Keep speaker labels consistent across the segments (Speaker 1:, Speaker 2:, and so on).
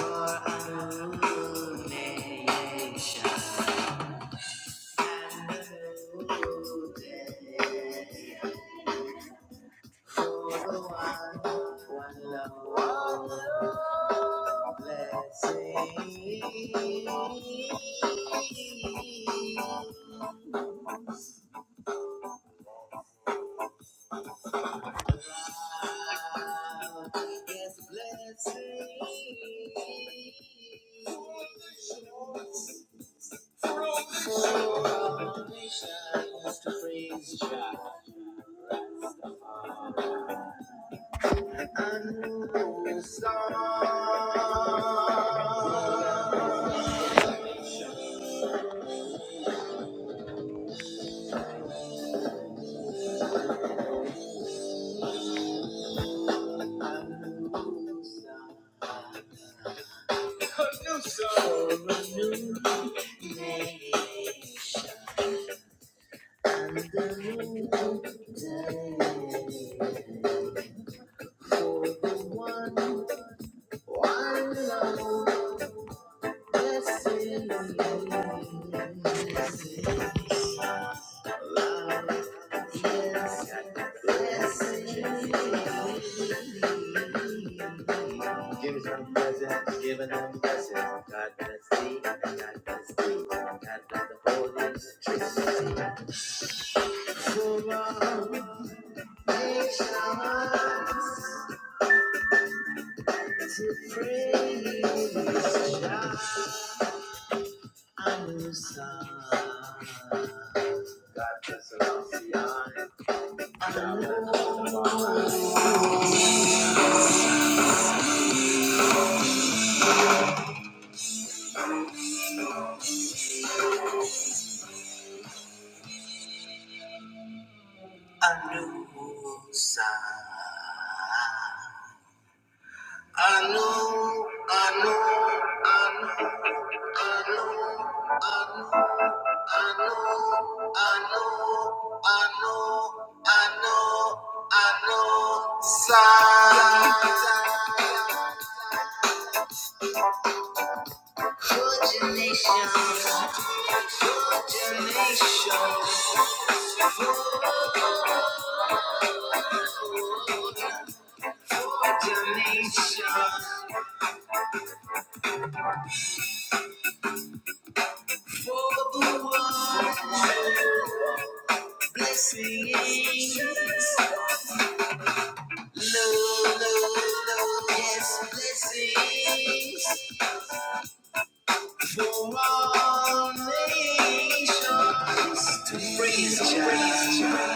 Speaker 1: Yes, blessing. Oh, I wish I was the crazy child. I knew it was so. a new nation and new day. For the one, one love, blessing. Yes, blessing. Giving them presents, giving them blessings. God bless thee, and God bless thee. God bless the Holy Trinity. So are we nations to praise Yahweh's Son. God bless the Zion. God bless the Anusa. Anu, Anu, Anu. I know, I know, I know, I know, I know, I know, I know. For the nations, for the nations, for the nations, for the world, blessings, love, love, yes, blessings. For all nations to praise Jah.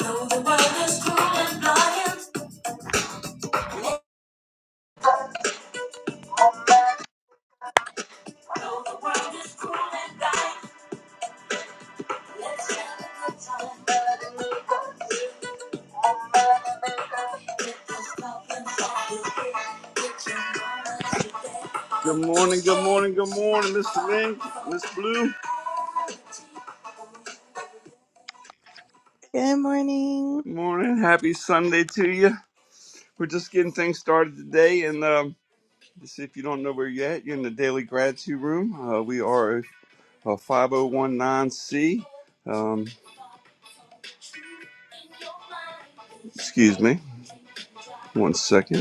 Speaker 1: Though the world is cruel and blind, though the world is cruel and blind, let's have a good time. Good morning, good morning, good morning, Mr. Link, Miss Blue.
Speaker 2: Good morning.
Speaker 1: Good morning, happy Sunday to you. We're just getting things started today, and um. This- If you don't know where you're at, you're in the Daily Gratitude Room. Uh, we are a, a 5019C. Um, excuse me, one second.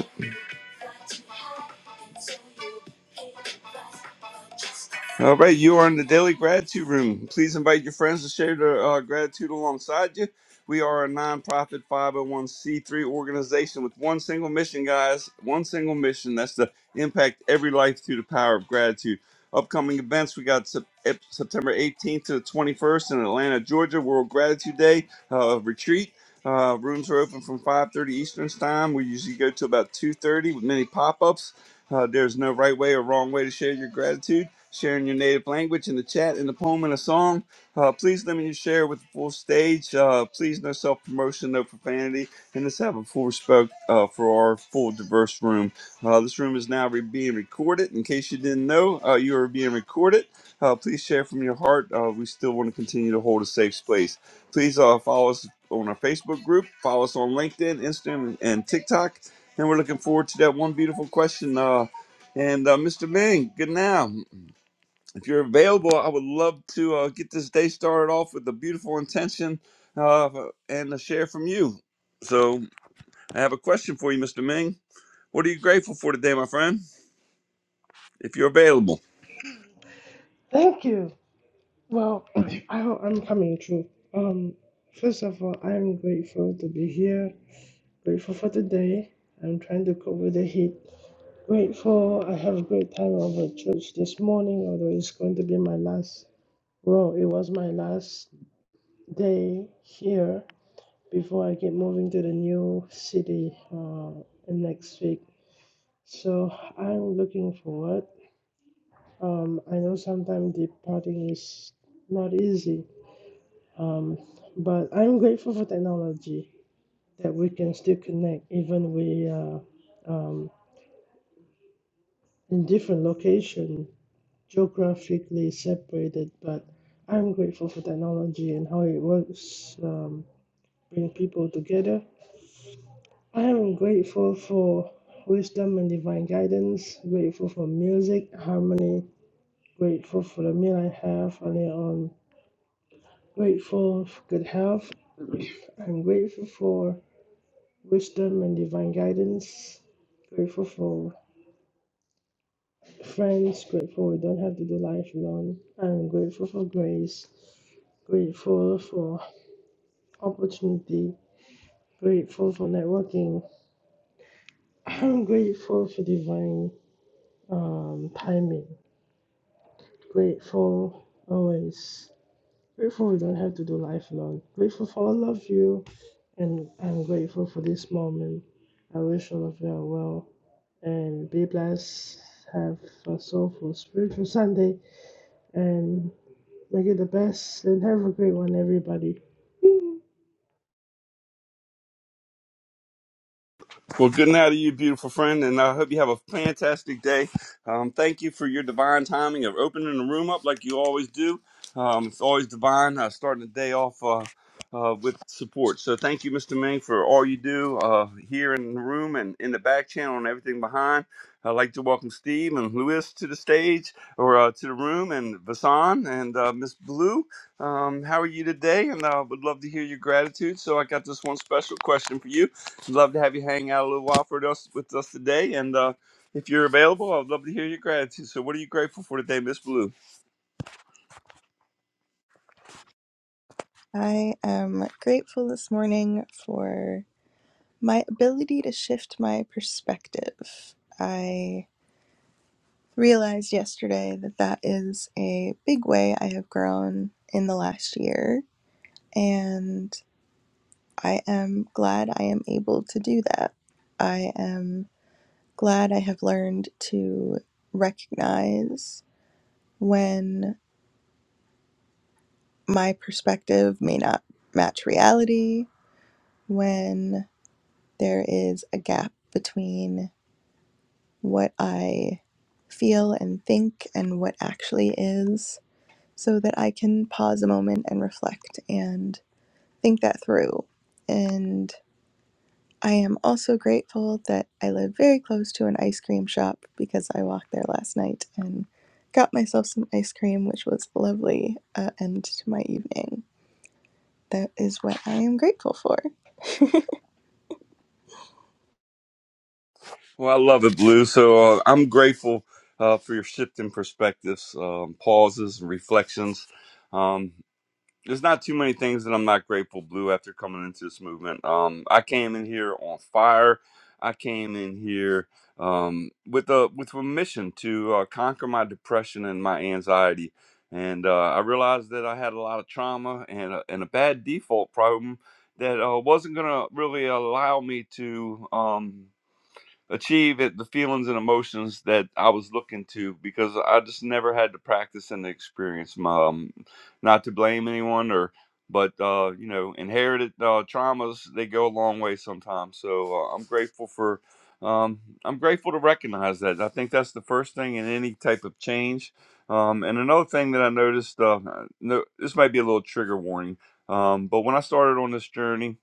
Speaker 1: All right, you are in the Daily Gratitude Room. Please invite your friends to share their uh, gratitude alongside you. We are a nonprofit 501c3 organization with one single mission, guys. One single mission that's to impact every life through the power of gratitude. Upcoming events we got Sep- Ep- September 18th to the 21st in Atlanta, Georgia, World Gratitude Day uh, retreat. Uh, rooms are open from 5.30 Eastern Time. We usually go to about 2.30 with many pop-ups. Uh, there's no right way or wrong way to share your gratitude. Sharing your native language in the chat, in the poem, and a song. Uh, please limit your share with the full stage. Uh, please no self-promotion, no profanity, and let's have a full respect uh, for our full diverse room. Uh, this room is now re- being recorded. In case you didn't know, uh, you are being recorded. Uh, please share from your heart. Uh, we still want to continue to hold a safe space. Please uh, follow us on our Facebook group. Follow us on LinkedIn, Instagram, and TikTok. And we're looking forward to that one beautiful question. Uh, and uh, Mr. Ming, good now. If you're available, I would love to uh, get this day started off with a beautiful intention uh, and a share from you. So I have a question for you, Mr. Ming. What are you grateful for today, my friend? If you're available.
Speaker 3: Thank you. Well, I hope I'm coming through. Um, first of all, I'm grateful to be here. Grateful for today. I'm trying to cope with the heat. Grateful. I have a great time over at church this morning, although it's going to be my last. Well, it was my last day here before I get moving to the new city uh, next week. So I'm looking forward. Um, I know sometimes departing is not easy Um, but I'm grateful for technology that we can still connect even we are um, in different location, geographically separated. But I'm grateful for technology and how it works, um, bring people together. I am grateful for wisdom and divine guidance. Grateful for music, harmony. Grateful for the meal I have earlier on. Grateful for good health. I'm grateful for wisdom and divine guidance. Grateful for friends, grateful we don't have to do life alone, and grateful for grace, grateful for opportunity, grateful for networking, I'm grateful for divine um, timing, grateful always. Grateful we don't have to do life alone. Grateful for all of you, and I'm grateful for this moment. I wish all of you are well. and be blessed. Have a soulful, spiritual Sunday and make it the best. And have a great one, everybody.
Speaker 1: Well, good night to you, beautiful friend, and I hope you have a fantastic day. Um, thank you for your divine timing of opening the room up like you always do. Um, it's always divine uh, starting the day off uh, uh, with support. So thank you, Mr. Ming, for all you do uh, here in the room and in the back channel and everything behind. I'd like to welcome Steve and Lewis to the stage or uh, to the room, and Vasan and uh, Miss Blue. Um, how are you today? And I uh, would love to hear your gratitude. So I got this one special question for you love to have you hang out a little while for us with us today. And uh, if you're available, I'd love to hear your gratitude. So, what are you grateful for today, Miss Blue?
Speaker 2: I am grateful this morning for my ability to shift my perspective. I realized yesterday that that is a big way I have grown in the last year, and I am glad I am able to do that. I am glad I have learned to recognize when my perspective may not match reality, when there is a gap between what I feel and think and what actually is, so that I can pause a moment and reflect and think that through. And I am also grateful that I live very close to an ice cream shop because I walked there last night and got myself some ice cream, which was a lovely uh, end to my evening. That is what I am grateful for.
Speaker 1: Well, I love it, Blue. So, uh, I'm grateful uh, for your shift in perspectives, um, pauses, and reflections. Um, there's not too many things that I'm not grateful blue after coming into this movement. Um, I came in here on fire. I came in here um, with a with a mission to uh, conquer my depression and my anxiety, and uh, I realized that I had a lot of trauma and a, and a bad default problem that uh, wasn't gonna really allow me to. Um, achieve it, the feelings and emotions that I was looking to because I just never had the practice and the experience. My, um, not to blame anyone or but uh, you know inherited uh, traumas they go a long way sometimes. So uh, I'm grateful for um, I'm grateful to recognize that. I think that's the first thing in any type of change. Um, and another thing that I noticed, uh, no, this might be a little trigger warning, um, but when I started on this journey,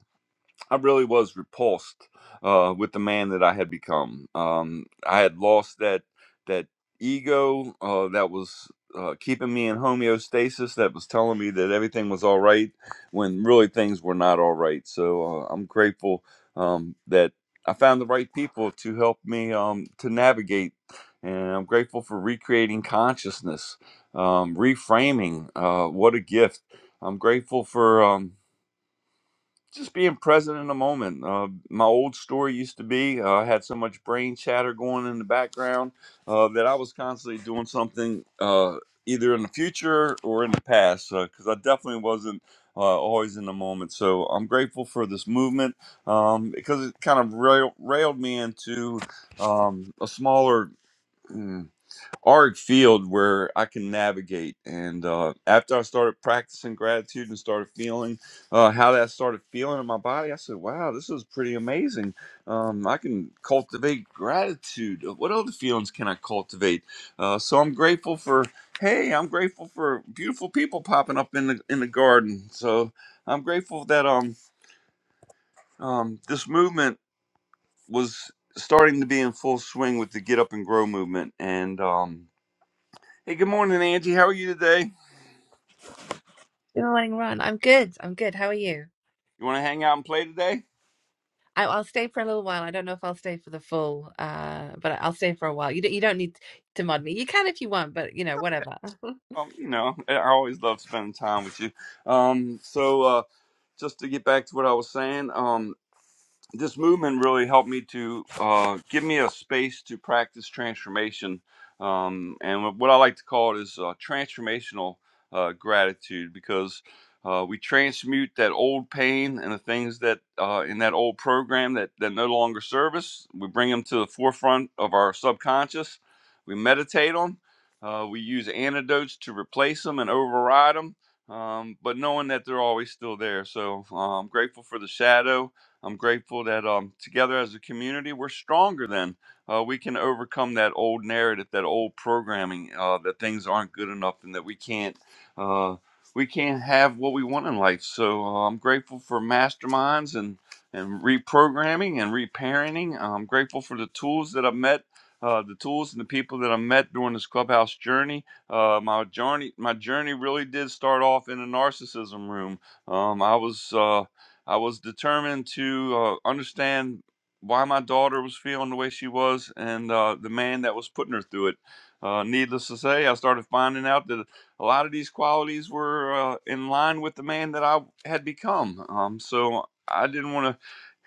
Speaker 1: I really was repulsed uh, with the man that I had become. Um, I had lost that that ego uh, that was uh, keeping me in homeostasis, that was telling me that everything was all right when really things were not all right. So uh, I'm grateful um, that I found the right people to help me um, to navigate. And I'm grateful for recreating consciousness, um, reframing. Uh, what a gift! I'm grateful for. Um, just being present in the moment. Uh, my old story used to be uh, I had so much brain chatter going in the background uh, that I was constantly doing something uh, either in the future or in the past because I definitely wasn't uh, always in the moment. So I'm grateful for this movement um, because it kind of rail- railed me into um, a smaller. mm, arc field where I can navigate. And uh, after I started practicing gratitude and started feeling uh, how that started feeling in my body, I said, wow, this is pretty amazing. Um, I can cultivate gratitude. Uh, What other feelings can I cultivate? Uh, so I'm grateful for, hey, I'm grateful for beautiful people popping up in the, in the garden. So I'm grateful that um, um, this movement was starting to be in full swing with the get up and grow movement and um Hey, good morning, Angie. How are you today? You
Speaker 4: Good morning, Ron. I'm good. I'm good. How are you?
Speaker 1: want to hang out and play today?
Speaker 4: I, I'll stay for a little while. I don't know if I'll stay for the full, uh, but I'll stay for a while. You don't, you don't need to mod me. You can if you want, but you know, whatever.
Speaker 1: Um, you know, I I always love spending time with you. Um, so uh, just to get back to what I was saying, um, this movement really helped me to uh, give me a space to practice transformation. Um, and what I like to call it is uh, transformational uh, gratitude because uh, we transmute that old pain and the things that uh, in that old program that, that no longer serve us. We bring them to the forefront of our subconscious. We meditate on. Uh, we use antidotes to replace them and override them, um, but knowing that they're always still there. So uh, I'm grateful for the shadow. I'm grateful that um, together as a community, we're stronger than uh, we can overcome that old narrative, that old programming uh, that things aren't good enough and that we can't uh, we can't have what we want in life. So uh, I'm grateful for masterminds and and reprogramming and reparenting. I'm grateful for the tools that I've met. Uh, the tools and the people that I met during this clubhouse journey. Uh, my journey, my journey really did start off in a narcissism room. Um, I was uh, I was determined to uh, understand why my daughter was feeling the way she was and uh, the man that was putting her through it. Uh, needless to say, I started finding out that a lot of these qualities were uh, in line with the man that I had become. Um, so I didn't want to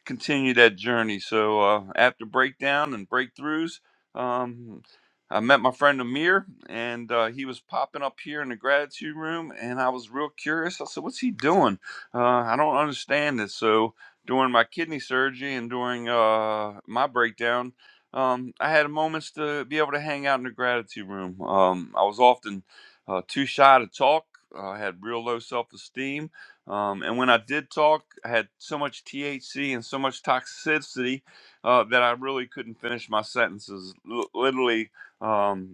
Speaker 1: continue that journey. So uh, after breakdown and breakthroughs, um, I met my friend Amir, and uh, he was popping up here in the gratitude room, and I was real curious. I said, "What's he doing? Uh, I don't understand this." So during my kidney surgery and during uh, my breakdown. Um, I had moments to be able to hang out in the gratitude room. Um, I was often uh, too shy to talk. I had real low self esteem um, and when I did talk, I had so much THC and so much toxicity uh, that I really couldn't finish my sentences. L- literally, um,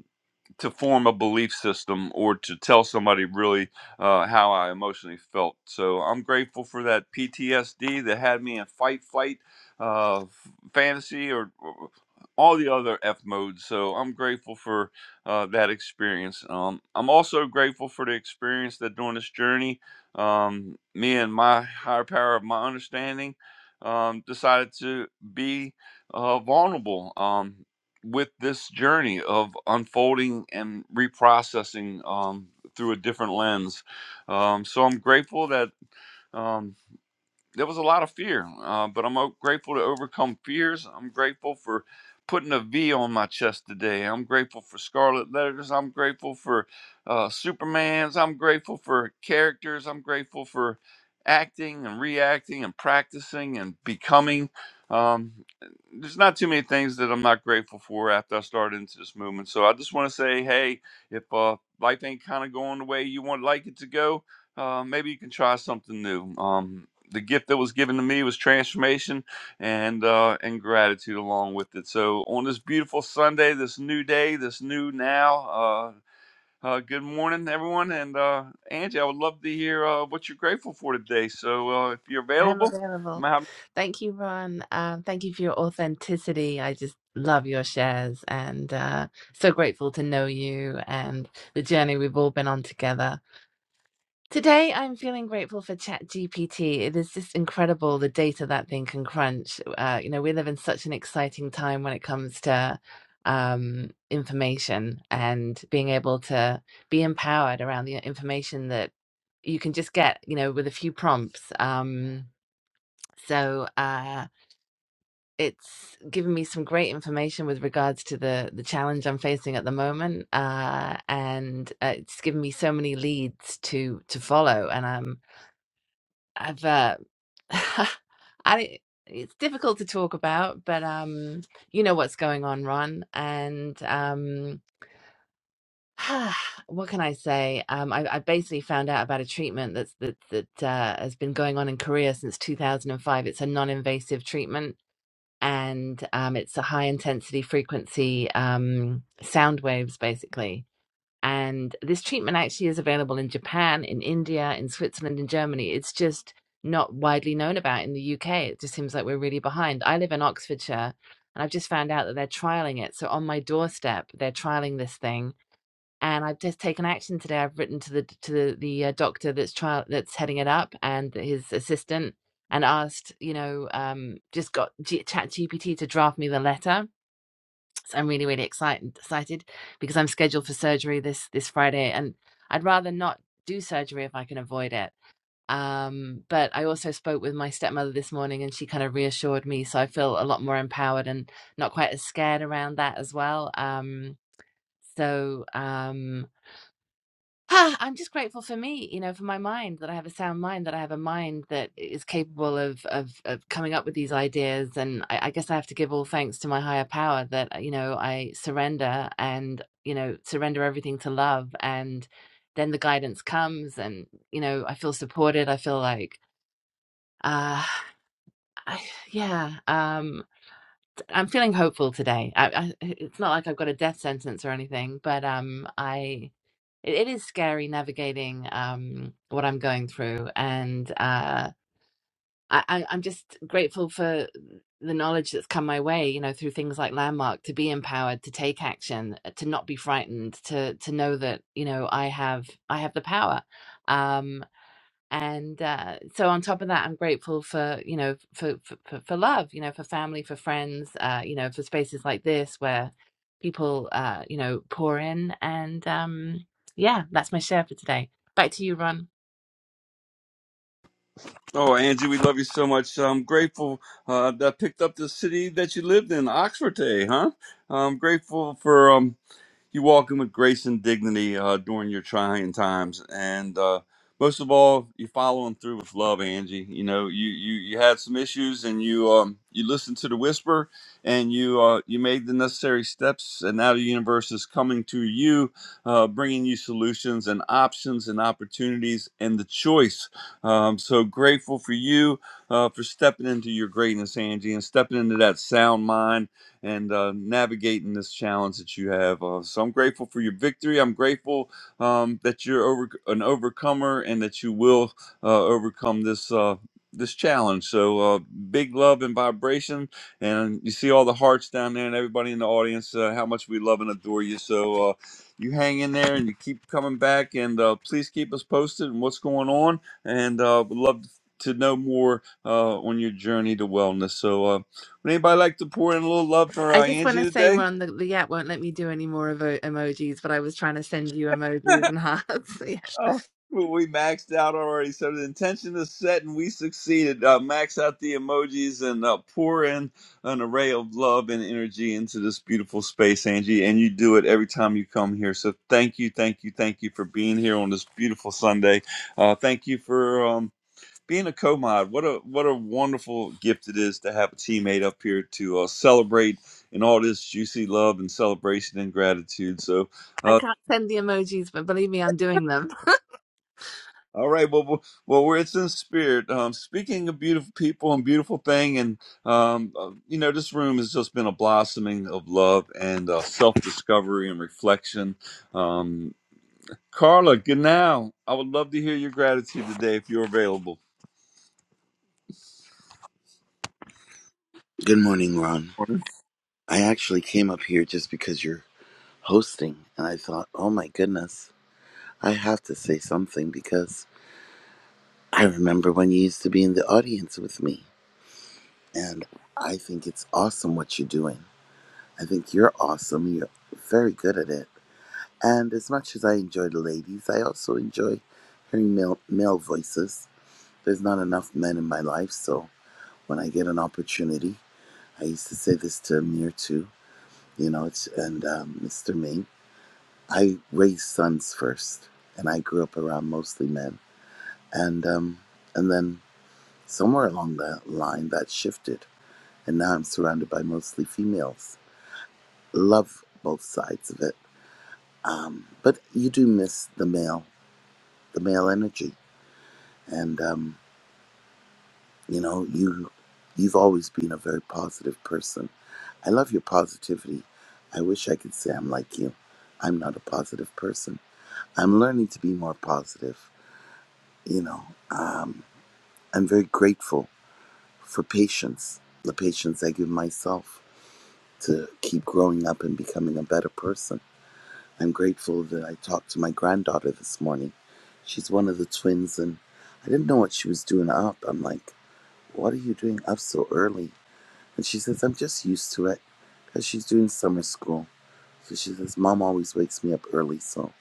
Speaker 1: to form a belief system or to tell somebody really uh, how I emotionally felt. So I'm grateful for that PTSD that had me in fight, flight, uh, f- fantasy, or, or all the other F modes. So I'm grateful for uh, that experience. Um, I'm also grateful for the experience that during this journey, um, me and my higher power of my understanding um, decided to be uh, vulnerable. Um, with this journey of unfolding and reprocessing um, through a different lens. Um, so I'm grateful that um, there was a lot of fear, uh, but I'm grateful to overcome fears. I'm grateful for putting a V on my chest today. I'm grateful for scarlet letters. I'm grateful for uh, Supermans. I'm grateful for characters. I'm grateful for acting and reacting and practicing and becoming. Um, there's not too many things that I'm not grateful for after I started into this movement. So I just want to say, hey, if uh, life ain't kind of going the way you want like it to go, uh, maybe you can try something new. Um, the gift that was given to me was transformation and uh, and gratitude along with it. So on this beautiful Sunday, this new day, this new now. Uh, uh, good morning, everyone, and uh, Angie, I would love to hear uh, what you're grateful for today. So uh, if you're
Speaker 4: I'm
Speaker 1: available,
Speaker 4: available.
Speaker 1: Mount.
Speaker 4: Thank you, Ron. Um, thank you for your authenticity. I just love your shares and uh, so grateful to know you and the journey we've all been on together. Today, I'm feeling grateful for ChatGPT. It is just incredible the data that thing can crunch. Uh, you know, we live in such an exciting time when it comes to um, information and being able to be empowered around the information that you can just get, you know, with a few prompts. Um, so uh, it's given me some great information with regards to the the challenge I'm facing at the moment, uh, and uh, it's given me so many leads to to follow, and I'm I've uh, I don't- it's difficult to talk about, but um, you know what's going on, Ron, and um, what can I say? Um, I, I basically found out about a treatment that's that that uh, has been going on in Korea since 2005. It's a non-invasive treatment, and um, it's a high intensity frequency um, sound waves, basically and this treatment actually is available in Japan, in India, in Switzerland, in Germany. It's just not widely known about in the UK. It just seems like we're really behind. I live in Oxfordshire and I've just found out that they're trialing it. So on my doorstep, they're trialing this thing. And I've just taken action today. I've written to the to the, the uh, doctor that's trial that's heading it up and his assistant and asked, you know, um, just got G- Chat GPT to draft me the letter so I'm really, really excited excited because I'm scheduled for surgery this this Friday, and I'd rather not do surgery if I can avoid it. Um, but I also spoke with my stepmother this morning, and she kind of reassured me, so I feel a lot more empowered and not quite as scared around that as well. Um, so um, Ah, I'm just grateful for me, you know, for my mind that I have a sound mind, that I have a mind that is capable of of, of coming up with these ideas. And I, I guess I have to give all thanks to my higher power that uh, you know I surrender and you know surrender everything to love, and then the guidance comes, and you know I feel supported. I feel like. Uh, I, yeah, um, I'm feeling hopeful today. I, I, it's not like I've got a death sentence or anything, but um, I it, it is scary navigating um what I'm going through and uh I, I I'm just grateful for the knowledge that's come my way you know through things like landmark to be empowered to take action to not be frightened to to know that you know I have I have the power um, and uh, so on top of that i'm grateful for you know for, for for for love you know for family for friends uh you know for spaces like this where people uh you know pour in and um yeah that's my share for today back to you ron
Speaker 1: Oh, Angie, we love you so much. I'm grateful uh, that I picked up the city that you lived in, Oxford, today, huh? I'm grateful for. um. you walk in with grace and dignity uh, during your trying times, and uh, most of all, you follow them through with love, Angie. You know, you you you had some issues, and you um you listened to the whisper, and you uh you made the necessary steps, and now the universe is coming to you, uh, bringing you solutions and options and opportunities and the choice. Um, so grateful for you uh, for stepping into your greatness, Angie, and stepping into that sound mind and uh, navigating this challenge that you have. Uh, so I'm grateful for your victory. I'm grateful um, that you're over, an overcomer and that you will uh, overcome this. Uh, this challenge. So uh, big love and vibration, and you see all the hearts down there, and everybody in the audience. Uh, how much we love and adore you. So uh, you hang in there, and you keep coming back, and uh, please keep us posted on what's going on. And uh, would love to know more uh, on your journey to wellness. So. Uh, would anybody like to pour in a little love for
Speaker 4: i
Speaker 1: uh,
Speaker 4: just want
Speaker 1: Angie
Speaker 4: to say
Speaker 1: today?
Speaker 4: ron the, the app won't let me do any more emo- emojis but i was trying to send you emojis and hearts yeah.
Speaker 1: oh, well, we maxed out already. So the intention is set and we succeeded. Uh, max out the emojis and uh, pour in an array of love and energy into this beautiful space, Angie. And you do it every time you come here. So thank you, thank you, thank you for being here on this beautiful Sunday. Uh, thank you for. Um, being a co-mod, what a what a wonderful gift it is to have a teammate up here to uh, celebrate in all this juicy love and celebration and gratitude. So,
Speaker 4: i
Speaker 1: uh,
Speaker 4: can't send the emojis but believe me i'm doing them
Speaker 1: all right, well, well, well, we're it's in spirit. Um, speaking of beautiful people and beautiful thing, and um, uh, you know, this room has just been a blossoming of love and uh, self-discovery and reflection. Um, Carla, good now. I would love to hear your gratitude today if you're available.
Speaker 5: Good morning, Ron. I actually came up here just because you're hosting, and I thought, oh my goodness, I have to say something because I remember when you used to be in the audience with me, and I think it's awesome what you're doing. I think you're awesome. You're very good at it. And as much as I enjoy the ladies, I also enjoy hearing male, male voices. There's not enough men in my life, so when I get an opportunity, I used to say this to Amir too, you know, it's, and um, Mr. Ming. I raised sons first, and I grew up around mostly men, and um, and then somewhere along that line that shifted, and now I'm surrounded by mostly females. Love both sides of it, um, but you do miss the male, the male energy, and um, you know you you've always been a very positive person. I love your positivity. I wish I could say I'm like you. I'm not a positive person. I'm learning to be more positive. You know, I'm very grateful for patience, the patience I give myself to keep growing up and becoming a better person. I'm grateful that I talked to my granddaughter this morning. She's one of the twins, and I didn't know what she was doing up. I'm like, What are you doing up so early? And she says, I'm just used to it because she's doing summer school. So she says, Mom always wakes me up early, so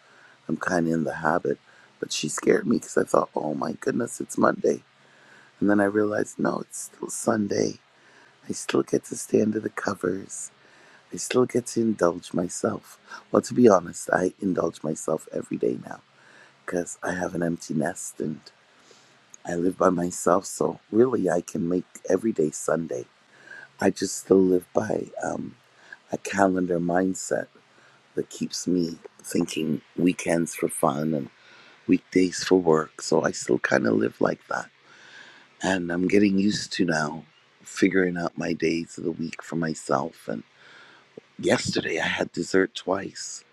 Speaker 5: I'm kind of in the habit. But she scared me because I thought, Oh my goodness, it's Monday. And then I realized, No, it's still Sunday I still get to stay under the covers. I still get to indulge myself. Well, to be honest, I indulge myself every day now because I have an empty nest and I live by myself. So really, I can make every day Sunday. I just still live by um, a calendar mindset that keeps me thinking weekends for fun and weekdays for work. So I still kind of live like that. And I'm getting used to now figuring out my days of the week for myself and Yesterday I had dessert twice.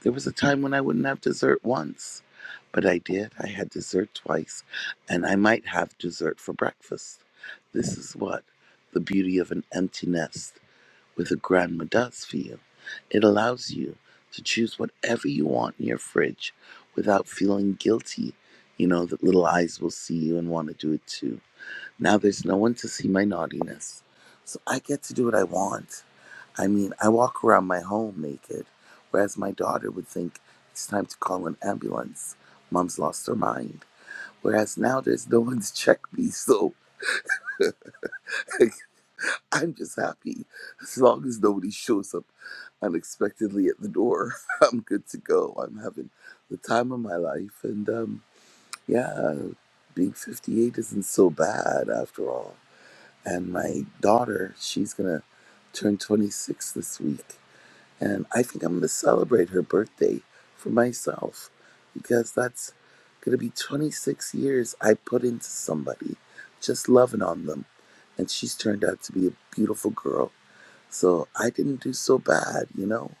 Speaker 5: There was a time when I wouldn't have dessert once, but I did. I had dessert twice, and I might have dessert for breakfast. This is what the beauty of an empty nest with a grandma does for you. It allows you to choose whatever you want in your fridge without feeling guilty. You know that little eyes will see you and want to do it too. Now there's no one to see my naughtiness, so I get to do what I want. I mean, I walk around my home naked, whereas my daughter would think it's time to call an ambulance. Mom's lost her mind. Whereas now there's no one to check me, so I'm just happy. As long as nobody shows up unexpectedly at the door, I'm good to go. I'm having the time of my life, and um, yeah, being 58 isn't so bad after all. And my daughter, she's gonna turn 26 this week, And I think I'm going to celebrate her birthday for myself because that's going to be 26 years I put into somebody, just loving on them. And she's turned out to be a beautiful girl. So I didn't do so bad, you know?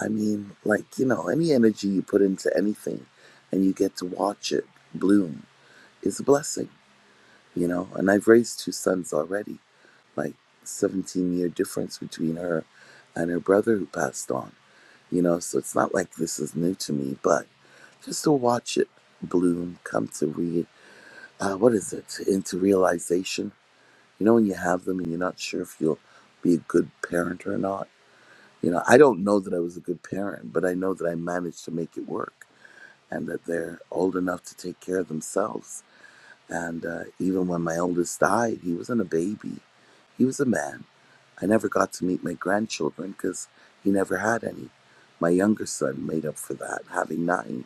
Speaker 5: I mean, like, you know, any energy you put into anything and you get to watch it bloom is a blessing, you know? And I've raised two sons already, like 17 year difference between her and her brother who passed on you know, so it's not like this is new to me, but just to watch it bloom, come to read, uh, what is it, into realization. You know, when you have them and you're not sure if you'll be a good parent or not. You know, I don't know that I was a good parent, but I know that I managed to make it work and that they're old enough to take care of themselves. And uh, even when my oldest died, he wasn't a baby, he was a man I never got to meet my grandchildren because he never had any. My younger son made up for that, having nine.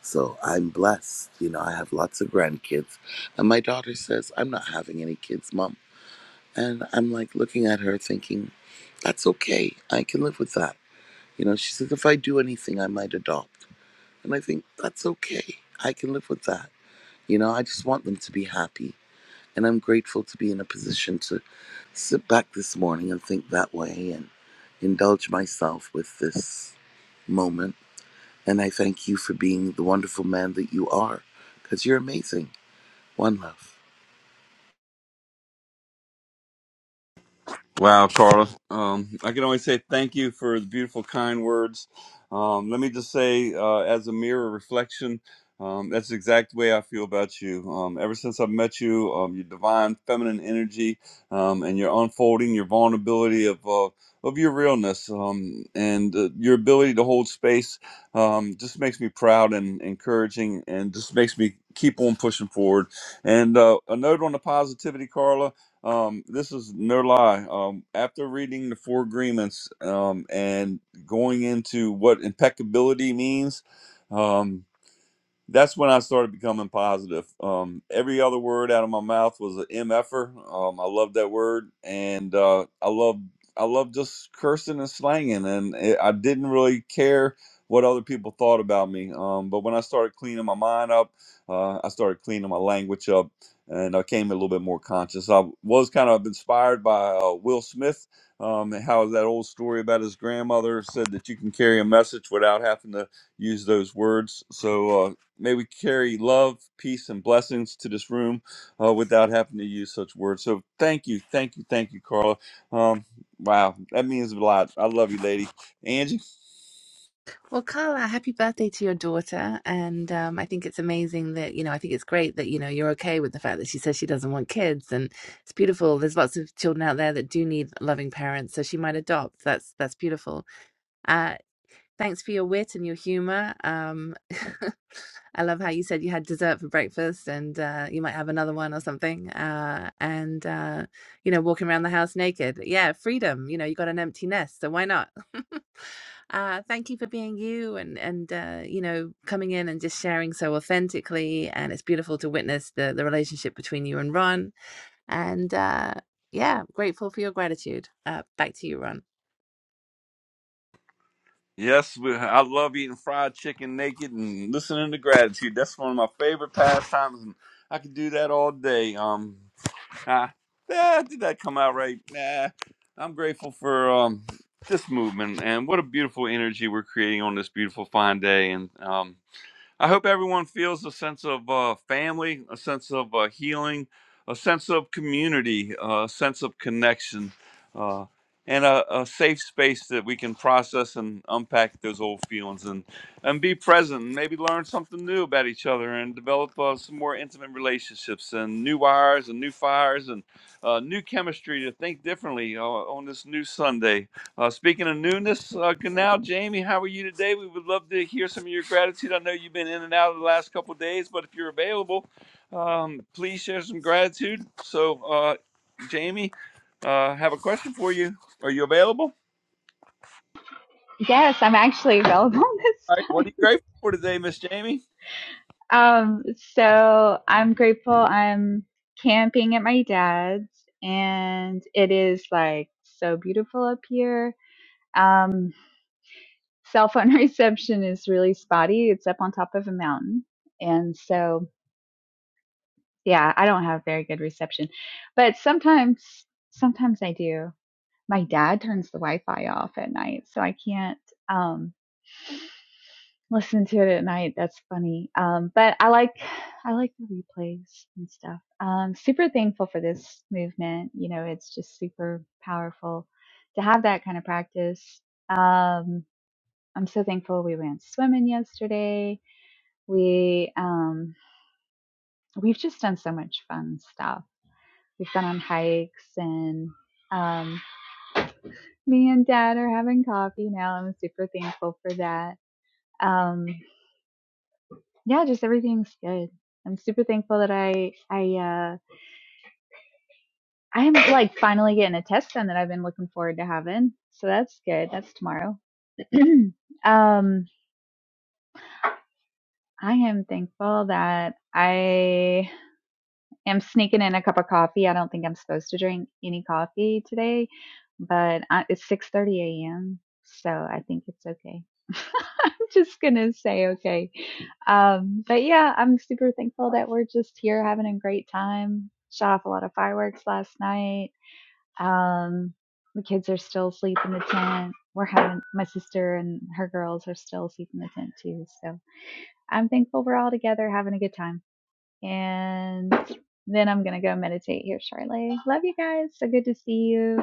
Speaker 5: So I'm blessed. You know, I have lots of grandkids. And my daughter says, I'm not having any kids, mom. And I'm like looking at her thinking, that's okay. I can live with that. You know, she says, if I do anything, I might adopt. And I think, that's okay. I can live with that. You know, I just want them to be happy. And I'm grateful to be in a position to sit back this morning and think that way and indulge myself with this moment. And I thank you for being the wonderful man that you are, because you're amazing. One love.
Speaker 1: Wow, Carlos. Um, I can only say thank you for the beautiful, kind words. Um, let me just say, uh, as a mirror reflection, um, that's the exact way I feel about you. Um, ever since I've met you, um, your divine feminine energy um, and your unfolding, your vulnerability of uh, of your realness um, and uh, your ability to hold space um, just makes me proud and encouraging, and just makes me keep on pushing forward. And uh, a note on the positivity, Carla. Um, this is no lie. Um, after reading the four agreements um, and going into what impeccability means, um, that's when I started becoming positive. Um, every other word out of my mouth was an mf'er. Um, I love that word, and uh, I love I love just cursing and slanging, and it, I didn't really care what other people thought about me. Um, but when I started cleaning my mind up, uh, I started cleaning my language up, and I came a little bit more conscious. I was kind of inspired by uh, Will Smith. Um, and how that old story about his grandmother said that you can carry a message without having to use those words. So uh, May we carry love, peace, and blessings to this room uh, without having to use such words. So thank you, thank you, thank you, Carla. Um, wow, that means a lot. I love you, lady. Angie?
Speaker 4: Well, Carla, happy birthday to your daughter. And um, I think it's amazing that, you know, I think it's great that, you know, you're okay with the fact that she says she doesn't want kids. And it's beautiful. There's lots of children out there that do need loving parents. So she might adopt. That's that's beautiful. Uh, thanks for your wit and your humor. Um, I love how you said you had dessert for breakfast and uh, you might have another one or something. Uh, and, uh, you know, walking around the house naked. Yeah, freedom. You know, you got an empty nest. So why not? uh, thank you for being you and and uh, you know coming in and just sharing so authentically and it's beautiful to witness the the relationship between you and ron and uh, yeah grateful for your gratitude uh, back to you ron
Speaker 1: Yes, we, I love eating fried chicken naked and listening to gratitude. That's one of my favorite pastimes, and I could do that all day. Um, ah, ah, did that come out right? Nah, I'm grateful for um, this movement and what a beautiful energy we're creating on this beautiful fine day. And um, I hope everyone feels a sense of uh, family, a sense of uh, healing, a sense of community, uh, a sense of connection, uh, and a, a safe space that we can process and unpack those old feelings and, and be present and maybe learn something new about each other and develop uh, some more intimate relationships and new wires and new fires and uh, new chemistry to think differently uh, on this new Sunday uh, speaking of newness, uh, now, Jamie, how are you today? We would love to hear some of your gratitude. I know you've been in and out of the last couple of days, but if you're available, um, please share some gratitude. So, uh, Jamie, uh, have a question for you. Are you available?
Speaker 6: Yes, I'm actually available this
Speaker 1: All right.
Speaker 6: time.
Speaker 1: What are you grateful for today, Miss Jamie?
Speaker 6: Um, so I'm grateful I'm camping at my dad's and it is like so beautiful up here. Um, cell phone reception is really spotty. It's up on top of a mountain. And so, yeah, I don't have very good reception, but sometimes, sometimes I do. My dad turns the Wi-Fi off at night, so I can't. Um, listen to it at night. That's funny. Um, but I like I like the replays and stuff. Um, super thankful for this movement. You know, it's just super powerful to have that kind of practice. Um, I'm so thankful we went swimming yesterday. We um, we've just done so much fun stuff. We've gone on hikes and um, me and dad are having coffee now. I'm super thankful for that. Um, yeah, just everything's good. I'm super thankful that I I uh I am like finally getting a test done that I've been looking forward to having. So that's good. That's tomorrow. um I am thankful that I am sneaking in a cup of coffee. I don't think I'm supposed to drink any coffee today, but I, it's 6:30 a.m., so I think it's okay. just gonna say okay. Um, but yeah, I'm super thankful that we're just here having a great time. Shot off a lot of fireworks last night. Um, the kids are still asleep in the tent. We're having my sister and her girls are still asleep in the tent too. So I'm thankful we're all together having a good time. And then I'm gonna go meditate here shortly. Love you guys. So good to see you.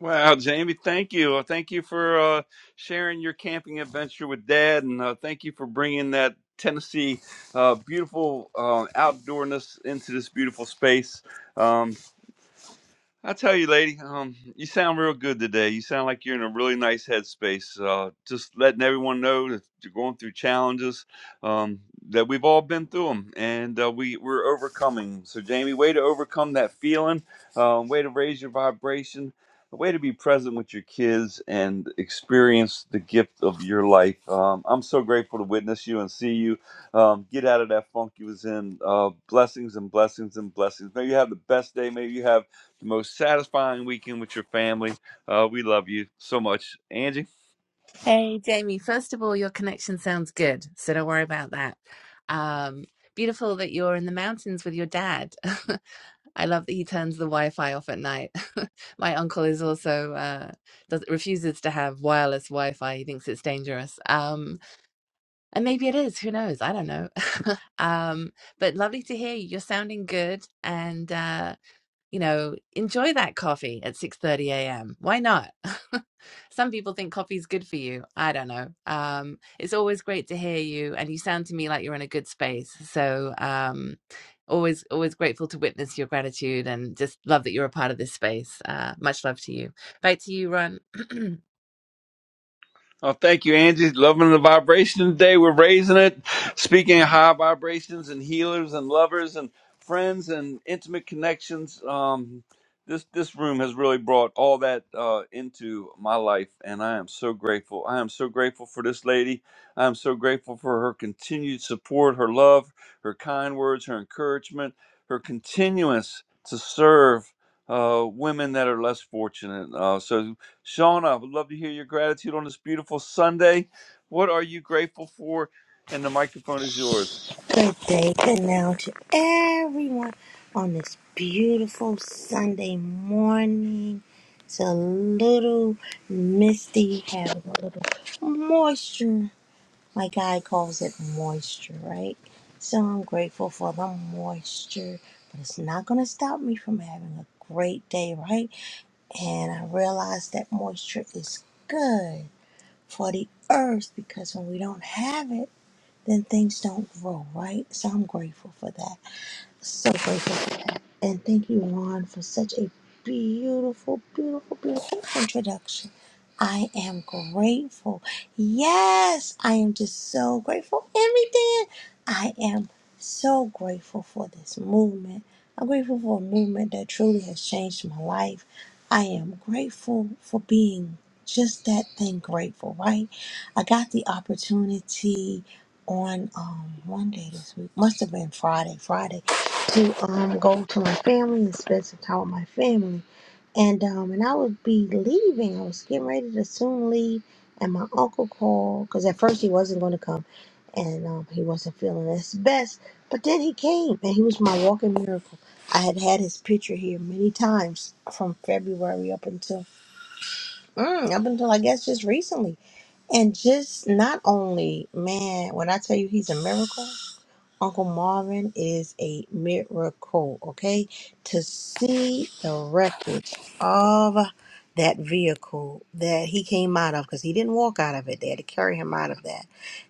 Speaker 1: Wow, Jamie, thank you. Uh, Thank you for uh, sharing your camping adventure with Dad, and uh, thank you for bringing that Tennessee uh, beautiful uh, outdoorness into this beautiful space. Um, I tell you, lady, um, you sound real good today. You sound like you're in a really nice headspace. Uh, just letting everyone know that you're going through challenges, um, that we've all been through them, and uh, we we're overcoming. So, Jamie, way to overcome that feeling. Um, way to raise your vibration. A way to be present with your kids and experience the gift of your life. Um, I'm so grateful to witness you and see you. Um, get out of that funk you was in. Uh, blessings and blessings and blessings. Maybe you have the best day. Maybe you have the most satisfying weekend with your family. Uh, we love you so much, Angie.
Speaker 4: hey jamie first of all your connection sounds good so don't worry about that um, beautiful that you're in the mountains with your dad i love that he turns the wi-fi off at night my uncle is also uh, does, refuses to have wireless wi-fi he thinks it's dangerous Um, And maybe it is, who knows? I don't know. um, but lovely to hear you. You're sounding good and uh, you know, enjoy that coffee at 6:30 a.m. Why not? Some people think coffee's good for you. I don't know. Um, it's always great to hear you and you sound to me like you're in a good space. So, um always always grateful to witness your gratitude and just love that you're a part of this space. Uh, much love to you. Back to you, Ron.
Speaker 1: Oh, thank you, Angie. Loving the vibration today. We're raising it, speaking of high vibrations and healers and lovers and friends and intimate connections. Um, this this room has really brought all that uh, into my life, and I am so grateful. I am so grateful for this lady. I am so grateful for her continued support, her love, her kind words, her encouragement, her continuance to serve uh, women that are less fortunate. Uh, so Shauna, would love to hear your gratitude on this beautiful Sunday. What are you grateful for? And the microphone is yours.
Speaker 7: Good day, good now to everyone on this beautiful Sunday morning. It's a little misty, having a little moisture. My guy calls it moisture, right? So I'm grateful for the moisture, but it's not going to stop me from having a great day, right? And I realize that moisture is good for the earth because when we don't have it, then things don't grow, right? So I'm grateful for that. So grateful for that. And thank you, Ron, for such a beautiful, beautiful, beautiful introduction. I am grateful. Yes, I am just so grateful for everything. I am so grateful for this movement. I'm grateful for a movement that truly has changed my life. I am grateful for being just that thing grateful, right? I got the opportunity on um, one day this week, must have been Friday, Friday to um go to my family and spend some time with my family. And um and I would be leaving. I was getting ready to soon leave, and my uncle called because at first he wasn't going to come, and um he wasn't feeling his best. But then he came, and he was my walking miracle. I had had his picture here many times from February up until mm, up until I guess just recently, and just not only man when I tell you he's a miracle Uncle Marvin is a miracle, okay? To see the wreckage of that vehicle that he came out of, because he didn't walk out of it, they had to carry him out of that.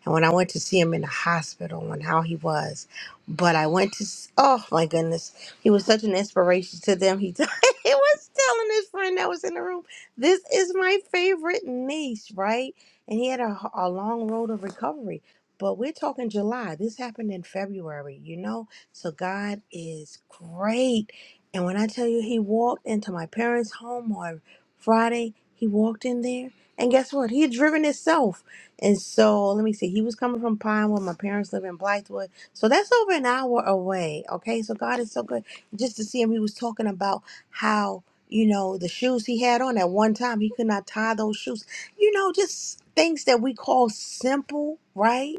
Speaker 7: And when I went to see him in the hospital and how he was, but I went to, s- oh my goodness, he was such an inspiration to them. He, he was telling his friend that was in the room, this is my favorite niece, right? And he had a, a long road of recovery but we're talking July. This happened in February, you know? So God is great. And when I tell you he walked into my parents' home on Friday, he walked in there. And guess what? He had driven himself. And so let me see. He was coming from Pinewood. My parents live in Blythewood. So that's over an hour away. Okay. So God is so good. Just to see him, he was talking about how, you know, the shoes he had on at one time, he could not tie those shoes. You know, just things that we call simple, right?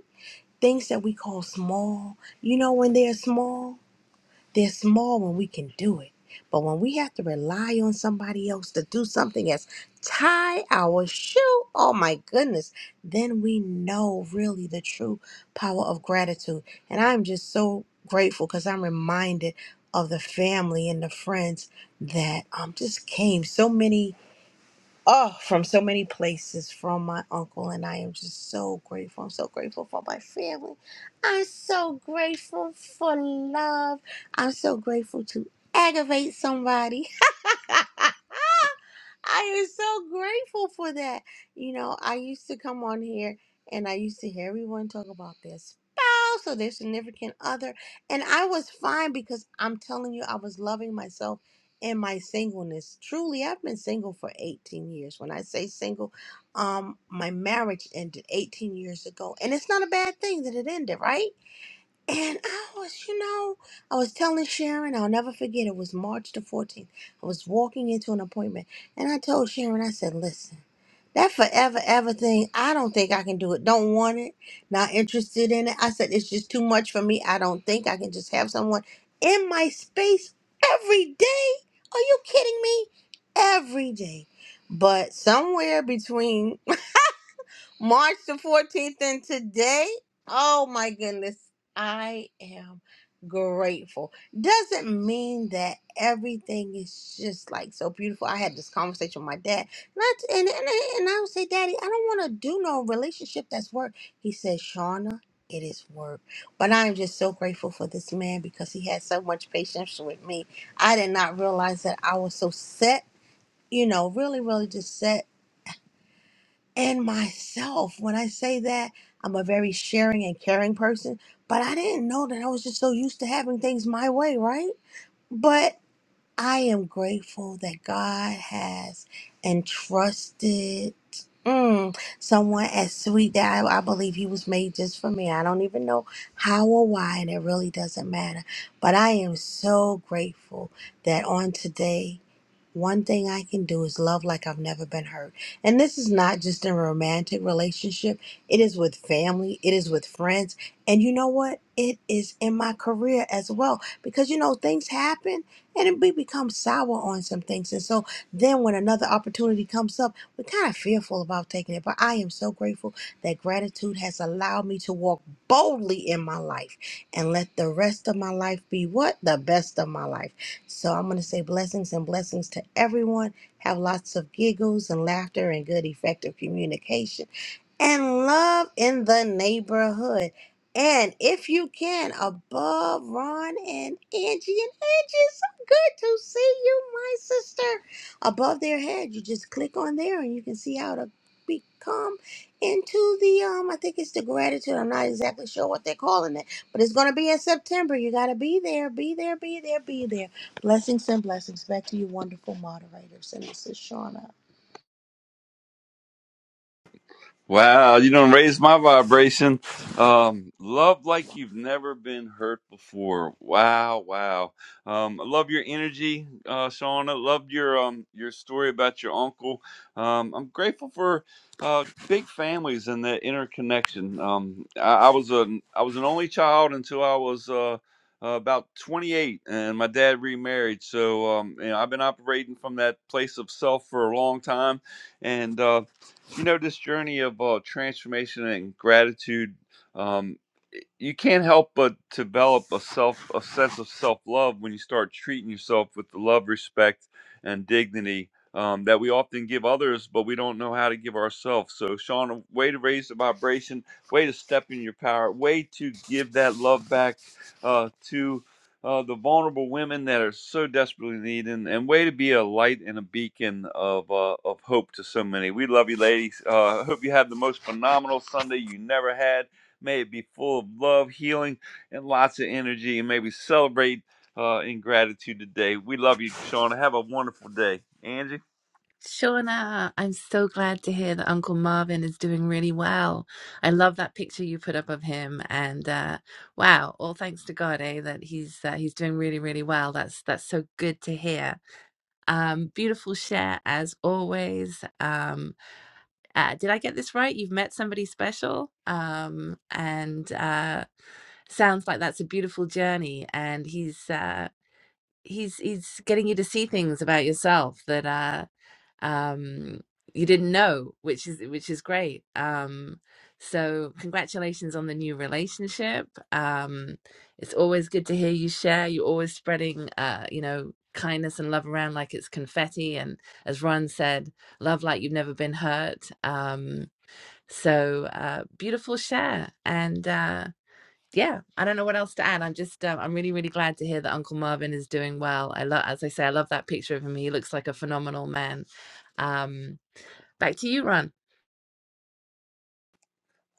Speaker 7: things that we call small. You know, when they're small, they're small when we can do it. But when we have to rely on somebody else to do something as tie our shoe, oh my goodness, then we know really the true power of gratitude. And I'm just so grateful because I'm reminded of the family and the friends that um, just came. So many oh, from so many places from my uncle, and I am just so grateful. I'm so grateful for my family. I'm so grateful for love. I'm so grateful to aggravate somebody. I am so grateful for that. You know, I used to come on here and I used to hear everyone talk about their spouse or their significant other. And I was fine because I'm telling you, I was loving myself in my singleness. Truly, I've been single for 18 years. When I say single, um, my marriage ended 18 years ago. And it's not a bad thing that it ended, right? And I was, you know, I was telling Sharon, I'll never forget, it was March the 14th. I was walking into an appointment and I told Sharon, I said, listen, that forever ever thing, I don't think I can do it. Don't want it, not interested in it. I said, it's just too much for me. I don't think I can just have someone in my space every day. Are you kidding me? Every day. But somewhere between March the 14th and today, oh my goodness, I am grateful. Doesn't mean that everything is just like so beautiful. I had this conversation with my dad, and I, and, and, and I would say, Daddy, I don't want to do no relationship that's work. He said, Shauna, it is work. But I am just so grateful for this man because he had so much patience with me. I did not realize that I was so set, you know, really, really just set and myself. When I say that, I'm a very sharing and caring person, but I didn't know that I was just so used to having things my way, right? But I am grateful that God has entrusted mm, someone as sweet that I, I believe He was made just for me. I don't even know how or why, and it really doesn't matter. But I am so grateful that on today, one thing I can do is love like I've never been hurt. And this is not just in a romantic relationship, it is with family, it is with friends. And you know what? It is in my career as well. Because you know, things happen and it- we become sour on some things. And so then when another opportunity comes up, we're kind of fearful about taking it. But I am so grateful that gratitude has allowed me to walk boldly in my life and let the rest of my life be what? The best of my life. So I'm going to say blessings and blessings to everyone. Have lots of giggles and laughter and good, effective communication and love in the neighborhood. And if you can, above Ron and Angie and Angie, it's so good to see you, my sister. Above their head, you just click on there and you can see how to become into the um. I think it's the gratitude. I'm not exactly sure what they're calling it, but it's gonna be in September. You gotta be there, be there, be there, be there. Blessings and blessings back to you, wonderful moderators. And this is Shauna.
Speaker 1: Wow, you don't raise my vibration. Um, love like you've never been hurt before. Wow, wow. Um, I love your energy, uh, Shauna. Love your um your story about your uncle. Um, I'm grateful for uh big families and that interconnection. Um, I, I was a I was an only child until I was uh. Uh, about 28, and my dad remarried. So, um, you know, I've been operating from that place of self for a long time, and uh, you know this journey of uh, transformation and gratitude um, you can't help but develop a self a sense of self love when you start treating yourself with the love, respect, and dignity um, that we often give others, but we don't know how to give ourselves. So, Sean, a way to raise the vibration, way to step in your power, way to give that love back uh, to. Uh, the vulnerable women that are so desperately needing, and way to be a light and a beacon of uh, of hope to so many. We love you, ladies. Uh, hope you have the most phenomenal Sunday you never had May it be full of love, healing, and lots of energy. And may we celebrate uh, in gratitude today. We love you, Shauna. Have a wonderful day. Angie?
Speaker 4: Shauna, I'm so glad to hear that Uncle Marvin is doing really well. I love that picture you put up of him, and uh, wow, all thanks to God, eh, that he's uh, he's doing really, really well. That's that's so good to hear. Um, beautiful share as always. Um, uh, did I get this right? You've met somebody special, um, and uh, sounds like that's a beautiful journey. And he's uh, he's he's getting you to see things about yourself that uh um you didn't know which is which is great um so congratulations on the new relationship um it's always good to hear you share you're always spreading uh you know kindness and love around like it's confetti and as ron said love like you've never been hurt um so uh beautiful share and uh yeah, I don't know what else to add. I'm just, um, I'm really, really glad to hear that Uncle Marvin is doing well. I love, as I say, I love that picture of him. He looks like a phenomenal man. Um, back to you, Ron.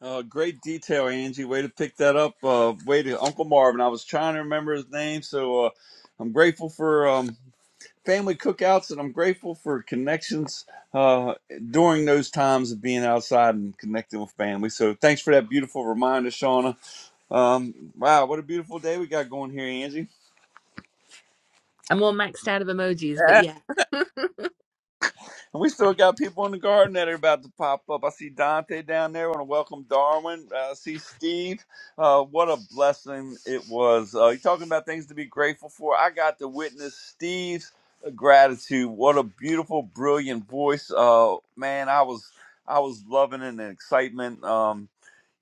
Speaker 1: Uh, great detail, Angie. Way to pick that up. Uh, way to Uncle Marvin. I was trying to remember his name. So uh, I'm grateful for um, family cookouts and I'm grateful for connections uh, during those times of being outside and connecting with family. So thanks for that beautiful reminder, Shauna. Um, wow, what a beautiful day we got going here, Angie.
Speaker 4: I'm all maxed out of emojis, but yeah.
Speaker 1: And we still got people in the garden that are about to pop up. I see Dante down there. I want to welcome Darwin. Uh, I see Steve. Uh, what a blessing it was. Uh, you're talking about things to be grateful for. I got to witness Steve's uh, gratitude. What a beautiful, brilliant voice. Uh, man, I was I was loving it and the excitement. Um,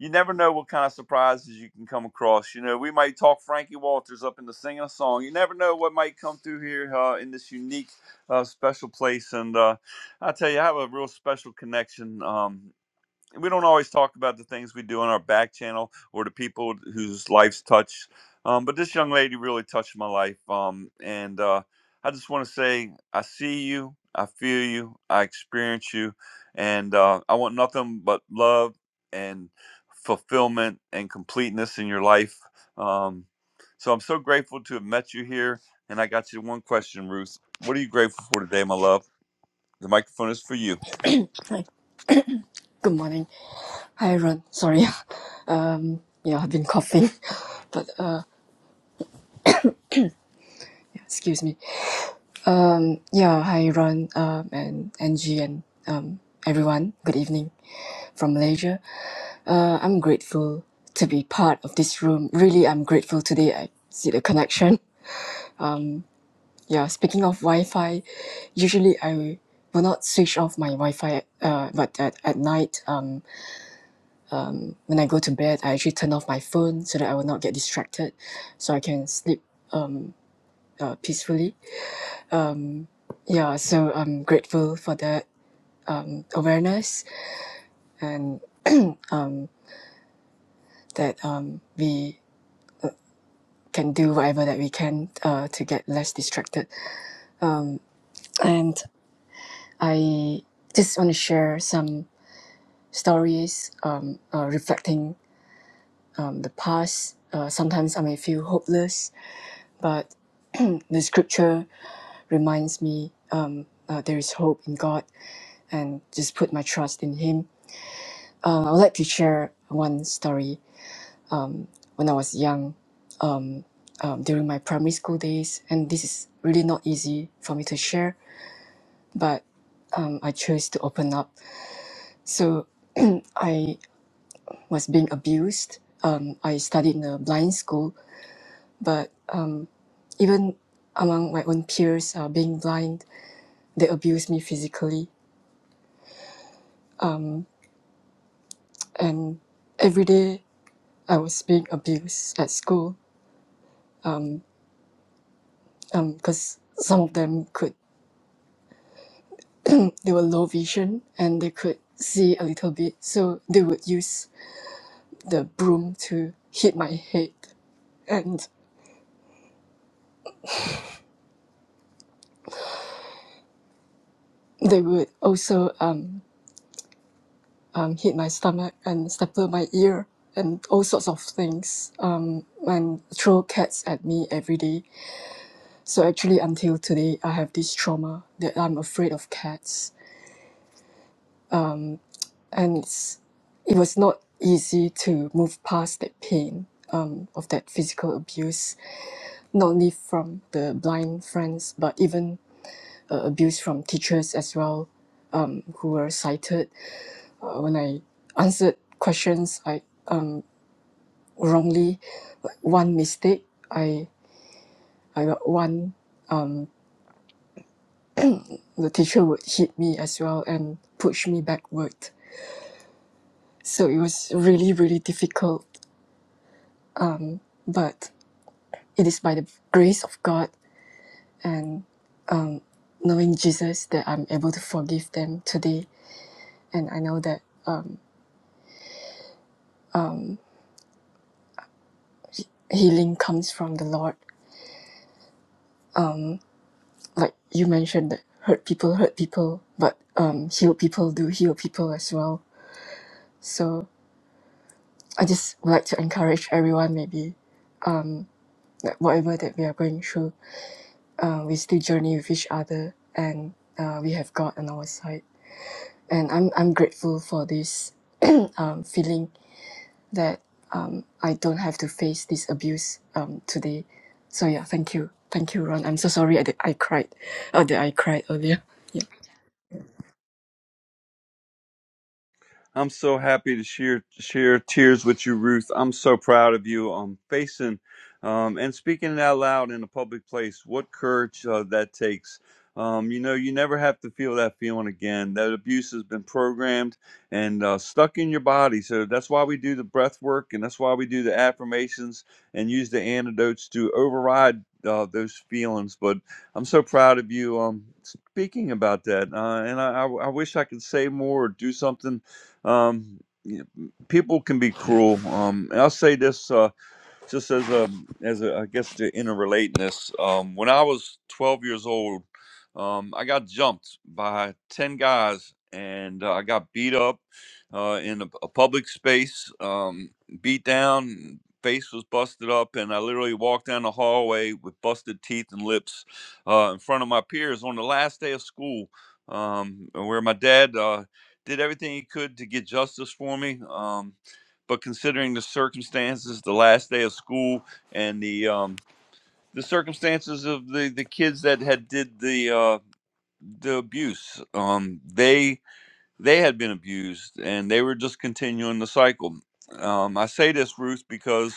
Speaker 1: you never know what kind of surprises you can come across. You know, we might talk Frankie Walters up into singing a song. You never know what might come through here uh, in this unique, uh, special place. And uh, I'll tell you, I have a real special connection. Um, we don't always talk about the things we do on our back channel or the people whose lives touch, um, but this young lady really touched my life. Um, and uh, I just want to say, I see you, I feel you, I experience you, and uh, I want nothing but love and fulfillment and completeness in your life. Um, so I'm so grateful to have met you here. And I got you one question, Ruth. What are you grateful for today, my love? The microphone is for you.
Speaker 8: Hi. Good morning. Hi, everyone. Sorry. Um, yeah, I've been coughing, but uh, yeah, excuse me. Um, yeah, hi, Ron, um, and Angie, and um, everyone. Good evening from Malaysia. Uh, I'm grateful to be part of this room. Really, I'm grateful today. I see the connection. Yeah, speaking of Wi-Fi, usually I will not switch off my Wi-Fi. Uh, but at, at night, um, When I go to bed, I actually turn off my phone so that I will not get distracted, so I can sleep uh, peacefully. Yeah, so I'm grateful for that um, awareness and um, that um, we can do whatever that we can uh, to get less distracted. And I just want to share some stories um, uh, reflecting um, the past. Uh, sometimes I may feel hopeless, but the scripture reminds me um, uh, there is hope in God and just put my trust in him. Um, I would like to share one story when I was young um, during my primary school days, and this is really not easy for me to share, but um, I chose to open up. So I was being abused. Um, I studied in a blind school, but even among my own peers, uh, being blind, they abused me physically. And every day I was being abused at school because some of them could they were low vision and they could see a little bit, so they would use the broom to hit my head, and they would also um, um, hit my stomach and staple my ear and all sorts of things um, and throw cats at me every day. So actually, until today, I have this trauma that I'm afraid of cats, and it's, it was not easy to move past that pain um, of that physical abuse not only from the blind friends, but even uh, abuse from teachers as well, um, who were cited uh, when I answered questions I um, wrongly. Like one mistake, I I got one. The teacher would hit me as well and push me backward. So it was really really difficult. But it is by the grace of God and knowing Jesus that I'm able to forgive them today, and I know that healing comes from the Lord like you mentioned that hurt people hurt people, but um, heal people do heal people as well. So I just would like to encourage everyone maybe that whatever that we are going through, uh, we still journey with each other and uh, we have God on our side. And I'm, I'm grateful for this um, feeling that um, I don't have to face this abuse um, today. So yeah, thank you. Thank you, Ron. I'm so sorry I, did, I cried. Oh, that I cried earlier.
Speaker 1: I'm so happy to share share tears with you, Ruth. I'm so proud of you. Um, facing, um, and speaking it out loud in a public place. What courage uh, that takes. Um, you know, you never have to feel that feeling again. That abuse has been programmed and uh, stuck in your body. So that's why we do the breath work, and that's why we do the affirmations and use the antidotes to override uh, those feelings. But I'm so proud of you. Um, speaking about that, uh, and I, I, I wish I could say more or do something um, you know, people can be cruel. Um, and I'll say this: uh, just as a as a I guess the interrelatedness. Um, when I was 12 years old, um, I got jumped by 10 guys, and uh, I got beat up uh, in a, a public space, um, beat down. Face was busted up, and I literally walked down the hallway with busted teeth and lips uh, in front of my peers on the last day of school, um, where my dad uh, did everything he could to get justice for me. Um, but considering the circumstances, the last day of school, and the um, the circumstances of the, the kids that had did the uh, the abuse, um, they they had been abused and they were just continuing the cycle. Um, I say this, Ruth, because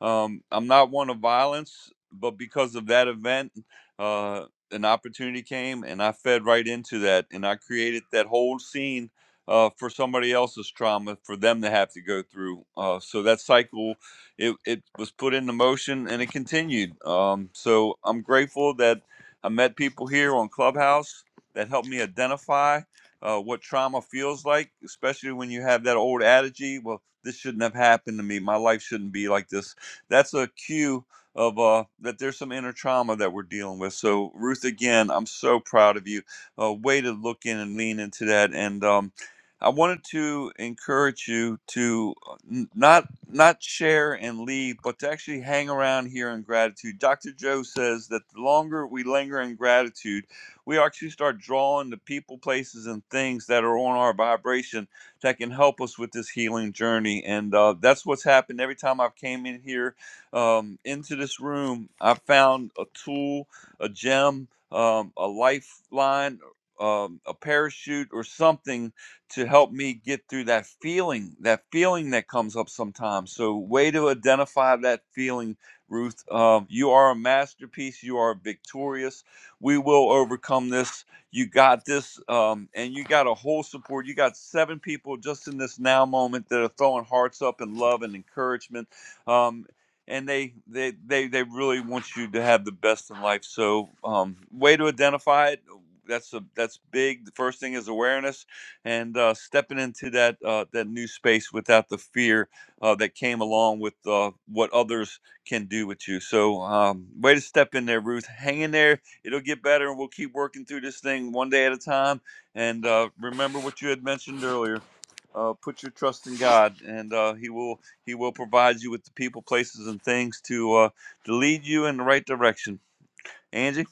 Speaker 1: um, I'm not one of violence, but because of that event, uh, an opportunity came and I fed right into that. And I created that whole scene uh, for somebody else's trauma for them to have to go through. Uh, so that cycle, it, it was put into motion and it continued. Um, so I'm grateful that I met people here on Clubhouse that helped me identify uh, what trauma feels like, especially when you have that old adage, well, this shouldn't have happened to me. My life shouldn't be like this. That's a cue of uh, that there's some inner trauma that we're dealing with. So, Ruth, again, I'm so proud of you. Uh, way to look in and lean into that. And um, I wanted to encourage you to uh, n- not not share and leave, but to actually hang around here in gratitude. Dr. Joe says that the longer we linger in gratitude, we actually start drawing the people, places, and things that are on our vibration that can help us with this healing journey. And uh, that's what's happened every time I've came in here um, into this room. I found a tool, a gem, um, a lifeline. Um, a parachute or something to help me get through that feeling, that feeling that comes up sometimes. So, way to identify that feeling, Ruth. Um, you are a masterpiece. You are victorious we will overcome this. You got this. Um, and you got a whole support. You got seven people just in this now moment that are throwing hearts up and love and encouragement. Um, and they, they, they, they really want you to have the best in life. So, um, way to identify it. That's a that's big. The first thing is awareness, and uh, stepping into that uh, that new space without the fear uh, that came along with uh, what others can do with you. So, um, way to step in there, Ruth. Hang in there it'll get better, and we'll keep working through this thing one day at a time. And uh, remember what you had mentioned earlier. Uh, put your trust in God, and uh, He will He will provide you with the people, places, and things to uh, to lead you in the right direction. Angie,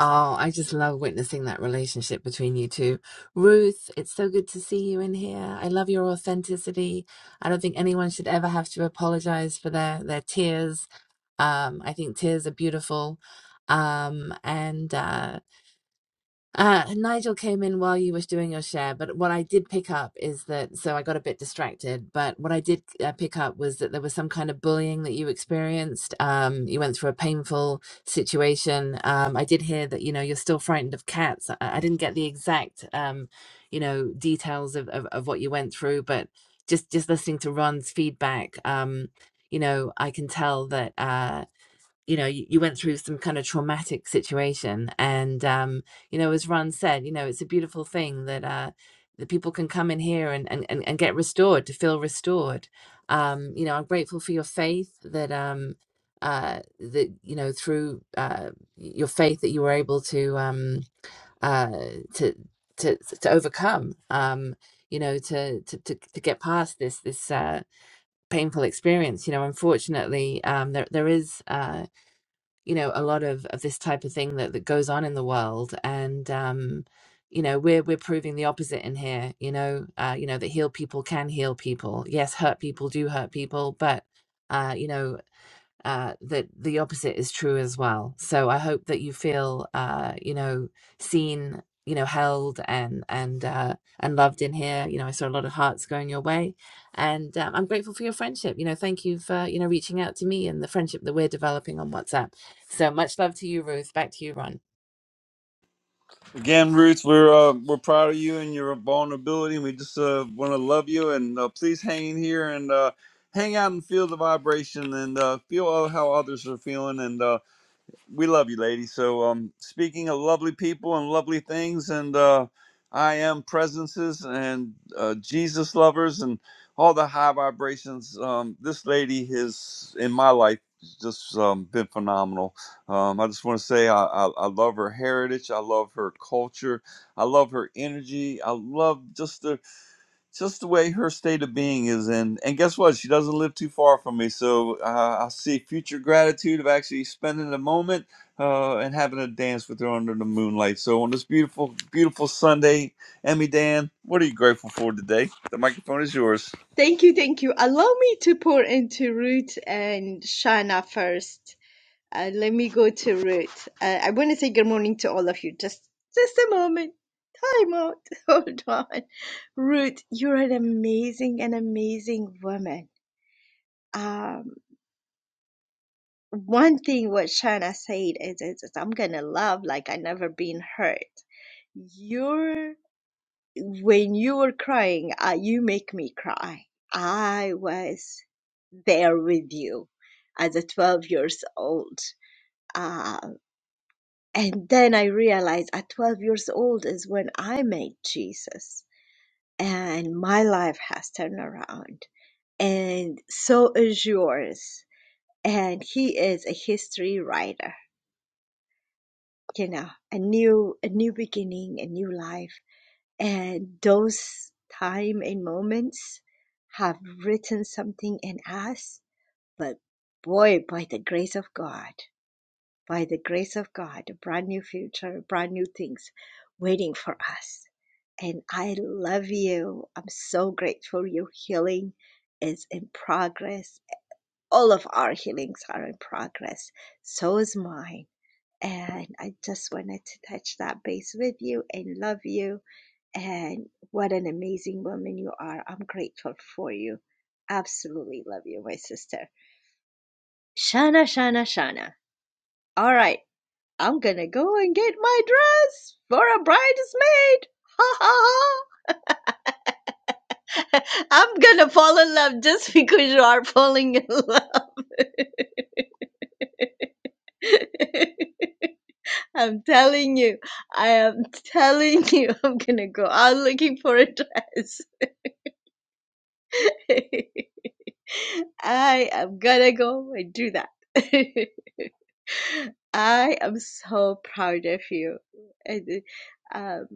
Speaker 4: Oh, I just love witnessing that relationship between you two. Ruth, it's so good to see you in here. I love your authenticity. I don't think anyone should ever have to apologize for their their tears. Um, I think tears are beautiful. Um, and uh Uh, Nigel came in while you was doing your share, but what I did pick up is that, so I got a bit distracted, but what I did uh, pick up was that there was some kind of bullying that you experienced. Um, you went through a painful situation. Um, I did hear that, you know, you're still frightened of cats. I, I didn't get the exact, um, you know, details of, of, of what you went through, but just, just listening to Ron's feedback, um, you know, I can tell that, uh, you know you, you went through some kind of traumatic situation and um you know as ron said you know it's a beautiful thing that uh that people can come in here and and, and, and get restored to feel restored um you know i'm grateful for your faith that um uh that you know through uh your faith that you were able to um uh to to to overcome um you know to to to, to get past this this uh painful experience you know unfortunately um there there is uh, you know a lot of, of this type of thing that, that goes on in the world and um you know we're we're proving the opposite in here you know uh you know that heal people can heal people yes hurt people do hurt people but uh you know uh, that the opposite is true as well. So I hope that you feel, uh, you know, seen, you know, held and and uh, and loved in here. You know, I saw a lot of hearts going your way, and um, I'm grateful for your friendship. You know, thank you for you know reaching out to me and the friendship that we're developing on WhatsApp. So much love to you, Ruth. Back to you, Ron.
Speaker 1: again, Ruth, we're uh, we're proud of you and your vulnerability. and We just uh, want to love you, and uh, please hang in here and uh, hang out and feel the vibration and uh, feel how others are feeling. And uh, we love you, lady. So, um, speaking of lovely people and lovely things, and uh, I am presences and uh, Jesus lovers and all the high vibrations. Um, this lady has in my life just um, been phenomenal. Um, I just want to say I, I, I love her heritage. I love her culture. I love her energy. I love just the just the way her state of being is and and guess what she doesn't live too far from me so uh, i see future gratitude of actually spending a moment uh, and having a dance with her under the moonlight so on this beautiful beautiful sunday emmy dan what are you grateful for today the microphone is yours
Speaker 9: Thank you, thank you. Allow me to pour into Ruth and Shana first. Uh, let me go to Ruth. Uh, I want to say good morning to all of you. Just, just a moment. Time out. Hold on. Ruth, you're an amazing, an amazing woman. Um, one thing what Shana said is, is, is I'm gonna love like I never been hurt. You're when you were crying, uh, you make me cry. I was there with you as a 12 years old. Uh, and then I realized at 12 years old is when I met Jesus and my life has turned around and so is yours. And he is a history writer, you know, a new, a new beginning, a new life and those time and moments have written something in us but boy by the grace of god by the grace of god a brand new future brand new things waiting for us and i love you i'm so grateful your healing is in progress all of our healings are in progress so is mine and i just wanted to touch that base with you and love you and what an amazing woman you are. I'm grateful for you. Absolutely love you, my sister. Shana, Shana, Shana. All right, I'm gonna go and get my dress for a bridesmaid. Ha ha ha. I'm gonna fall in love just because you are falling in love. I'm telling you, I am telling you, I'm gonna go out looking for a dress. I am gonna go and do that. I am so proud of you. And, um,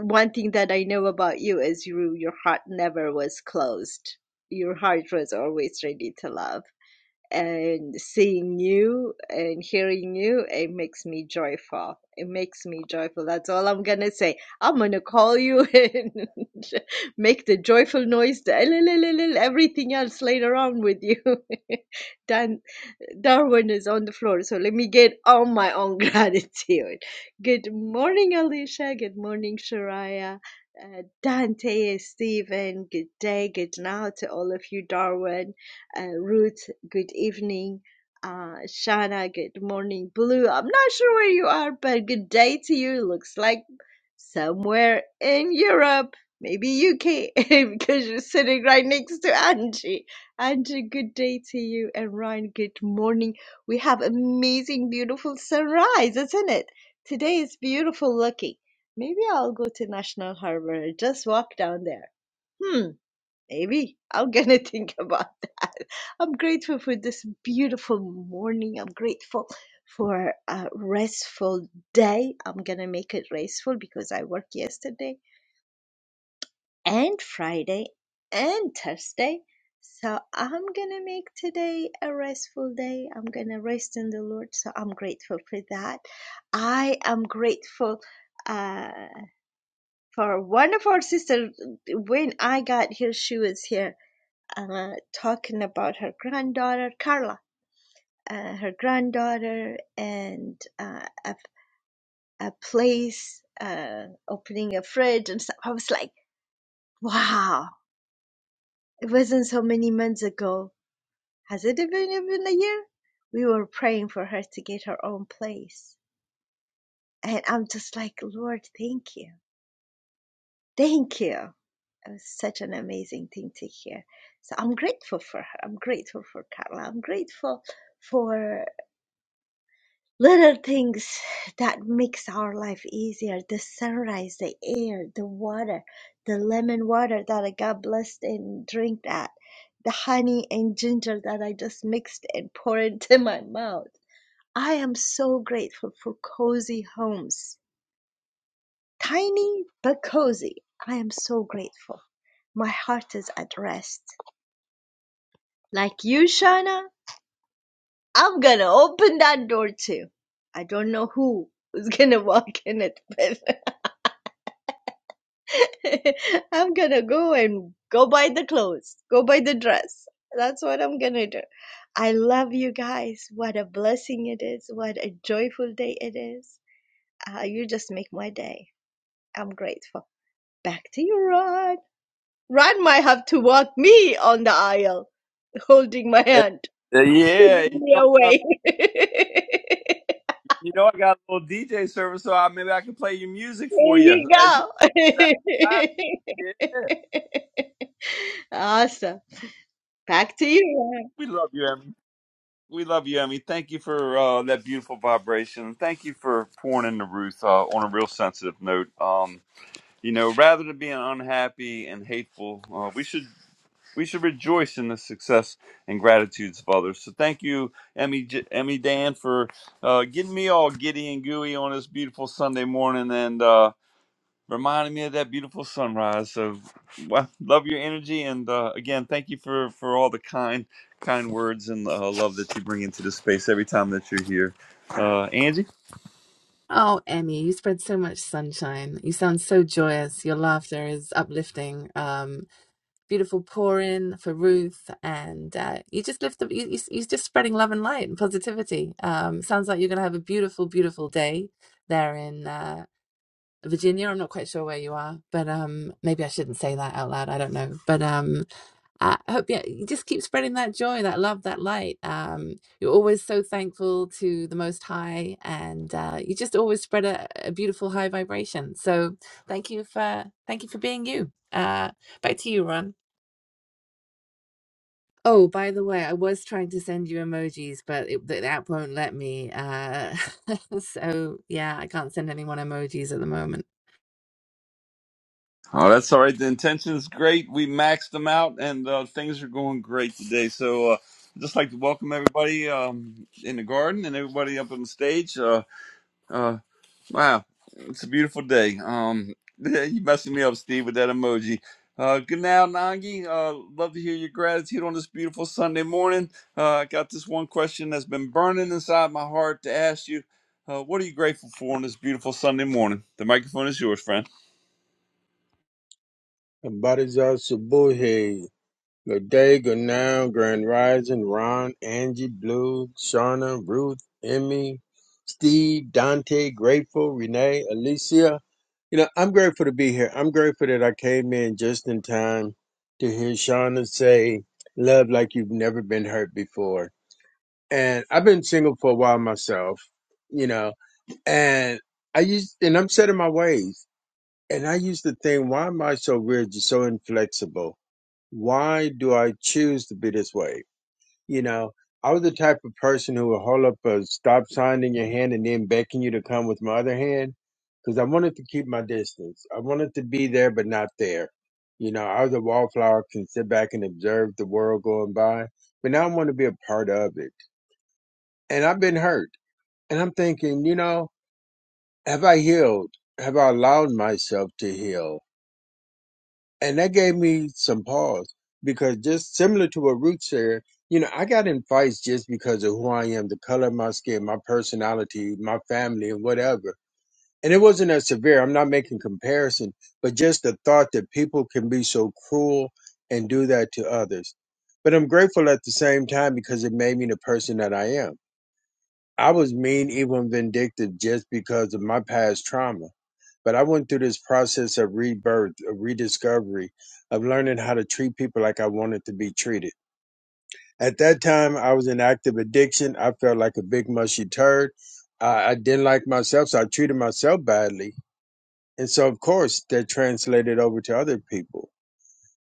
Speaker 9: one thing that I know about you is you, your heart never was closed. Your heart was always ready to love and seeing you and hearing you, it makes me joyful. It makes me joyful. That's all I'm gonna say. I'm gonna call you and make the joyful noise, the LLLLL, everything else later on with you. Dan Darwin is on the floor, so let me get on my own gratitude. Good morning, Alicia. Good morning, Shariah. Uh, Dante, and Stephen, good day, good now to all of you, Darwin uh, Ruth, good evening. Uh, Shana, good morning. Blue, I'm not sure where you are, but good day to you. Looks like somewhere in Europe, maybe UK, because you're sitting right next to Angie. Angie, good day to you. And Ryan, good morning. We have amazing, beautiful sunrise, isn't it? Today is beautiful looking. Maybe I'll go to National Harbor, just walk down there. Hmm Maybe I'm gonna think about that. I'm grateful for this beautiful morning. I'm grateful for a restful day. I'm gonna make it restful because I worked yesterday and Friday and Thursday. So I'm gonna make today a restful day. I'm gonna rest in the Lord. So I'm grateful for that. I am grateful uh, for one of our sisters. When I got here, she was here uh, talking about her granddaughter Carla, uh, her granddaughter, and uh, a, a place uh, opening a fridge and stuff. I was like, wow, it wasn't so many months ago. Has it even been a year? We were praying for her to get her own place, and I'm just like, Lord, thank you, thank you. It was such an amazing thing to hear. So I'm grateful for her. I'm grateful for Carla. I'm grateful for little things that makes our life easier the sunrise the air the water the lemon water that i got blessed and drink that the honey and ginger that i just mixed and poured into my mouth i am so grateful for cozy homes tiny but cozy i am so grateful my heart is at rest like you shana i'm gonna open that door too i don't know who is gonna walk in it but I'm gonna go and go buy the clothes, go buy the dress. That's what I'm gonna do. I love you guys. What a blessing it is. What a joyful day it is. Uh, you just make my day. I'm grateful. Back to you, Ron. Ron might have to walk me on the aisle, holding my hand,
Speaker 1: Uh, yeah
Speaker 9: giving
Speaker 1: you
Speaker 9: me
Speaker 1: know, I got,
Speaker 9: away.
Speaker 1: you know i got a little dj service so I, maybe i can play your music
Speaker 9: There
Speaker 1: for
Speaker 9: you
Speaker 1: you as you
Speaker 9: go.
Speaker 1: walk down the aisle. yeah
Speaker 9: awesome. Back to you, Ron.
Speaker 1: we love you We love you, Emmy. Thank you for uh, that beautiful vibration. Thank you for pouring into Ruth uh, on a real sensitive note. Um, you know, rather than being unhappy and hateful, uh, we should we should rejoice in the success and gratitudes of others. So thank you, Emmy, J- Emmy Dan, for uh, getting me all giddy and gooey on this beautiful Sunday morning. And uh, reminding me of that beautiful sunrise. So, well, love your energy, and uh, again, thank you for for all the kind kind words and uh, love that you bring into the space every time that you're here, uh, Angie.
Speaker 4: Oh, Emmy, you spread so much sunshine. You sound so joyous. Your laughter is uplifting. Um, beautiful pour in for Ruth, and uh, you just lift the you, you, you're just spreading love and light and positivity. Um, sounds like you're going to have a beautiful, beautiful day there in uh, Virginia. I'm not quite sure where you are, but um, maybe I shouldn't say that out loud. I don't know, but um, I hope yeah, you just keep spreading that joy, that love, that light. Um, you're always so thankful to the Most High, and uh, you just always spread a, a beautiful high vibration. So thank you for thank you for being you. Uh, back to you, Ron. Oh, by the way, I was trying to send you emojis, but it, the app won't let me. Uh, so yeah, I can't send anyone emojis at the moment.
Speaker 1: Oh, that's all right. The intention is great. We maxed them out, and uh, things are going great today. So. Uh, I'd just like to welcome everybody um, in the garden and everybody up on the stage. Uh, uh, Wow, it's a beautiful day. Um, you messing me up, Steve, with that emoji. Uh, good now, Nangi. Uh, love to hear your gratitude on this beautiful Sunday morning. Uh, I got this one question that's been burning inside my heart to ask you. Uh, what are you grateful for on this beautiful Sunday morning? The microphone is yours, friend.
Speaker 10: Abadizar Subuhi. Good day, good now, Grand Rising, Ron, Angie, Blue, Shauna, Ruth, Emmy, Steve, Dante, Grateful, Renee, Alicia. You know, I'm grateful to be here. I'm grateful that I came in just in time to hear Shauna say, Love like you've never been hurt before. And I've been single for a while myself, you know, and I used, and I'm set in my ways. And I used to think, why am I so rigid, so inflexible? why do I choose to be this way? You know, I was the type of person who would hold up a stop sign in your hand and then beckon you to come with my other hand because I wanted to keep my distance. I wanted to be there, but not there. You know, I was a wallflower, can sit back and observe the world going by, but now I want to be a part of it. And I've been hurt. And I'm thinking, you know, have I healed? Have I allowed myself to heal? and that gave me some pause because just similar to what Ruth said, you know, I got in fights just because of who I am, the color of my skin, my personality, my family, and whatever. And it wasn't as severe. I'm not making comparison, but just the thought that people can be so cruel and do that to others. But I'm grateful at the same time because it made me the person that I am I was mean, even vindictive, just because of my past trauma. But I went through this process of rebirth, of rediscovery, of learning how to treat people like I wanted to be treated. At that time, I was in active addiction. I felt like a big mushy turd. I, I didn't like myself, so I treated myself badly. And so, of course, that translated over to other people.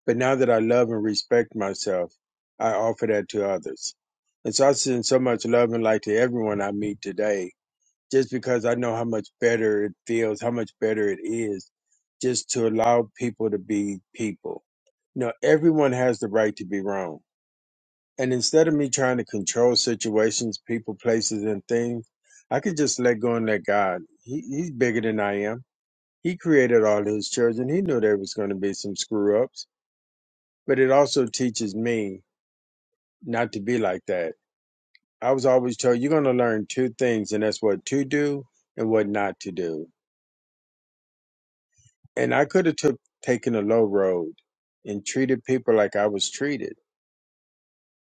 Speaker 10: But now that I love and respect myself, I offer that to others. And so I send so much love and light to everyone I meet today just because I know how much better it feels, how much better it is just to allow people to be people. You know, everyone has the right to be wrong. And instead of me trying to control situations, people, places, and things, I could just let go and let God. He, he's bigger than I am. He created all his children. He knew there was going to be some screw ups. But it also teaches me not to be like that. I was always told you're going to learn two things, and that's what to do and what not to do And I could have took taken a low road and treated people like I was treated,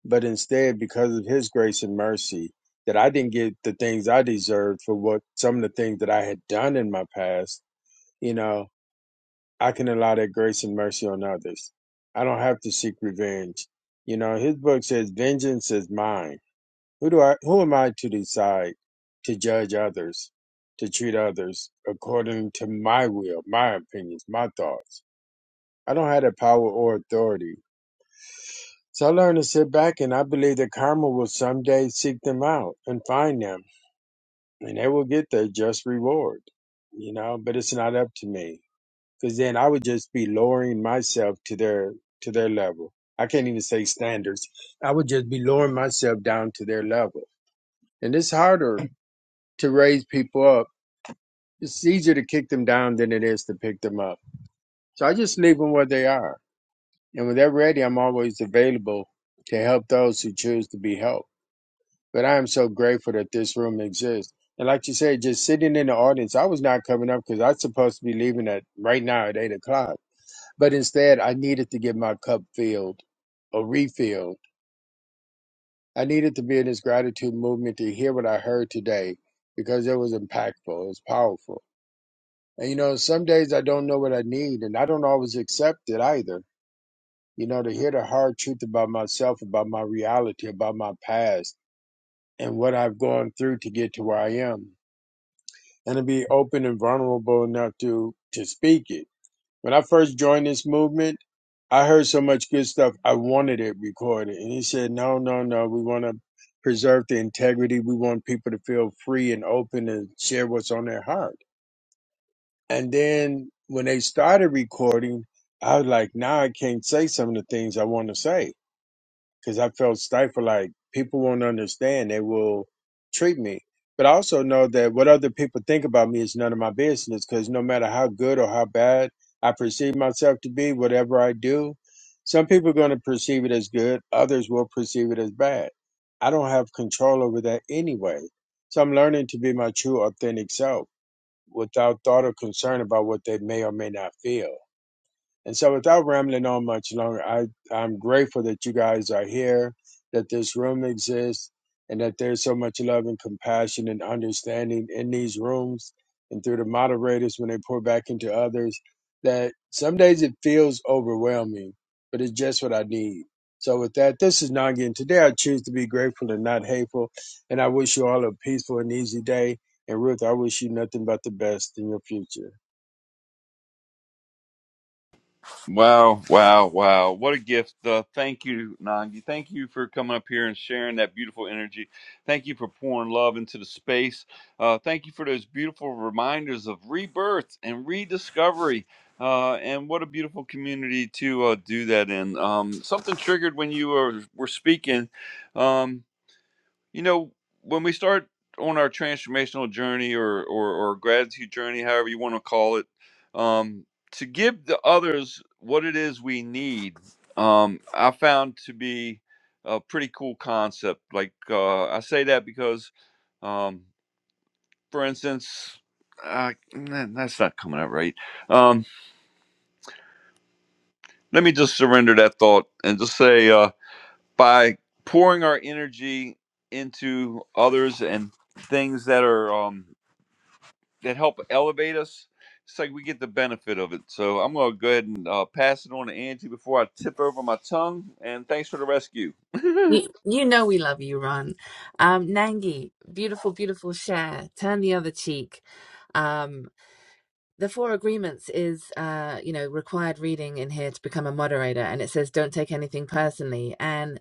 Speaker 10: but instead, because of His grace and mercy, that I didn't get the things I deserved for what some of the things that I had done in my past, you know, I can allow that grace and mercy on others. I don't have to seek revenge. You know, His book says, "Vengeance is mine." Who do I? Who am I to decide to judge others, to treat others according to my will, my opinions, my thoughts? I don't have the power or authority. So I learned to sit back and I believe that karma will someday seek them out and find them and they will get their just reward, you know, but it's not up to me because then I would just be lowering myself to their, to their level. I can't even say standards. I would just be lowering myself down to their level. And it's harder to raise people up. It's easier to kick them down than it is to pick them up. So I just leave them where they are And when they're ready, I'm always available to help those who choose to be helped. But I am so grateful that this room exists. And like you said, just sitting in the audience, I was not coming up because I was supposed to be leaving at right now at eight o'clock. But instead, I needed to get my cup filled or refilled. I needed to be in this gratitude movement to hear what I heard today because it was impactful, it was powerful. And you know, some days I don't know what I need and I don't always accept it either you know, to hear the hard truth about myself, about my reality, about my past, and what I've gone through to get to where I am, and to be open and vulnerable enough to to speak it. When I first joined this movement, I heard so much good stuff. I wanted it recorded, and he said, "No, no, no. We want to preserve the integrity. We want people to feel free and open and share what's on their heart." And then when they started recording, I was like, "Now I can't say some of the things I want to say." because I felt stifled. Like people won't understand. They will treat me. But I also know that what other people think about me is none of my business because no matter how good or how bad I perceive myself to be, whatever I do, some people are going to perceive it as good, others will perceive it as bad. I don't have control over that anyway. So I'm learning to be my true, authentic self without thought or concern about what they may or may not feel. And so, without rambling on much longer, I, I'm grateful that you guys are here, that this room exists, and that there's so much love and compassion and understanding in these rooms and through the moderators when they pour back into others. That some days it feels overwhelming, but it's just what I need. So, with that, this is Nagi, and today I choose to be grateful and not hateful. And I wish you all a peaceful and easy day. And Ruth, I wish you nothing but the best in your future.
Speaker 1: Wow, wow, wow. What a gift. Uh, thank you, Nangi. Thank you for coming up here and sharing that beautiful energy. Thank you for pouring love into the space. Uh, thank you for those beautiful reminders of rebirth and rediscovery. Uh, and what a beautiful community to uh, do that in. Um, something triggered when you were, were speaking. Um, you know, when we start on our transformational journey or or, or gratitude journey, however you want to call it, um, to give the others what it is we need, um, I found to be a pretty cool concept. Like uh, I say that because, um, for instance. Uh, nah, that's not coming out right. Um, let me just surrender that thought and just say uh, by pouring our energy into others and things that are um, that help elevate us. It's like we get the benefit of it. So I'm going to go ahead and uh, pass it on to Angie before I tip over my tongue. And thanks for the rescue.
Speaker 4: You, you know we love you, Ron. Um, Nangi, beautiful, beautiful share. Turn the other cheek. Um, the four agreements is uh you know required reading in here to become a moderator and it says don't take anything personally and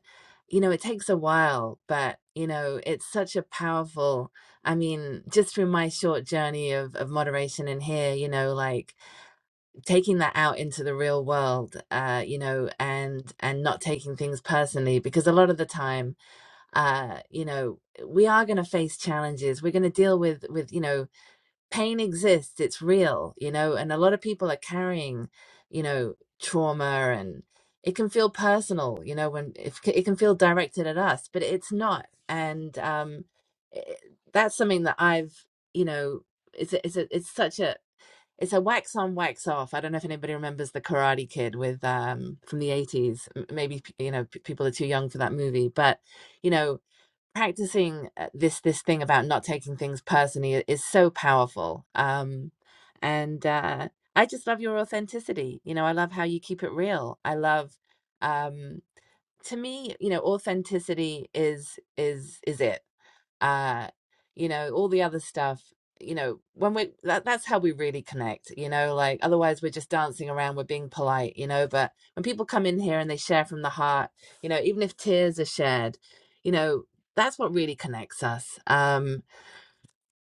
Speaker 4: you know it takes a while but you know it's such a powerful i mean just through my short journey of of moderation in here you know like taking that out into the real world uh you know and and not taking things personally because a lot of the time uh you know we are going to face challenges we're going to deal with with you know pain exists it's real you know and a lot of people are carrying you know trauma and it can feel personal you know when if it can feel directed at us but it's not and um it, that's something that i've you know it's a, it's a, it's such a it's a wax on wax off i don't know if anybody remembers the karate kid with um from the 80s M- maybe you know p- people are too young for that movie but you know practicing uh, this this thing about not taking things personally i- is so powerful um and uh i just love your authenticity you know i love how you keep it real i love um to me you know authenticity is is is it uh you know all the other stuff you know when we that, that's how we really connect you know like otherwise we're just dancing around we're being polite you know but when people come in here and they share from the heart you know even if tears are shared you know that's what really connects us Um.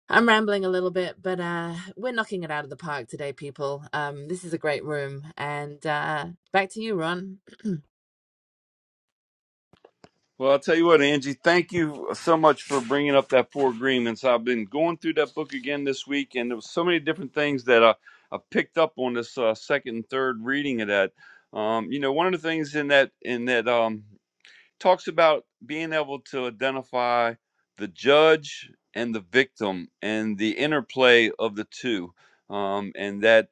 Speaker 4: I'm rambling a little bit, but uh, we're knocking it out of the park today, people. Um, this is a great room, and uh, back to you, Ron.
Speaker 1: Well, I'll tell you what, Angie, thank you so much for bringing up that Four Agreements. I've been going through that book again this week, and there was so many different things that I, I picked up on this uh, second and third reading of that. Um, you know, one of the things in that in that um, talks about being able to identify the judge and the victim and the interplay of the two. Um, and that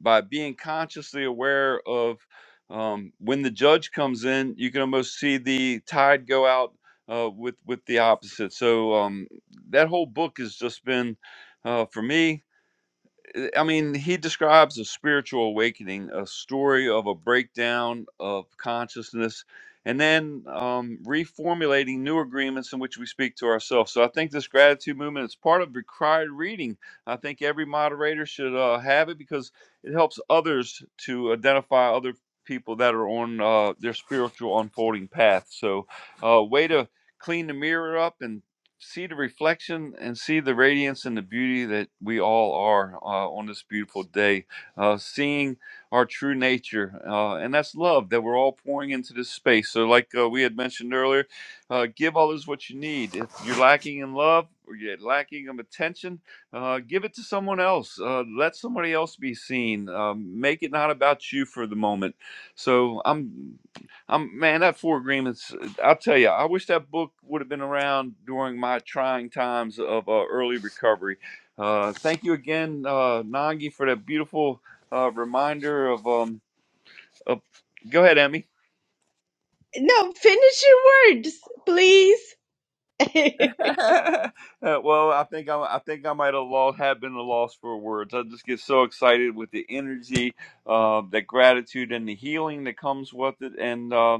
Speaker 1: by being consciously aware of um, when the judge comes in, you can almost see the tide go out uh, with with the opposite. So um, that whole book has just been uh, for me uh, I mean, he describes a spiritual awakening, a story of a breakdown of consciousness, and then um, reformulating new agreements in which we speak to ourselves. So I think this gratitude movement is part of required reading. I think every moderator should uh, have it because it helps others to identify other people that are on uh, their spiritual unfolding path. So, uh, way to clean the mirror up and see the reflection and see the radiance and the beauty that we all are uh, on this beautiful day, uh, seeing our true nature. Uh, and that's love that we're all pouring into this space. So, like uh, we had mentioned earlier, uh, give others what you need. If you're lacking in love, or you're lacking of attention, uh, give it to someone else. Uh, let somebody else be seen. Um, make it not about you for the moment. So I'm I'm man, that four agreements. I'll tell you, I wish that book would have been around during my trying times of uh, early recovery. Uh, thank you again, uh, Nangi, for that beautiful uh, reminder of. Um, of go ahead, Emmy.
Speaker 9: No, finish your words, please.
Speaker 1: Uh, well, I think I, I think I might have lost, have been a loss for words. I just get so excited with the energy, uh, the gratitude, and the healing that comes with it, and uh,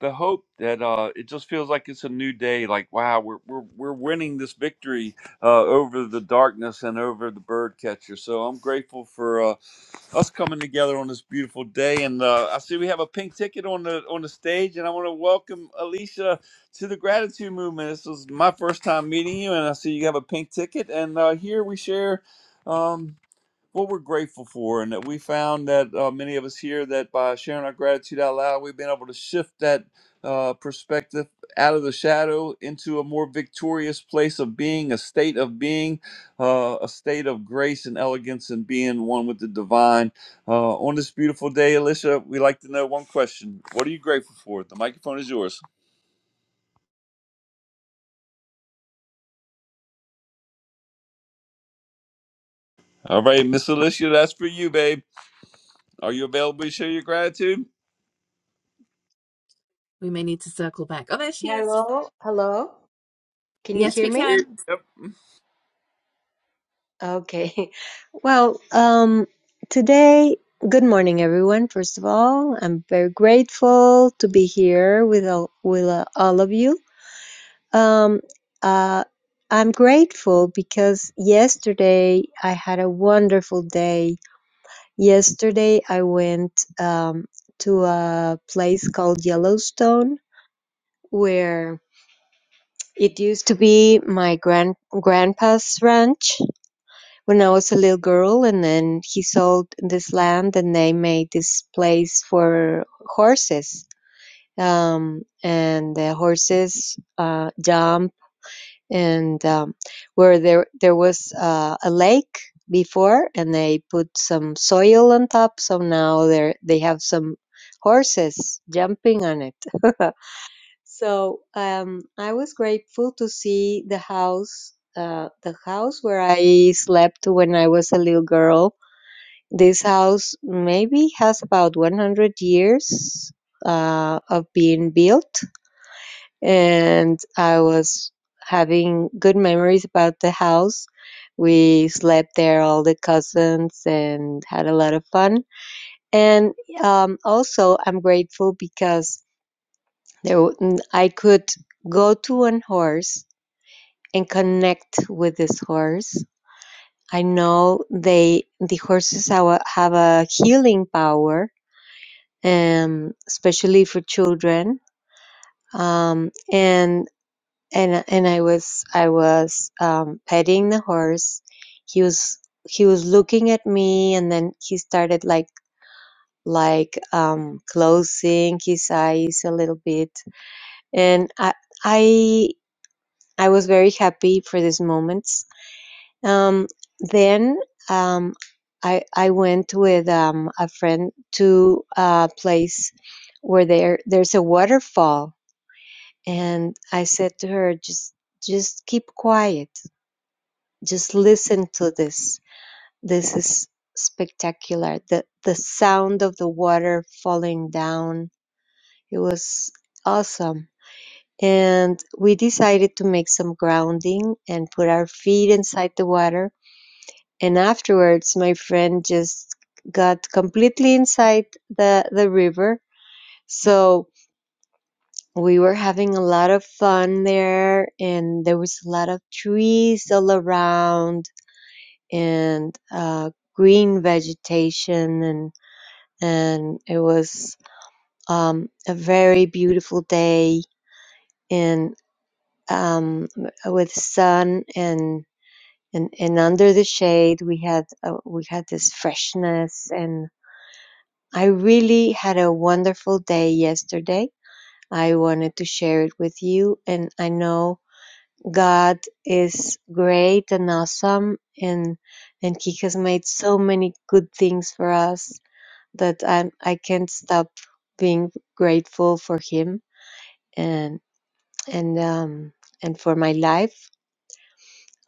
Speaker 1: the hope that uh, it just feels like it's a new day. Like wow, we're we're, we're winning this victory uh, over the darkness and over the bird catcher. So I'm grateful for uh, us coming together on this beautiful day. And uh, I see we have a pink ticket on the on the stage, and I want to welcome Alicia to the gratitude movement. This was my first time meeting you, and I see you have a pink ticket. And uh, here we share um, what we're grateful for, and that we found that uh, many of us here that by sharing our gratitude out loud, we've been able to shift that uh, perspective out of the shadow into a more victorious place of being, a state of being, uh, a state of grace and elegance, and being one with the divine. Uh, on this beautiful day, Alicia, we like to know one question: What are you grateful for? The microphone is yours. All right, Miss Alicia, that's for you, babe. Are you available to share your gratitude?
Speaker 4: We may need to circle back. Oh, there she is.
Speaker 11: Hello, hello. Can you
Speaker 1: Yes,
Speaker 4: Yes,
Speaker 11: hear
Speaker 4: we
Speaker 1: we
Speaker 11: me?
Speaker 1: did.
Speaker 4: can.
Speaker 1: Yep.
Speaker 11: Okay. Well, um, today, good morning, everyone. First of all, I'm very grateful to be here with all, with uh, all of you. Um, uh, I'm grateful because yesterday I had a wonderful day. Yesterday I went um, to a place called Yellowstone where it used to be my grand grandpa's ranch when I was a little girl, and then he sold this land, and they made this place for horses. Um, and the horses uh, jump, and um, where there there was uh, a lake before, and they put some soil on top, so now they they have some horses jumping on it. So um, I was grateful to see the house, uh, the house where I slept when I was a little girl. This house maybe has about 100 years uh, of being built, and I was having good memories about the house. We slept there, all the cousins, and had a lot of fun. And um, also, I'm grateful because there, w- n- I could go to an horse and connect with this horse. I know they the horses have a, have a healing power, um, especially for children. Um, and and and I was I was um, petting the horse. He was he was looking at me, and then he started like like um, closing his eyes a little bit, and I. I I was very happy for these moments. Um, then um, I I went with um, a friend to a place where there there's a waterfall, and I said to her, just just keep quiet, just listen to this. This is spectacular. the The sound of the water falling down. It was awesome and we decided to make some grounding and put our feet inside the water And afterwards, my friend just got completely inside the the river. So we were having a lot of fun there, and there was a lot of trees all around and uh, green vegetation, and and it was um, a very beautiful day, and um, with sun and and and under the shade we had uh, we had this freshness and I really had a wonderful day yesterday. I wanted to share it with you, and I know God is great and awesome, and and He has made so many good things for us that I I can't stop being grateful for Him and and um and for my life.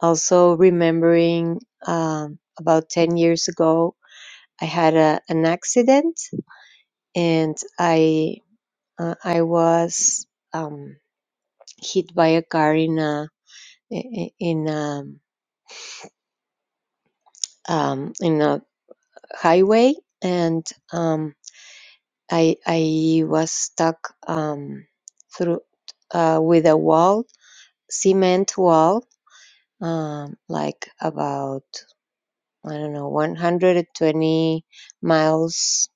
Speaker 11: Also remembering um, about ten years ago, I had a, an accident, and I Uh, I was um, hit by a car in a i- in a um, in a highway, and um, I I was stuck um, through uh, with a wall, cement wall, um, like about I don't know 120 miles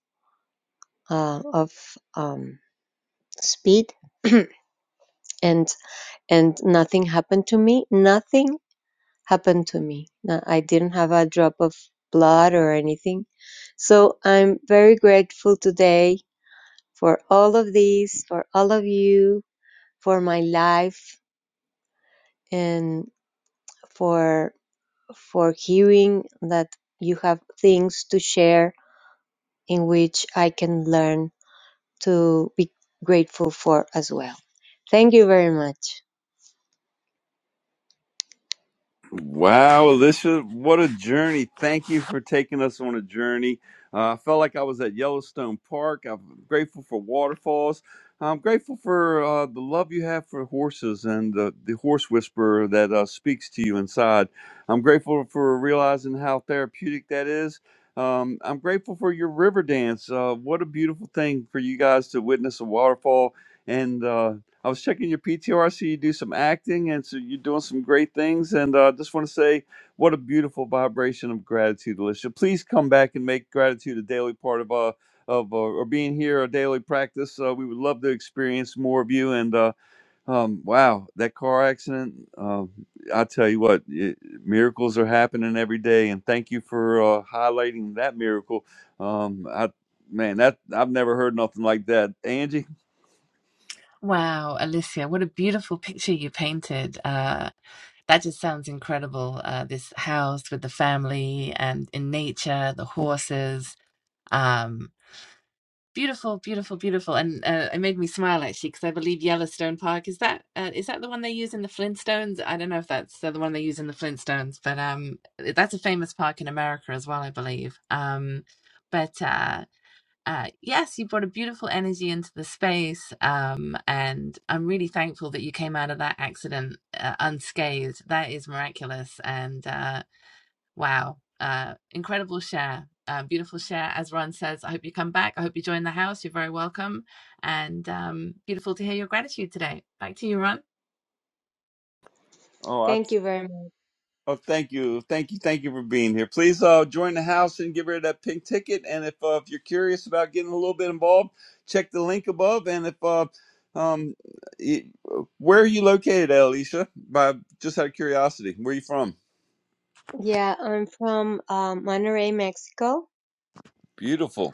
Speaker 11: uh, of um, speed, and and nothing happened to me. Nothing happened to me. No, I didn't have a drop of blood or anything. So I'm very grateful today for all of these, for all of you, for my life, and for for hearing that you have things to share in which I can learn to be grateful for as well. Thank you very much.
Speaker 1: Wow, Alicia, what a journey. Thank you for taking us on a journey. Uh, I felt like I was at Yellowstone Park. I'm grateful for waterfalls. I'm grateful for uh, the love you have for horses and the, the horse whisperer that uh, speaks to you inside. I'm grateful for realizing how therapeutic that is. Um, I'm grateful for your river dance. Uh, what a beautiful thing for you guys to witness a waterfall and uh, I was checking your PTR. see you do some acting, and so you're doing some great things. And I uh, just want to say, what a beautiful vibration of gratitude, Alicia. Please come back and make gratitude a daily part of uh of uh, or being here a daily practice. Uh, we would love to experience more of you. And uh, um, wow, that car accident. Um, I tell you what, it, miracles are happening every day. And thank you for uh, highlighting that miracle. Um, I man, that I've never heard nothing like that, Angie.
Speaker 4: Wow, Alicia, what a beautiful picture you painted. Uh, That just sounds incredible. Uh, this house with the family and in nature, the horses. Um, beautiful, beautiful, beautiful. And uh, it made me smile actually because I believe Yellowstone Park is that uh, is that the one they use in the Flintstones? I don't know if that's uh, the one they use in the Flintstones, but um, that's a famous park in America as well, I believe. Um, but uh, uh, yes, you brought a beautiful energy into the space. Um, and I'm really thankful that you came out of that accident uh, unscathed. That is miraculous. And uh, Wow. Uh, incredible share. Uh, beautiful share. As Ron says, I hope you come back. I hope you join the house. You're very welcome. And um, beautiful to hear your gratitude today. Back to you, Ron.
Speaker 1: Oh, I
Speaker 11: Thank you very much.
Speaker 1: Oh, thank you, thank you, thank you for being here. Please uh, join the house and get rid of that pink ticket. And if uh, if you're curious about getting a little bit involved, check the link above. And if uh, um, y- where are you located, Alicia? By just out of curiosity, where are you from?
Speaker 11: Yeah, I'm from um, Monterrey, Mexico.
Speaker 1: Beautiful.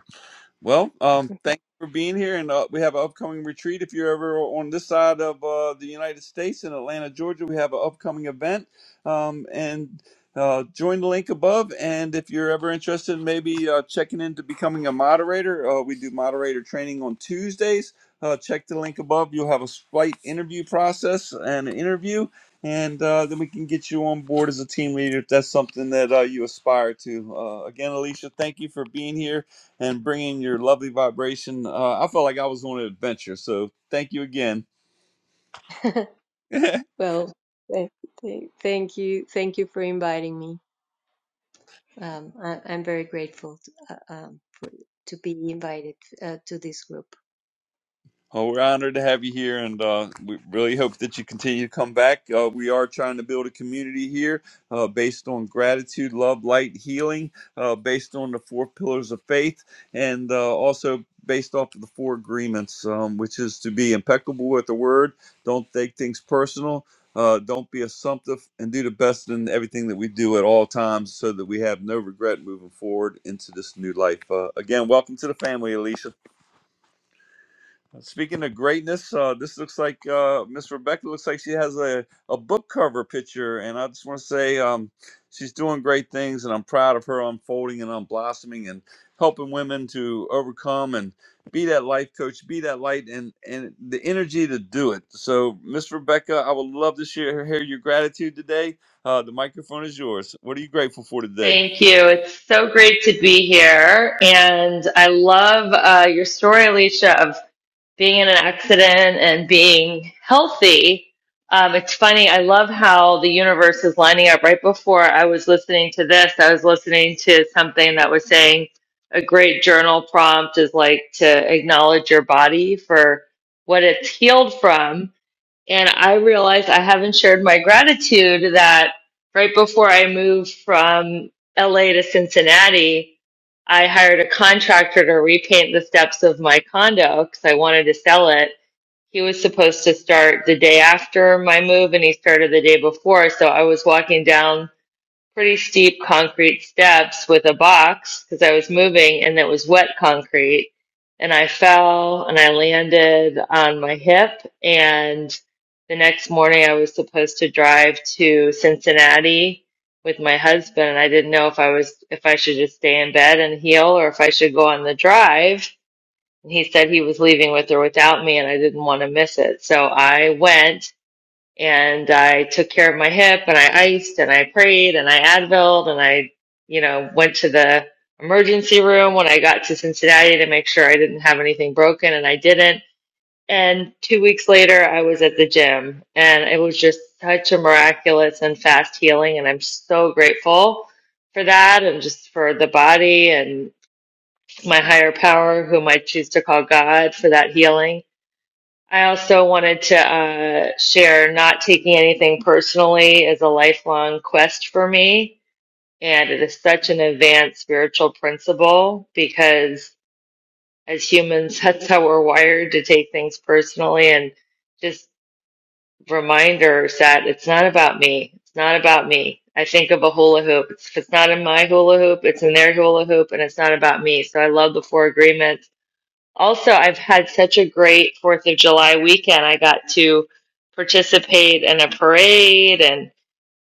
Speaker 1: Well, um, thank you for being here, and uh, we have an upcoming retreat. If you're ever on this side of uh, the United States in Atlanta, Georgia, we have an upcoming event, um, and uh, join the link above. And if you're ever interested, in maybe uh, checking into becoming a moderator, uh, we do moderator training on Tuesdays. Uh, check the link above. You'll have a slight interview process and an interview, and uh, then we can get you on board as a team leader if that's something that uh, you aspire to. Uh, again, Alicia, thank you for being here and bringing your lovely vibration. Uh, I felt like I was on an adventure. So thank you again.
Speaker 11: Well, th- th- thank you, thank you for inviting me. Um, I, I'm very grateful to, uh, um, for, to be invited uh, to this group.
Speaker 1: Oh, we're honored to have you here, and uh, we really hope that you continue to come back. Uh, we are trying to build a community here uh, based on gratitude, love, light, healing, uh, based on the four pillars of faith, and uh, also based off of the four agreements, um, which is to be impeccable with the word, don't take things personal, uh, don't be assumptive, and do the best in everything that we do at all times so that we have no regret moving forward into this new life. Uh, again, welcome to the family, Alicia. Speaking of greatness, uh, this looks like uh, Miss Rebecca looks like she has a, a book cover picture, and I just want to say um, she's doing great things, and I'm proud of her unfolding and unblossoming and helping women to overcome and be that life coach, be that light, and and the energy to do it. So, Miss Rebecca, I would love to share hear your gratitude today. Uh, the microphone is yours. What are you grateful for today?
Speaker 12: Thank you. It's so great to be here. And I love uh, your story, Alicia, of being in an accident and being healthy. Um, it's funny. I love how the universe is lining up. Right before I was listening to this, I was listening to something that was saying a great journal prompt is like to acknowledge your body for what it's healed from. And I realized I haven't shared my gratitude that right before I moved from LA to Cincinnati, I hired a contractor to repaint the steps of my condo because I wanted to sell it. He was supposed to start the day after my move and he started the day before. So I was walking down pretty steep concrete steps with a box because I was moving and it was wet concrete. And I fell and I landed on my hip. And the next morning, I was supposed to drive to Cincinnati with my husband. And I didn't know if I was, if I should just stay in bed and heal or if I should go on the drive. And he said he was leaving with or without me and I didn't want to miss it. So I went and I took care of my hip and I iced and I prayed and I Advilled and I, you know, went to the emergency room when I got to Cincinnati to make sure I didn't have anything broken and I didn't. And two weeks later, I was at the gym and it was just such a miraculous and fast healing. And I'm so grateful for that and just for the body and my higher power, whom I choose to call God, for that healing I also wanted to uh, share not taking anything personally is a lifelong quest for me. And it is such an advanced spiritual principle because as humans, that's how we're wired to take things personally. And just reminders that it's not about me. It's not about me. I think of a hula hoop. It's, if it's not in my hula hoop, it's in their hula hoop, and it's not about me. So I love the four agreements also, I've had such a great Fourth of July weekend. I got to participate in a parade and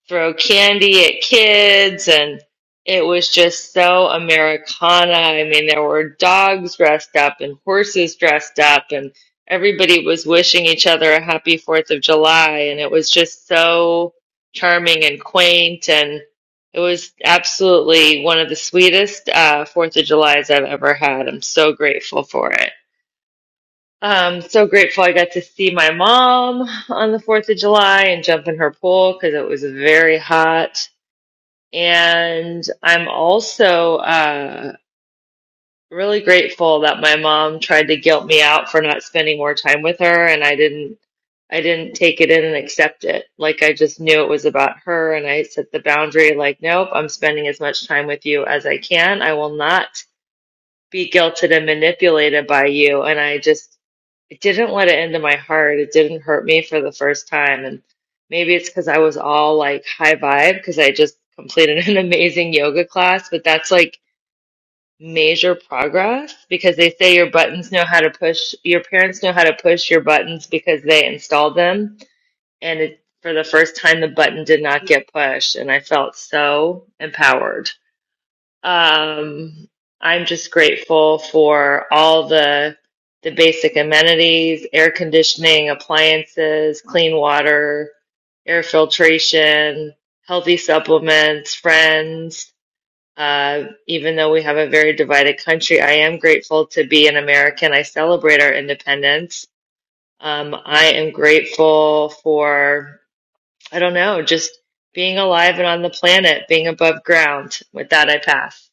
Speaker 12: throw candy at kids, and it was just so Americana. I mean, there were dogs dressed up and horses dressed up, and everybody was wishing each other a happy Fourth of July, and it was just so charming and quaint, and it was absolutely one of the sweetest uh, Fourth of Julys I've ever had. I'm so grateful for it. Um, so grateful I got to see my mom on the 4th of July and jump in her pool because it was very hot. And I'm also uh, really grateful that my mom tried to guilt me out for not spending more time with her, and I didn't. I didn't take it in and accept it. Like I just knew it was about her, and I set the boundary. Like, nope, I'm spending as much time with you as I can. I will not be guilted and manipulated by you. And I just, it didn't let it into my heart. It didn't hurt me for the first time. And maybe it's because I was all like high vibe because I just completed an amazing yoga class, but that's like major progress because they say your buttons know how to push, your parents know how to push your buttons because they installed them. And it, for the first time, the button did not get pushed. And I felt so empowered. Um, I'm just grateful for all the the basic amenities, air conditioning, appliances, clean water, air filtration, healthy supplements, friends. Uh, even though we have a very divided country, I am grateful to be an American. I celebrate our independence. Um, I am grateful for, I don't know, just being alive and on the planet, being above ground. With that, I pass.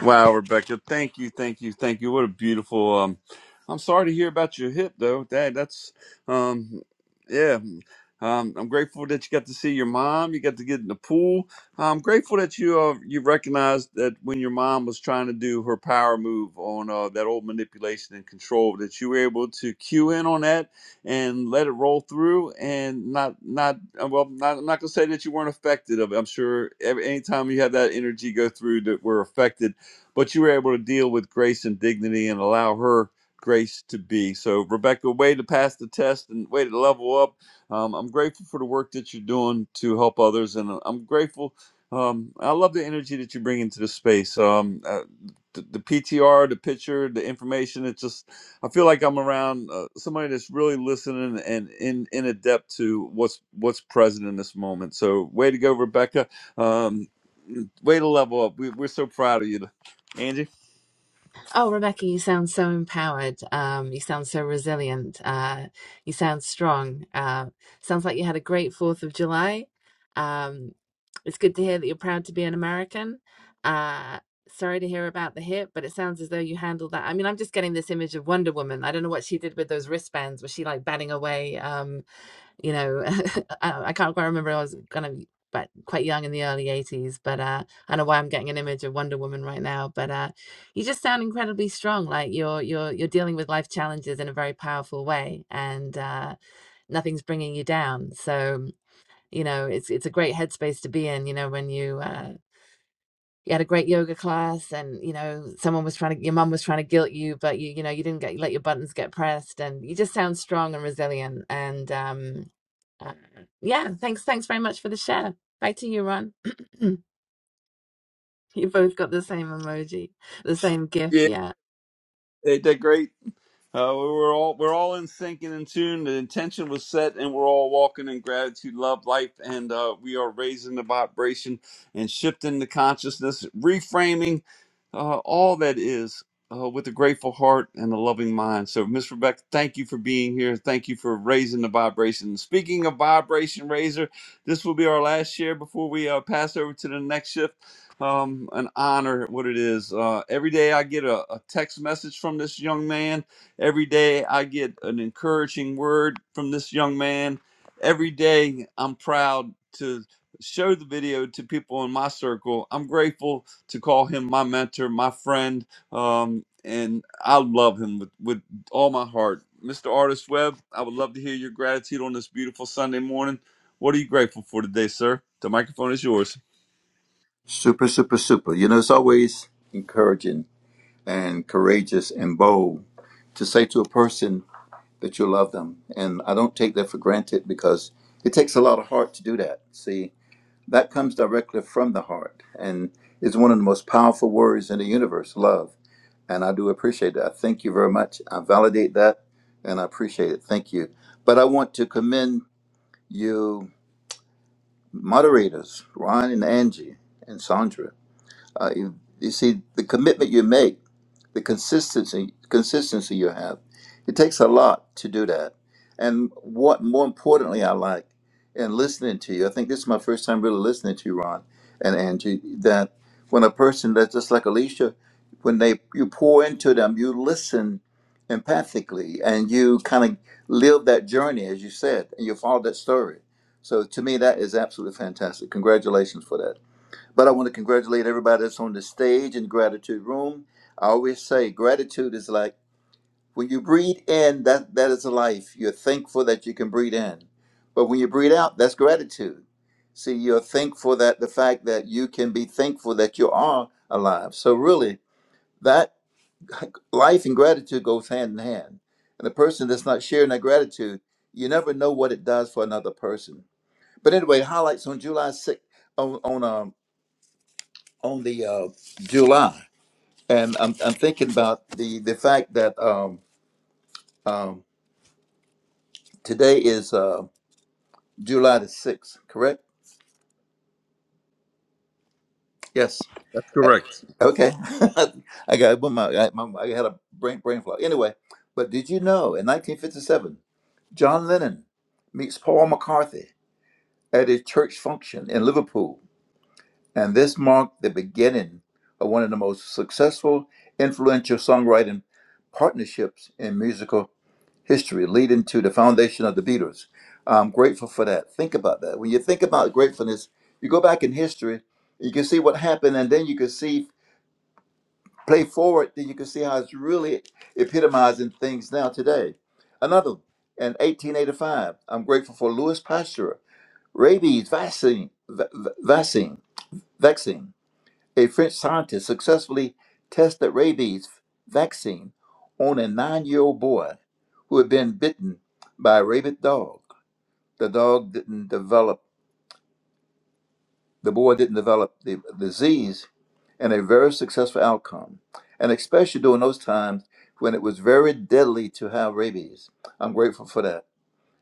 Speaker 1: Wow, Rebecca, thank you, thank you, thank you. What a beautiful. Um, I'm sorry to hear about your hip, though. That that's, um, yeah. Um, I'm grateful that you got to see your mom. You got to get in the pool. I'm grateful that you uh, you recognized that when your mom was trying to do her power move on uh, that old manipulation and control, that you were able to cue in on that and let it roll through, and not not uh, well. Not, I'm not gonna say that you weren't affected of it. I'm sure every, anytime you have that energy go through that we're affected but you were able to deal with grace and dignity and allow her grace to be. So, Rebecca, way to pass the test and way to level up. Um, I'm grateful for the work that you're doing to help others, and uh, I'm grateful. Um, I love the energy that you bring into the space. Um, uh, the, the PTR, the picture, the information. It's just I feel like I'm around uh, somebody that's really listening and in in adept to what's what's present in this moment. So, way to go, Rebecca. Um, way to level up. We, we're so proud of you. Angie.
Speaker 4: Oh, Rebecca, you sound so empowered. Um, you sound so resilient. Uh, you sound strong. Uh, sounds like you had a great Fourth of July. Um, it's good to hear that you're proud to be an American. Uh, sorry to hear about the hip, but it sounds as though you handled that. I mean, I'm just getting this image of Wonder Woman. I don't know what she did with those wristbands. Was she like batting away? Um, you know, I I can't quite remember. I was kind of but quite young in the early 80s, but uh, I don't know why I'm getting an image of Wonder Woman right now. But uh, you just sound incredibly strong. Like you're you're you're dealing with life challenges in a very powerful way, and uh, nothing's bringing you down. So you know, it's it's a great headspace to be in. You know, when you uh, you had a great yoga class, and you know, someone was trying to your mum was trying to guilt you, but you you know you didn't get let your buttons get pressed, and you just sound strong and resilient. And um, uh, yeah, thanks. Thanks very much for the share. Back to you, Ron. you both got the same emoji, the same GIF.
Speaker 1: Yeah,
Speaker 4: Yeah.
Speaker 1: ain't that great? Uh, we were all we're all in sync and in tune. The intention was set, and we're all walking in gratitude, love, life, and uh, we are raising the vibration and shifting the consciousness, reframing uh, all that is uh, with a grateful heart and a loving mind. So, Miss Rebecca, thank you for being here. Thank you for raising the vibration. Speaking of vibration raiser, this will be our last share before we uh, pass over to the next shift. Um, an honor, what it is. Uh, every day I get a, a text message from this young man Every day I get an encouraging word from this young man. Every day I'm proud to show the video to people in my circle. I'm grateful to call him my mentor, my friend, um, and I love him with, with all my heart. Mr. Artist Webb, I would love to hear your gratitude on this beautiful Sunday morning. What are you grateful for today, sir? The microphone is yours.
Speaker 13: Super, super, super. You know, it's always encouraging and courageous and bold to say to a person that you love them. And I don't take that for granted because it takes a lot of heart to do that. See, that comes directly from the heart and is one of the most powerful words in the universe love. And I do appreciate that. I thank you very much. I validate that and I appreciate it. Thank you. But I want to commend you, moderators, Ron and Angie and Sandra Uh, you, you see, the commitment you make, the consistency, consistency you have, it takes a lot to do that. And what more importantly, I like in listening to you, I think this is my first time really listening to you, Ron and Angie, that when a person that's just like Alicia, when they you pour into them, you listen empathically and you kind of live that journey, as you said, and you follow that story. So to me, that is absolutely fantastic. Congratulations for that. But I want to congratulate everybody that's on the stage in gratitude room. I always say gratitude is like when you breathe in, that that is life. You're thankful that you can breathe in. But when you breathe out, that's gratitude. See, you're thankful that the fact that you can be thankful that you are alive. So really, that life and gratitude goes hand in hand. And a person that's not sharing that gratitude, you never know what it does for another person. But anyway, highlights on July 6th on on um on the uh, July, and I'm, I'm thinking about the the fact that um, um, today is uh, July the sixth, correct? Yes.
Speaker 1: That's
Speaker 13: Eh,
Speaker 1: correct.
Speaker 13: Okay. I got but my, I, my I had a brain brain fog. Anyway, but did you know in 1957, John Lennon meets Paul McCartney at a church function in Liverpool, and this marked the beginning of one of the most successful, influential songwriting partnerships in musical history leading to the foundation of the Beatles. I'm grateful for that. Think about that. When you think about gratefulness, you go back in history, you can see what happened, and then you can see play forward, then you can see how it's really epitomizing things now today. Another in 1885, I'm grateful for Louis Pasteur, rabies vaccine, va- va- vaccine, vaccine. A French scientist successfully tested rabies vaccine on a nine year old boy who had been bitten by a rabid dog. The dog didn't develop, the boy didn't develop the disease, and a very successful outcome. And especially during those times when it was very deadly to have rabies. I'm grateful for that.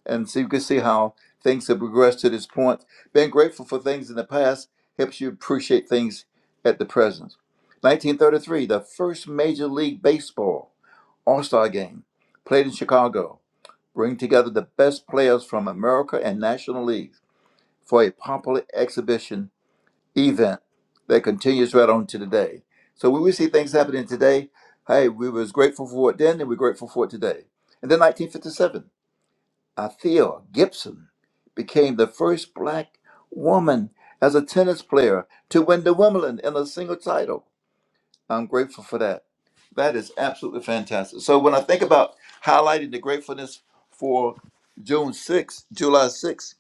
Speaker 13: And so you can see how things have progressed to this point. Being grateful for things in the past helps you appreciate things at the present. 1933, the first Major League Baseball All Star game played in Chicago, bring together the best players from America and National Leagues for a popular exhibition event that continues right on to today. So when we see things happening today, hey, we was grateful for it then and we're grateful for it today. And then 1957. Althea Gibson became the first black woman as a tennis player to win the Wimbledon in a single title. I'm grateful for that. That is absolutely fantastic. So when I think about highlighting the gratefulness for June 6th, July 6th,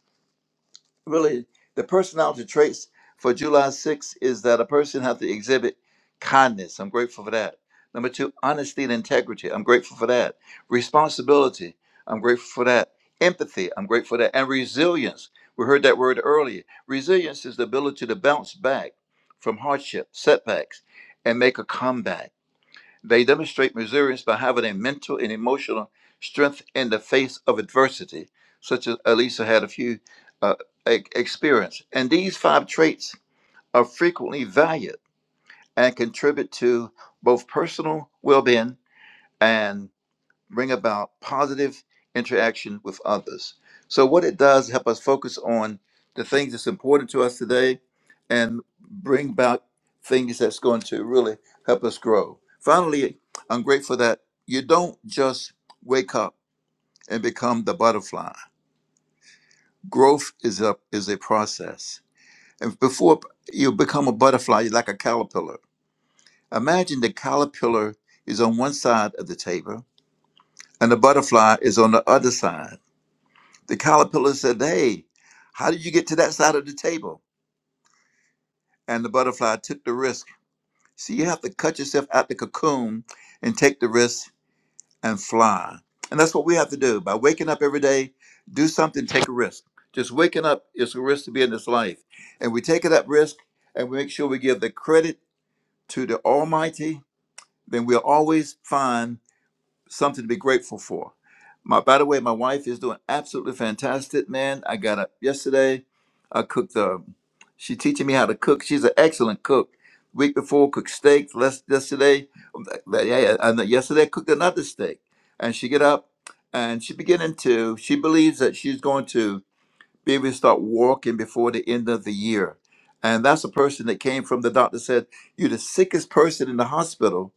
Speaker 13: really the personality traits for July 6th is that a person has to exhibit kindness. I'm grateful for that. Number two, honesty and integrity. I'm grateful for that. Responsibility. I'm grateful for that. Empathy. I'm grateful for that. And resilience. We heard that word earlier. Resilience is the ability to bounce back from hardship, setbacks, and make a comeback. They demonstrate resilience by having a mental and emotional strength in the face of adversity, such as Elisa had a few uh, e- experience. And these five traits are frequently valued and contribute to both personal well-being and bring about positive interaction with others. So, what it does help us focus on the things that's important to us today, and bring about things that's going to really help us grow. Finally, I'm grateful that you don't just wake up and become the butterfly. Growth is a is a process, and before you become a butterfly, you're like a caterpillar. Imagine the caterpillar is on one side of the table, and the butterfly is on the other side The caterpillar said, Hey, how did you get to that side of the table? And the butterfly took the risk. See, you have to cut yourself out the cocoon and take the risk and fly. And that's what we have to do. By waking up every day, do something, take a risk. Just waking up is a risk to be in this life. And we take that risk and we make sure we give the credit to the Almighty, then we'll always find something to be grateful for. My, by the way, my wife is doing absolutely fantastic, man. I got up yesterday. I cooked the. She teaching me how to cook. She's an excellent cook. Week before, cooked steak. Last yesterday, yeah, yeah, and then yesterday I cooked another steak. And she get up, and she beginning to. She believes that she's going to be able to start walking before the end of the year. And that's a person that came from the doctor said, "You're the sickest person in the hospital."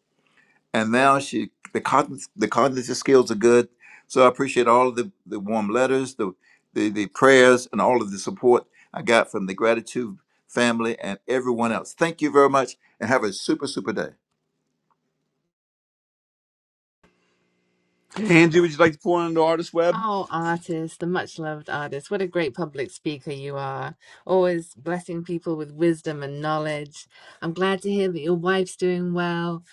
Speaker 13: and now she the cognitive the cognitive skills are good. So I appreciate all of the, the warm letters, the, the the prayers, and all of the support I got from the gratitude family and everyone else. Thank you very much, and have a super super day.
Speaker 1: Angie, would you like to pour into Artist Webb?
Speaker 4: Oh, artist, the much loved artist. What a great public speaker you are. Always blessing people with wisdom and knowledge. I'm glad to hear that your wife's doing well,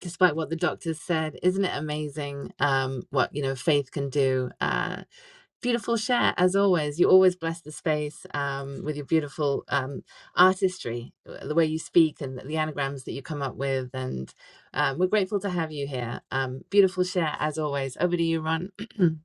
Speaker 4: despite what the doctors said. Isn't it amazing um, what you know faith can do? Uh. Beautiful share, as always. You always bless the space um, with your beautiful um, artistry, uh, the way you speak and the anagrams that you come up with. And um, we're grateful to have you here. Um, beautiful share, as always. Over to you, Ron.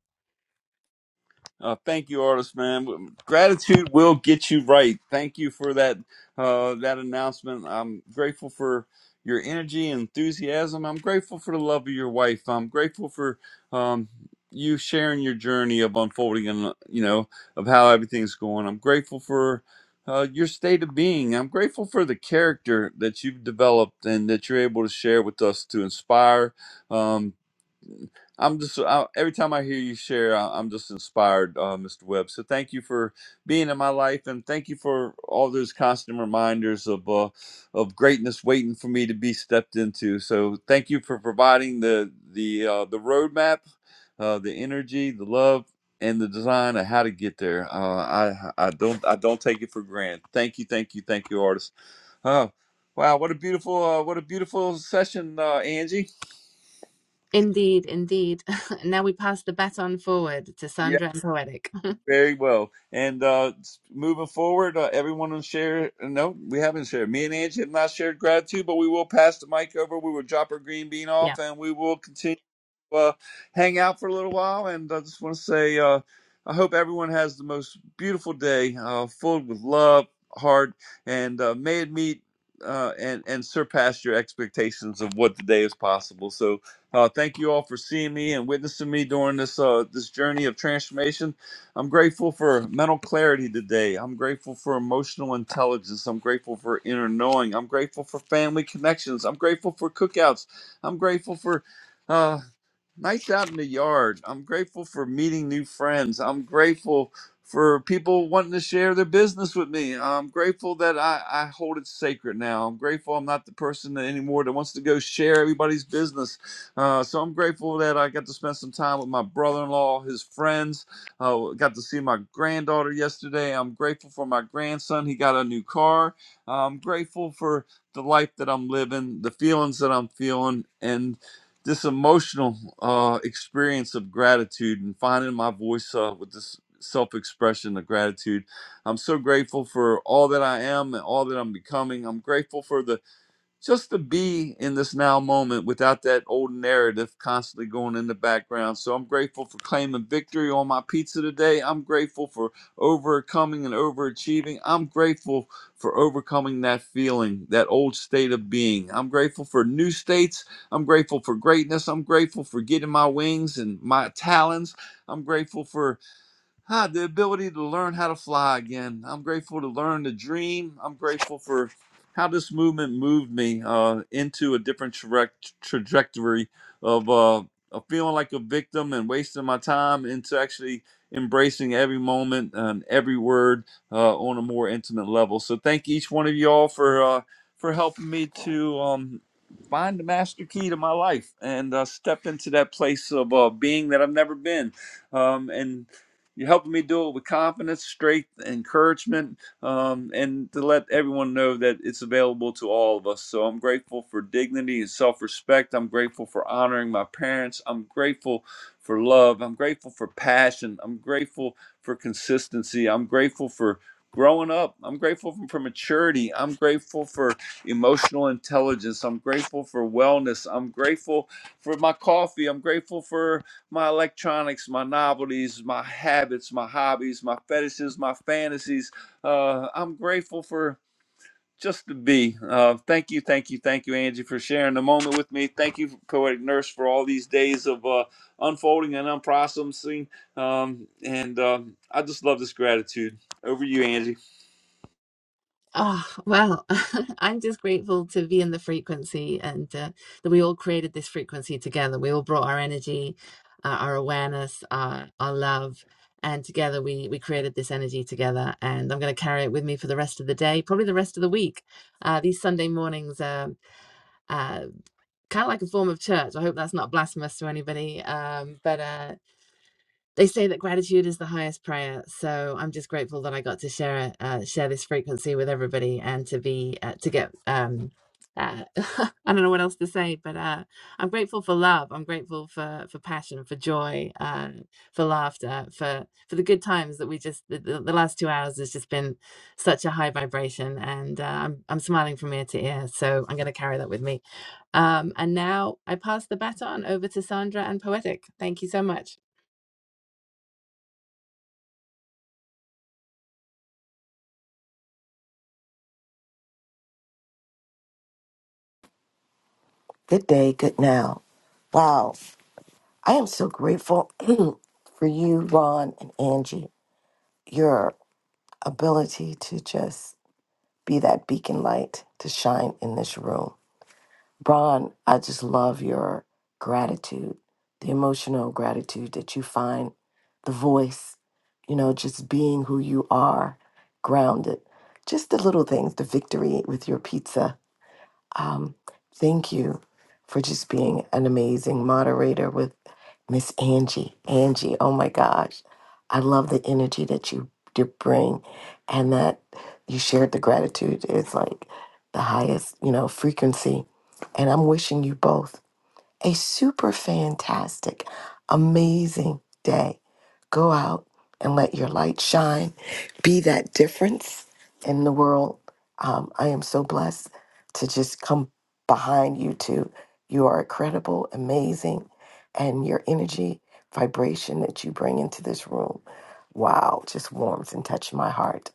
Speaker 1: Uh, thank you, artist man. Gratitude will get you right. Thank you for that uh, that announcement. I'm grateful for your energy and enthusiasm. I'm grateful for the love of your wife. I'm grateful for um, you sharing your journey of unfolding and uh, you know of how everything's going. I'm grateful for uh, your state of being. I'm grateful for the character that you've developed and that you're able to share with us to inspire. Um, I'm just I, every time I hear you share, I, I'm just inspired, uh, Mr. Webb. So thank you for being in my life, and thank you for all those constant reminders of uh, of greatness waiting for me to be stepped into. So thank you for providing the the uh, the roadmap, uh, the energy, the love, and the design of how to get there. Uh, I I don't I don't take it for granted. Thank you, thank you, thank you, artist. Oh, wow, what a beautiful uh, what a beautiful session, uh, Angie.
Speaker 4: indeed, indeed. now we pass the baton forward to Sandra and Poetic.
Speaker 1: Very well. And uh, moving forward, uh, everyone will share. No, we haven't shared. Me and Angie have not shared gratitude, but we will pass the mic over. We will drop our green bean
Speaker 4: Yeah.
Speaker 1: off, and we will continue uh, hang out for a little while. And I just want to say, uh, I hope everyone has the most beautiful day, uh, filled with love, heart, and uh, may it meet uh, and and surpass your expectations of what today is possible. So, uh, thank you all for seeing me and witnessing me during this uh, this journey of transformation. I'm grateful for mental clarity today. I'm grateful for emotional intelligence. I'm grateful for inner knowing. I'm grateful for family connections. I'm grateful for cookouts. I'm grateful for Uh, nights out in the yard. I'm grateful for meeting new friends. I'm grateful for people wanting to share their business with me. I'm grateful that I, I hold it sacred now. I'm grateful I'm not the person that anymore that wants to go share everybody's business. Uh, so I'm grateful that I got to spend some time with my brother-in-law, his friends. Uh, got to see my granddaughter yesterday. I'm grateful for my grandson. He got a new car. I'm grateful for the life that I'm living, the feelings that I'm feeling, and this emotional uh, experience of gratitude and finding my voice uh, with this self-expression of gratitude i'm so grateful for all that i am and all that i'm becoming i'm grateful for the just to be in this now moment without that old narrative constantly going in the background. So I'm grateful for claiming victory on my pizza today. I'm grateful for overcoming and overachieving. I'm grateful for overcoming that feeling, that old state of being. I'm grateful for new states. I'm grateful for greatness. I'm grateful for getting my wings and my talons. I'm grateful for ah, the ability to learn how to fly again. I'm grateful to learn to dream. I'm grateful for how this movement moved me uh, into a different tra- trajectory of, uh, of feeling like a victim and wasting my time into actually embracing every moment and every word uh, on a more intimate level. So thank each one of you all for uh, for helping me to um, find the master key to my life and uh, step into that place of uh, being that I've never been um, and you're helping me do it with confidence, strength, encouragement, um, and to let everyone know that it's available to all of us. So I'm grateful for dignity and self respect. I'm grateful for honoring my parents. I'm grateful for love. I'm grateful for passion. I'm grateful for consistency. I'm grateful for growing up. I'm grateful for, for maturity. I'm grateful for emotional intelligence. I'm grateful for wellness. I'm grateful for my coffee. I'm grateful for my electronics, my novelties, my habits, my hobbies, my fetishes, my fantasies. Uh, I'm grateful for just to be. Uh, thank you, thank you, thank you, Angie, for sharing the moment with me. Thank you, Poetic Nurse, for all these days of uh, unfolding and unprocessing. Um, and um I just love this gratitude. Over to you, Angie.
Speaker 4: Oh, well, I'm just grateful to be in the frequency and uh, that we all created this frequency together. We all brought our energy, uh, our awareness, our, our love, and together we, we created this energy together. And I'm going to carry it with me for the rest of the day, probably the rest of the week. Uh, these Sunday mornings are uh, kind of like a form of church. I hope that's not blasphemous to anybody. Um, but uh, they say that gratitude is the highest prayer, so I'm just grateful that I got to share uh, share this frequency with everybody and to be uh, to get um, uh, I don't know what else to say, but uh, I'm grateful for love. I'm grateful for for passion, for joy, uh, for laughter, for for the good times that we just the, the, the last two hours has just been such a high vibration, and uh, I'm I'm smiling from ear to ear. So I'm going to carry that with me. Um, and now I pass the baton over to Sandra and Poetic. Thank you so much.
Speaker 14: Good day, good now. Wow. I am so grateful for you, Ron and Angie, your ability to just be that beacon light to shine in this room. Ron, I just love your gratitude, the emotional gratitude that you find, the voice, you know, just being who you are, grounded. Just the little things, the victory with your pizza Um, thank you for just being an amazing moderator with Miss Angie. Angie, oh my gosh, I love the energy that you you bring, and that you shared the gratitude is like the highest, you know, frequency. And I'm wishing you both a super fantastic, amazing day. Go out and let your light shine. Be that difference in the world. Um, I am so blessed to just come behind you two. You are incredible, amazing, and your energy, vibration that you bring into this room, wow, just warms and touches my heart.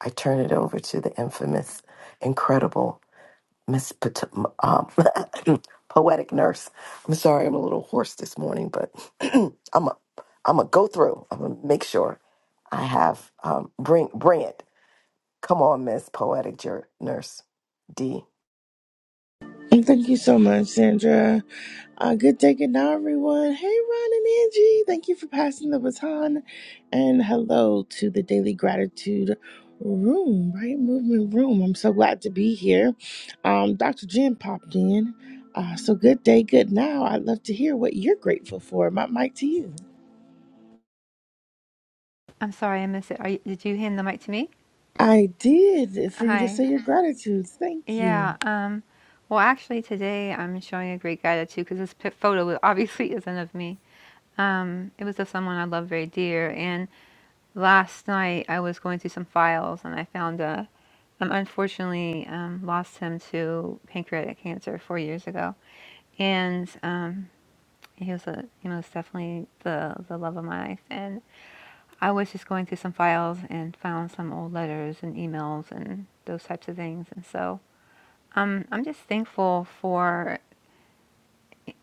Speaker 14: I turn it over to the infamous, incredible Miss Pot- um, Poetic Nurse. I'm sorry, I'm a little hoarse this morning, but I'm a I'm a go through. I'm gonna make sure I have um, bring bring it. Come on, Miss Poetic Jer- Nurse D.
Speaker 15: Thank you so much, Sandra. Uh, good day, good now, everyone. Hey, Ron and Angie. Thank you for passing the baton. And hello to the Daily Gratitude Room, right? Movement Room. I'm so glad to be here. Um, Dr. Jen popped in. Uh, so, good day, good now. I'd love to hear what you're grateful for. My mic to you.
Speaker 16: I'm sorry, I missed it. Are you, did you hand the mic to me?
Speaker 15: I did for you to
Speaker 16: Hi.
Speaker 15: say your gratitudes. Thank you.
Speaker 16: Yeah. Um, well, actually, today I'm showing a great gratitude because this pic- photo obviously isn't of me. Um, it was of someone I love very dear. And last night I was going through some files and I found a. Um, unfortunately, um, lost him to pancreatic cancer four years ago, and um, he was a you know was definitely the the love of my life. And I was just going through some files and found some old letters and emails and those types of things. And so um, I'm just thankful for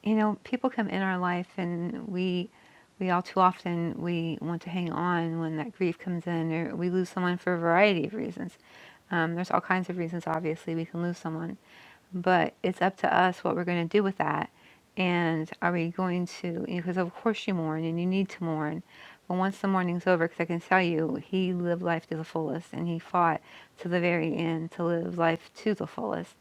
Speaker 16: you know people come in our life and we we all too often we want to hang on when that grief comes in or we lose someone for a variety of reasons um, there's all kinds of reasons obviously we can lose someone but it's up to us what we're going to do with that and are we going to because of course you mourn and you need to mourn but once the mourning's over because i can tell you he lived life to the fullest and he fought to the very end to live life to the fullest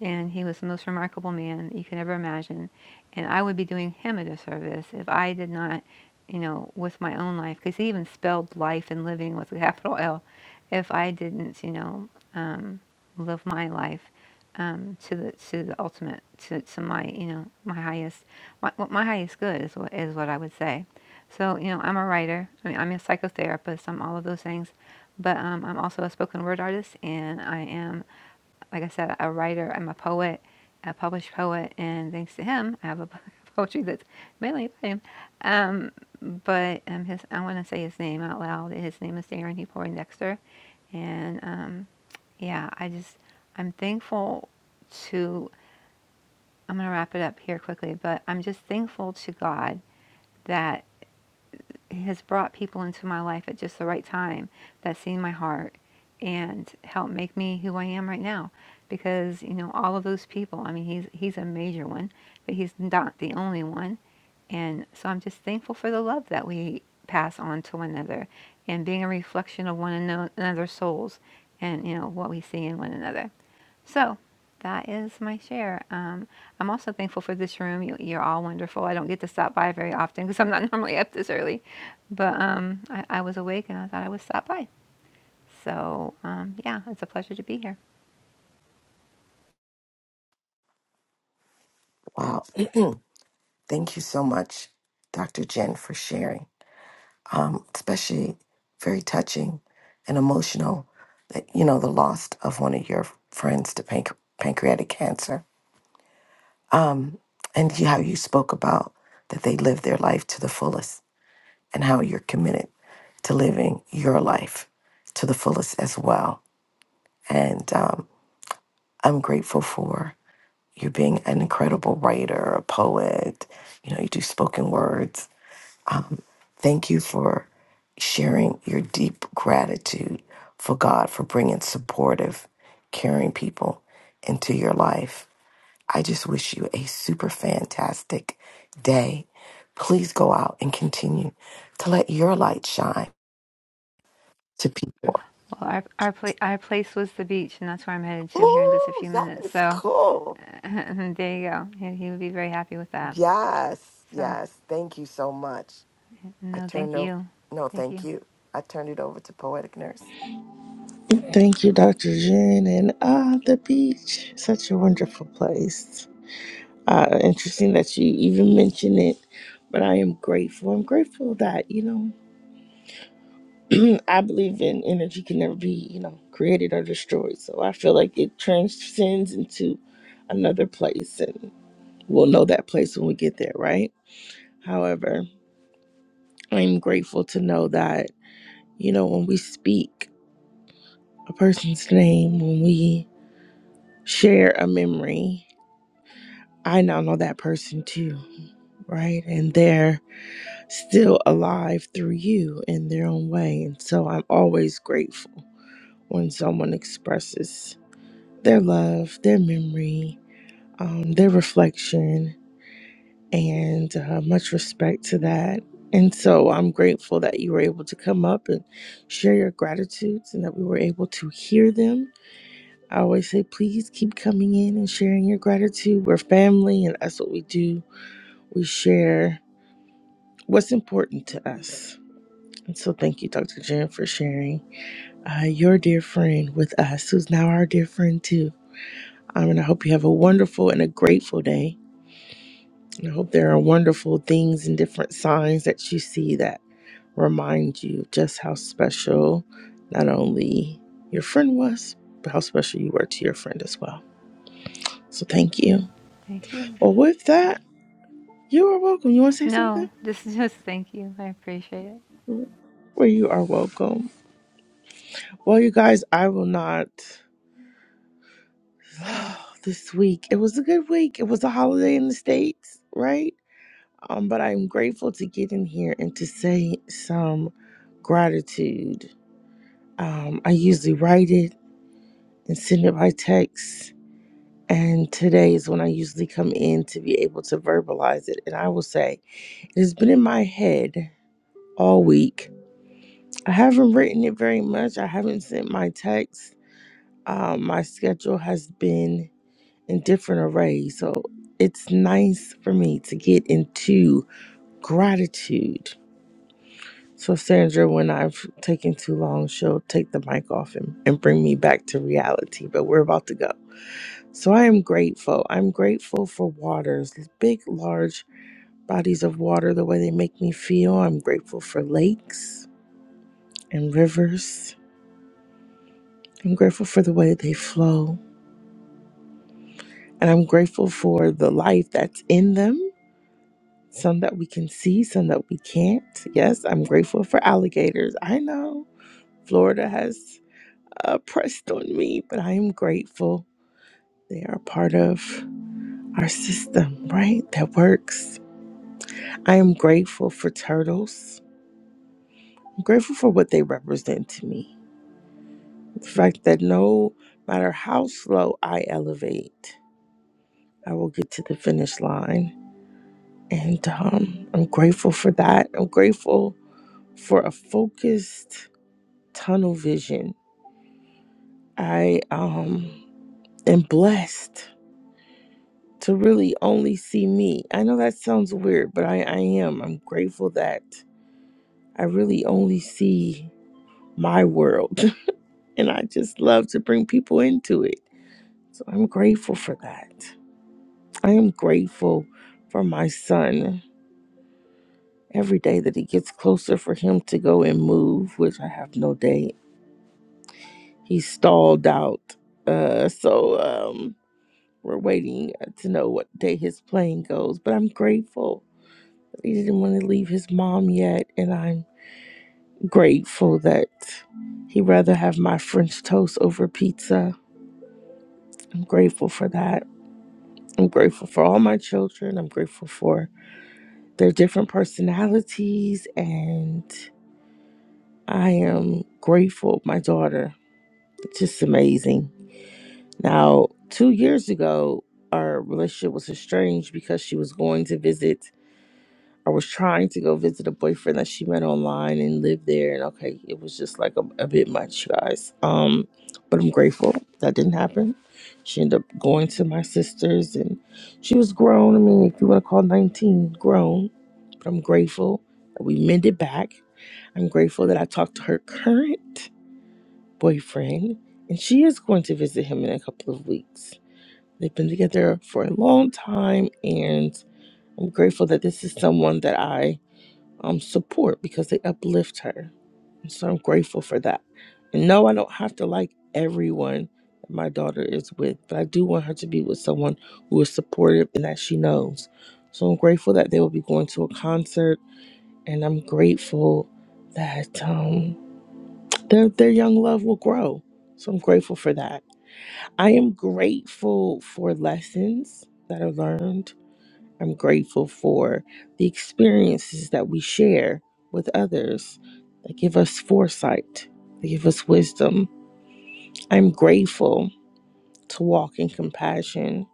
Speaker 16: and he was the most remarkable man you can ever imagine and I would be doing him a disservice if I did not, you know, with my own life, because he even spelled life and living with a capital L. If I didn't, you know, um, live my life um, to the to the ultimate, to, to my, you know, my highest, my, my highest good is what is what I would say. So you know, I'm a writer. I mean, I'm a psychotherapist. I'm all of those things, but um, I'm also a spoken word artist, and I am like I said, a writer. I'm a poet, a published poet, and thanks to him, I have a book of poetry that's mainly about him. Um, but um, his, I want to say his name out loud. His name is Darren E. Dexter, and um, yeah, I just I'm thankful to. I'm gonna wrap it up here quickly, but I'm just thankful to God that has brought people into my life at just the right time that seen my heart and helped make me who I am right now. Because you know all of those people. I mean, he's he's a major one, but he's not the only one. And so I'm just thankful for the love that we pass on to one another and being a reflection of one ano- another's souls and you know what we see in one another. So that is my share. Um, I'm also thankful for this room. You, you're all wonderful. I don't get to stop by very often because I'm not normally up this early, but um, I, I was awake and I thought I would stop by. So um, yeah, it's a pleasure to be here.
Speaker 14: Wow, thank you so much, Dr. Jen, for sharing. Um, especially very touching and emotional. That you know the loss of one of your friends to panc- pancreatic cancer um, and you- how you spoke about that they live their life to the fullest and how you're committed to living your life to the fullest as well. And um, I'm grateful for you being an incredible writer, a poet. You know, you do spoken words. Um, thank you for sharing your deep gratitude for God for bringing supportive, caring people into your life I just wish you a super fantastic day. Please go out and continue to let your light shine to people.
Speaker 16: Well, our our, pla- our place was the beach, and that's where I'm headed to here in just a
Speaker 14: Ooh,
Speaker 16: few
Speaker 14: that
Speaker 16: minutes.
Speaker 14: is
Speaker 16: So
Speaker 14: cool.
Speaker 16: there you go. He, he would be very happy with that.
Speaker 14: Yes,
Speaker 16: So
Speaker 14: yes. Thank you so much. I
Speaker 16: no, thank
Speaker 14: turned over.
Speaker 16: you,
Speaker 14: No,
Speaker 16: thank
Speaker 14: thank
Speaker 16: you,
Speaker 14: you. I turned it over to Poetic Nurse.
Speaker 15: Thank you, Dr. Jen. And ah, the beach, such a wonderful place. Uh, interesting that you even mention it, but I am grateful. I'm grateful that, you know, I believe in energy can never be, you know, created or destroyed. So I feel like it transcends into another place and we'll know that place when we get there, right? However, I'm grateful to know that, you know, when we speak a person's name, when we share a memory, I now know that person too, right? And there. still alive through you in their own way. And so I'm always grateful when someone expresses their love, their memory, um, their reflection, and uh, much respect to that. And so I'm grateful that you were able to come up and share your gratitudes and that we were able to hear them. I always say, please keep coming in and sharing your gratitude. We're family, and that's what we do. We share what's important to us. And so, thank you, Dr. Jen, for sharing. uh, your dear friend with us, who's now our dear friend too. Um, and I hope you have a wonderful and a grateful day. And I hope there are wonderful things and different signs that you see that remind you just how special not only your friend was, but how special you were to your friend as well. So thank you.
Speaker 16: thank you.
Speaker 15: Well, with that, you are welcome. You want to say something?
Speaker 16: No, just just thank you. I appreciate it.
Speaker 15: Well, you are welcome. Well, you guys, I will not. This week, it was a good week. It was a holiday in the States, right? Um, but I'm grateful to get in here and to say some gratitude. Um, I usually write it and send it by text. And today is when I usually come in to be able to verbalize it. And I will say, it has been in my head all week. I haven't written it very much, I haven't sent my text. Um, my schedule has been in different arrays. So it's nice for me to get into gratitude So, Sandra, when I've taken too long, she'll take the mic off and, and bring me back to reality, but we're about to go. So, I am grateful. I'm grateful for waters, big, large bodies of water, the way they make me feel. I'm grateful for lakes and rivers. I'm grateful for the way they flow. And I'm grateful for the life that's in them. Some that we can see, some that we can't. Yes, I'm grateful for alligators. I know Florida has uh, pressed on me, but I am grateful they are part of our system, right? That works. I am grateful for turtles. I'm grateful for what they represent to me. The fact that no matter how slow I elevate, I will get to the finish line. And um, I'm grateful for that. I'm grateful for a focused tunnel vision. I um, am blessed to really only see me. I know that sounds weird, but I, I am. I'm grateful that I really only see my world. and I just love to bring people into it. So I'm grateful for that. I am grateful for my son. Every day that he gets closer for him to go and move, which I have no day, he's stalled out. Uh, so um, we're waiting uh, to know what day his plane goes. But I'm grateful He didn't want to leave his mom yet, and I'm grateful that he'd rather have my French toast over pizza. I'm grateful for that. I'm grateful for all my children. I'm grateful for their different personalities, and I am grateful. My daughter, it's just amazing. Now, two years ago, our relationship was estranged because she was going to visit I was trying to go visit a boyfriend that she met online and lived there. And okay, it was just like a, a bit much, you guys. Um, but I'm grateful that didn't happen. She ended up going to my sister's and she was grown. I mean, if you want to call 19 grown, but I'm grateful that we mended back. I'm grateful that I talked to her current boyfriend and she is going to visit him in a couple of weeks. They've been together for a long time and I'm grateful that this is someone that I um, support because they uplift her. And so I'm grateful for that. And no, I don't have to like everyone that my daughter is with, but I do want her to be with someone who is supportive and that she knows. So I'm grateful that they will be going to a concert, and I'm grateful that um, their their young love will grow. So I'm grateful for that. I am grateful for lessons that are learned I'm grateful for the experiences that we share with others that give us foresight, that give us wisdom. I'm grateful to walk in compassion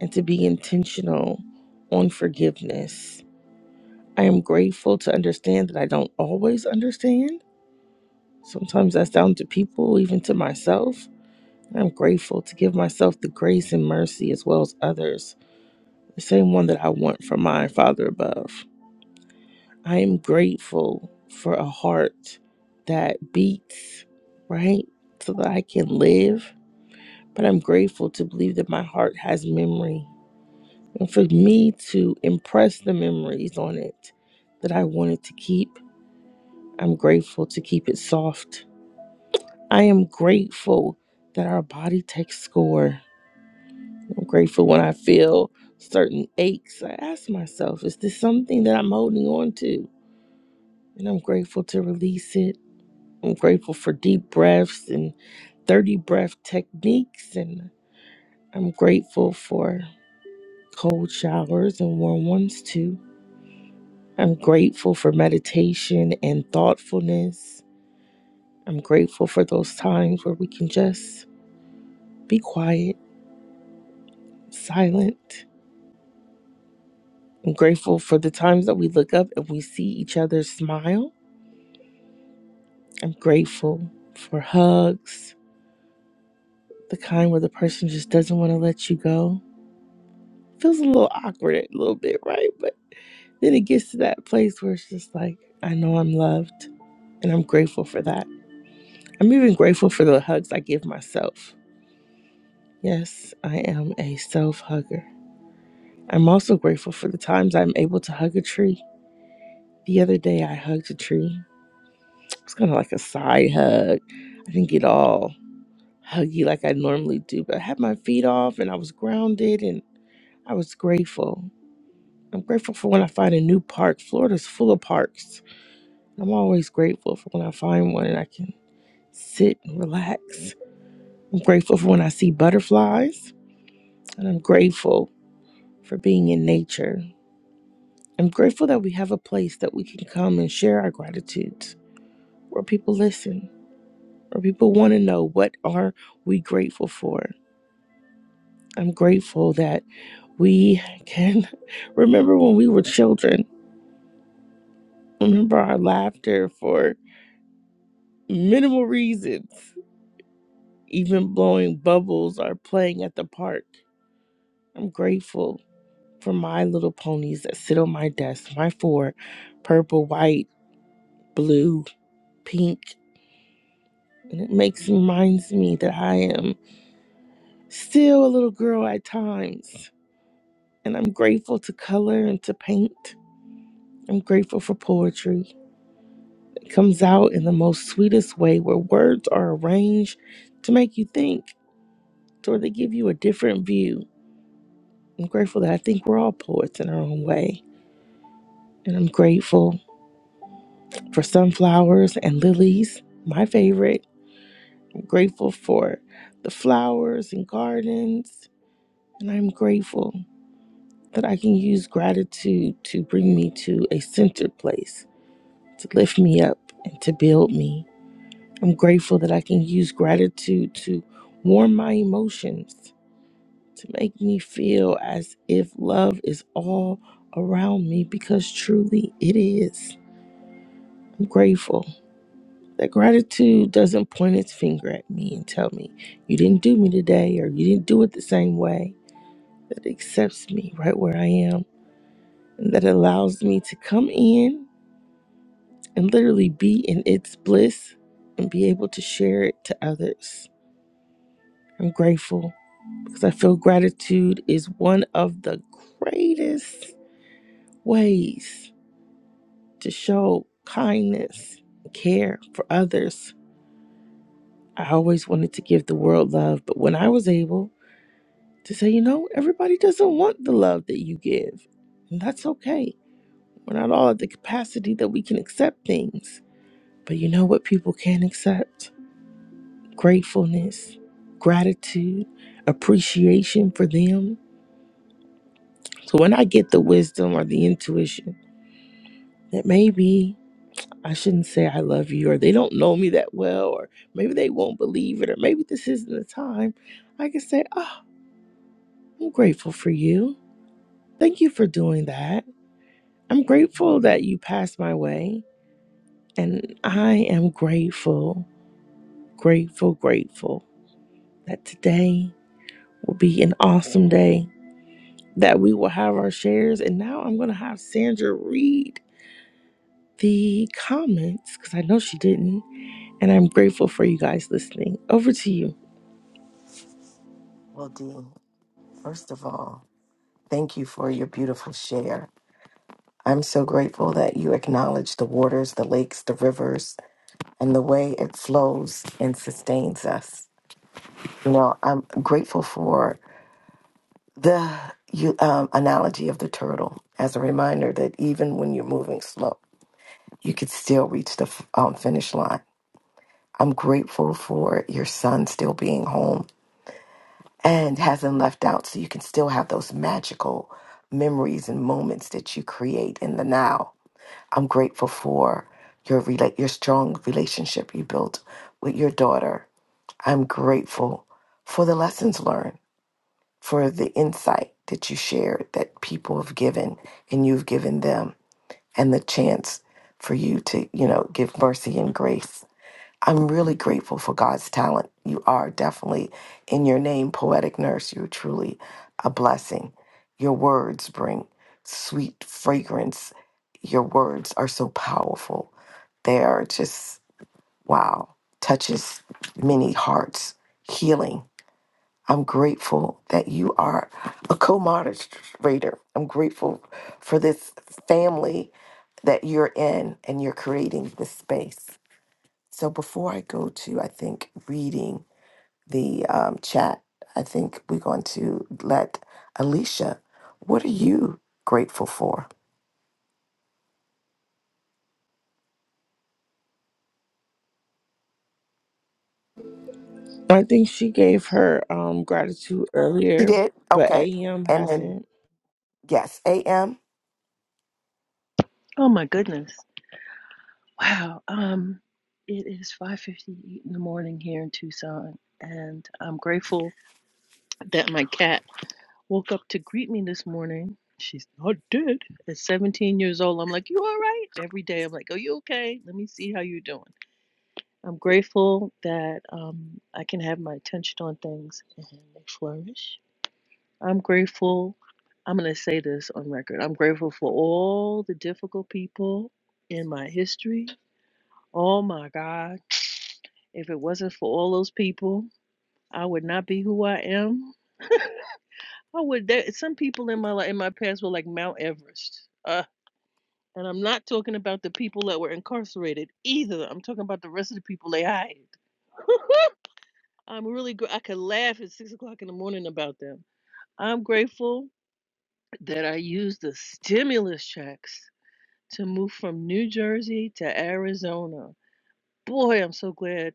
Speaker 15: and to be intentional on forgiveness. I am grateful to understand that I don't always understand. Sometimes that's down to people, even to myself. I'm grateful to give myself the grace and mercy as well as others, the same one that I want from my Father above. I am grateful for a heart that beats, right? So that I can live. But I'm grateful to believe that my heart has memory. And for me to impress the memories on it that I wanted to keep, I'm grateful to keep it soft. I am grateful that our body takes score. I'm grateful when I feel certain aches. I ask myself, is this something that I'm holding on to? And I'm grateful to release it. I'm grateful for deep breaths and 30 breath techniques. And I'm grateful for cold showers and warm ones too. I'm grateful for meditation and thoughtfulness. I'm grateful for those times where we can just be quiet, silent. I'm grateful for the times that we look up and we see each other smile. I'm grateful for hugs, the kind where the person just doesn't want to let you go. Feels a little awkward a little bit, right? Then it gets to that place where it's just like, I know I'm loved and I'm grateful for that. I'm even grateful for the hugs I give myself. Yes, I am a self hugger. I'm also grateful for the times I'm able to hug a tree. The other day I hugged a tree. It's kind of like a side hug. I didn't get all huggy like I normally do, but I had my feet off and I was grounded and I was grateful. I'm grateful for when I find a new park. Florida's full of parks. I'm always grateful for when I find one and I can sit and relax. I'm grateful for when I see butterflies, and I'm grateful for being in nature. I'm grateful that we have a place that we can come and share our gratitudes, where people listen, where people want to know what are we grateful for. I'm grateful that we can remember when we were children, remember our laughter for minimal reasons, even blowing bubbles or playing at the park. I'm grateful for my little ponies that sit on my desk. My four purple, white, blue, pink. And it makes reminds me that I am still a little girl at times. And I'm grateful to color and to paint. I'm grateful for poetry. It comes out in the most sweetest way where words are arranged to make you think or they give you a different view. I'm grateful that I think we're all poets in our own way. And I'm grateful for sunflowers and lilies, my favorite grateful for the flowers and gardens, and I'm grateful that I can use gratitude to bring me to a centered place, to lift me up and to build me. I'm grateful that I can use gratitude to warm my emotions, to make me feel as if love is all around me because truly it is. I'm grateful that gratitude doesn't point its finger at me and tell me, you didn't do me today or you didn't do it the same way. that accepts me right where I am and that allows me to come in and literally be in its bliss and be able to share it to others. I'm grateful because I feel gratitude is one of the greatest ways to show kindness and care for others. I always wanted to give the world love, but when I was able to say, you know, everybody doesn't want the love that you give, and that's okay. We're not all at the capacity that we can accept things. But you know what people can accept? Gratefulness, gratitude, appreciation for them. So when I get the wisdom or the intuition that maybe I shouldn't say I love you, or they don't know me that well, or maybe they won't believe it, or maybe this isn't the time, I can say, Oh, I'm grateful for you. Thank you for doing that. I'm grateful that you passed my way. And I am grateful, grateful, grateful. that today will be an awesome day, that we will have our shares. And now I'm going to have Sandra read the comments because I know she didn't. And I'm grateful for you guys listening. Over to you.
Speaker 14: Well, Dean, first of all, thank you for your beautiful share. I'm so grateful that you acknowledge the waters, the lakes, the rivers, and the way it flows and sustains us. You know, I'm grateful for the you, um, analogy of the turtle as a reminder that even when you're moving slow, you could still reach the f- um, finish line. I'm grateful for your son still being home and hasn't left out, so you can still have those magical memories and moments that you create in the now. I'm grateful for your rela- your strong relationship you built with your daughter. I'm grateful for the lessons learned for the insight that you shared that people have given and you've given them and the chance for you to, you know, give mercy and grace. I'm really grateful for God's talent. You are definitely in your name, poetic nurse. You're truly a blessing. Your words bring sweet fragrance. Your words are so powerful. They are just, wow, touches many hearts, healing I'm grateful that you are a co moderator. I'm grateful for this family that you're in and you're creating this space. So before I go to, I think, reading the um, chat, I think we're going to let Alicia, what are you grateful for?
Speaker 15: I think she gave her um, gratitude
Speaker 14: She
Speaker 15: earlier,
Speaker 14: did?
Speaker 15: but
Speaker 14: Okay.
Speaker 15: AM
Speaker 14: And then,
Speaker 15: hasn't.
Speaker 14: yes, AM.
Speaker 17: Oh my goodness. Wow. Um it is 5:58 in the morning here in Tucson and I'm grateful that my cat woke up to greet me this morning. She's not dead. At 17 years old, I'm like, "You all right?" Every day I'm like, "Are you okay? Let me see how you're doing." I'm grateful that um I can have my attention on things and they flourish. I'm grateful I'm going to say this on record. I'm grateful for all the difficult people in my history Oh my God. If it wasn't for all those people, I would not be who I am. I would there some people in my life in my past were like Mount Everest. Uh and I'm not talking about the people that were incarcerated either. I'm talking about the rest of the people they hired. I'm really gr- I could laugh at six o'clock in the morning about them. I'm grateful that I used the stimulus checks to move from New Jersey to Arizona. Boy, I'm so glad.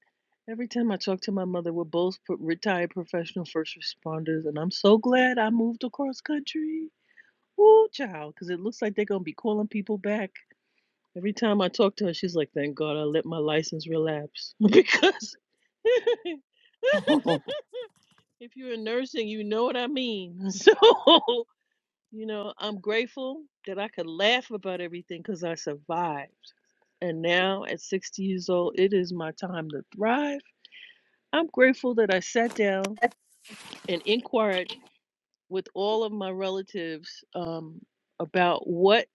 Speaker 17: Every time I talk to my mother, we're both pro- retired professional first responders, and I'm so glad I moved across country. Woo, child, because it looks like they're going to be calling people back. Every time I talk to her, she's like, thank God I let my license relapse. because if you're in nursing, you know what I mean. So, you know, I'm grateful that I could laugh about everything because I survived. And now at 60 years old, it is my time to thrive I'm grateful that I sat down and inquired with all of my relatives um, about what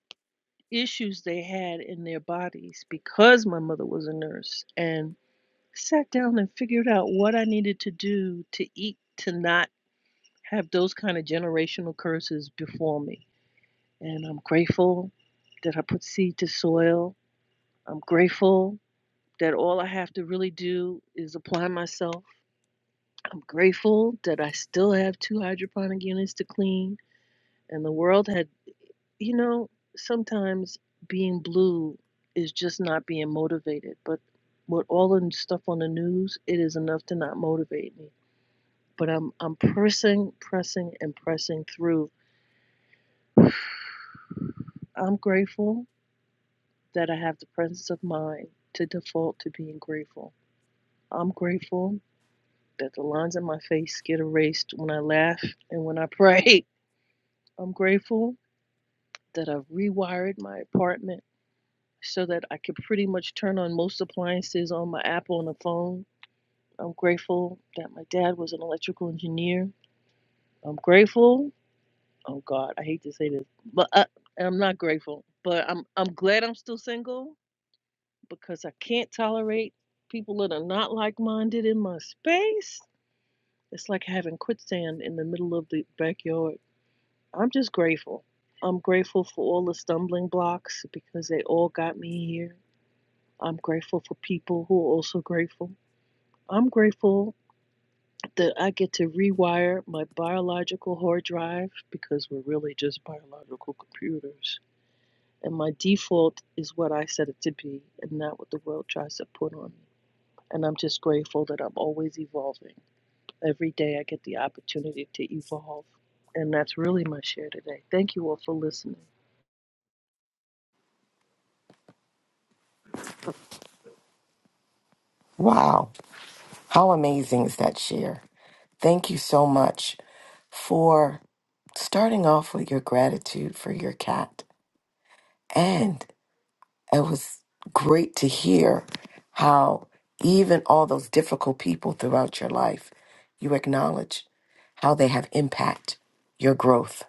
Speaker 17: issues they had in their bodies because my mother was a nurse and sat down and figured out what I needed to do to eat to not have those kind of generational curses before me. And I'm grateful that I put seed to soil. I'm grateful that all I have to really do is apply myself I'm grateful that I still have two hydroponic units to clean, and the world had, you know, sometimes being blue is just not being motivated. But with all the stuff on the news, it is enough to not motivate me. But I'm I'm pressing, pressing, and pressing through. I'm grateful that I have the presence of mind to default to being grateful. I'm grateful that the lines in my face get erased when I laugh and when I pray. I'm grateful that I've rewired my apartment so that I could pretty much turn on most appliances on my Apple on the phone. I'm grateful that my dad was an electrical engineer. I'm grateful. Oh God, I hate to say this, but I, I'm not grateful. But I'm I'm glad I'm still single because I can't tolerate people that are not like-minded in my space. It's like having quicksand in the middle of the backyard. I'm just grateful. I'm grateful for all the stumbling blocks because they all got me here. I'm grateful for people who are also grateful. I'm grateful that I get to rewire my biological hard drive because we're really just biological computers. And my default is what I set it to be and not what the world tries to put on me. And I'm just grateful that I'm always evolving. Every day I get the opportunity to evolve. And that's really my share today. Thank you all for listening.
Speaker 14: wow. How amazing is that share? Thank you so much for starting off with your gratitude for your cat. And it was great to hear how, even all those difficult people throughout your life, you acknowledge how they have impact your growth.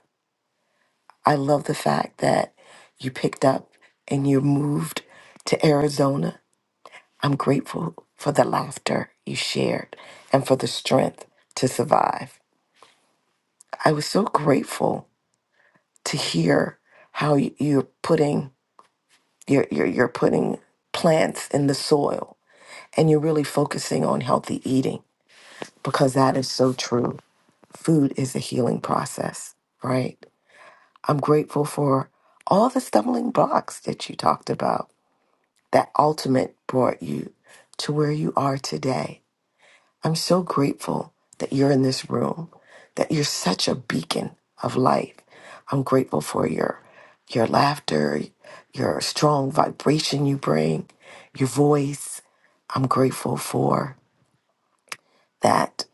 Speaker 14: I love the fact that you picked up and you moved to Arizona. I'm grateful for the laughter you shared and for the strength to survive. I was so grateful to hear how y- you're putting you're, you're you're putting plants in the soil and you're really focusing on healthy eating because that is so true. Food is a healing process, right? I'm grateful for all the stumbling blocks that you talked about that ultimate brought you to where you are today I'm so grateful that you're in this room, that you're such a beacon of light. I'm grateful for your your laughter, your strong vibration you bring, your voice. I'm grateful for that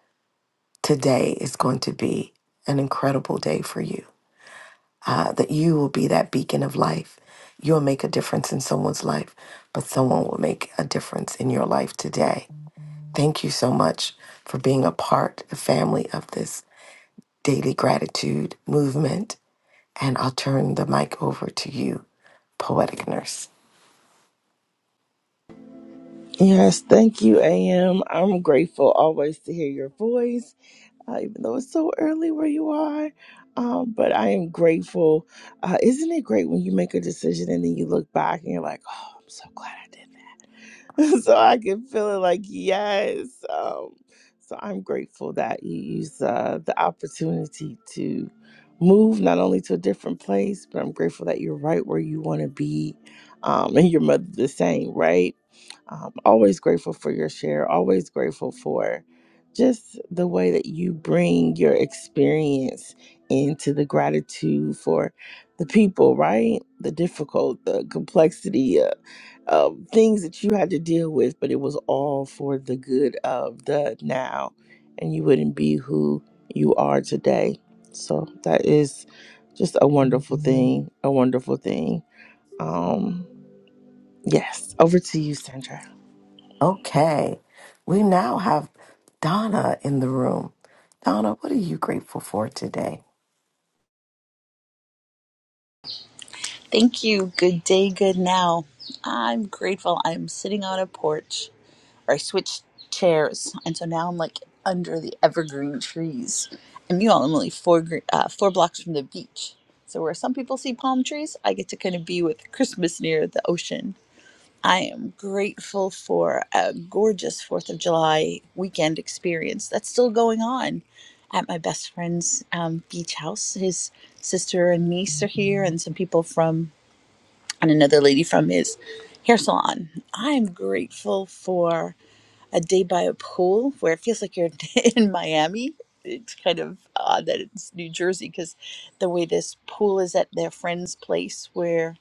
Speaker 14: today is going to be an incredible day for you. Uh, that you will be that beacon of life. You'll make a difference in someone's life, but someone will make a difference in your life today. Thank you so much for being a part, a family of this Daily Gratitude Movement. And I'll turn the mic over to you, Poetic Nurse.
Speaker 15: Yes, thank you, AM. I'm grateful always to hear your voice. uh, even though it's so early where you are. Um, but I am grateful. Uh, isn't it great when you make a decision and then you look back and you're like, oh, I'm so glad I did so I can feel it like yes. Um, so I'm grateful that you use uh, the opportunity to move not only to a different place, but I'm grateful that you're right where you want to be, um, and your mother the same, right? Um, always grateful for your share. Always grateful for just the way that you bring your experience into the gratitude for the people, right? The difficult, the complexity. uh, um, things that you had to deal with, but it was all for the good of the now, and you wouldn't be who you are today. So that is just a wonderful thing, a wonderful thing. Um, yes, over to you, Sandra.
Speaker 14: Okay, we now have Donna in the room. Donna, what are you grateful for today?
Speaker 18: Thank you. Good day, good now. I'm grateful. I'm sitting on a porch, or I switched chairs, and so now I'm like under the evergreen trees. And meanwhile, I'm only four gr- uh, four blocks from the beach. So where some people see palm trees, I get to kind of be with Christmas near the ocean. I am grateful for a gorgeous Fourth of July weekend experience that's still going on at my best friend's um, beach house. His sister and niece are here, and some people from and another lady from his hair salon. I'm grateful for a day by a pool where it feels like you're in Miami. It's kind of odd that it's New Jersey because the way this pool is at their friend's place where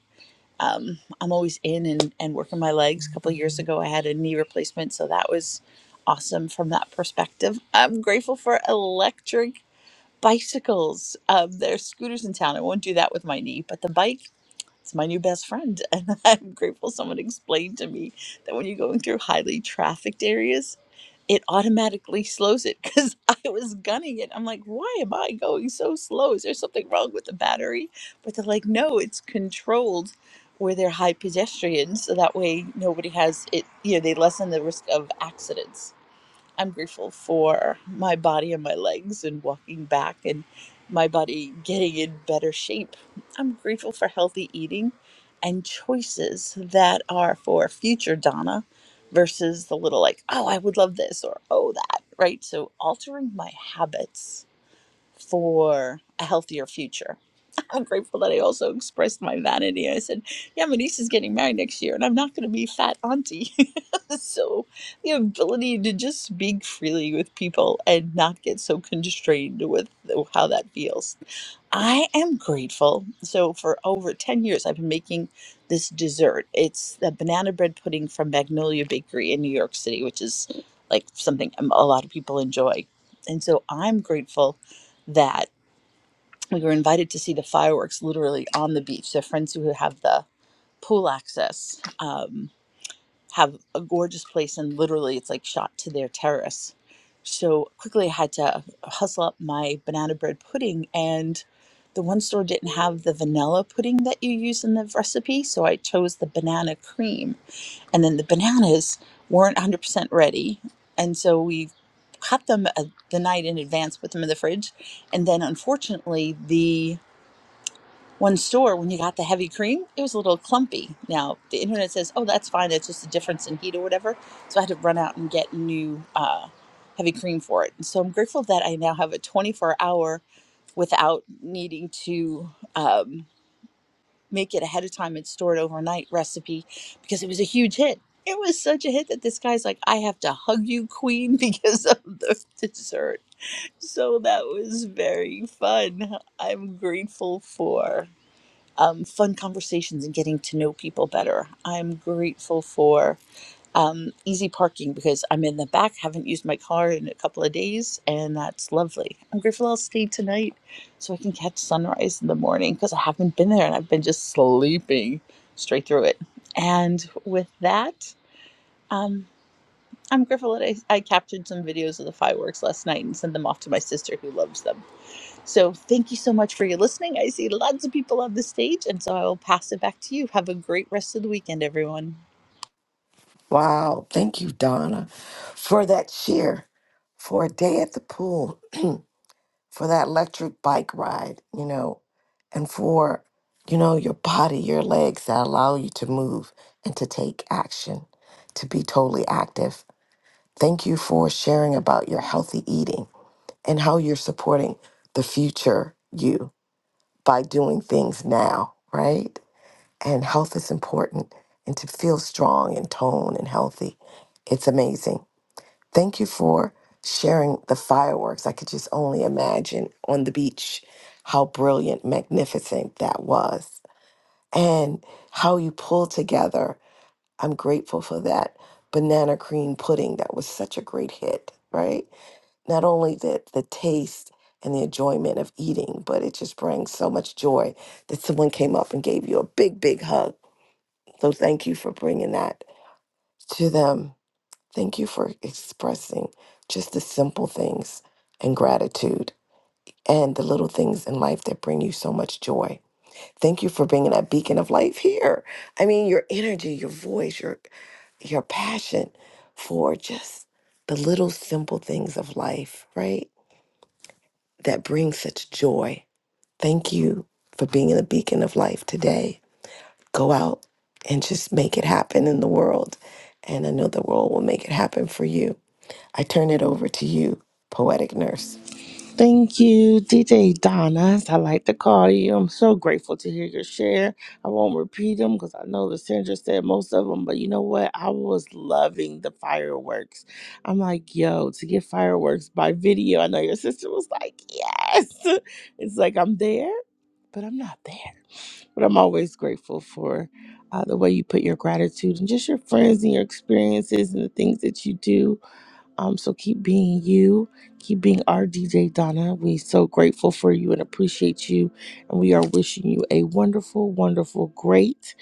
Speaker 18: um, I'm always in and, and working my legs. A couple of years ago, I had a knee replacement, so that was awesome from that perspective. I'm grateful for electric bicycles. Um, there's scooters in town. I won't do that with my knee, but the bike it's my new best friend. And I'm grateful someone explained to me that when you're going through highly trafficked areas, it automatically slows it because I was gunning it. I'm like, why am I going so slow? Is there something wrong with the battery? But they're like, no, it's controlled where they're high pedestrians. So that way nobody has it, you know, they lessen the risk of accidents. I'm grateful for my body and my legs and walking back and my body getting in better shape. I'm grateful for healthy eating and choices that are for future Donna versus the little like, oh, I would love this or oh, that, right? So altering my habits for a healthier future. I'm grateful that I also expressed my vanity. I said, Yeah, my niece is getting married next year, and I'm not going to be fat auntie. so, the ability to just speak freely with people and not get so constrained with how that feels. I am grateful. So, for over 10 years, I've been making this dessert. It's the banana bread pudding from Magnolia Bakery in New York City, which is like something a lot of people enjoy. And so, I'm grateful that we were invited to see the fireworks literally on the beach. So friends who have the pool access um, have a gorgeous place, and literally it's like shot to their terrace. So quickly, I had to hustle up my banana bread pudding, and the one store didn't have the vanilla pudding that you use in the recipe, so I chose the banana cream and then the bananas weren't 100% ready and so we cut them uh the night in advance put them in the fridge and then unfortunately the one store when you got the heavy cream it was a little clumpy now the internet says oh that's fine that's just a difference in heat or whatever so i had to run out and get new uh, heavy cream for it and so i'm grateful that i now have a 24 hour without needing to um, make it ahead of time and store it overnight recipe because it was a huge hit. It was such a hit that this guy's like, I have to hug you, queen, because of the dessert. So that was very fun. I'm grateful for um, fun conversations and getting to know people better. I'm grateful for um, easy parking because I'm in the back, haven't used my car in a couple of days, and that's lovely. I'm grateful I'll stay tonight so I can catch sunrise in the morning because I haven't been there and I've been just sleeping straight through it. And with that, um, I'm grateful that I, I captured some videos of the fireworks last night and sent them off to my sister who loves them. So thank you so much for your listening. I see lots of people on the stage, and so I will pass it back to you. Have a great rest of the weekend, everyone.
Speaker 14: Wow, thank you, Donna, for that cheer, for a day at the pool, for that electric bike ride, you know, and for, you know, your body, your legs that allow you to move and to take action, to be totally active. Thank you for sharing about your healthy eating and how you're supporting the future you by doing things now, right? And health is important and to feel strong and toned and healthy. It's amazing. Thank you for sharing the fireworks. I could just only imagine on the beach how brilliant, magnificent that was and how you pulled together. I'm grateful for that banana cream pudding that was such a great hit, right? not only the the taste and the enjoyment of eating, but it just brings so much joy that someone came up and gave you a big, big hug. So thank you for bringing that to them. Thank you for expressing just the simple things and gratitude and the little things in life that bring you so much joy. Thank you for bringing that beacon of life here. I mean, your energy, your voice, your your passion for just the little simple things of life, right? that brings such joy. Thank you for being a beacon of life today. Go out and just make it happen in the world. And I know the world will make it happen for you. I turn it over to you, poetic nurse.
Speaker 15: Thank you, DJ Donna, as I like to call you. I'm so grateful to hear your share. I won't repeat them because I know the Sandra said most of them, but you know what? I was loving the fireworks. I'm like, yo, to get fireworks by video. I know your sister was like, yes. It's like I'm there, but I'm not there. But I'm always grateful for uh, the way you put your gratitude and just your friends and your experiences and the things that you do um, so keep being you, keep being our DJ Donna. We're so grateful for you and appreciate you. And we are wishing you a wonderful, wonderful, great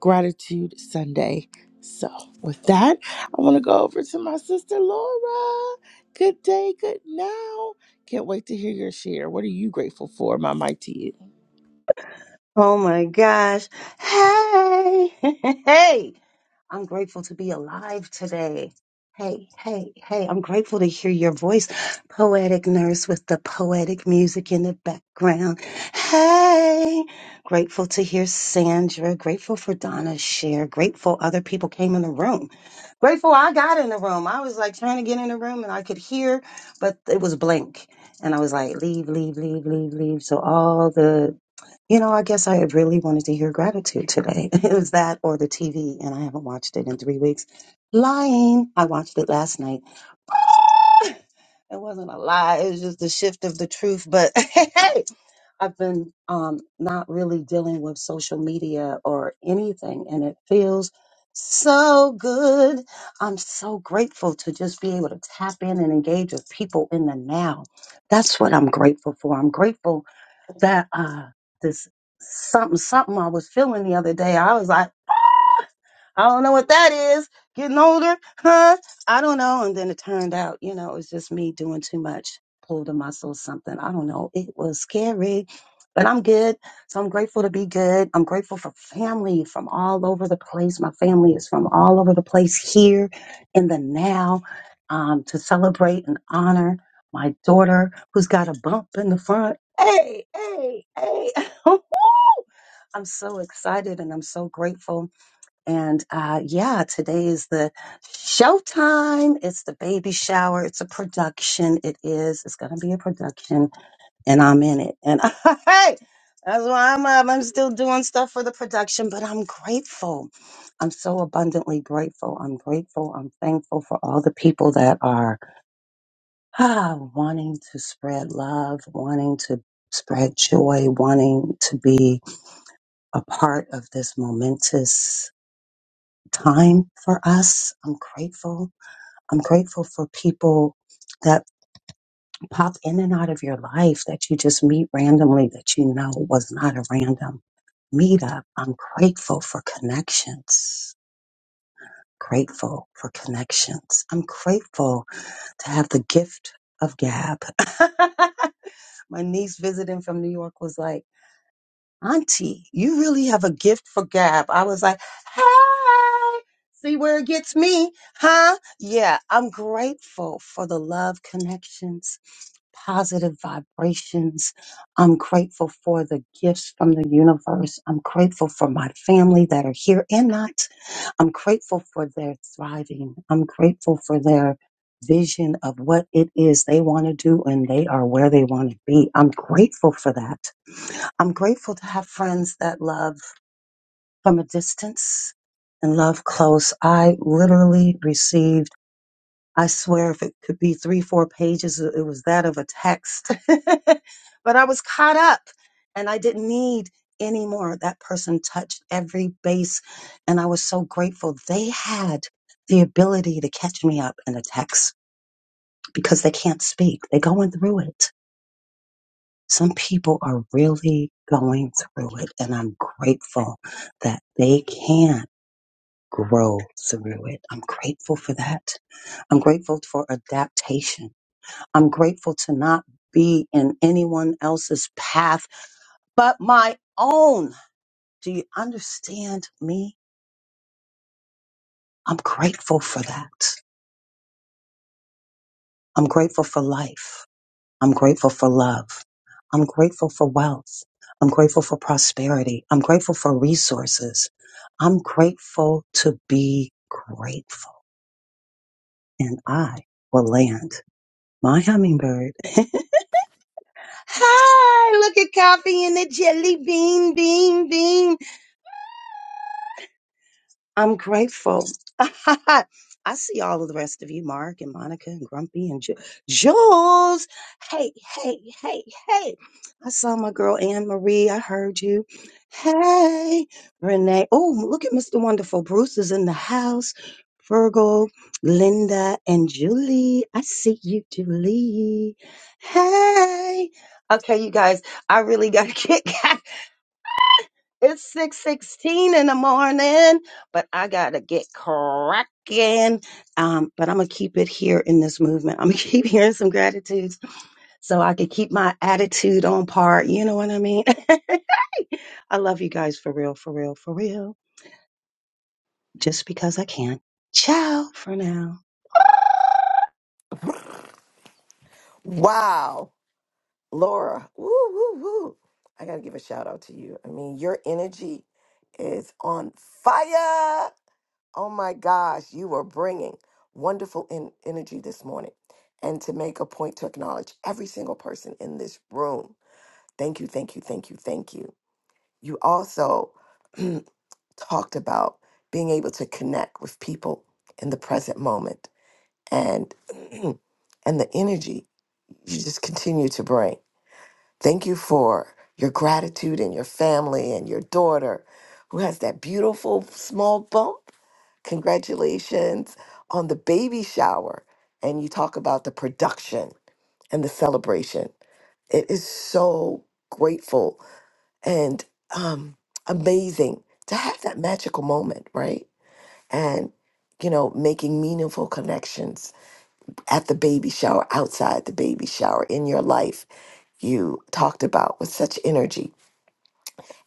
Speaker 15: gratitude Sunday. So with that, I want to go over to my sister Laura. Good day, good now. Can't wait to hear your share. What are you grateful for? My mic to you.
Speaker 19: Oh my gosh. Hey. hey. I'm grateful to be alive today. Hey, hey, hey. I'm grateful to hear your voice, poetic nurse with the poetic music in the background. Hey. Grateful to hear Sandra. Grateful for Donna's share. Grateful other people came in the room. Grateful I got in the room. I was like trying to get in the room and I could hear, but it was blank. And I was like, leave, leave, leave, leave, leave. So all the you know, I guess I had really wanted to hear gratitude today. It was that or the TV, and I haven't watched it in three weeks. Lying. I watched it last night. It wasn't a lie. It was just the shift of the truth. But hey, I've been um, not really dealing with social media or anything, and it feels so good. I'm so grateful to just be able to tap in and engage with people in the now. That's what I'm grateful for. I'm grateful that uh this something something I was feeling the other day. I was like. I don't know what that is. Getting older, huh? I don't know. And then it turned out, you know, it was just me doing too much, pulled a muscle, something. I don't know. It was scary, but I'm good. So I'm grateful to be good. I'm grateful for family from all over the place. My family is from all over the place here in the now um, to celebrate and honor my daughter who's got a bump in the front. Hey, hey, hey. I'm so excited and I'm so grateful and uh, yeah, today is the showtime. It's the baby shower. It's a production. It is. It's going to be a production, and I'm in it. And hey, that's why I'm up. I'm still doing stuff for the production, but I'm grateful. I'm so abundantly grateful. I'm grateful. I'm thankful for all the people that are ah, wanting to spread love, wanting to spread joy, wanting to be a part of this momentous time for us. I'm grateful. I'm grateful for people that pop in and out of your life that you just meet randomly that you know was not a random meetup. I'm grateful for connections. Grateful for connections. I'm grateful to have the gift of gab. My niece visiting from New York was like, Auntie, you really have a gift for gab. I was like, hey, see where it gets me, huh? Yeah, I'm grateful for the love connections, positive vibrations. I'm grateful for the gifts from the universe. I'm grateful for my family that are here and not. I'm grateful for their thriving. I'm grateful for their vision of what it is they want to do and they are where they want to be. I'm grateful for that. I'm grateful to have friends that love from a distance and love close. I literally received, I swear, if it could be three, four pages, it was that of a text. but I was caught up and I didn't need any more. That person touched every base. And I was so grateful they had the ability to catch me up in a text because they can't speak, they're going through it. Some people are really going through it, and I'm grateful that they can grow through it. I'm grateful for that. I'm grateful for adaptation. I'm grateful to not be in anyone else's path but my own. Do you understand me? I'm grateful for that. I'm grateful for life. I'm grateful for love. I'm grateful for wealth. I'm grateful for prosperity. I'm grateful for resources. I'm grateful to be grateful. And I will land my hummingbird. Hi, look at coffee and the jelly bean, bean, bean. I'm grateful. I see all of the rest of you, Mark and Monica and Grumpy and Ju- Jules. Hey, hey, hey, hey. I saw my girl Anne Marie. I heard you. Hey, Renee. Oh, look at Mr. Wonderful. Bruce is in the house. Virgo, Linda, and Julie. I see you, Julie. Hey. Okay, you guys, I really got to get it's six sixteen in the morning, but I gotta get cracking. Um, but I'm gonna keep it here in this movement. I'm gonna keep hearing some gratitudes so I can keep my attitude on par. You know what I mean? I love you guys for real, for real, for real. Just because I can. Ciao for now.
Speaker 14: Wow, Laura. Woo, woo, woo. I got to give a shout out to you. I mean, your energy is on fire. Oh my gosh, you are bringing wonderful en- energy this morning. And to make a point to acknowledge every single person in this room Thank you, thank you, thank you, thank you. You also talked about being able to connect with people in the present moment and and the energy you just continue to bring. Thank you for your gratitude and your family and your daughter who has that beautiful small bump. Congratulations on the baby shower. And you talk about the production and the celebration. It is so grateful and um, amazing to have that magical moment, right? And you know, making meaningful connections at the baby shower, outside the baby shower, in your life, you talked about with such energy.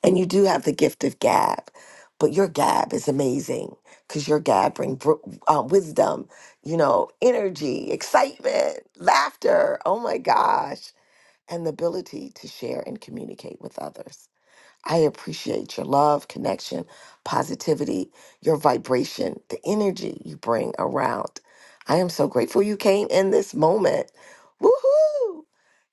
Speaker 14: And you do have the gift of gab, but your gab is amazing because your gab brings uh, wisdom, you know, energy, excitement, laughter. Oh my gosh. And the ability to share and communicate with others. I appreciate your love, connection, positivity, your vibration, the energy you bring around. I am so grateful you came in this moment. Woohoo!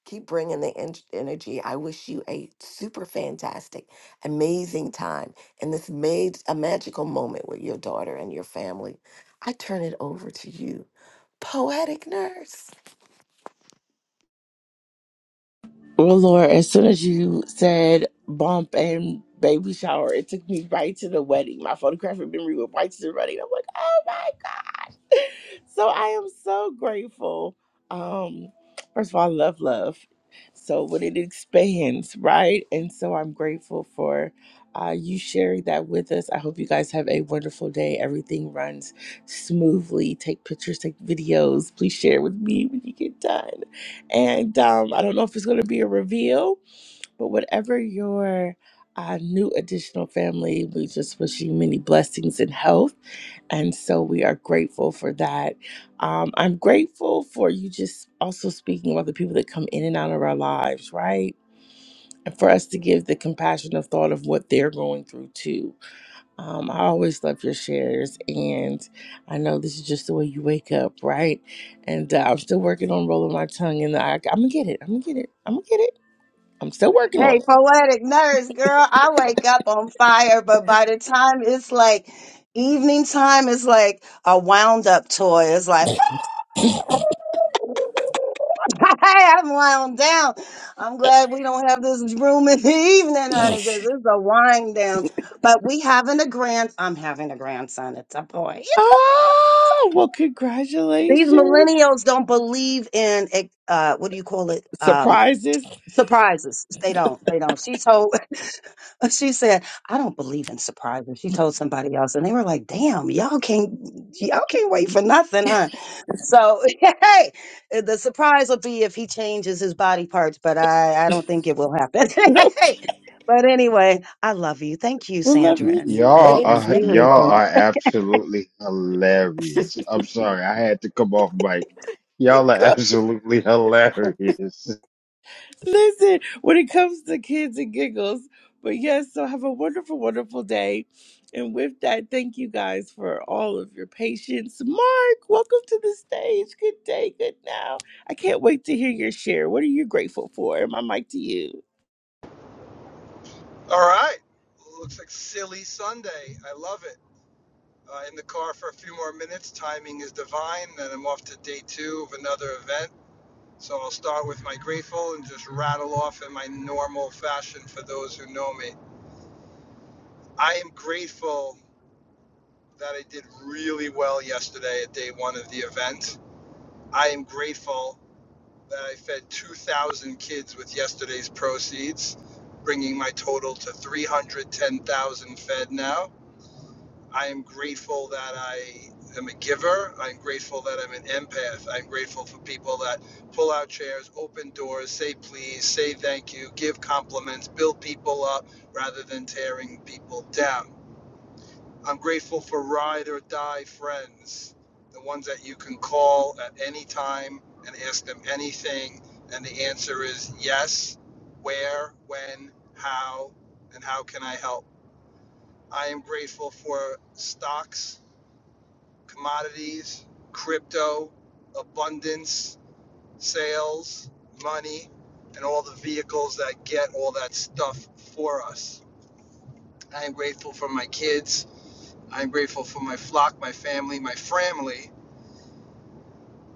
Speaker 14: Keep bringing the en- energy. I wish you a super fantastic, amazing time in this made a magical moment with your daughter and your family. I turn it over to you, poetic nurse.
Speaker 15: Well, Lord, as soon as you said bump and baby shower, it took me right to the wedding. My photographic memory went right to the wedding. I'm like, oh my God. So I am so grateful. Um, first of all, I love love. So when it expands, right? And so I'm grateful for uh, you sharing that with us. I hope you guys have a wonderful day. Everything runs smoothly. Take pictures, take videos. Please share with me when you get done. And um, I don't know if it's going to be a reveal, but whatever your uh, new additional family, we just wish you many blessings and health. And so we are grateful for that. Um, I'm grateful for you just also speaking about the people that come in and out of our lives, right? And for us to give the compassionate thought of what they're going through too um, I always love your shares, and I know this is just the way you wake up, right? And uh, I'm still working on rolling my tongue, and I, I'm gonna get it. I'm gonna get it. I'm gonna get it. I'm still working on
Speaker 19: Hey, poetic nurse, girl, I wake up on fire, but by the time it's like evening time, it's like a wound up toy. It's like, I'm wound down. I'm glad we don't have this room in the evening, honey, because
Speaker 15: it.
Speaker 19: this is a wind down. But we having a grand, I'm having a grandson. It's a boy.
Speaker 15: oh, well,
Speaker 19: These
Speaker 15: congratulations!
Speaker 19: millennials don't believe in, eh, uh, what do you call it? Um,
Speaker 15: Surprises.
Speaker 19: surprises. They don't. They don't. She told. And She said, "I don't believe in surprises." She told somebody else, and they were like, "Damn, y'all can't, y'all can't wait for nothing, huh?" So, hey, the surprise will be if he changes his body parts, but I, I don't think it will happen.
Speaker 15: well,
Speaker 19: but anyway, I love you. Thank you,
Speaker 15: love
Speaker 19: Sandra,
Speaker 15: you
Speaker 19: and
Speaker 20: Y'all
Speaker 19: and and
Speaker 20: are
Speaker 19: thank you
Speaker 20: y'all
Speaker 19: for.
Speaker 20: are absolutely hilarious. I'm sorry, I had to come off mic. Y'all are
Speaker 15: too.
Speaker 20: absolutely hilarious.
Speaker 15: Listen, when it comes to kids and giggles, but yes, so have a wonderful, wonderful day. And with that, thank you guys for all of your patience. Mark, welcome to the stage. Good day, good now. I can't wait to hear your share. What are you grateful for? My mic to you.
Speaker 21: All right. Well, looks like Silly Sunday. I love it. Uh, in the car for a few more minutes. Timing is divine. Then I'm off to day two of another event. So I'll start with my grateful and just rattle off in my normal fashion for those who know me. I am grateful that I did really well yesterday at day one of the event. I am grateful that I fed 2,000 kids with yesterday's proceeds, bringing my total to 310,000 fed now. I am grateful that I am a giver. I'm grateful that I'm an empath. I'm grateful for people that pull out chairs, open doors, say please, say thank you, give compliments, build people up rather than tearing people down. I'm grateful for ride or die friends, the ones that you can call at any time and ask them anything. And the answer is yes, where, when, how, and how can I help? I am grateful for stocks commodities, crypto, abundance, sales, money, and all the vehicles that get all that stuff for us. I am grateful for my kids. I'm grateful for my flock, my family, my family.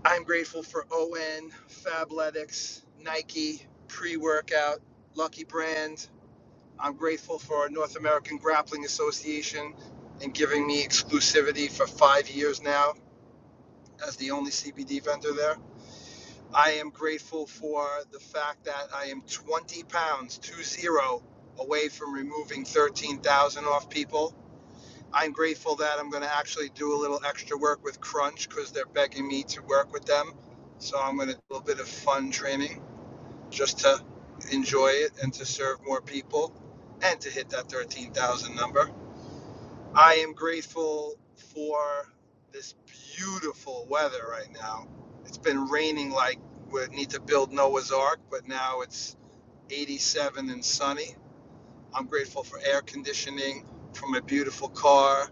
Speaker 21: I'm grateful for ON, Fabletics, Nike, pre workout, Lucky Brand. I'm grateful for our North American Grappling Association and giving me exclusivity for five years now as the only CBD vendor there. I am grateful for the fact that I am 20 pounds, two zero, away from removing 13,000 off people. I'm grateful that I'm going to actually do a little extra work with Crunch because they're begging me to work with them. So I'm going to do a little bit of fun training just to enjoy it and to serve more people and to hit that 13,000 number. I am grateful for this beautiful weather right now. It's been raining like we need to build Noah's Ark, but now it's 87 and sunny. I'm grateful for air conditioning, for my beautiful car,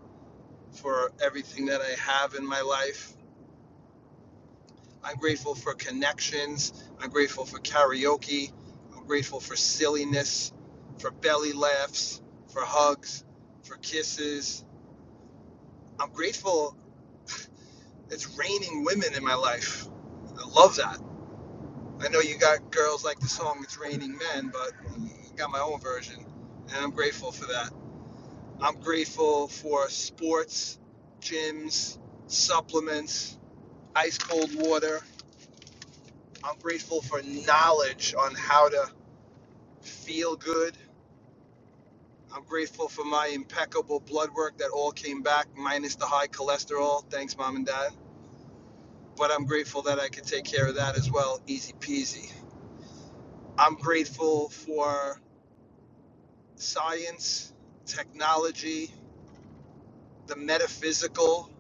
Speaker 21: for everything that I have in my life. I'm grateful for connections. I'm grateful for karaoke. I'm grateful for silliness, for belly laughs, for hugs, for kisses. I'm grateful It's raining women in my life. I love that. I know you got girls like the song It's Raining Men, but I got my own version, and I'm grateful for that. I'm grateful for sports, gyms, supplements, ice cold water. I'm grateful for knowledge on how to feel good. I'm grateful for my impeccable blood work that all came back, minus the high cholesterol. Thanks, mom and dad. But I'm grateful that I could take care of that as well, easy peasy. I'm grateful for science, technology, the metaphysical.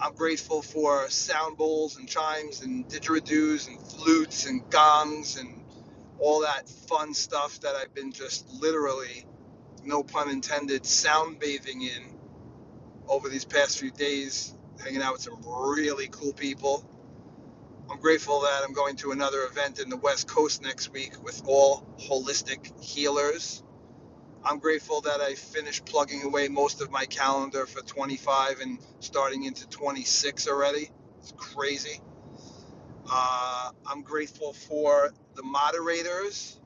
Speaker 21: I'm grateful for sound bowls and chimes and didgeridoos and flutes and gongs and all that fun stuff that I've been just literally, no pun intended, sound bathing in over these past few days, hanging out with some really cool people. I'm grateful that I'm going to another event in the West Coast next week with all holistic healers. I'm grateful that I finished plugging away most of my calendar for 25 and starting into 26 already. It's crazy. Uh, I'm grateful for the moderators.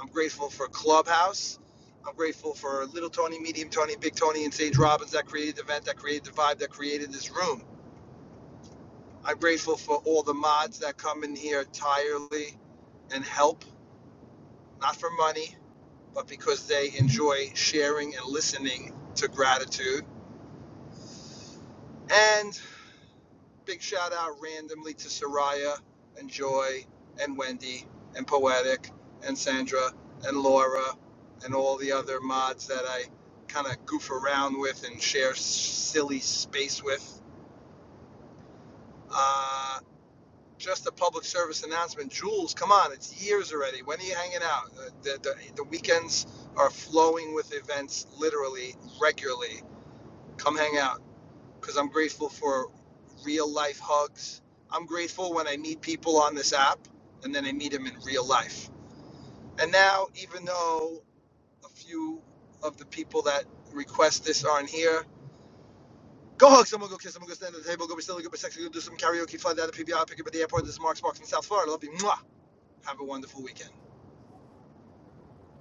Speaker 21: I'm grateful for Clubhouse. I'm grateful for Little Tony, Medium Tony, Big Tony, and Sage Robbins that created the event, that created the vibe, that created this room. I'm grateful for all the mods that come in here tirelessly and help, not for money, but because they enjoy sharing and listening to gratitude. And big shout out randomly to Soraya and Joy and Wendy and Poetic and Sandra and Laura and all the other mods that I kind of goof around with and share s- silly space with. Uh, just a public service announcement. Jules, come on, it's years already. When are you hanging out? Uh, The, the, the weekends are flowing with events literally regularly. Come hang out. because I'm grateful for real life hugs. I'm grateful when I meet people on this app and then I meet them in real life. And now, even though a few of the people that request this aren't here, go hug someone, go kiss someone, go stand at the table, go be silly, go be sexy, go do some karaoke, fly down to PBR, pick up at the airport. This is Mark Sparks in South Florida. Love you. Mwah. Have a wonderful weekend.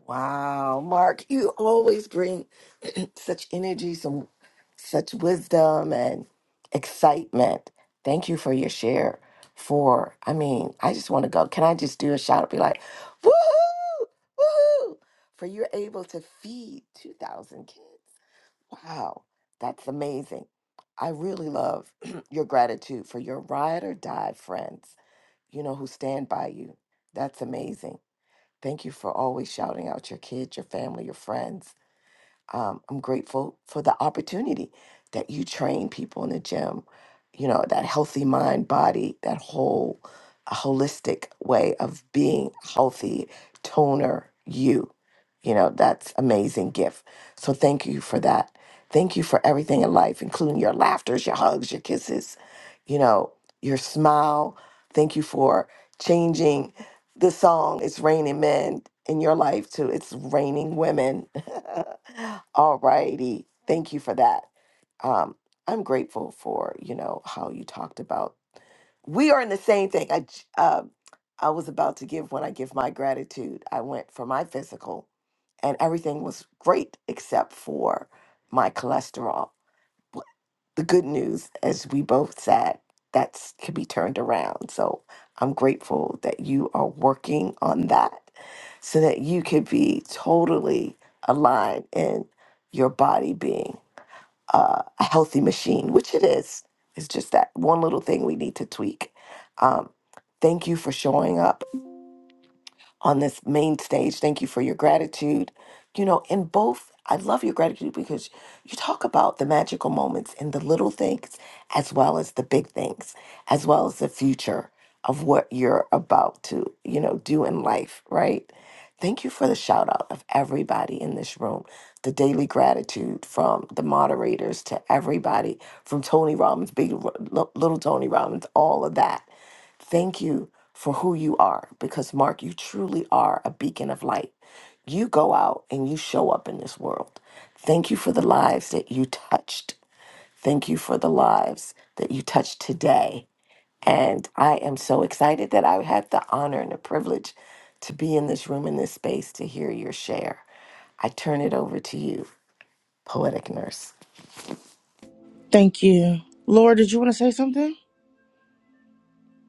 Speaker 14: Wow, Mark, you always bring such energy, some such wisdom and excitement. Thank you for your share. For I mean, I just want to go. Can I just do a shout out? Be like, woohoo, woohoo! For you're able to feed two thousand kids. Wow, that's amazing. I really love your gratitude for your ride or die friends. You know who stand by you. That's amazing. Thank you for always shouting out your kids, your family, your friends. Um, I'm grateful for the opportunity that you train people in the gym, you know, that healthy mind, body, that whole holistic way of being healthy, toner, you. You know, that's amazing gift. So thank you for that. Thank you for everything in life, including your laughters, your hugs, your kisses, you know, your smile. Thank you for changing the song it's raining men in your life too it's raining women all righty thank you for that um i'm grateful for you know how you talked about we are in the same thing i j- uh, i was about to give when i give my gratitude i went for my physical and everything was great except for my cholesterol the good news, as we both said, that's can be turned around. So I'm grateful that you are working on that so that you could be totally aligned in your body being uh, a healthy machine, which it is. It's just that one little thing we need to tweak. Um, thank you for showing up on this main stage. Thank you for your gratitude. You know, in both, I love your gratitude because you talk about the magical moments and the little things, as well as the big things, as well as the future of what you're about to, you know, do in life, right? Thank you for the shout out of everybody in this room, the daily gratitude from the moderators to everybody, from Tony Robbins, big, little Tony Robbins, all of that Thank you for who you are because, Mark, you truly are a beacon of light. You go out and you show up in this world. Thank you for the lives that you touched. Thank you for the lives that you touched today. And I am so excited that I had the honor and the privilege to be in this room, in this space, to hear your share. I turn it over to you, Poetic Nurse.
Speaker 15: Thank you. Laura, did you want to say something?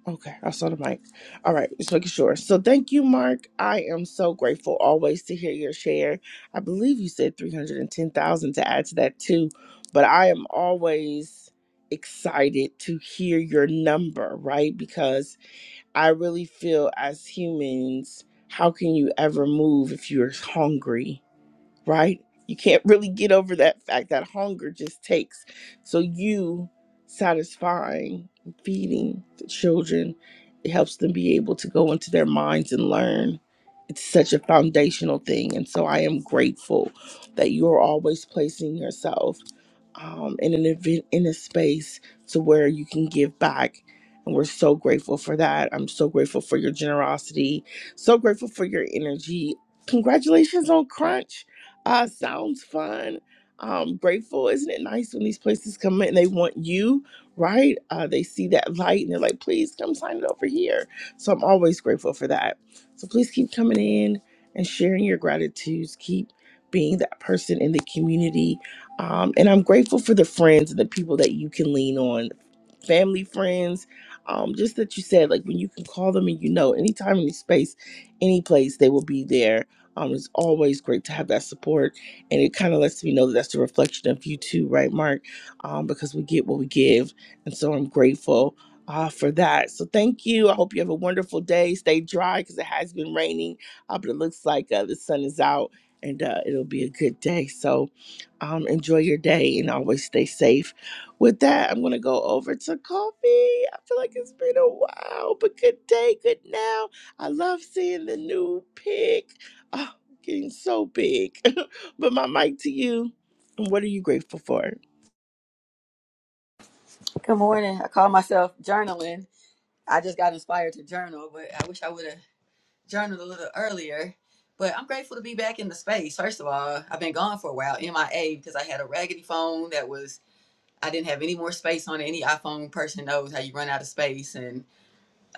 Speaker 15: Okay, I saw the mic. All right, just making sure. So thank you, Mark. I am so grateful always to hear your share. I believe you said 310,000 to add to that too, but I am always excited to hear your number, right? Because I really feel as humans, how can you ever move if you're hungry? right? You can't really get over that fact that hunger just takes. So you satisfying, feeding the children, it helps them be able to go into their minds and learn. It's such a foundational thing. And so I am grateful that you're always placing yourself um, in an event, in a space to where you can give back. And we're so grateful for that. I'm so grateful for your generosity, so grateful for your energy. Congratulations on Crunch uh, sounds fun. Um, grateful, isn't it nice when these places come in and they want you, right? Uh, they see that light and they're like, please come sign it over here. So I'm always grateful for that. So please keep coming in and sharing your gratitudes. Keep being that person in the community. Um, and I'm grateful for the friends and the people that you can lean on, family, friends. Um, just that you said, like when you can call them and you know, anytime, any space, any place, they will be there um, it's always great to have that support, and it kind of lets me know that that's a reflection of you too, right, Mark? Um, because we get what we give, and so I'm grateful uh, for that. So thank you. I hope you have a wonderful day. Stay dry because it has been raining, uh, but it looks like uh, the sun is out, and uh, it'll be a good day. So um, enjoy your day and always stay safe. With that, I'm gonna go over to coffee. I feel like it's been a while, but good day, good now. I love seeing the new pic. Oh, getting so big. but my mic to you. What are you grateful for?
Speaker 22: Good morning. I call myself journaling. I just got inspired to journal, but I wish I would have journaled a little earlier. But I'm grateful to be back in the space. First of all, I've been gone for a while, MIA, because I had a raggedy phone that was I didn't have any more space on it. Any iPhone person knows how you run out of space, and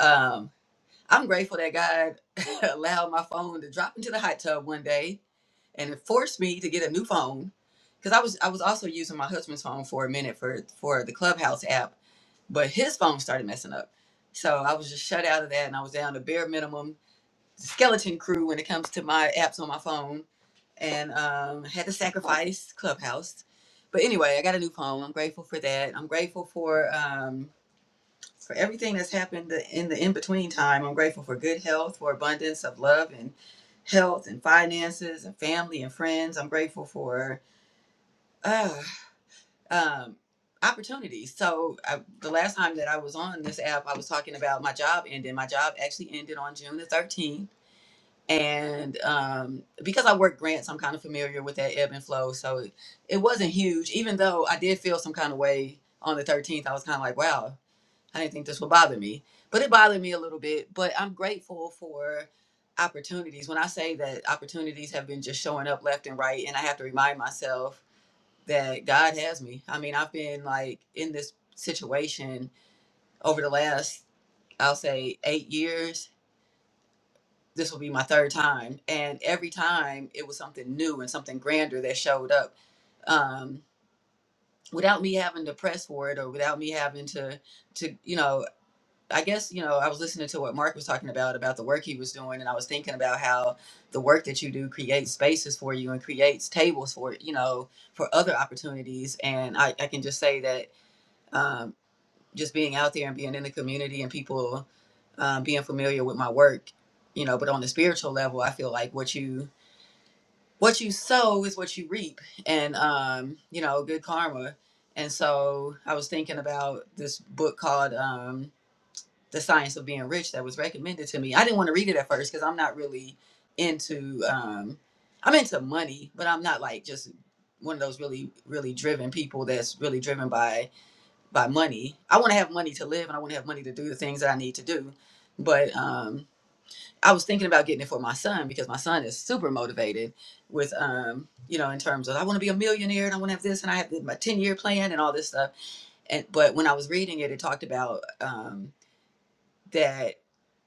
Speaker 22: um, I'm grateful that God allowed my phone to drop into the hot tub one day and it forced me to get a new phone because I was I was also using my husband's phone for a minute for for the Clubhouse app but his phone started messing up. So I was just shut out of that, and I was down to bare minimum skeleton crew when it comes to my apps on my phone, and um, had to sacrifice Clubhouse. But anyway, I got a new phone. I'm grateful for that. I'm grateful for um, for everything that's happened in the in between time. I'm grateful for good health, for abundance of love and health and finances and family and friends. I'm grateful for. uh, um, opportunities. So I, the last time that I was on this app, I was talking about my job ending. My job actually ended on June the 13th. And um, because I work grants, I'm kind of familiar with that ebb and flow. So it, it wasn't huge, even though I did feel some kind of way on the 13th. I was kind of like, wow, I didn't think this would bother me. But it bothered me a little bit. But I'm grateful for opportunities. When I say that opportunities have been just showing up left and right, and I have to remind myself that God has me. I mean, I've been like in this situation over the last, I'll say, eight years. This will be my third time. And every time it was something new and something grander that showed up um, without me having to press for it or without me having to, to, you know, I guess, you know, I was listening to what Mark was talking about, about the work he was doing. And I was thinking about how the work that you do creates spaces for you and creates tables for, you know, for other opportunities. And I, I can just say that um, just being out there and being in the community and people um, being familiar with my work you know but on the spiritual level i feel like what you what you sow is what you reap and um, you know good karma and so i was thinking about this book called um, the science of being rich that was recommended to me i didn't want to read it at first because i'm not really into um, i'm into money but i'm not like just one of those really really driven people that's really driven by by money. I want to have money to live and I want to have money to do the things that I need to do. But um, I was thinking about getting it for my son because my son is super motivated with, um, you know, in terms of I want to be a millionaire and I want to have this and I have my 10 year plan and all this stuff. And but when I was reading it, it talked about Um, that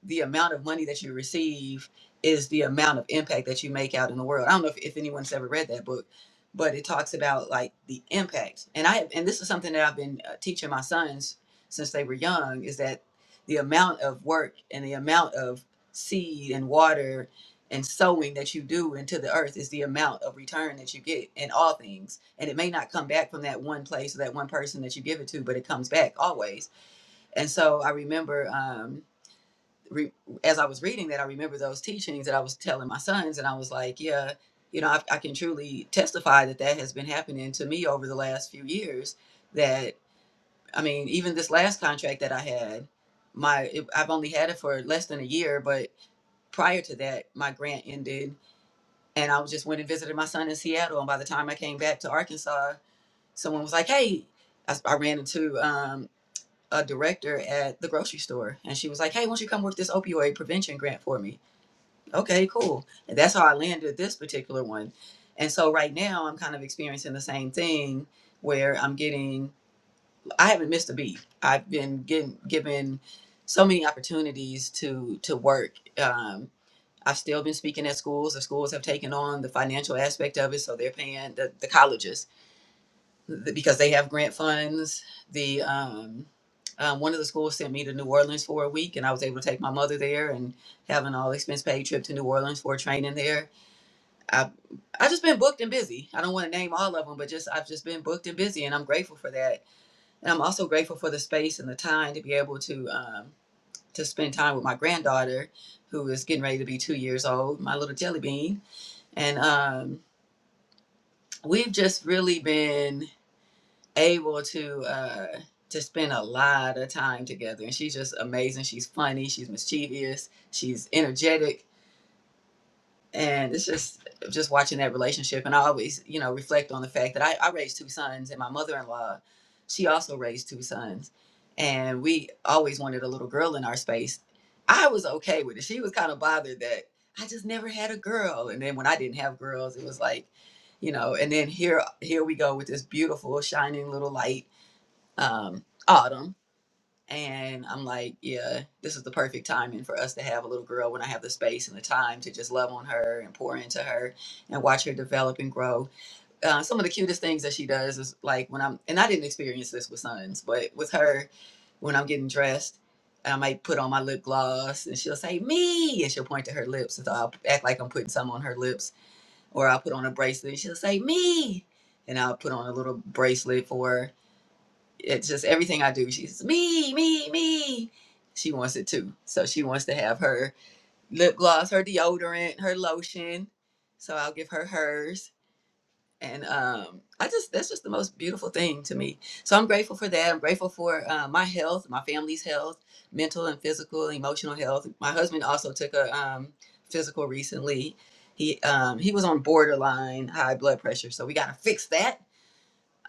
Speaker 22: the amount of money that you receive is the amount of impact that you make out in the world. I don't know if, if anyone's ever read that book, but it talks about like the impact. And I and this is something that I've been uh, teaching my sons since they were young is that the amount of work and the amount of seed and water and sowing that you do into the earth is the amount of return that you get in all things. And it may not come back from that one place or that one person that you give it to, but it comes back always. And so I remember um re- as I was reading that, I remember those teachings that I was telling my sons, and I was like, yeah, you know, I, I can truly testify that that has been happening to me over the last few years. That I mean, even this last contract that I had, my it, I've only had it for less than a year, but prior to that, my grant ended, and I was just went and visited my son in Seattle, and by the time I came back to Arkansas, someone was like, hey, I, s- I ran into um, a director at the grocery store, and she was like, hey, why don't you come work this opioid prevention grant for me? Okay, cool. And that's how I landed this particular one. And so right now I'm kind of experiencing the same thing where I'm getting I haven't missed a beat. I've been getting given so many opportunities to to work. Um, I've still been speaking at schools. The schools have taken on the financial aspect of it, so they're paying the, the colleges th- because they have grant funds. The um, um, one of the schools sent me to New Orleans for a week, and I was able to take my mother there and have an all expense paid trip to New Orleans for training there I've i just been booked and busy. I don't want to name all of them, but just I've just been booked and busy, and I'm grateful for that. And I'm also grateful for the space and the time to be able to um, to spend time with my granddaughter, who is getting ready to be two years old, my little jelly bean. And um, we've just really been able to uh, to spend a lot of time together. And she's just amazing. She's funny. She's mischievous. She's energetic and it's just just watching that relationship and i always you know reflect on the fact that i, I raised two sons and my mother-in-law she also raised two sons and we always wanted a little girl in our space i was okay with it she was kind of bothered that i just never had a girl and then when i didn't have girls it was like you know and then here here we go with this beautiful shining little light um autumn and I'm like, yeah, this is the perfect timing for us to have a little girl when I have the space and the time to just love on her and pour into her and watch her develop and grow. Uh, some of the cutest things that she does is like when I'm, and I didn't experience this with sons, but with her, when I'm getting dressed, I might put on my lip gloss and she'll say, me, and she'll point to her lips. And so I'll act like I'm putting some on her lips, or I'll put on a bracelet and she'll say, me. And I'll put on a little bracelet for her it's just everything I do. She's me, me, me. She wants it too. So she wants to have her lip gloss, her deodorant, her lotion. So I'll give her hers. And um, I just, that's just the most beautiful thing to me. So I'm grateful for that. I'm grateful for uh, my health, my family's health, mental and physical, emotional health. My husband also took a um, physical recently. He, um, he was on borderline high blood pressure. So we got to fix that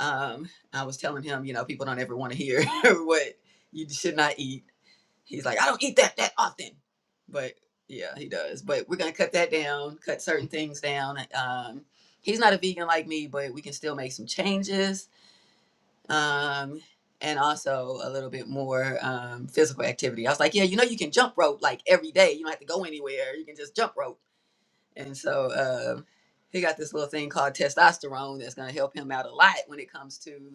Speaker 22: um, I was telling him, you know, people don't ever want to hear what you should not eat. He's like, I don't eat that that often, but yeah, he does. But we're gonna cut that down, cut certain things down. Um, he's not a vegan like me, but we can still make some changes. Um, and also a little bit more um, physical activity. I was like, yeah, you know, you can jump rope like every day. You don't have to go anywhere. You can just jump rope. And so um, he got this little thing called testosterone that's gonna help him out a lot when it comes to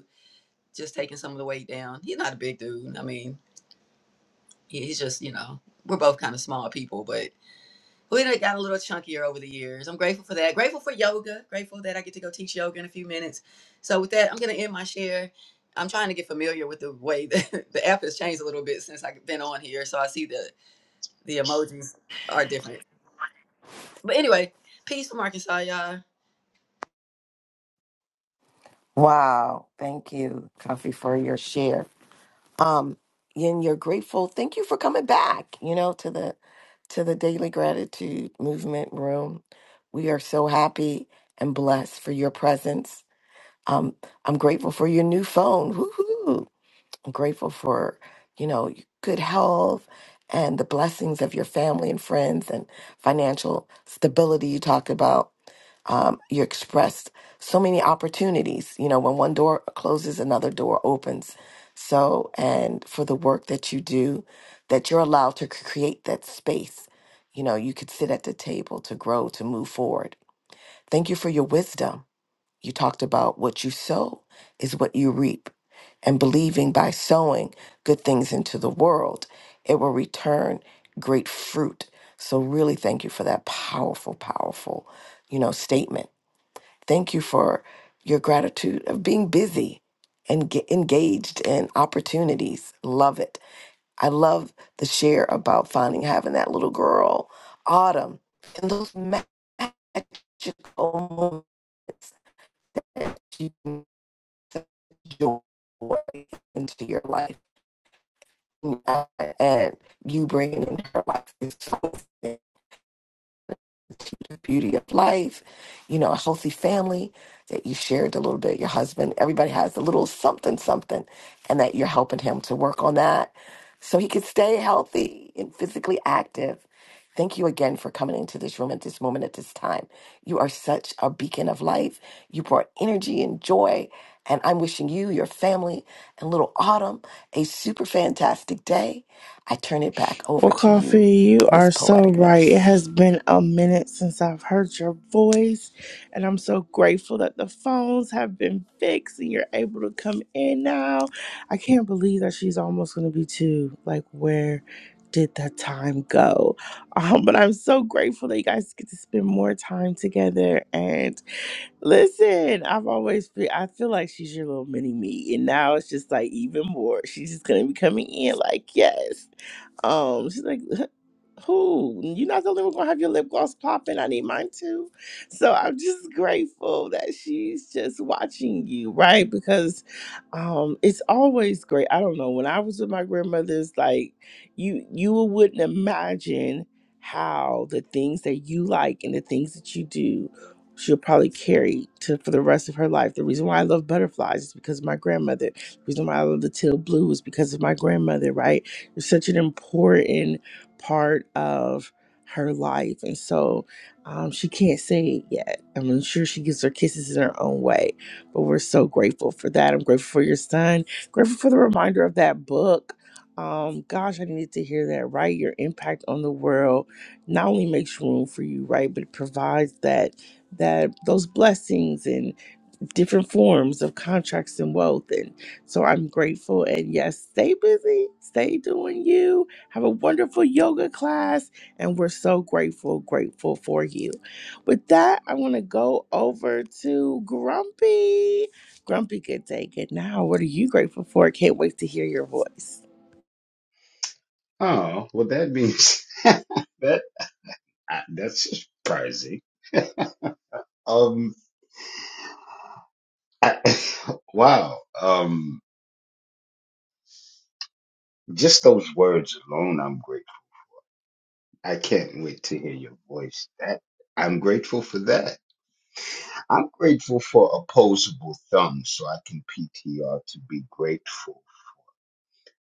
Speaker 22: just taking some of the weight down. He's not a big dude. I mean, he- he's just, you know, we're both kind of small people, but we done got a little chunkier over the years. I'm grateful for that. Grateful for yoga. Grateful that I get to go teach yoga in a few minutes. So with that, I'm gonna end my share. I'm trying to get familiar with the way that the app has changed a little bit since I've been on here. So I see the the emojis are different. But anyway, peace from Arkansas, y'all.
Speaker 14: Wow. Thank you, Coffee, for your share. um and you're grateful thank you for coming back you know to the to the daily gratitude movement room we are so happy and blessed for your presence um i'm grateful for your new phone Woo-hoo. i'm grateful for you know your good health and the blessings of your family and friends and financial stability you talked about um, you're expressed so many opportunities. You know, when one door closes, another door opens. So, and for the work that you do, that you're allowed to c- create that space. You know, you could sit at the table to grow, to move forward. Thank you for your wisdom. You talked about what you sow is what you reap, and believing by sowing good things into the world, it will return great fruit. So, really, thank you for that powerful, powerful, you know, statement Thank you for your gratitude of being busy and ge- engaged in opportunities. Love it. I love the share about finding having that little girl, Autumn, and those ma- magical moments that you can such joy into your life. And you bringing in her life is so the beauty of life, you know, a healthy family that you shared a little bit, your husband, everybody has a little something, something, and that you're helping him to work on that so he can stay healthy and physically active. Thank you again for coming into this room at this moment, at this time. You are such a beacon of life. You brought energy and joy. And I'm wishing you, your family, and little Autumn a super fantastic day. I turn it back
Speaker 15: Well,
Speaker 14: over to you,
Speaker 15: Coffee, you
Speaker 14: Miss
Speaker 15: are so
Speaker 14: Poetic
Speaker 15: right. It
Speaker 14: Nurse.
Speaker 15: has been a minute since I've heard your voice, and I'm so grateful that the phones have been fixed and you're able to come in now. I can't believe that she's almost going to be two. Like, where did that time go? Um, but I'm so grateful that you guys get to spend more time together, and Listen, I've always been, I feel like she's your little mini me. And now it's just like even more. She's just going to be coming in like, yes. Um, She's like, who you're not the only one gonna have your lip gloss popping. I need mine too. So I'm just grateful that she's just watching you, right? Because um it's always great. I don't know. When I was with my grandmother's, like you you wouldn't imagine how the things that you like and the things that you do she'll probably carry to for the rest of her life. The reason why I love butterflies is because of my grandmother. The reason why I love the teal blue is because of my grandmother, right? It's such an important part of her life. And so um, she can't say it yet. I'm sure she gives her kisses in her own way, but we're so grateful for that. I'm grateful for your son, grateful for the reminder of that book. Um, gosh, I needed to hear that, right? Your impact on the world not only makes room for you, right, but it provides that that those blessings and different forms of contracts and wealth. And so I'm grateful. And yes, stay busy, stay doing you. Have a wonderful yoga class. And we're so grateful, grateful for you. With that, I want to go over to Grumpy. Grumpy, good day, good now. What are you grateful for? Can't wait to hear your voice.
Speaker 20: Oh, well, that means that I, that's surprising. Um, I, wow. Um, just those words alone, I'm grateful. I can't wait to hear your voice. That I'm grateful for that. I'm grateful for opposable thumbs, so I can PTR to be grateful,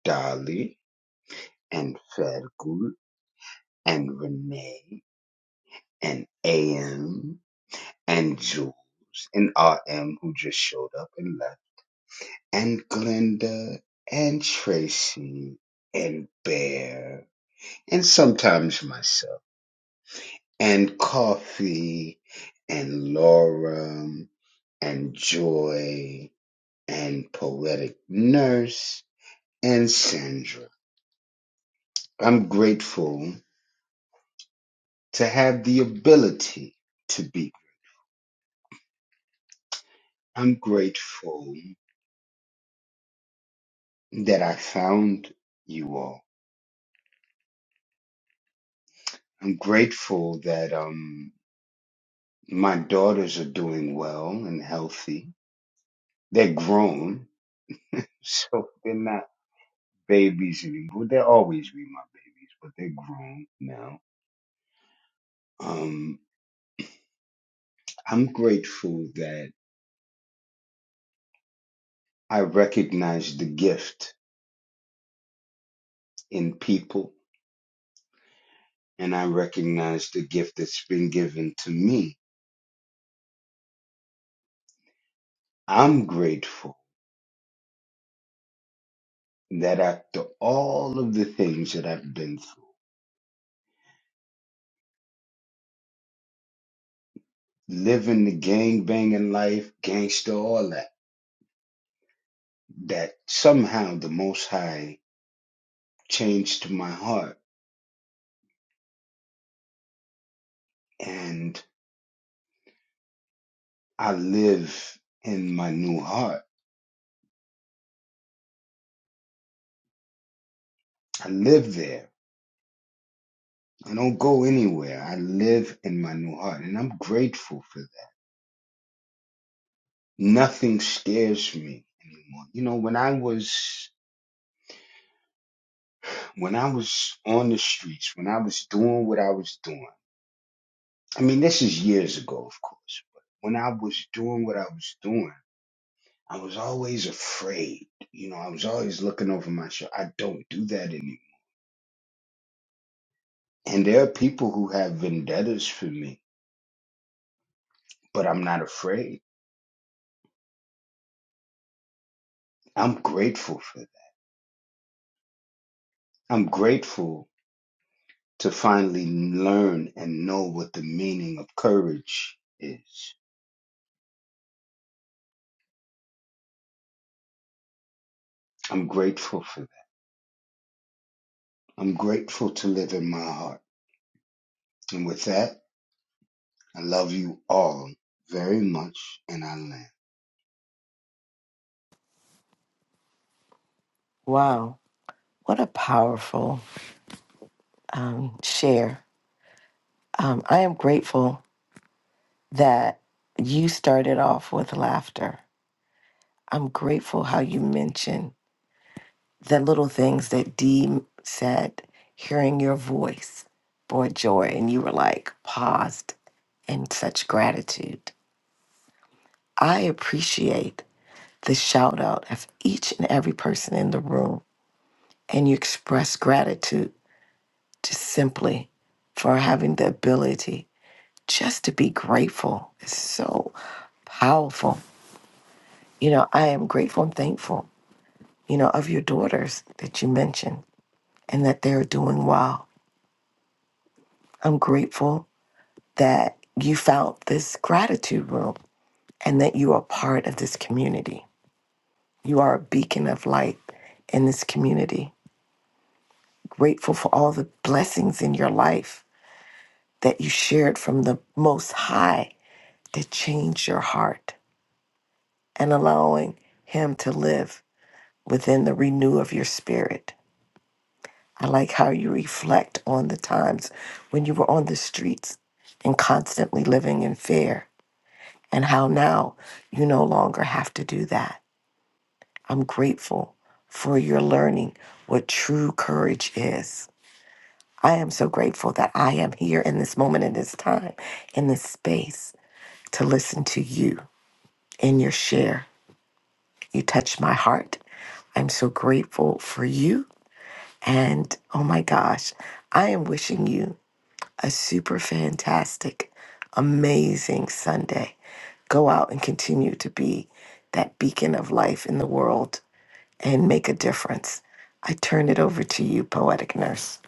Speaker 20: Dolly. and Fergus and Renee and AM and Jules and RM who just showed up and left and Glenda and Tracy and Bear and sometimes myself and Coffee and Laura and Joy and Poetic Nurse and Sandra. I'm grateful to have the ability to be I'm grateful that I found you all. I'm grateful that um my daughters are doing well and healthy. They're grown, so they're not babies anymore. They'll always be my babies, but they're grown now. Um, I'm grateful that I recognize the gift in people and I recognize the gift that's been given to me. I'm grateful that after all of the things that I've been through living the gang banging life, gangster, all that, that somehow the Most High changed my heart and I live in my new heart. I live there. I don't go anywhere. I live in my new heart and I'm grateful for that. Nothing scares me anymore. You know, when I was, when I was on the streets, when I was doing what I was doing, I mean, this is years ago, of course, but when I was doing what I was doing, I was always afraid. You know, I was always looking over my shoulder. I don't do that anymore. And there are people who have vendettas for me, but I'm not afraid. I'm grateful for that. I'm grateful to finally learn and know what the meaning of courage is. I'm grateful for that. I'm grateful to live in my heart. And with that, I love you all very much and I land.
Speaker 14: Wow. What a powerful um, share. Um, I am grateful that you started off with laughter. I'm grateful how you mentioned the little things that Dee said, hearing your voice brought joy, and you were like paused in such gratitude. I appreciate the shout out of each and every person in the room, and you express gratitude just simply for having the ability just to be grateful is so powerful. You know, I am grateful and thankful, you know, of your daughters that you mentioned and that they're doing well. I'm grateful that you found this gratitude room and that you are part of this community. You are a beacon of light in this community. Grateful for all the blessings in your life that you shared from the Most High that changed your heart and allowing Him to live within the renew of your spirit. I like how you reflect on the times when you were on the streets and constantly living in fear, and how now you no longer have to do that. I'm grateful for your learning what true courage is. I am so grateful that I am here in this moment, in this time, in this space to listen to you and your share. You touch my heart. I'm so grateful for you. And oh my gosh, I am wishing you a super fantastic, amazing Sunday. Go out and continue to be that beacon of life in the world and make a difference. I turn it over to you, Poetic Nurse.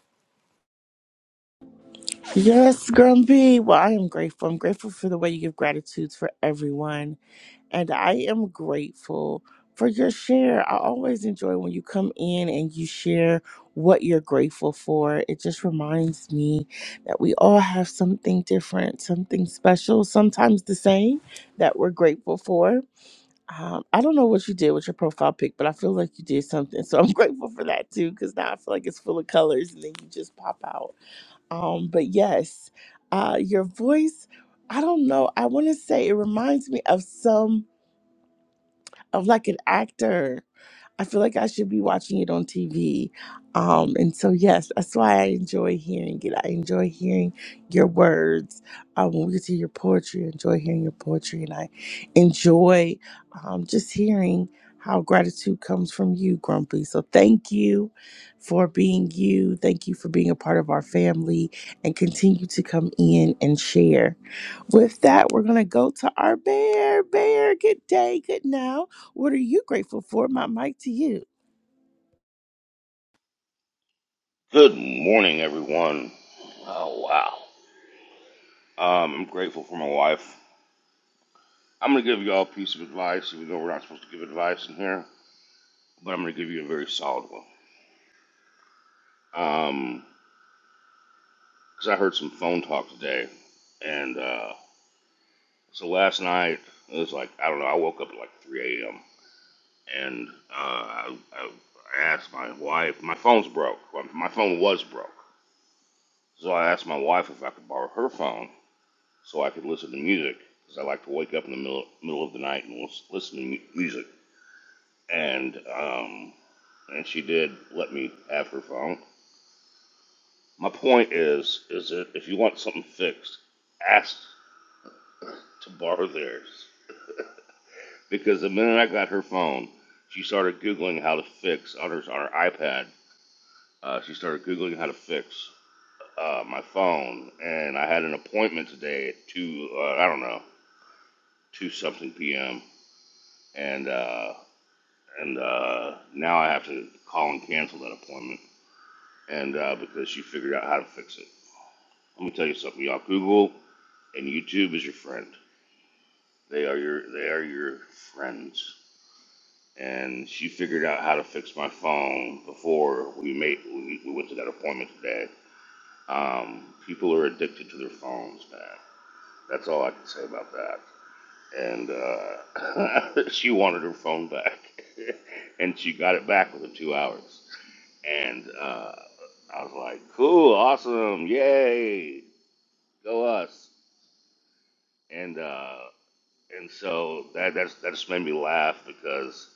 Speaker 15: Yes, Grumpy. Well, I am grateful. I'm grateful for the way you give gratitudes for everyone. And I am grateful for your share. I always enjoy when you come in and you share what you're grateful for. It just reminds me that we all have something different, something special, sometimes the same that we're grateful for. Um, I don't know what you did with your profile pic, but I feel like you did something. So I'm grateful for that too, because now I feel like it's full of colors and then you just pop out. Um, but yes, uh, your voice, I don't know. I want to say it reminds me of some, of like an actor. I feel like I should be watching it on TV. Um, and so, yes, that's why I enjoy hearing it. I enjoy hearing your words. Uh, when we get to your poetry, I enjoy hearing your poetry. And I enjoy um, just hearing how gratitude comes from you, Grumpy. So, thank you for being you. Thank you for being a part of our family and continue to come in and share. With that, we're going to go to our bear. Bear, good day, good now. What are you grateful for? My mic to you.
Speaker 23: Good morning, everyone. Oh, wow. Um, I'm grateful for my wife. I'm going to give you all a piece of advice, even though we're not supposed to give advice in here, but I'm going to give you a very solid one. Um 'cause I heard some phone talk today, and uh, so last night, it was like, I don't know, I woke up at like 3 a.m., and uh, I, I, asked my wife, my phone's broke. Well, my phone was broke. So I asked my wife if I could borrow her phone so I could listen to music because I like to wake up in the middle, middle of the night and listen to mu- music. And um, and she did let me have her phone. My point is, is that if you want something fixed, ask to borrow theirs because the minute I got her phone, she started googling how to fix on her on her iPad. Uh, she started googling how to fix uh, my phone, and I had an appointment today at two. Uh, I don't know, two something p.m. And uh, and uh, now I have to call and cancel that appointment, and uh, because she figured out how to fix it. Let me tell you something, y'all. Google and YouTube is your friend. They are your they are your friends. And she figured out how to fix my phone before we made we, we went to that appointment today. Um, people are addicted to their phones, man. That's all I can say about that. And uh, she wanted her phone back, and she got it back within two hours. And uh, I was like, cool, awesome, yay, go us. And uh, and so that that's, that just made me laugh because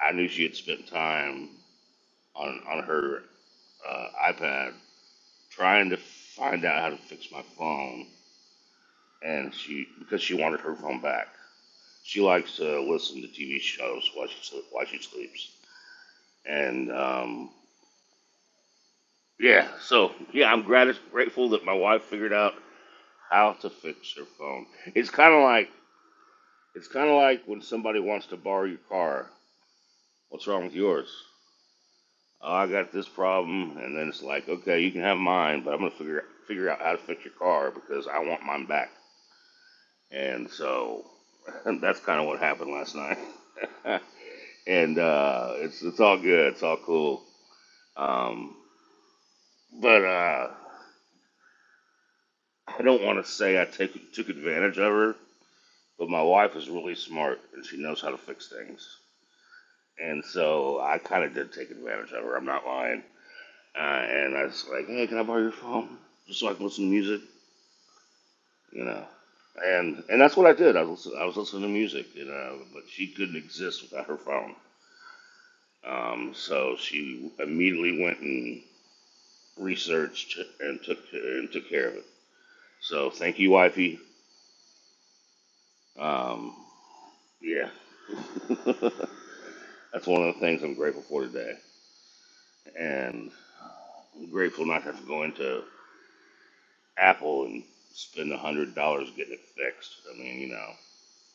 Speaker 23: I knew she had spent time on on her uh, iPad trying to find out how to fix my phone, and she because she wanted her phone back. She likes to listen to TV shows while she sleep, while she sleeps, and um, yeah. So yeah, I'm grat- grateful that my wife figured out how to fix your phone. It's kind of like it's kind of like when somebody wants to borrow your car. What's wrong with yours? Oh, I got this problem, and then it's like, okay, you can have mine, but I'm gonna figure figure out how to fix your car because I want mine back. And so that's kind of what happened last night. and uh, it's it's all good, it's all cool. Um, but uh, I don't want to say I take, took advantage of her, but my wife is really smart and she knows how to fix things And so I kind of did take advantage of her. I'm not lying. Uh, and I was like, hey, can I borrow your phone just so I can listen to music? You know. And and that's what I did. I was listen, I was listening to music, you know. But she couldn't exist without her phone. Um, so she immediately went and researched and took and took care of it. So thank you, wifey. Um, yeah, that's one of the things I'm grateful for today, and I'm grateful not to have to go into Apple and spend a hundred dollars getting it fixed. I mean, you know,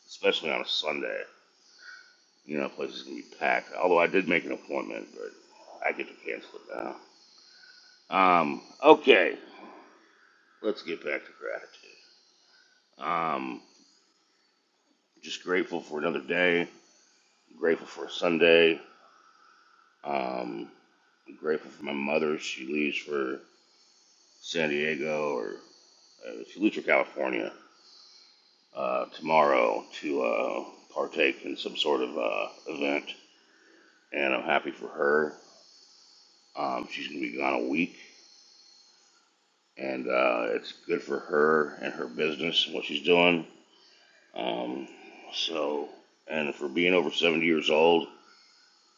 Speaker 23: especially on a Sunday, you know, places can be packed. Although I did make an appointment, but I get to cancel it now. Um, okay, let's get back to gratitude. Um, just grateful for another day. Grateful for a Sunday. Um, grateful for my mother. She leaves for San Diego, or uh, she leaves for California uh, tomorrow to uh, partake in some sort of uh, event and I'm happy for her. Um, she's going to be gone a week, and uh, it's good for her and her business and what she's doing. Um, so, and for being over 70 years old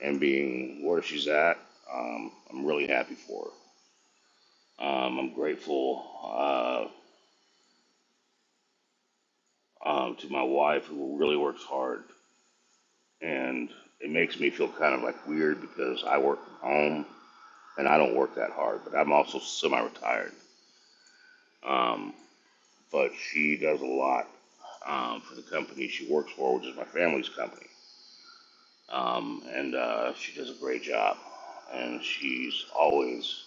Speaker 23: and being where she's at, um, I'm really happy for her. Um, I'm grateful uh, um, to my wife who really works hard, and it makes me feel kind of like weird because I work from home and I don't work that hard, but I'm also semi-retired. Um, but she does a lot um, for the company she works for, which is my family's company. Um, and uh, she does a great job. And she's always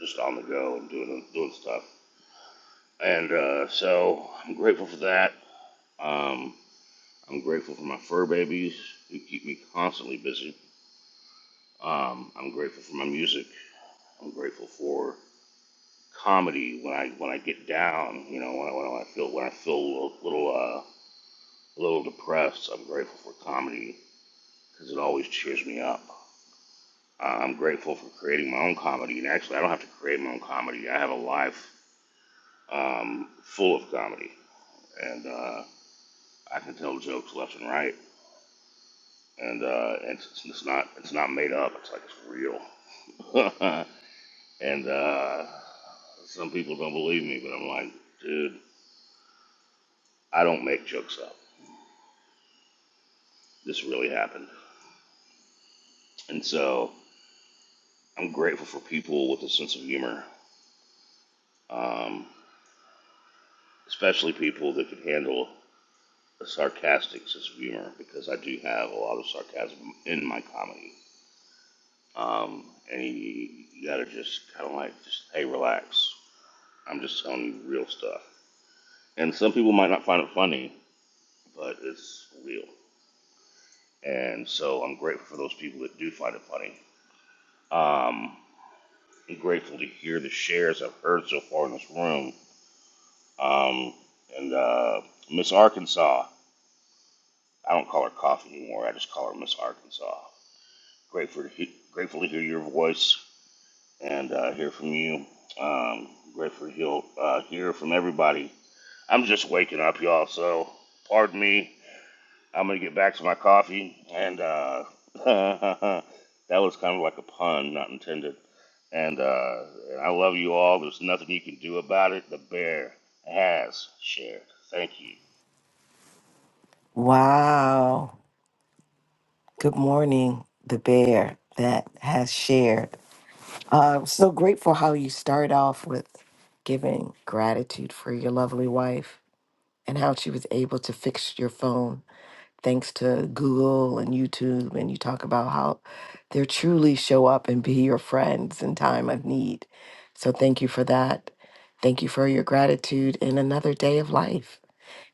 Speaker 23: just on the go and doing doing stuff. And uh, so I'm grateful for that. Um, I'm grateful for my fur babies who keep me constantly busy. Um, I'm grateful for my music. I'm grateful for comedy when I when I get down. You know when I, when I feel when I feel a little. little uh, a little depressed, I'm grateful for comedy because it always cheers me up. Uh, I'm grateful for creating my own comedy, and actually, I don't have to create my own comedy. I have a life um, full of comedy, and uh, I can tell jokes left and right, and uh, and it's, it's not it's not made up. It's like it's real. and uh, some people don't believe me, but I'm like, dude, I don't make jokes up. This really happened, and so I'm grateful for people with a sense of humor. Um, especially people that could handle a sarcastic sense of humor, because I do have a lot of sarcasm in my comedy. Um, and you, you gotta just kind of like, just hey, relax. I'm just telling you real stuff. And some people might not find it funny, but it's real. And so I'm grateful for those people that do find it funny. Um, I'm grateful to hear the shares I've heard so far in this room. Um, and uh, Miss Arkansas, I don't call her Coffee anymore. I just call her Miss Arkansas. Grateful to, he- grateful to hear your voice and uh, hear from you. Um, grateful to hear, uh, hear from everybody. I'm just waking up, y'all, so pardon me. I'm going to get back to my coffee. And uh, that was kind of like a pun, not intended. And, uh, and I love you all. There's nothing you can do about it. The bear has shared. Thank you.
Speaker 14: Wow. Good morning, the bear that has shared. Uh, I'm so grateful how you start off with giving gratitude for your lovely wife and how she was able to fix your phone thanks to Google and YouTube, and you talk about how they truly show up and be your friends in time of need. So thank you for that. Thank you for your gratitude in another day of life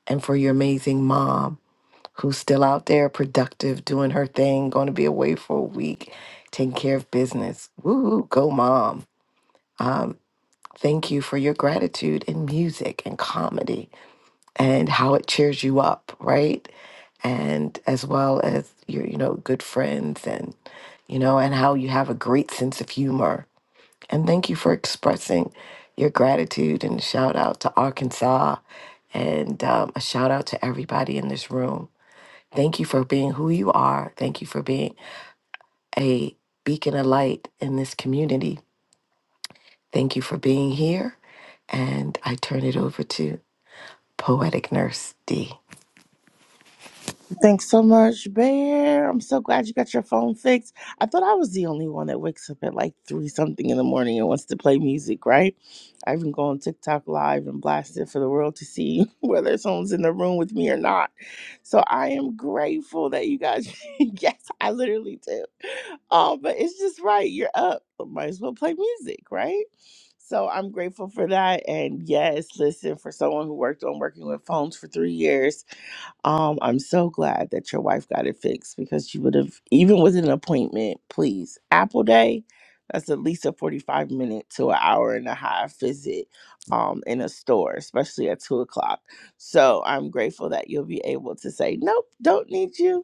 Speaker 14: and for your amazing mom who's still out there productive, doing her thing, going to be away for a week, taking care of business. Woo, go mom. Thank you for your gratitude in music and comedy and how it cheers you up, right? and as well as your you know good friends and you know and how you have a great sense of humor and thank you for expressing your gratitude and shout out to arkansas and um, a shout out to everybody in this room thank you for being who you are thank you for being a beacon of light in this community thank you for being here and i turn it over to poetic nurse d
Speaker 15: Thanks so much, Bear. I'm so glad you got your phone fixed. I thought I was the only one that wakes up at like three something in the morning and wants to play music, right? I even go on TikTok live and blast it for the world to see whether someone's in the room with me or not. So I am grateful that you guys, yes, I literally do. Oh, but it's just right. You're up. But might as well play music, right? So I'm grateful for that. And yes, listen, for someone who worked on working with phones for three years, um, I'm so glad that your wife got it fixed because you would have, even with an appointment, please, Apple Day, that's at least a 45 minute to an hour and a half visit um, in a store, especially at two o'clock. So I'm grateful that you'll be able to say, nope, don't need you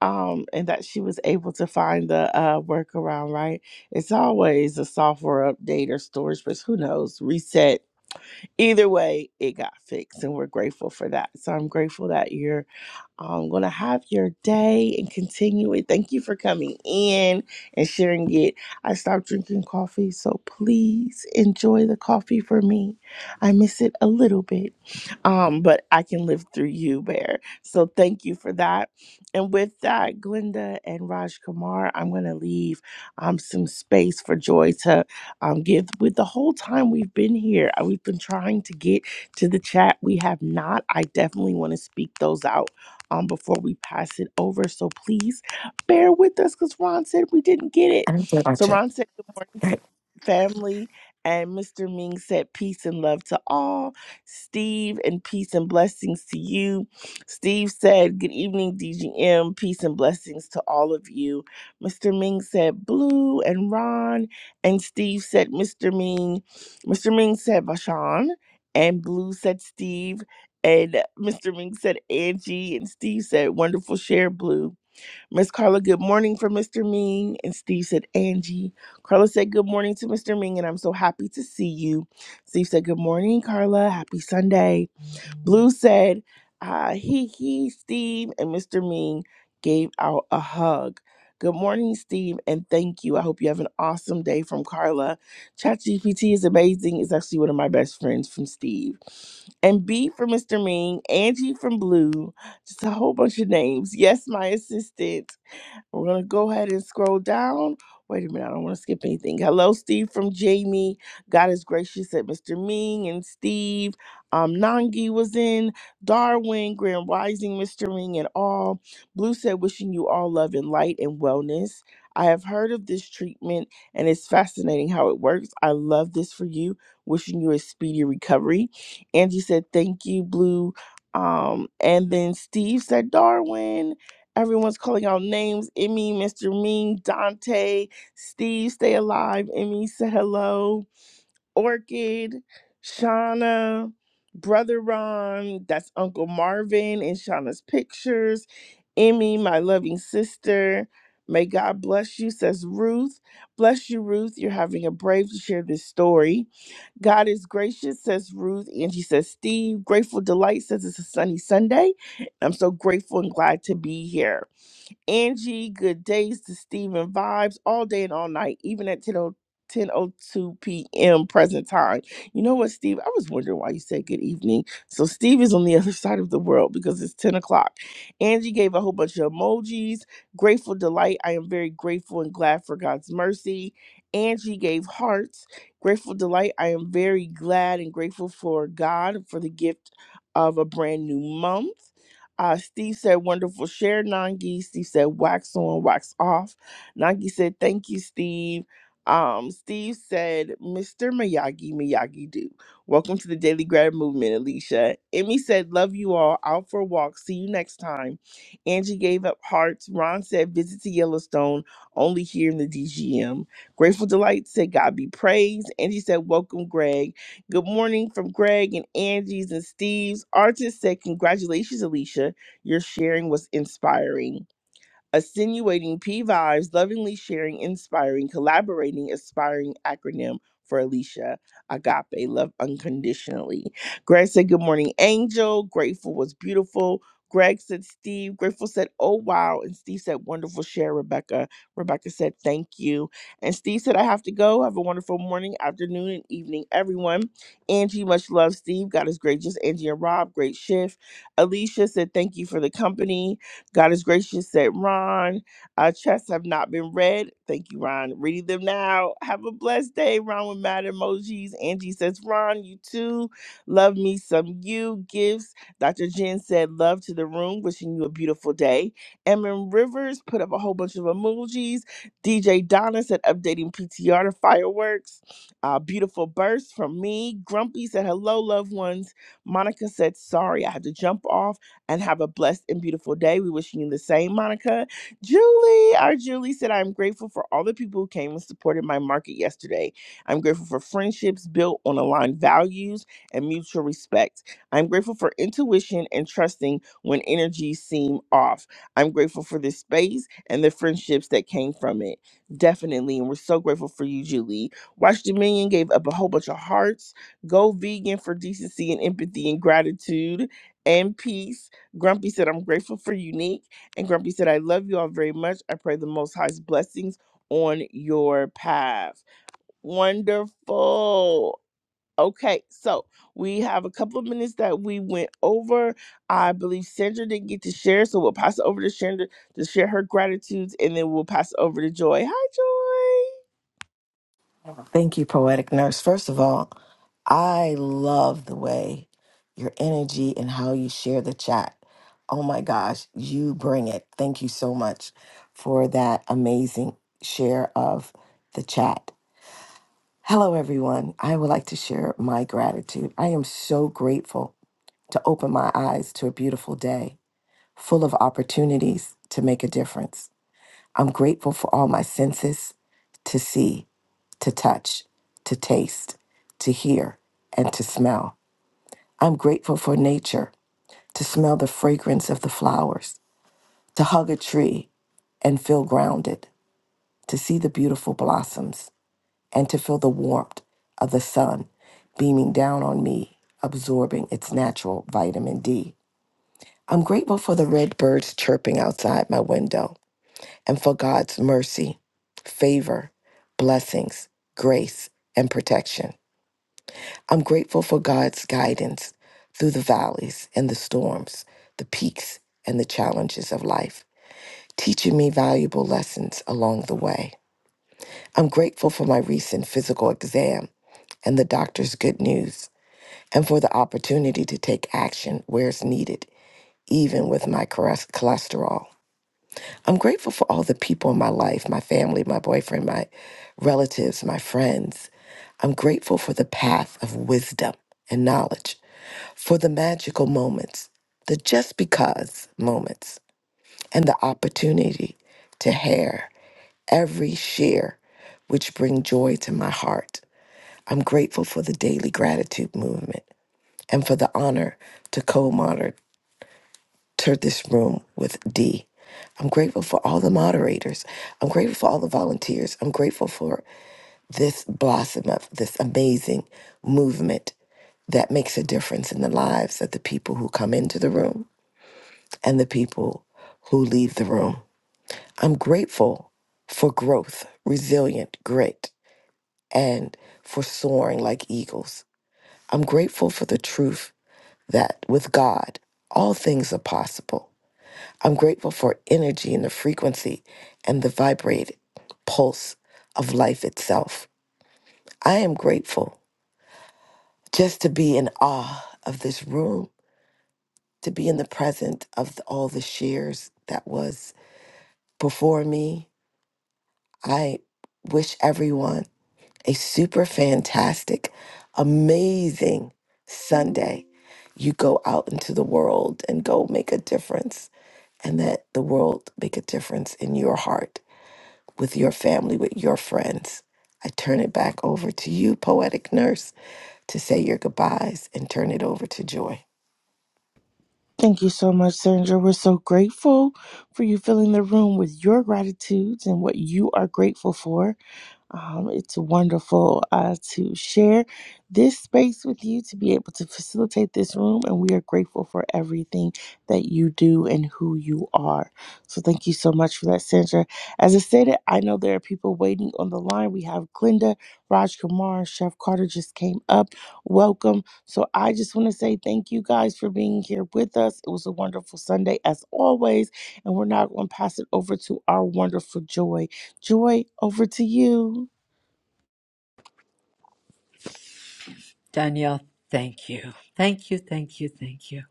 Speaker 15: um, and that she was able to find the uh, workaround, right? It's always a software update or storage, but who knows, reset. Either way, it got fixed, and we're grateful for that. So I'm grateful that you're I'm going to have your day and continue it. Thank you for coming in and sharing it. I stopped drinking coffee, so please enjoy the coffee for me. I miss it a little bit, um, but I can live through you, Bear. So thank you for that. And with that, Glenda and Raj Kumar, I'm going to leave um, some space for Joy to um, give. With the whole time we've been here, uh, we've been trying to get to the chat. We have not. I definitely want to speak those out um, before we pass it over. So please bear with us because Ron said we didn't get it.
Speaker 14: i don't care
Speaker 15: So
Speaker 14: about
Speaker 15: Ron
Speaker 14: you
Speaker 15: said, Good morning, fa- family. And Mr. Ming said, Peace and love to all. Steve, and peace and blessings to you. Steve said, Good evening, DGM. Peace and blessings to all of you. Mr. Ming said, Blue and Ron. And Steve said, Mr. Ming. Mr. Ming said, Vashan. And Blue said, Steve. And Mr. Ming said Angie, and Steve said wonderful share blue. Miss Carla, good morning for Mr. Ming, and Steve said Angie. Carla said good morning to Mr. Ming, and I'm so happy to see you. Steve said good morning, Carla. Happy Sunday. Blue said, uh, he, he, Steve, and Mr. Ming gave out a hug. Good morning, Steve, and thank you. I hope you have an awesome day from Carla. ChatGPT is amazing. It's actually one of my best friends from Steve. And B for Mr. Ming, Angie from Blue, just a whole bunch of names. Yes, my assistant. We're going to go ahead and scroll down. Wait a minute, I don't want to skip anything. Hello, Steve from Jamie. God is gracious at Mr. Ming and Steve. Um, Nangi was in. Darwin, Grand Rising, Mr. Ming, and all. Blue said, wishing you all love and light and wellness. I have heard of this treatment and it's fascinating how it works. I love this for you. Wishing you a speedy recovery. Angie said, thank you, Blue. Um, and then Steve said, Darwin. Everyone's calling out names. Emmy, Mr. Mean, Dante, Steve, stay alive. Emmy, say hello. Orchid, Shauna, Brother Ron, that's Uncle Marvin in Shauna's pictures. Emmy, my loving sister. May God bless you, says Ruth. Bless you, Ruth. You're having a brave to share this story. God is gracious, says Ruth. Angie says Steve. Grateful Delight says it's a sunny Sunday. I'm so grateful and glad to be here. Angie, good days to Steven vibes all day and all night, even at 10 o- 10:02 p.m. present time. You know what, Steve? I was wondering why you said good evening. So Steve is on the other side of the world because it's 10 o'clock. Angie gave a whole bunch of emojis. Grateful delight. I am very grateful and glad for God's mercy. Angie gave hearts. Grateful delight. I am very glad and grateful for God for the gift of a brand new month. Uh, Steve said, wonderful share, Nangi. Steve said, wax on, wax off. Nangi said, thank you, Steve. Um, Steve said, Mr. Miyagi, Miyagi do. Welcome to the Daily Grab Movement, Alicia. Emmy said, love you all. Out for a walk. See you next time. Angie gave up hearts. Ron said, visit to Yellowstone, only here in the DGM. Grateful Delight said, God be praised. Angie said, welcome, Greg. Good morning from Greg and Angie's and Steve's. Artist said, Congratulations, Alicia. Your sharing was inspiring. Attenuating P Vibes, lovingly sharing, inspiring, collaborating, aspiring acronym for Alicia Agape, love unconditionally. Greg said, Good morning, Angel. Grateful was beautiful. Greg said, Steve. Grateful said, Oh, wow. And Steve said, Wonderful share, Rebecca. Rebecca said, Thank you. And Steve said, I have to go. Have a wonderful morning, afternoon, and evening, everyone. Angie, much love, Steve. God is gracious. Angie and Rob, great shift. Alicia said, Thank you for the company. God is gracious said Ron, Our chests have not been read. Thank you, Ron. Reading them now. Have a blessed day, Ron with mad emojis. Angie says, Ron, you too. Love me some you gifts. Dr. Jen said, love to the room. Wishing you a beautiful day. Emin Rivers put up a whole bunch of emojis. DJ Donna said, updating PTR to fireworks. Uh, beautiful burst from me. Grumpy said, hello, loved ones. Monica said, sorry, I had to jump off and have a blessed and beautiful day. We wishing you the same, Monica. Julie, our Julie said, I'm grateful for all the people who came and supported my market yesterday. I'm grateful for friendships built on aligned values and mutual respect. I'm grateful for intuition and trusting when energies seem off. I'm grateful for this space and the friendships that came from it. Definitely. And we're so grateful for you, Julie. Watch Dominion gave up a whole bunch of hearts. Go vegan for decency and empathy and gratitude and peace. Grumpy said, I'm grateful for Unique. And Grumpy said, I love you all very much. I pray the Most High's blessings on your path. Wonderful. Okay, so we have a couple of minutes that we went over. I believe Sandra didn't get to share, so we'll pass it over to Sandra to share her gratitudes, and then we'll pass it over to Joy. Hi, Joy.
Speaker 14: Thank you, Poetic Nurse. First of all, I love the way your energy and how you share the chat. Oh my gosh, you bring it. Thank you so much for that amazing share of the chat. Hello, everyone. I would like to share my gratitude. I am so grateful to open my eyes to a beautiful day full of opportunities to make a difference. I'm grateful for all my senses to see to touch, to taste, to hear, and to smell. I'm grateful for nature, to smell the fragrance of the flowers, to hug a tree and feel grounded, to see the beautiful blossoms, and to feel the warmth of the sun beaming down on me, absorbing its natural vitamin D. I'm grateful for the red birds chirping outside my window and for God's mercy, favor, blessings, grace, and protection. I'm grateful for God's guidance through the valleys and the storms, the peaks and the challenges of life, teaching me valuable lessons along the way. I'm grateful for my recent physical exam and the doctor's good news, and for the opportunity to take action where it's needed, even with my cholest- cholesterol. I'm grateful for all the people in my life my family, my boyfriend, my relatives, my friends. I'm grateful for the path of wisdom and knowledge for the magical moments, the just because moments, and the opportunity to hair every share which bring joy to my heart. I'm grateful for the daily gratitude movement and for the honor to co-monitor this room with D. I'm grateful for all the moderators. I'm grateful for all the volunteers. I'm grateful for this blossom of this amazing movement that makes a difference in the lives of the people who come into the room and the people who leave the room. I'm grateful for growth, resilient grit, and for soaring like eagles. I'm grateful for the truth that with God, all things are possible. I'm grateful for energy and the frequency and the vibrate pulse of life itself. I am grateful just to be in awe of this room, to be in the present of all the shares that was before me, I wish everyone a super fantastic, amazing Sunday. You go out into the world and go make a difference, and that the world make a difference in your heart, with your family, with your friends. I turn it back over to you, poetic nurse, to say your goodbyes and turn it over to Joy.
Speaker 15: Thank you so much, Sandra. We're so grateful for you filling the room with your gratitudes and what you are grateful for. Um, it's wonderful uh, to share this space with you, to be able to facilitate this room, and we are grateful for everything that you do and who you are. So, thank you so much for that, Sandra. As I stated, I know there are people waiting on the line. We have Glinda, Raj Kumar, Chef Carter just came up. Welcome. So I just want to say thank you guys for being here with us. It was a wonderful Sunday as always, and we're now going to pass it over to our wonderful Joy. Joy, over to you.
Speaker 24: Danielle, thank you. Thank you, thank you, thank you.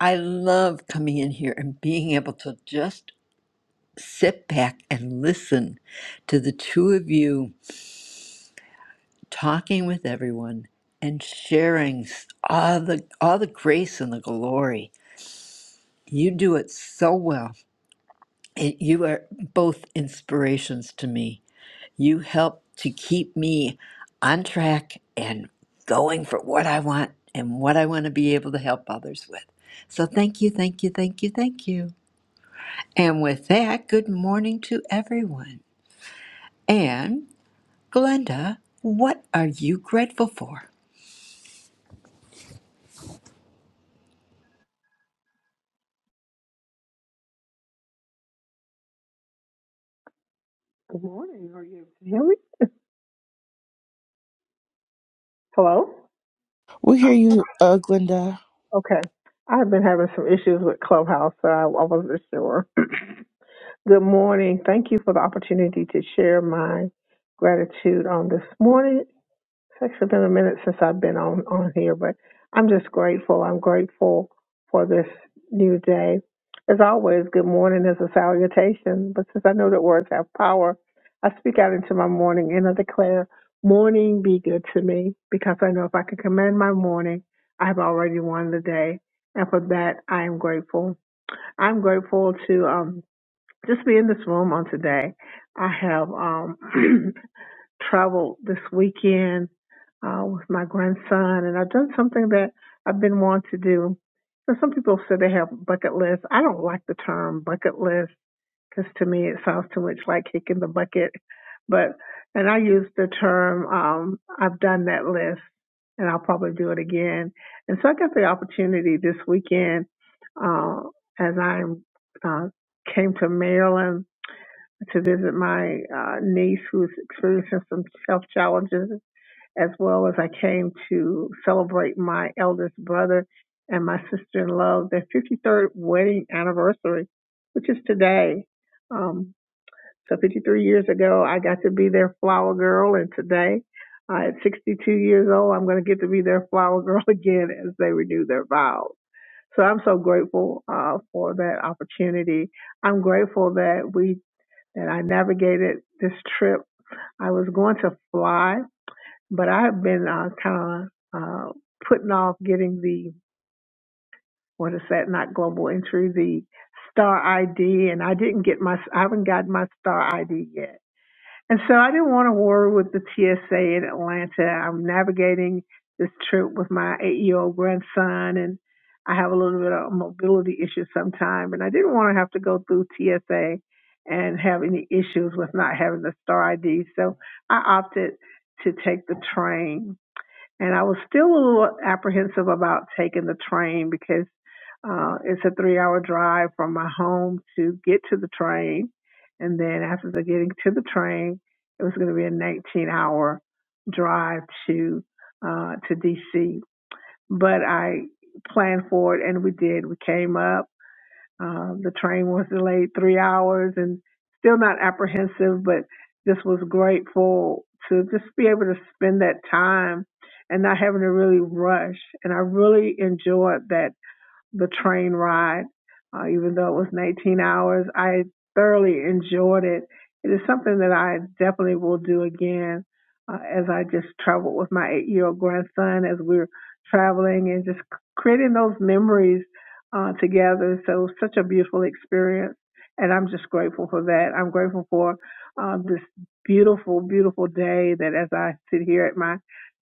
Speaker 24: I love coming in here and being able to just sit back and listen to the two of you talking with everyone and sharing all the all the grace and the glory. You do it so well. It, you are both inspirations to me You help to keep me on track and going for what I want and what I want to be able to help others with. So thank you, thank you, thank you, thank you. And with that, good morning to everyone. And Glenda, what are you grateful for?
Speaker 25: Good morning. Are you able to hear me? Hello?
Speaker 15: We'll hear you, uh, Glenda.
Speaker 25: Okay. I've been having some issues with Clubhouse, so I, I wasn't sure. Good morning. Thank you for the opportunity to share my gratitude on this morning. It's actually been a minute since I've been on, on here, but I'm just grateful. I'm grateful for this new day. As always, good morning is a salutation, but since I know that words have power, I speak out into my morning and I declare, morning be good to me, because I know if I can command my morning, I've already won the day. And for that, I am grateful. I'm grateful to um, just be in this room on today. I have um, traveled this weekend uh, with my grandson, and I've done something that I've been wanting to do. So some people say they have bucket lists. I don't like the term bucket list because to me it sounds too much like kicking the bucket. But and I use the term um, I've done that list, and I'll probably do it again. And so I got the opportunity this weekend uh, as I uh, came to Maryland to visit my uh, niece who's experiencing some health challenges, as well as I came to celebrate my eldest brother and my sister in law, their 53rd wedding anniversary, which is today. Um, so 53 years ago, I got to be their flower girl, and today, uh, at 62 years old, I'm going to get to be their flower girl again as they renew their vows. So I'm so grateful uh, for that opportunity. I'm grateful that we that I navigated this trip. I was going to fly, but I have been uh, kind of uh, putting off getting the what is that? Not global entry, the star ID, and I didn't get my. I haven't gotten my star ID yet. And so I didn't want to war with the TSA in Atlanta. I'm navigating this trip with my eight year old grandson, and I have a little bit of mobility issues sometimes. And I didn't want to have to go through TSA and have any issues with not having the star ID. So I opted to take the train and I was still a little apprehensive about taking the train because uh, it's a three hour drive from my home to get to the train. And then after the getting to the train, it was going to be a 19 hour drive to, uh, to DC. But I planned for it and we did. We came up uh, the train was delayed three hours and still not apprehensive, but just was grateful to just be able to spend that time and not having to really rush. And I really enjoyed that the train ride, uh, even though it was 19 hours. I thoroughly enjoyed it. It is something that I definitely will do again uh, as I just traveled with my eight year old grandson as we were traveling and just creating those memories uh, together. So, such a beautiful experience. And I'm just grateful for that. I'm grateful for uh, this beautiful, beautiful day that as I sit here at my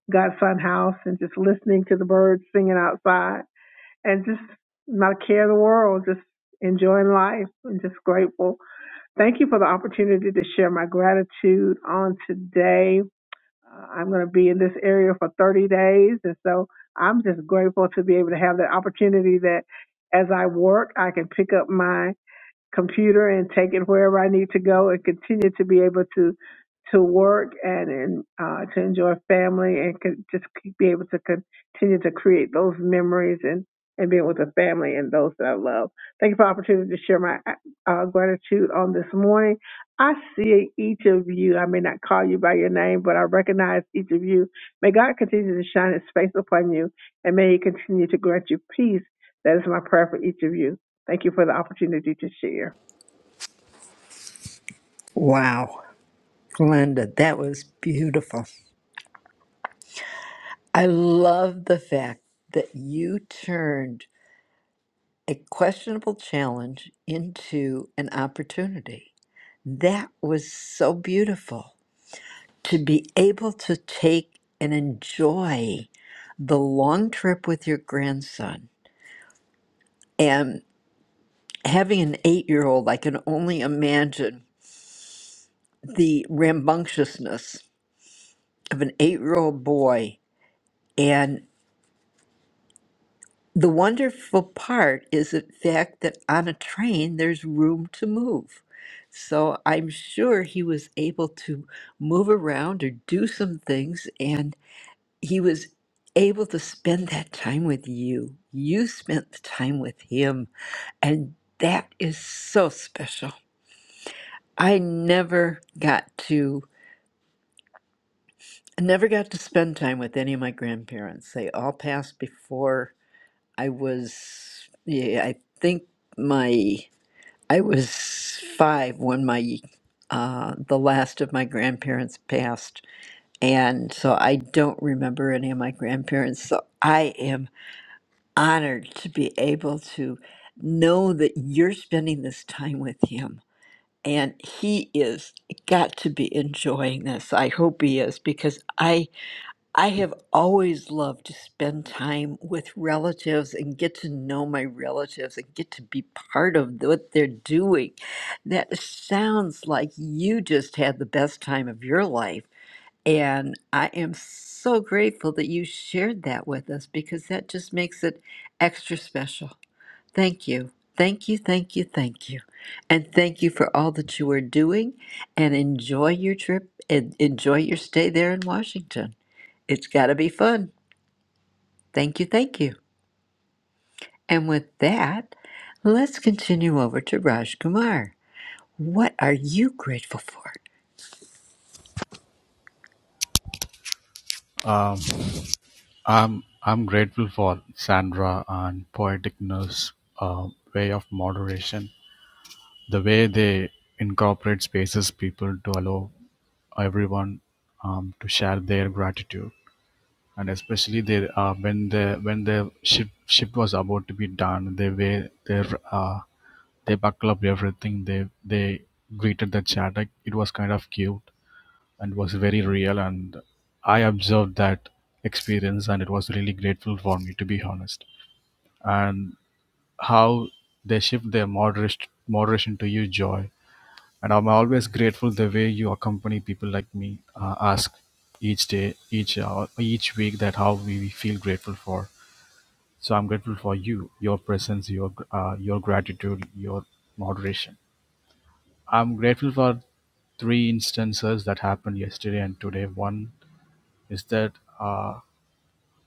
Speaker 25: godson house and just listening to the birds singing outside and just not care the world, just enjoying life and just grateful. Thank you for the opportunity to share my gratitude on today. Uh, I'm going to be in this area for 30 days, and so I'm just grateful to be able to have that opportunity that as I work, I can pick up my computer and take it wherever I need to go and continue to be able to to work and, and uh, to enjoy family and con- just keep, be able to continue to create those memories and, and being with the family and those that I love. Thank you for the opportunity to share my uh, gratitude on this morning. I see each of you. I may not call you by your name, but I recognize each of you. May God continue to shine his face upon you and may he continue to grant you peace. That is my prayer for each of you. Thank you for the opportunity to share.
Speaker 24: Wow, Glenda, that was beautiful. I love the fact that you turned a questionable challenge into an opportunity That was so beautiful to be able to take and enjoy the long trip with your grandson. And having an eight year old, I can only imagine the rambunctiousness of an eight year old boy. And the wonderful part is the fact that on a train, there's room to move. So I'm sure he was able to move around or do some things. and. he was able to spend that time with you. You spent the time with him, and that is so special. I never got to I never got to spend time with any of my grandparents. They all passed before I was yeah, I think my I was 5 when my uh, the last of my grandparents passed, and so I don't remember any of my grandparents. So I am honored to be able to know that you're spending this time with him and he is got to be enjoying this i hope he is because i i have always loved to spend time with relatives and get to know my relatives and get to be part of what they're doing that sounds like you just had the best time of your life and I am so grateful that you shared that with us because that just makes it extra special. Thank you. Thank you, thank you, thank you. And thank you for all that you are doing and enjoy your trip and enjoy your stay there in Washington. It's got to be fun. Thank you, thank you. And with that, let's continue over to Raj Kumar. What are you grateful for?
Speaker 26: I'm I'm grateful for Sandra and Poetic Nurse uh, way of moderation. The way they incorporate spaces people to allow everyone um, to share their gratitude, and especially they uh, when the when the ship ship was about to be done, they were they uh, they buckle up everything. They they greeted the chat. Like, it was kind of cute and was very real, and I observed that experience, and it was really grateful for me to be honest. and how they shift their moderation moderation to you joy. And I'm always grateful the way you accompany people like me. Uh, ask each day, each hour, each week that how we feel grateful for. So I'm grateful for you, your presence, your uh, your gratitude, your moderation. I'm grateful for three instances that happened yesterday and today. One is that. Uh,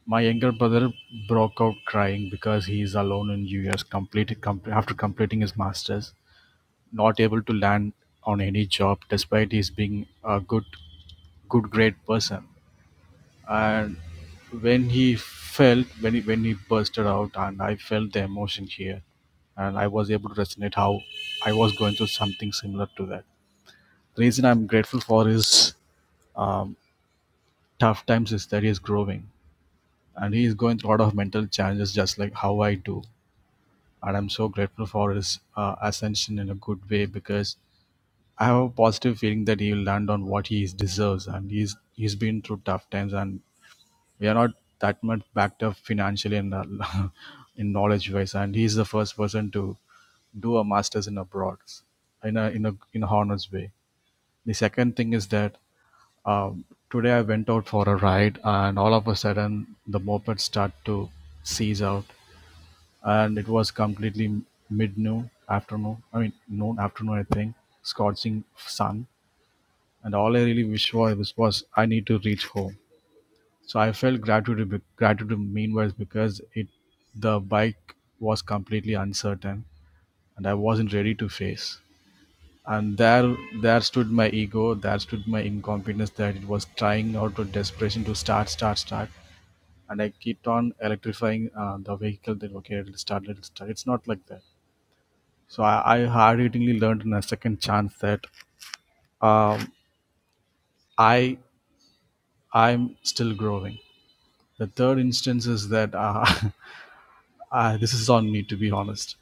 Speaker 26: My younger brother broke out crying because he is alone in US completed com- after completing his masters, not able to land on any job despite his being a good good great person. And when he felt when he, when he bursted out and I felt the emotion here and I was able to resonate how I was going through something similar to that. The reason I'm grateful for his um, tough times is that he is growing and he is going through a lot of mental challenges just like how I do. and I'm so grateful for his uh, ascension in a good way because I have a positive feeling that he will land on what he deserves, and he's he's been through tough times, and we are not that much backed up financially and uh, in knowledge wise, and he's the first person to do a master's in abroad in a in a in a honors way. The second thing is that um, today I went out for a ride, and all of a sudden the moped start to seize out, and it was completely mid noon afternoon. I mean noon afternoon, I think, scorching sun. And all I really wish for was, was I need to reach home. So I felt gratitude be- gratitude meanwhile because it the bike was completely uncertain and I wasn't ready to face. And there there stood my ego, there stood my incompetence that it was trying out of desperation to start, start, start. And I kept on electrifying uh, the vehicle that okay, it'll start, it'll start. It's not like that So I, I hard-hittingly learned in a second chance that um, I I'm still growing. The third instance is that uh, I, this is on me to be honest.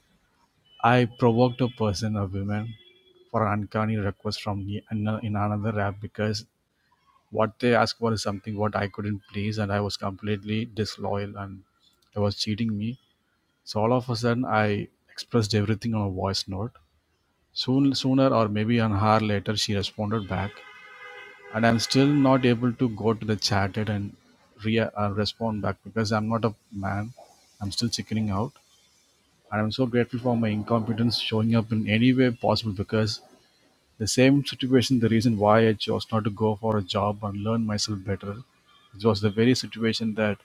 Speaker 26: I provoked a person, a woman, for an uncanny request from me in, a- in another app because what they asked for is something what I couldn't please, and I was completely disloyal and they was cheating me. So all of a sudden, I expressed everything on a voice note. Soon, sooner or maybe an hour later, she responded back and I'm still not able to go to the chat it and re- uh, respond back because I'm not a man. I'm still chickening out, and I'm so grateful for my incompetence showing up in any way possible because the same situation, the reason why I chose not to go for a job and learn myself better, it was the very situation that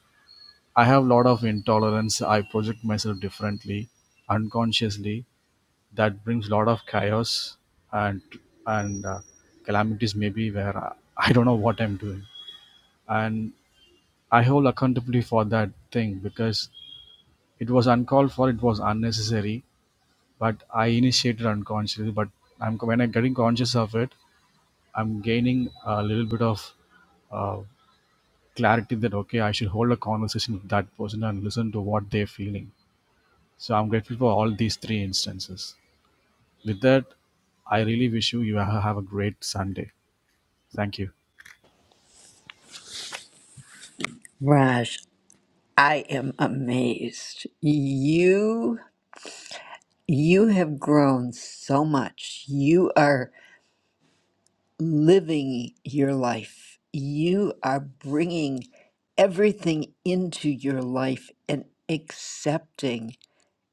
Speaker 26: I have a lot of intolerance. I project myself differently, unconsciously. That brings a lot of chaos and and uh, calamities maybe where I, I don't know what I'm doing and I hold accountability for that thing because it was uncalled for, it was unnecessary, but I initiated unconsciously. But I'm when I'm getting conscious of it, I'm gaining a little bit of uh, clarity that okay, I should hold a conversation with that person and listen to what they're feeling. So I'm grateful for all these three instances. With that, I really wish you you have a great Sunday. Thank you.
Speaker 24: Raj, I am amazed. You You have grown so much. You are living your life. You are bringing everything into your life and accepting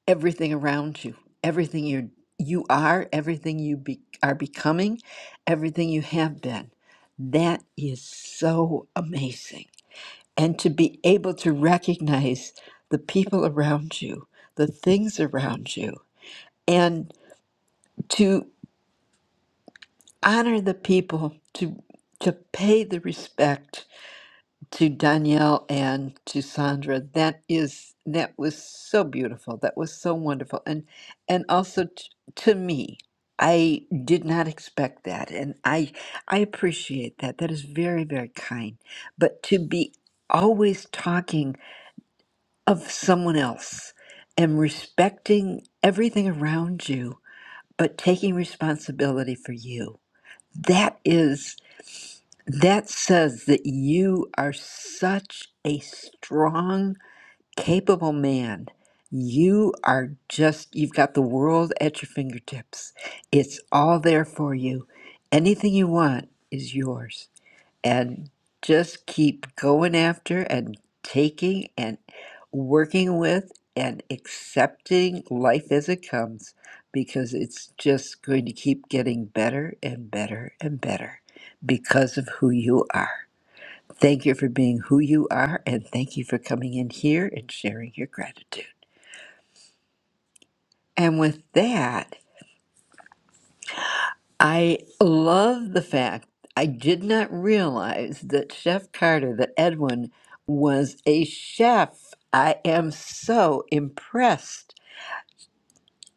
Speaker 24: everything around you, everything you you are, everything you be, are becoming, everything you have been. That is so amazing. And to be able to recognize the people around you, the things around you, and to honor the people to to pay the respect to Danielle and to Sandra. That is that was so beautiful. That was so wonderful, and and also t- to me, I did not expect that, and I I appreciate that. That is very very kind. But to be always talking of someone else and respecting everything around you, but taking responsibility for you. That is. That says that you are such a strong, capable man. You are just, you've got the world at your fingertips. It's all there for you. Anything you want is yours and just keep going after and taking and working with and accepting life as it comes because it's just going to keep getting better and better and better because of who you are. Thank you for being who you are and thank you for coming in here and sharing your gratitude. And with that, I love the fact I did not realize that Chef Carter, that Edwin was a chef. I am so impressed.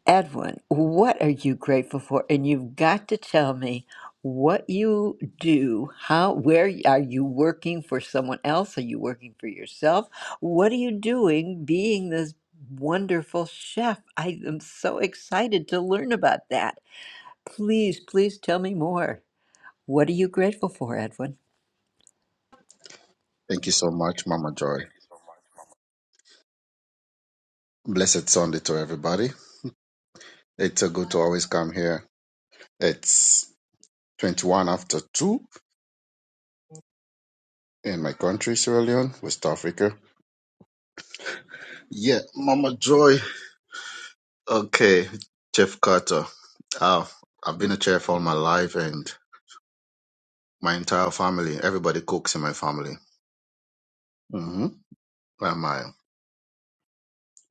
Speaker 24: Edwin, what are you grateful for? And you've got to tell me what you do. How, where y- are you working for someone else? Are you working for yourself? What are you doing being this wonderful chef? I am so excited to learn about that. Please, please tell me more. What are you grateful for, Edwin?
Speaker 27: Thank you so much, Mama Joy. Blessed Sunday to everybody. It's so good to always come here. It's 21 after 2 in my country, Sierra Leone, West Africa. Yeah, Mama Joy. Okay, Chef Carter. Oh, I've been a chef all my life and my entire family, everybody cooks in my family. hmm my,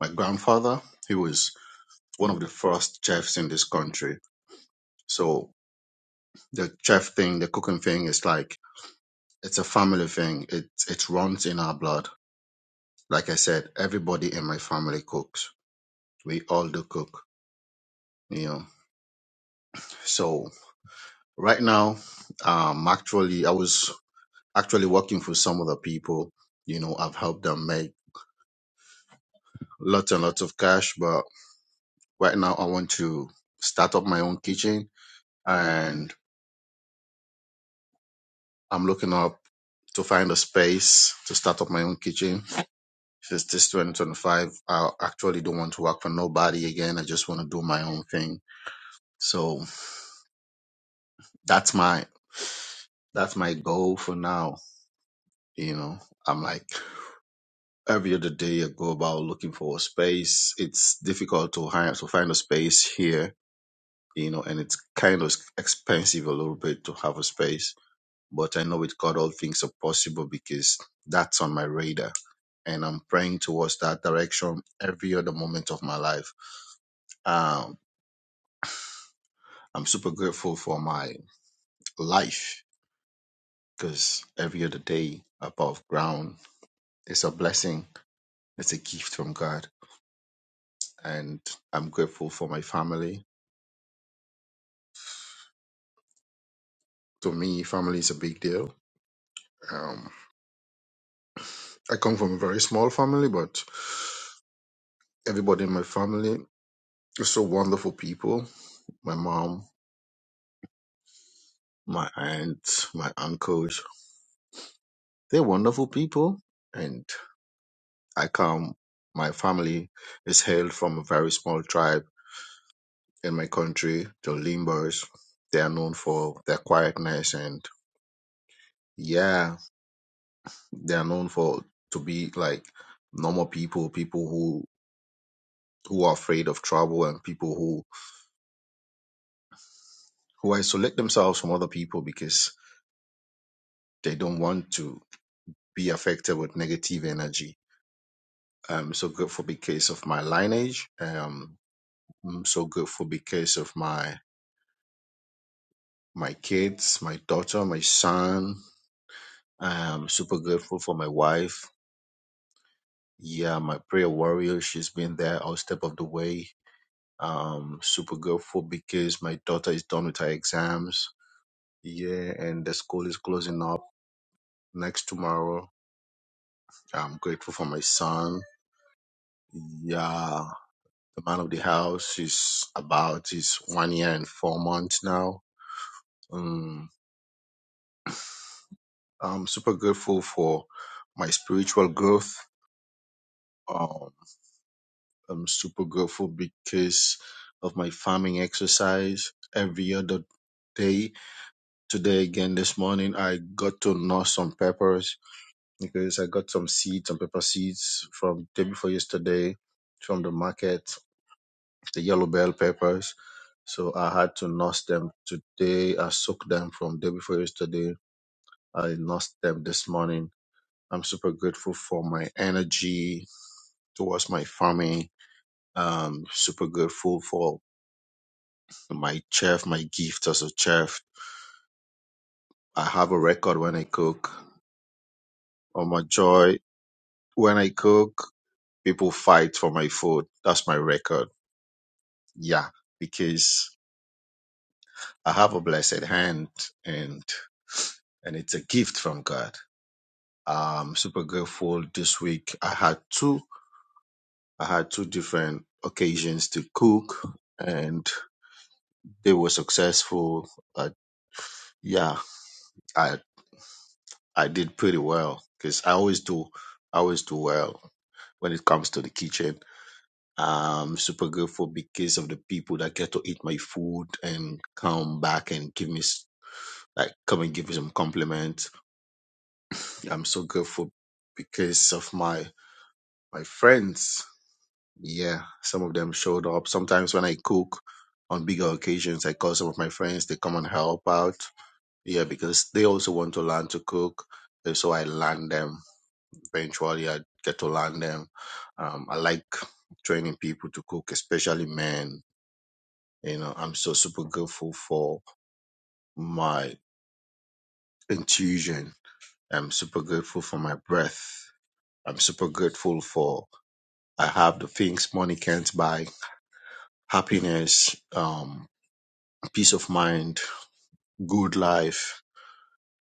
Speaker 27: my grandfather, he was one of the first chefs in this country. So the chef thing, the cooking thing is like It's a family thing. It it runs in our blood. Like I said, everybody in my family cooks. We all do cook, you know. So right now, um, actually, I was actually working for some other people. You know, I've helped them make lots and lots of cash. But right now, I want to start up my own kitchen, and I'm looking up to find a space to start up my own kitchen. Since this 2025, I actually don't want to work for nobody again. I just want to do my own thing So that's my that's my goal for now. You know, I'm like every other day I go about looking for a space. It's difficult to hire to find a space here, you know, and it's kind of expensive a little bit to have a space. But I know with God all things are possible because that's on my radar. And I'm praying towards that direction every other moment of my life. Um, I'm super grateful for my life because every other day above ground It's a blessing. It's a gift from God, and I'm grateful for my family. To me, family is a big deal. Um, I come from a very small family, but everybody in my family are so wonderful people. My mom, my aunt, my uncles, they're wonderful people. And I come, my family is hailed from a very small tribe in my country, the Limbers. They are known for their quietness and yeah, They are known for to be like normal people, people who who are afraid of trouble and people who who isolate themselves from other people because they don't want to be affected with negative energy. Um, so good for because of my lineage. Um, I'm so good for because of my my kids, my daughter, my son. I'm super grateful for my wife. Yeah, my prayer warrior. She's been there all step of the way Um, super grateful because my daughter is done with her exams. Yeah, and the school is closing up next tomorrow. I'm grateful for my son. Yeah, the man of the house is about is one year and four months now. Um, I'm super grateful for my spiritual growth. Um, I'm super grateful because of my farming exercise every other day. Today again this morning I got to know some peppers because I got some seeds, some pepper seeds from day before yesterday from the market, the yellow bell peppers. So I had to nurse them today. I soaked them from day before yesterday. I nursed them this morning. I'm super grateful for my energy towards my farming. Um, super grateful for my chef, my gift as a chef. I have a record when I cook. On my joy, when I cook, people fight for my food. That's my record Yeah, because I have a blessed hand and and it's a gift from God. I'm super grateful this week. I had two I had two different occasions to cook and they were successful. But yeah, I I did pretty well because I always do I always do well when it comes to the kitchen. I'm super grateful because of the people that get to eat my food and come back and give me s- like come and give me some compliments I'm so grateful because of my my friends. Yeah, some of them showed up. Sometimes when I cook on bigger occasions, I call some of my friends. They come and help out. Yeah, because they also want to learn to cook. And so I learn them. Eventually, I get to learn them. Um, I like training people to cook, especially men. You know, I'm so super grateful for my intuition. I'm super grateful for my breath. I'm super grateful for I have the things money can't buy: happiness, um, peace of mind, good life.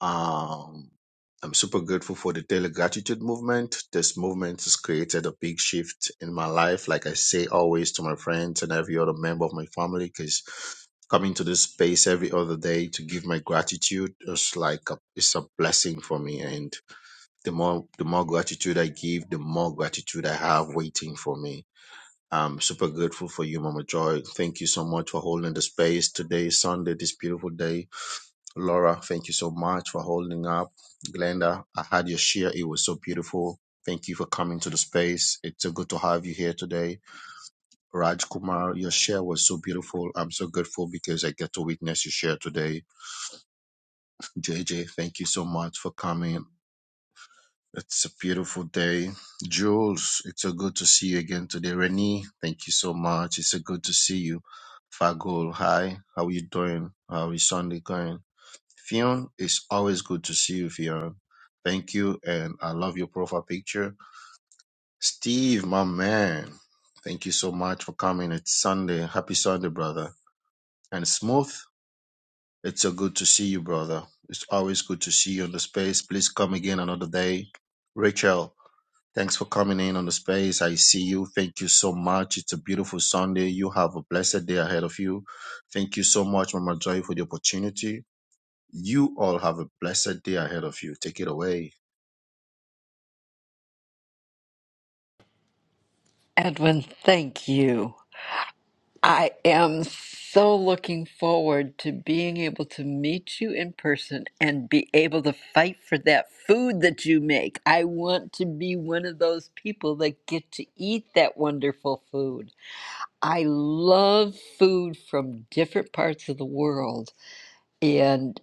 Speaker 27: Um, I'm super grateful for the daily gratitude movement. This movement has created a big shift in my life. Like I say always to my friends and every other member of my family, because coming to this space every other day to give my gratitude is like a, it's a blessing for me. And the more the more gratitude I give, the more gratitude I have waiting for me I'm super grateful for you, Mama Joy. Thank you so much for holding the space today, is Sunday, this beautiful day. Laura, thank you so much for holding up. Glenda, I had your share. It was so beautiful. Thank you for coming to the space. It's so good to have you here today. Raj Kumar, your share was so beautiful. I'm so grateful because I get to witness your share today. JJ, thank you so much for coming. It's a beautiful day. Jules, it's so good to see you again today. Renee, thank you so much. It's so good to see you. Fagul, hi. How are you doing? How is Sunday going? Fionn, it's always good to see you, Fionn. Thank you, and I love your profile picture. Steve, my man, thank you so much for coming. It's Sunday. Happy Sunday, brother. And Smooth, it's so good to see you, brother. It's always good to see you on the space. Please come again another day. Rachel, Thanks for coming in on the space. I see you. Thank you so much. It's a beautiful Sunday. You have a blessed day ahead of you. Thank you so much, Mama Joy, for the opportunity. You all have a blessed day ahead of you. Take it away.
Speaker 24: Edwin, thank you. I am so looking forward to being able to meet you in person and be able to fight for that food that you make. I want to be one of those people that get to eat that wonderful food. I love food from different parts of the world and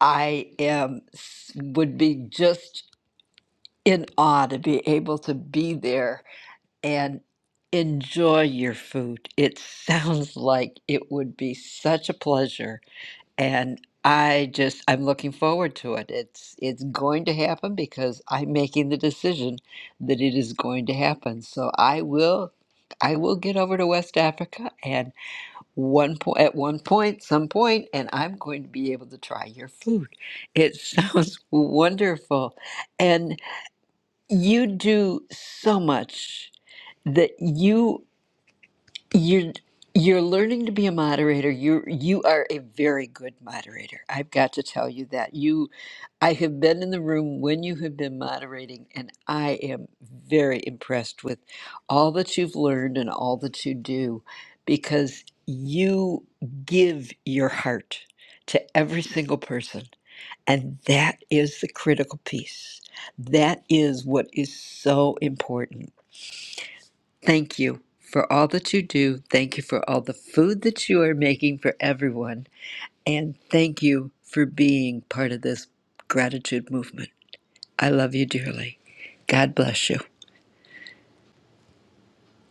Speaker 24: I am would be just in awe to be able to be there and enjoy your food. It sounds like it would be such a pleasure and I just I'm looking forward to it. It's it's going to happen because I'm making the decision that it is going to happen. So I will I will get over to West Africa and one po- at one point some point and I'm going to be able to try your food. It sounds wonderful. And you do so much that you you're you're learning to be a moderator you you are a very good moderator i've got to tell you that you i have been in the room when you have been moderating and i am very impressed with all that you've learned and all that you do because you give your heart to every single person and that is the critical piece that is what is so important Thank you for all that you do. Thank you for all the food that you are making for everyone. And thank you for being part of this gratitude movement. I love you dearly. God bless you.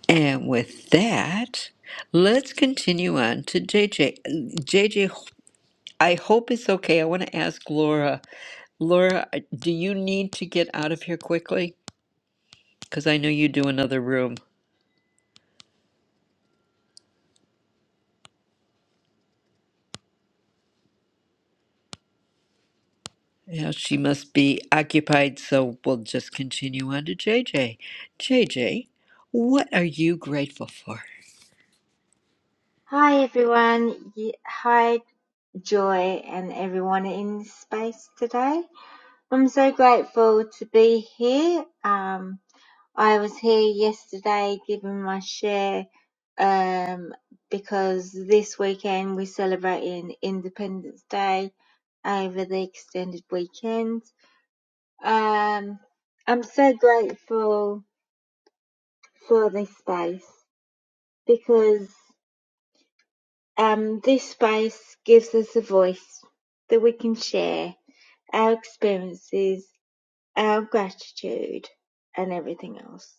Speaker 24: And with that, let's continue on to JJ. JJ, I hope it's okay. I want to ask Laura. Laura, do you need to get out of here quickly? Because I know you do another room. Yeah, she must be occupied, so we'll just continue on to JJ. JJ, what are you grateful for?
Speaker 28: Hi everyone. Ye- Hi Joy and everyone in space today. I'm so grateful to be here. Um, I was here yesterday giving my share um, because this weekend we're celebrating Independence Day over the extended weekend. Um, I'm so grateful for this space because Um, this space gives us a voice that we can share our experiences, our gratitude, and everything else.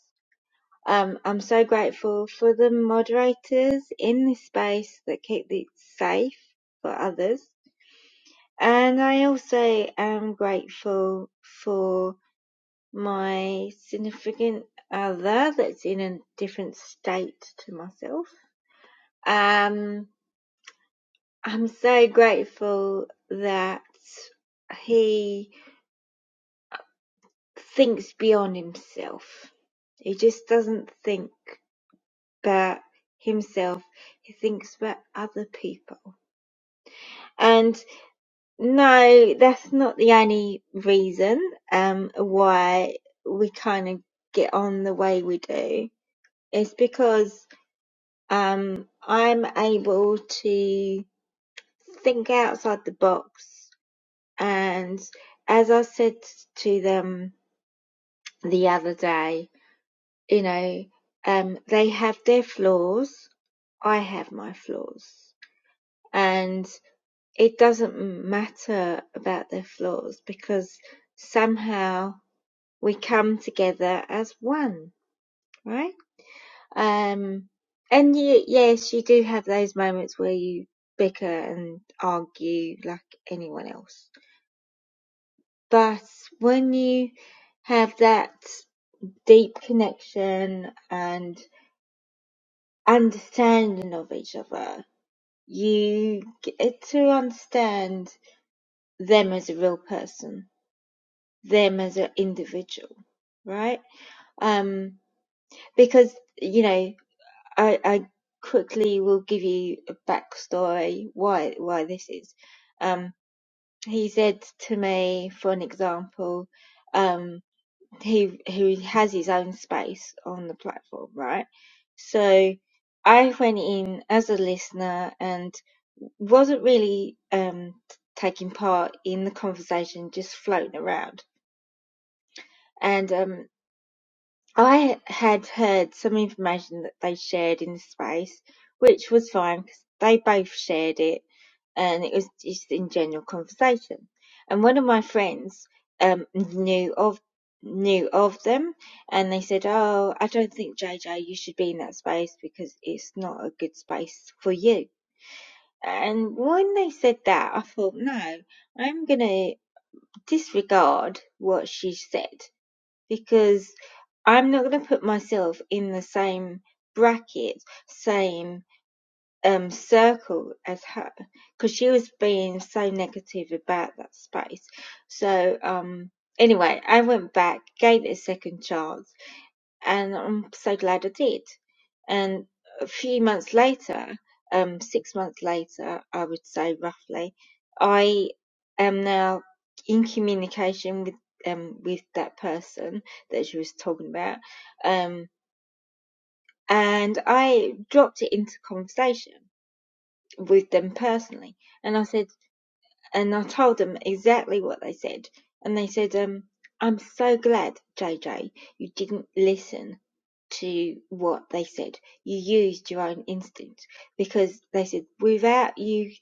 Speaker 28: Um, I'm so grateful for the moderators in this space that keep it safe for others. And I also am grateful for my significant other that's in a different state to myself. Um, I'm so grateful that he thinks beyond himself. He just doesn't think about himself, he thinks about other people. And no, that's not the only reason um, why we kind of get on the way we do. It's because um, I'm able to think outside the box And as I said to them the other day, you know, um, they have their flaws. I have my flaws. And it doesn't matter about their flaws because somehow we come together as one, right? Um, and you, yes, you do have those moments where you bicker and argue like anyone else. But when you have that deep connection and understanding of each other. You get to understand them as a real person, them as an individual, right? Um, because you know, I, I quickly will give you a backstory why why this is. Um, he said to me, for an example, um. he who has his own space on the platform, right? So I went in as a listener and wasn't really um, taking part in the conversation, just floating around. And um, I had heard some information that they shared in the space, which was fine because they both shared it and it was just in general conversation. And one of my friends um, knew of knew of them and they said, Oh, I don't think JJ you should be in that space because it's not a good space for you. And when they said that, I thought, no, I'm going to disregard what she said because I'm not going to put myself in the same bracket, same um, circle as her, because she was being so negative about that space. So, um, anyway, I went back, gave it a second chance, and I'm so glad I did. And a few months later, um, six months later, I would say roughly, I am now in communication with um with that person that she was talking about, um, and I dropped it into conversation with them personally, and I said, and I told them exactly what they said, and they said, um. I'm so glad, JJ, you didn't listen to what they said. You used your own instinct because they said, without you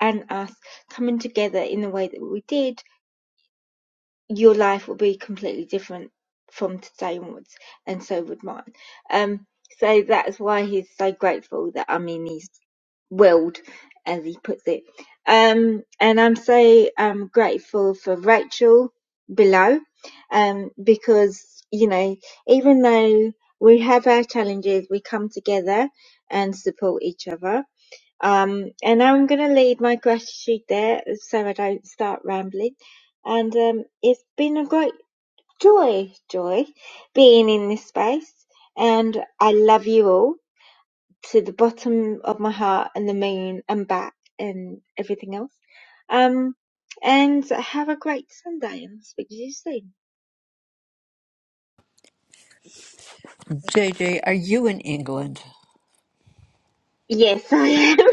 Speaker 28: and us coming together in the way that we did, your life would be completely different from today onwards, and so would mine. Um, so that's why he's so grateful that I'm in his willed, as he puts it. Um, and I'm so um, grateful for Rachel below, um, because you know, even though we have our challenges, we come together and support each other. Um, and I'm going to leave my gratitude there so I don't start rambling. And um, it's been a great joy, joy being in this space. And I love you all to the bottom of my heart and the main and back and everything else. Um, and have a great Sunday and I'll speak to you soon.
Speaker 24: JJ, are you in England?
Speaker 28: Yes, I am.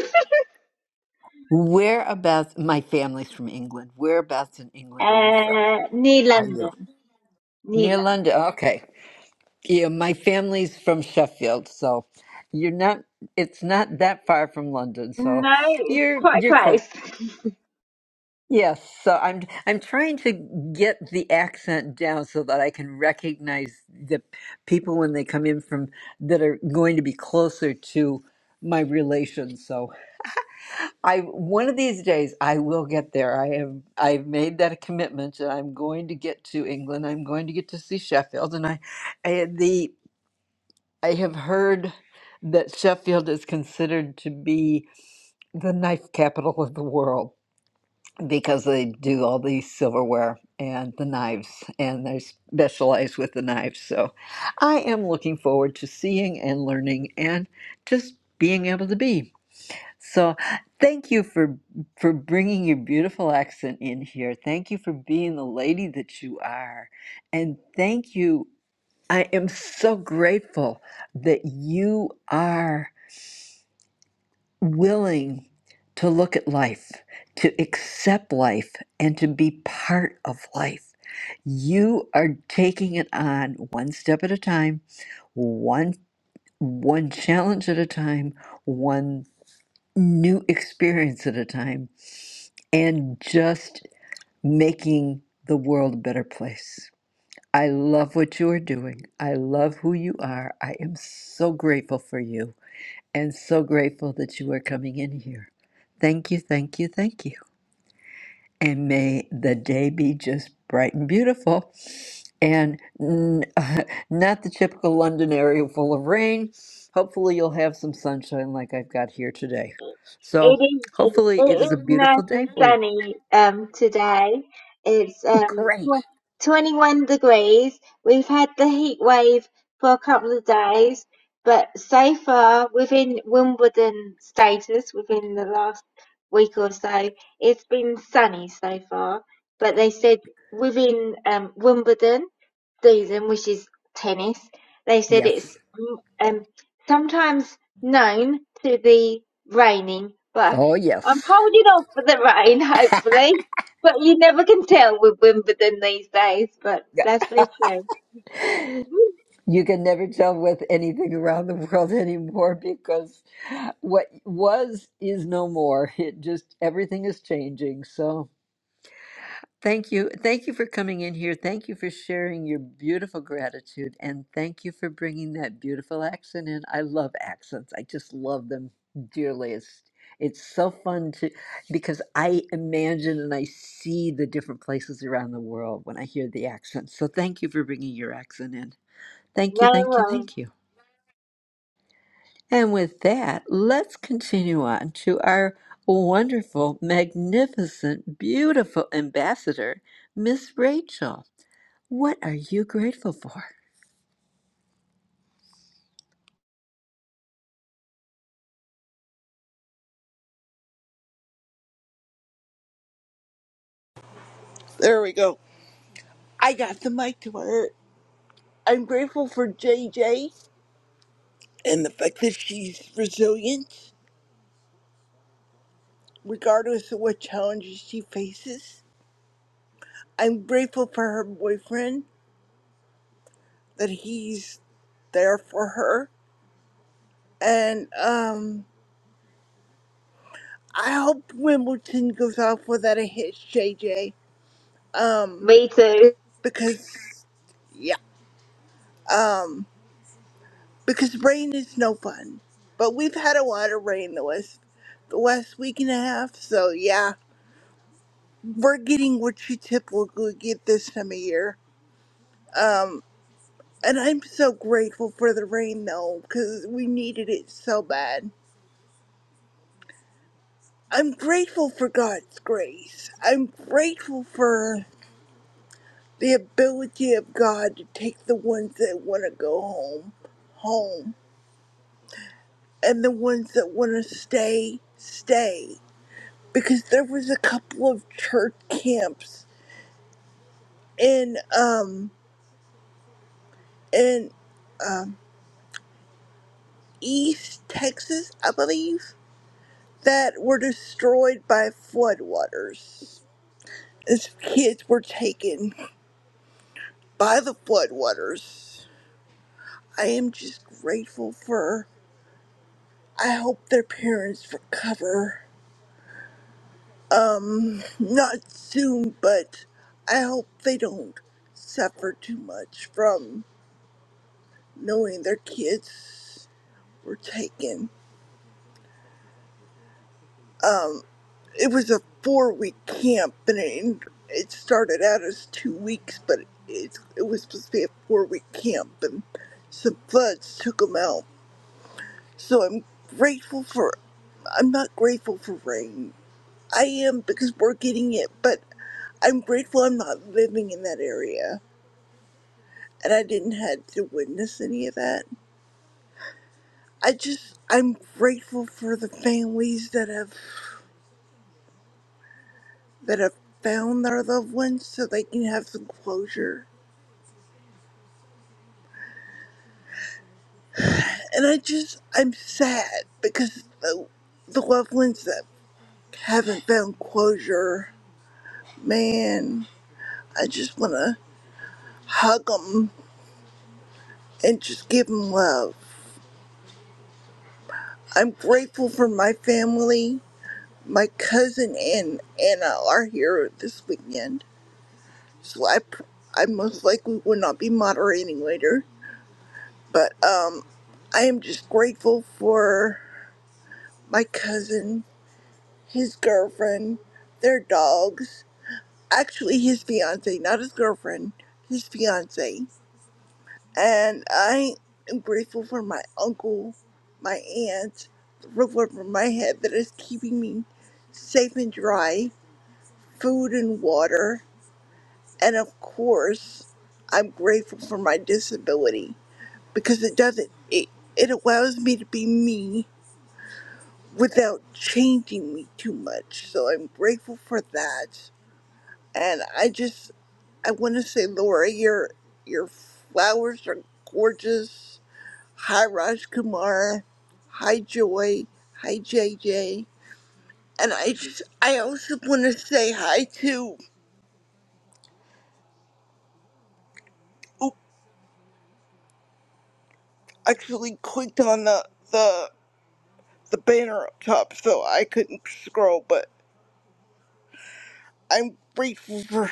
Speaker 24: Whereabouts? My family's from England. Whereabouts in England are you from?
Speaker 28: Uh, near
Speaker 24: Are you?
Speaker 28: London. Near
Speaker 24: Near London. Okay. Yeah, my family's from Sheffield, so you're not it's not that far from London,
Speaker 28: London.
Speaker 24: so
Speaker 28: No, it's
Speaker 24: you're
Speaker 28: quite
Speaker 24: you're close.
Speaker 28: close.
Speaker 24: Yes, so I'm I'm trying to get the accent down so that I can recognize the people when they come in from that are going to be closer to my relations. So I one of these days I will get there. I have I've made that a commitment and I'm going to get to England. I'm going to get to see Sheffield and I, I the I have heard that Sheffield is considered to be the knife capital of the world because they do all the silverware and the knives and they specialize with the knives so i am looking forward to seeing and learning and just being able to be so thank you for for bringing your beautiful accent in here thank you for being the lady that you are and thank you i am so grateful that you are willing to look at life, to accept life, and to be part of life. You are taking it on one step at a time, one one challenge at a time, one new experience at a time, and just making the world a better place. I love what you are doing. I love who you are. I am so grateful for you and so grateful that you are coming in here. Thank you, thank you, thank you. And may the day be just bright and beautiful. And n- not the typical London area full of rain. Hopefully, you'll have some sunshine like I've got here today.
Speaker 28: It
Speaker 24: So,
Speaker 28: is
Speaker 24: hopefully, it
Speaker 28: it
Speaker 24: is a
Speaker 28: is
Speaker 24: beautiful
Speaker 28: nice
Speaker 24: day
Speaker 28: and
Speaker 24: for you.
Speaker 28: sunny um today. It's um tw
Speaker 24: Great.
Speaker 28: 21 degrees. We've had the heat wave for a couple of days, but so far within Wimbledon status within the last week or so, it's been sunny so far. But they said within um Wimbledon season, which is tennis, they said it's
Speaker 24: Yes.
Speaker 28: um, sometimes known to be raining, but
Speaker 24: Oh,
Speaker 28: I'm
Speaker 24: yes.
Speaker 28: holding off for the rain, hopefully. But you never can tell with Wimbledon these days, but that's pretty true.
Speaker 24: You can never tell with anything around the world anymore because what was is no more. It just everything is changing. So thank you. Thank you for coming in here. Thank you for sharing your beautiful gratitude and thank you for bringing that beautiful accent in. I love accents. I just love them dearly. It's it's so fun to because I imagine and I see the different places around the world when I hear the accents. So thank you for bringing your accent in. Thank you,
Speaker 28: No
Speaker 24: thank you,
Speaker 28: worries.
Speaker 24: thank you. And with that, let's continue on to our wonderful, magnificent, beautiful ambassador, Miss Rachel. What are you grateful for?
Speaker 29: There we go. I got the mic to her. I'm grateful for J J. and the fact that she's resilient, regardless of what challenges she faces. I'm grateful for her boyfriend, that he's there for her. And um, I hope Wimbledon goes off without a hitch, J J. Um,
Speaker 28: Me too.
Speaker 29: because, yeah, um, because rain is no fun. But we've had a lot of rain the last, the last week and a half, so yeah. we're getting what you typically get this time of year. Um, and I'm so grateful for the rain though, because we needed it so bad. I'm grateful for God's grace. I'm grateful for the ability of God to take the ones that want to go home, home, and the ones that want to stay, stay. Because there was a couple of church camps in um in um East Texas, I believe that were destroyed by floodwaters. As kids were taken by the floodwaters. I am just grateful for. I hope their parents recover. Mm, Not soon, but I hope they don't suffer too much from knowing their kids were taken. it was a four week camp and it, it started out as two weeks but it, it was supposed to be a four week camp and some floods took them out so i'm grateful for i'm not grateful for rain i am because we're getting it but i'm grateful i'm not living in that area and i didn't have to witness any of that i just i'm grateful for the families that have that have found their loved ones so they can have some closure And I just, I'm sad because the, the loved ones that haven't found closure, man, I just want to hug them and just give them love. I'm grateful for my family. My cousin and Anna are here this weekend, so I, pr- I most likely will not be moderating later. But um, I am just grateful for my cousin, his girlfriend, their dogs, actually his fiance, not his girlfriend, his fiance. And I am grateful for my uncle, my aunt, the roof over my head that is keeping me safe and dry, food and water. And of course, I'm grateful for my disability because it doesn't, it, it allows me to be me without changing me too much. So I'm grateful for that. And I just I want to say, Laura, your your flowers are gorgeous. Hi, Raj Kumar. Hi, Joy. Hi, JJ. And I just, I also want to say hi to. Oop, actually clicked on the the the banner up top, so I couldn't scroll. But I'm grateful for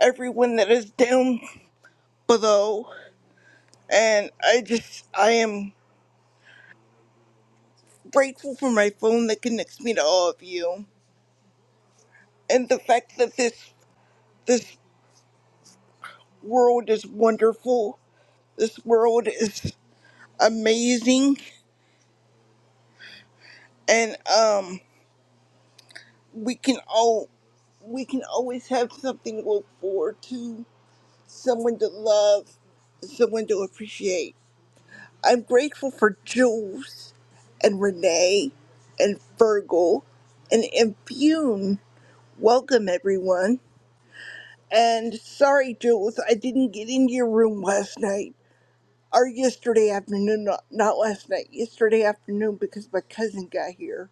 Speaker 29: everyone that is down below, and I just, I am grateful for my phone that connects me to all of you, and the fact that this this world is wonderful. This world is amazing, and um, we can all we can always have something to look forward to, someone to love, someone to appreciate. I'm grateful for Jules and Renee and Virgil and Impune. Welcome everyone. And sorry, Jules, I didn't get into your room last night. or yesterday afternoon, not, not last night, yesterday afternoon because my cousin got here.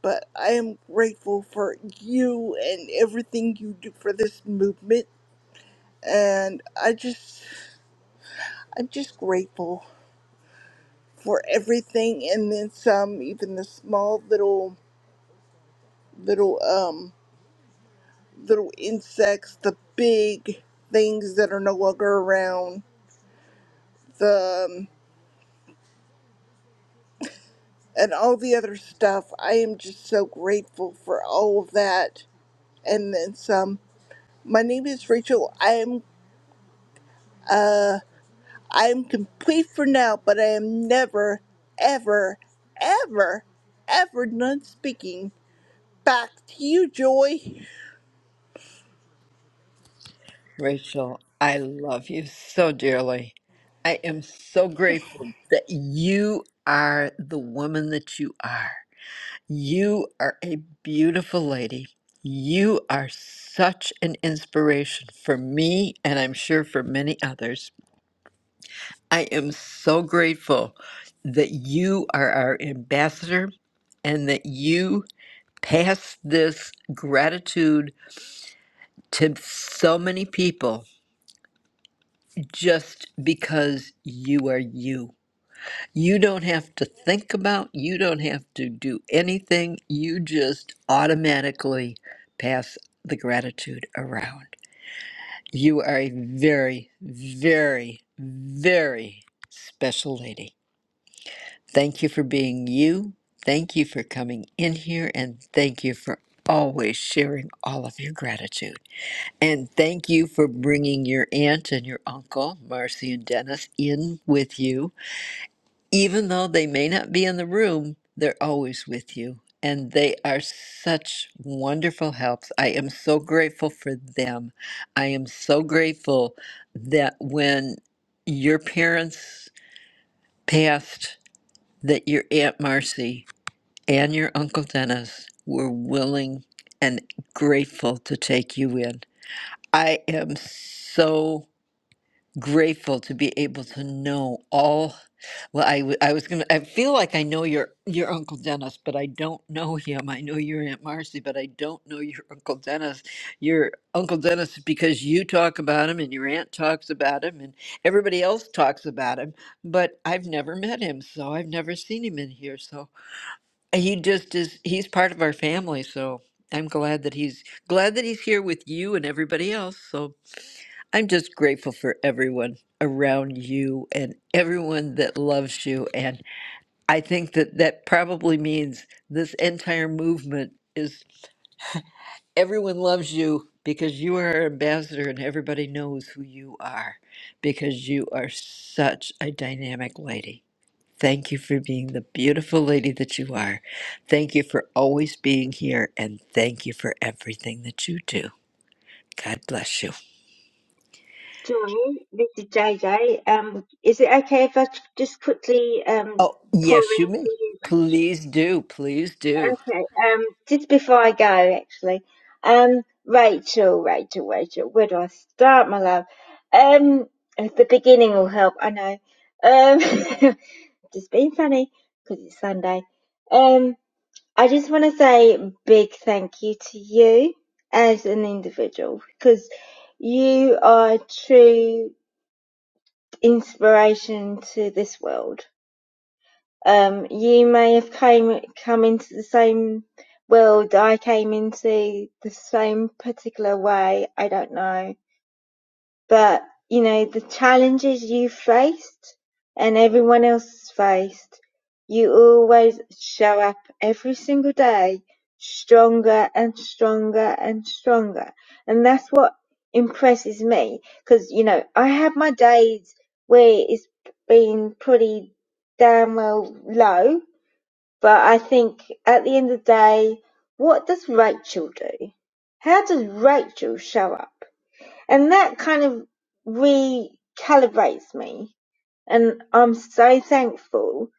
Speaker 29: But I am grateful for you and everything you do for this movement. And I just, I'm just grateful for everything and then some, even the small little, little, um, little insects, the big things that are no longer around, the, um, and all the other stuff. I am just so grateful for all of that and then some. My name is Rachel. I am I am complete for now, but I am never, ever, ever, ever done speaking. Back to you, Joy.
Speaker 24: Rachel, I love you so dearly. I am so grateful that you are the woman that you are. You are a beautiful lady. You are such an inspiration for me, and I'm sure for many others. I am so grateful that you are our ambassador and that you pass this gratitude to so many people just because you are you. You don't have to think about, you don't have to do anything. You just automatically pass the gratitude around. You are a very, very, very special lady. Thank you for being you. Thank you for coming in here. And thank you for always sharing all of your gratitude. And thank you for bringing your aunt and your uncle, Marcy and Dennis, in with you. Even though they may not be in the room, they're always with you. And they are such wonderful helps. I am so grateful for them. I am so grateful that when your parents passed, that your Aunt Marcy and your Uncle Dennis were willing and grateful to take you in. I am so grateful to be able to know all. Well, I, w- I was gonna. I feel like I know your your Uncle Dennis, but I don't know him. I know your Aunt Marcy, but I don't know your Uncle Dennis. Your Uncle Dennis, because you talk about him, and your aunt talks about him, and everybody else talks about him, but I've never met him, so I've never seen him in here. So he just is, he's part of our family, so I'm glad that he's glad that he's here with you and everybody else. So I'm just grateful for everyone around you and everyone that loves you. And I think that that probably means this entire movement is everyone loves you because you are our ambassador and everybody knows who you are because you are such a dynamic lady. Thank you for being the beautiful lady that you are. Thank you for always being here. And thank you for everything that you do. God bless you.
Speaker 28: Joy, this is JJ. Um, is it okay if I just quickly um
Speaker 24: Oh,
Speaker 28: pour
Speaker 24: yes, you
Speaker 28: in for
Speaker 24: may.
Speaker 28: you, Rachel?
Speaker 24: Please do. Please do.
Speaker 28: Okay, um, just before I go, actually, um, Rachel, Rachel, Rachel, where do I start, my love? Um, at the beginning will help, I know. Um, just being funny because it's Sunday. Um, I just want to say a big thank you to you as an individual because you are a true inspiration to this world um, you may have came come into the same world I came into the same particular way. I don't know, but you know the challenges you faced and everyone else faced. You always show up every single day stronger and stronger and stronger, and that's what impresses me. Because you know I have my days where it's been pretty damn well low but I think at the end of the day, what does Rachel do? How does Rachel show up? And that kind of recalibrates me. And I'm so thankful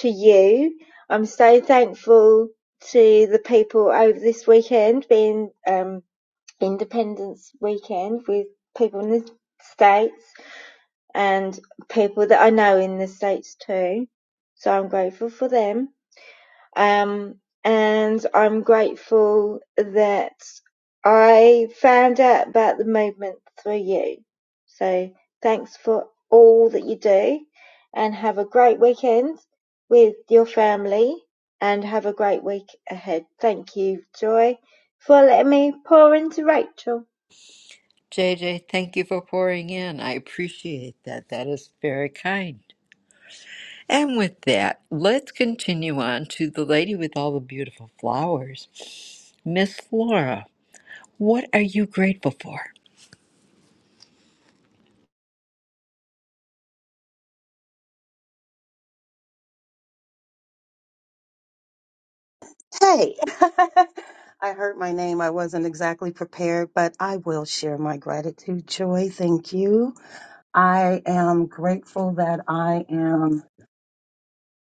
Speaker 28: to you. I'm so thankful to the people over this weekend being um, Independence Weekend with people in the States and people that I know in the States too. So I'm grateful for them um, and I'm grateful that I found out about the movement through you. So thanks for all that you do and have a great weekend with your family and have a great week ahead. Thank you, Joy, for letting me pour into Rachel.
Speaker 24: J J. thank you for pouring in. I appreciate that. That is very kind. And with that, let's continue on to the lady with all the beautiful flowers. Miss Flora, what are you grateful for?
Speaker 19: Hey, I heard my name. I wasn't exactly prepared, but I will share my gratitude, Joy. Thank you. I am grateful that I am.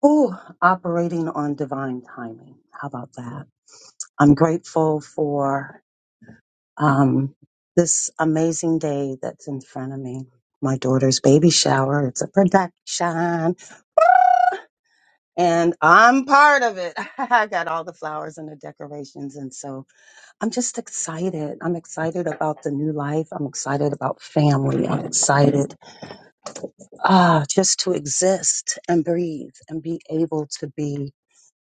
Speaker 19: Oh, operating on divine timing. How about that? I'm grateful for um, this amazing day that's in front of me. My daughter's baby shower. It's a production, and I'm part of it. I got all the flowers and the decorations, and so I'm just excited. I'm excited about the new life. I'm excited about family. I'm excited ah just to exist and breathe and be able to be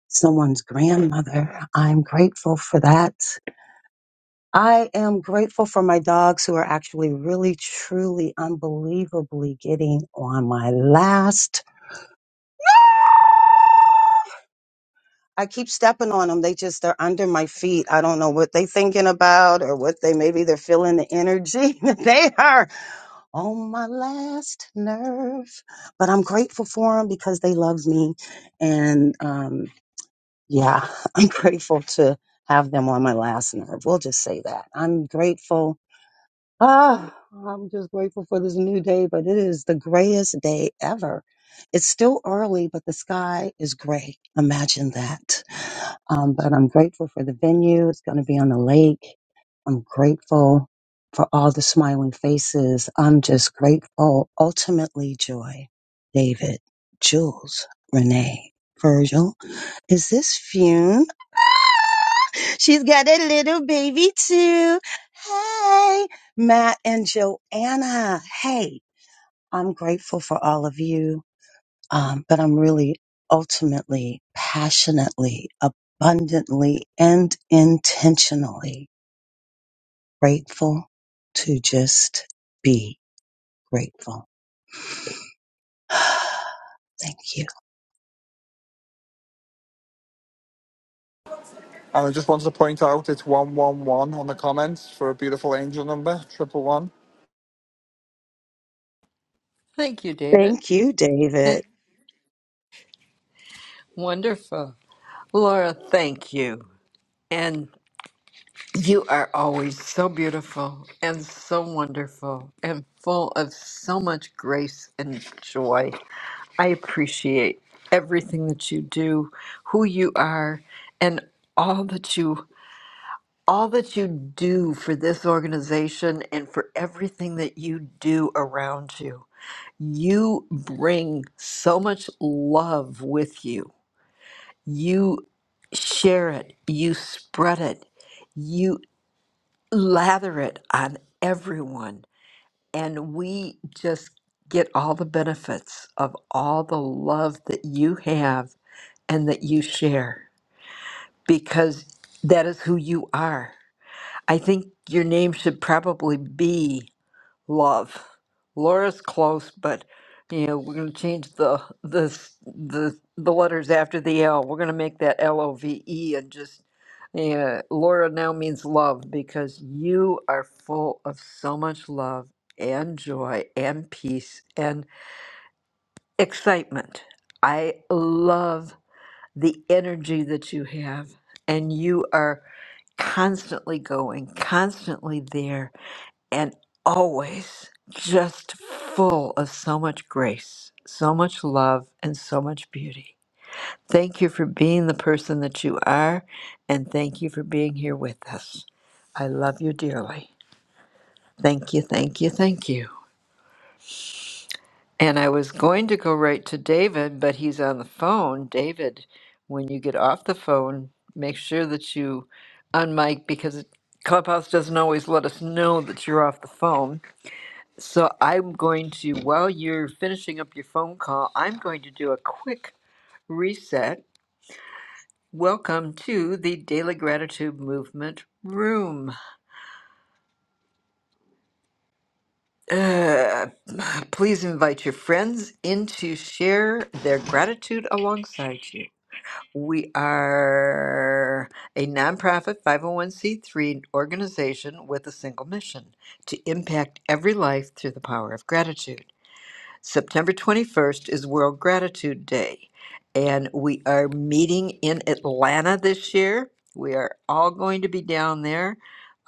Speaker 19: someone's grandmother. I'm grateful for that. I am grateful for my dogs who are actually really, truly, unbelievably getting on my last. I keep stepping on them. They just, they're under my feet. I don't know what they thinking about or what they, maybe they're feeling the energy. that they are on my last nerve, but I'm grateful for them because they love me. And, um, Yeah, I'm grateful to have them on my last nerve. We'll just say that. I'm grateful. Ah, I'm just grateful for this new day, but it is the grayest day ever. It's still early, but the sky is gray. Imagine that. Um, but I'm grateful for the venue. It's going to be on the lake. I'm grateful for all the smiling faces. I'm just grateful. Ultimately, Joy, David, Jules, Renee, Virgil. Is this Fune? She's got a little baby too. Hey, Matt and Joanna. Hey, I'm grateful for all of you, um, but I'm really ultimately, passionately, abundantly, and intentionally grateful to just be grateful. Thank you.
Speaker 24: Thank you, David.
Speaker 19: Thank you, David.
Speaker 24: Wonderful. Laura, thank you. And you are always so beautiful and so wonderful and full of so much grace and joy. I appreciate everything that you do, who you are, and all that you all that you do for this organization and for everything that you do around you. You bring so much love with you You share it, you spread it, you lather it on everyone. And we just get all the benefits of all the love that you have and that you share because that is who you are. I think your name should probably be love. Laura's close, but you know we're going to change the the s- the the letters after the L. We're going to make that L O V E and just yeah. Laura now means love because you are full of so much love and joy and peace and excitement. I love the energy that you have, and you are constantly going, constantly there and always just full of so much grace, so much love, and so much beauty. Thank you for being the person that you are, and thank you for being here with us. I love you dearly. Thank you, thank you, thank you. And I was going to go right to David, but he's on the phone. David, when you get off the phone, make sure that you unmic because Clubhouse doesn't always let us know that you're off the phone. So I'm going to, while you're finishing up your phone call, I'm going to do a quick reset. Welcome to the Daily Gratitude Movement Room. Uh, please invite your friends in to share their gratitude alongside you. We are a nonprofit 501c3 organization with a single mission to impact every life through the power of gratitude. September 21st is World Gratitude Day, and we are meeting in Atlanta this year. We are all going to be down there.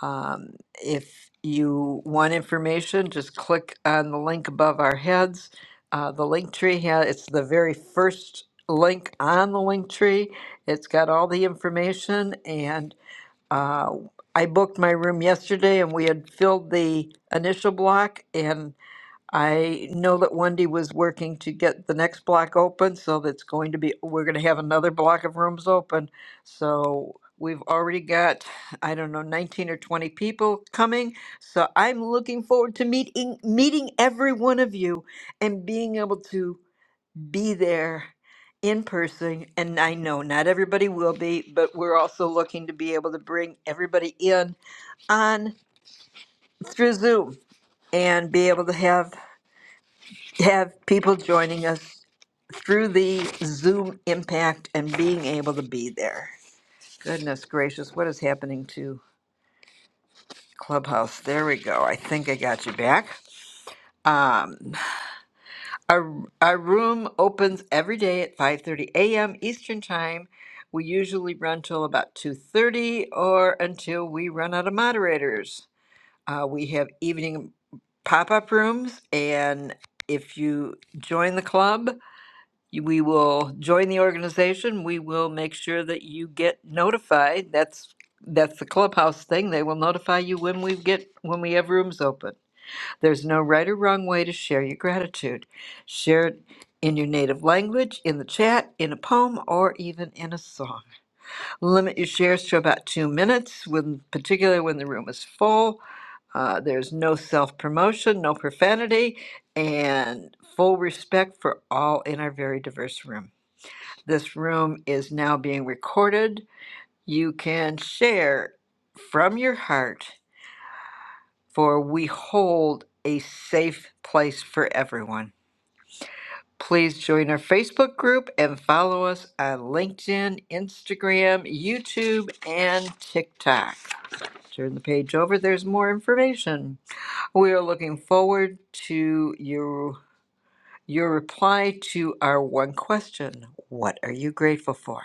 Speaker 24: Um, if you want information, just click on the link above our heads. Uh, the link tree has it's the very first link on the link tree. It's got all the information, and uh, I booked my room yesterday, and we had filled the initial block and I know that Wendy was working to get the next block open, so that's going to be, we're gonna have another block of rooms open. So we've already got, I don't know, nineteen or twenty people coming. So I'm looking forward to meeting, meeting every one of you and being able to be there in person. And I know not everybody will be, but we're also looking to be able to bring everybody in on, through Zoom and be able to have have people joining us through the Zoom impact and being able to be there. Goodness gracious, what is happening to Clubhouse? There we go. I think I got you back. Um, our, our room opens every day at 5:30 a.m. Eastern Time. We usually run till about 2:30 or until we run out of moderators. Uh, we have evening pop-up rooms, and if you join the club, you- we will join the organization. We will make sure that you get notified. That's that's the clubhouse thing. They will notify you when we get when we have rooms open. There's no right or wrong way to share your gratitude. Share it in your native language, in the chat, in a poem, or even in a song. Limit your shares to about two minutes, when particularly when the room is full. Uh, there's no self promotion, no profanity, and full respect for all in our very diverse room. This room is now being recorded. You can share from your heart, for we hold a safe place for everyone. Please join our Facebook group and follow us on LinkedIn, Instagram, YouTube, and TikTok. Turn the page over, there's more information. We are looking forward to you your reply to our one question what are you grateful for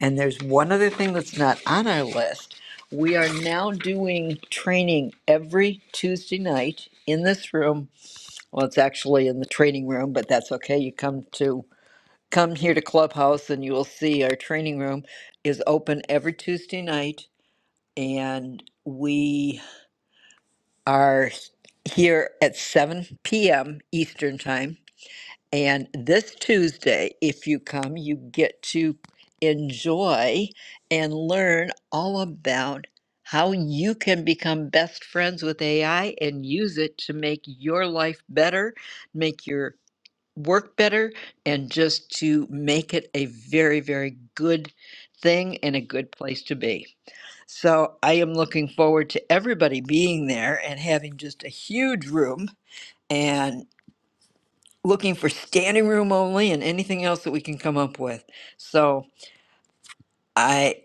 Speaker 24: and there's one other thing that's not on our list we are now doing training every tuesday night in this room well it's actually in the training room but that's okay you come to come here to clubhouse and you will see our training room is open every tuesday night and we are here at 7 p.m eastern time and this Tuesday, if you come, you get to enjoy and learn all about how you can become best friends with AI and use it to make your life better, make your work better, and just to make it a very, very good thing and a good place to be. So I am looking forward to everybody being there and having just a huge room. and looking for standing room only and anything else that we can come up with. So I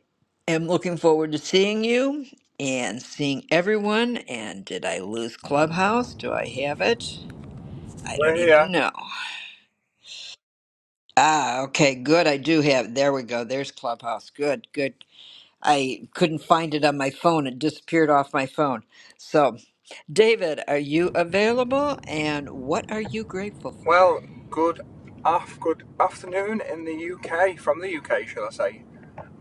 Speaker 24: am looking forward to seeing you and seeing everyone. And did I lose Clubhouse? Do I have it? I don't even know. Ah, okay, good. I do have. There we go. There's Clubhouse. Good, good. I couldn't find it on my phone. It disappeared off my phone. So, David, are you available? And what are you grateful for?
Speaker 30: Well, good af- good afternoon in the UK, from the UK, shall I say.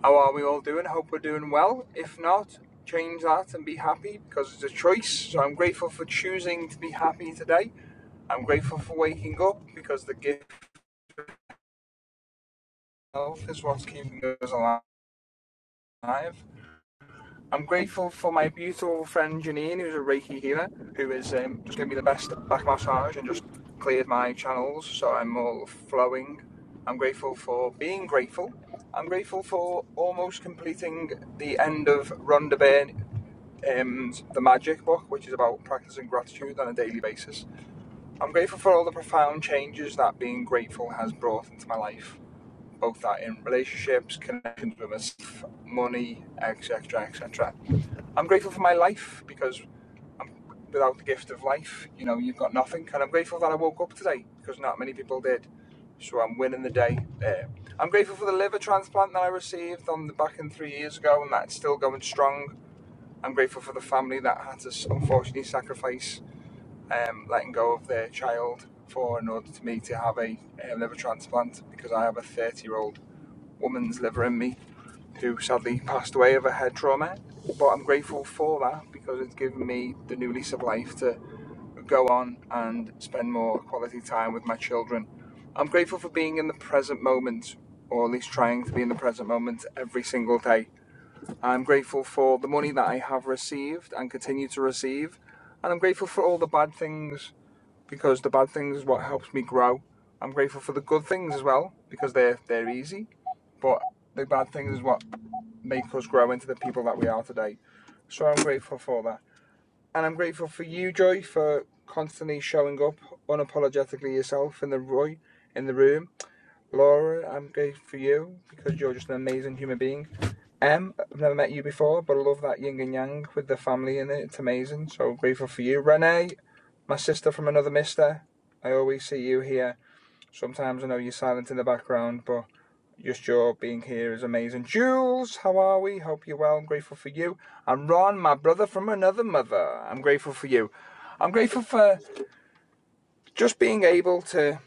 Speaker 30: How are we all doing? Hope we're doing well. If not, change that and be happy because it's a choice. So I'm grateful for choosing to be happy today. I'm grateful for waking up because the gift of health is what's keeping us alive. I'm grateful for my beautiful friend Janine, who's a Reiki healer, who is um, just giving me the best back massage and just cleared my channels, so I'm all flowing. I'm grateful for being grateful. I'm grateful for almost completing the end of Rhonda Byrne, um, the Magic book, which is about practicing gratitude on a daily basis. I'm grateful for all the profound changes that being grateful has brought into my life both that in relationships, connections with myself, money, etc., etc. I'm grateful for my life because I'm, without the gift of life, you know, you've got nothing. And I'm grateful that I woke up today because not many people did. So I'm winning the day there. I'm grateful for the liver transplant that I received on the back end three years ago, and that's still going strong. I'm grateful for the family that had to unfortunately sacrifice um, letting go of their child for in order to me to have a, a liver transplant because I have a 30 year old woman's liver in me who sadly passed away of a head trauma. But I'm grateful for that because it's given me the new lease of life to go on and spend more quality time with my children. I'm grateful for being in the present moment, or at least trying to be in the present moment every single day. I'm grateful for the money that I have received and continue to receive. And I'm grateful for all the bad things because the bad things is what helps me grow. I'm grateful for the good things as well because they're, they're easy but the bad things is what make us grow into the people that we are today. So I'm grateful for that. And I'm grateful for you, Joy, for constantly showing up unapologetically yourself in the Roy in the room. Laura, I'm grateful for you because you're just an amazing human being. Em, I've never met you before, but I love that yin and yang with the family in it. It's amazing. So grateful for you. Renee, my sister from another mister. I always see you here. Sometimes I know you're silent in the background, but just your being here is amazing. Jules, how are we? Hope you're well. I'm grateful for you. And Ron, my brother from another mother. I'm grateful for you. I'm grateful for just being able to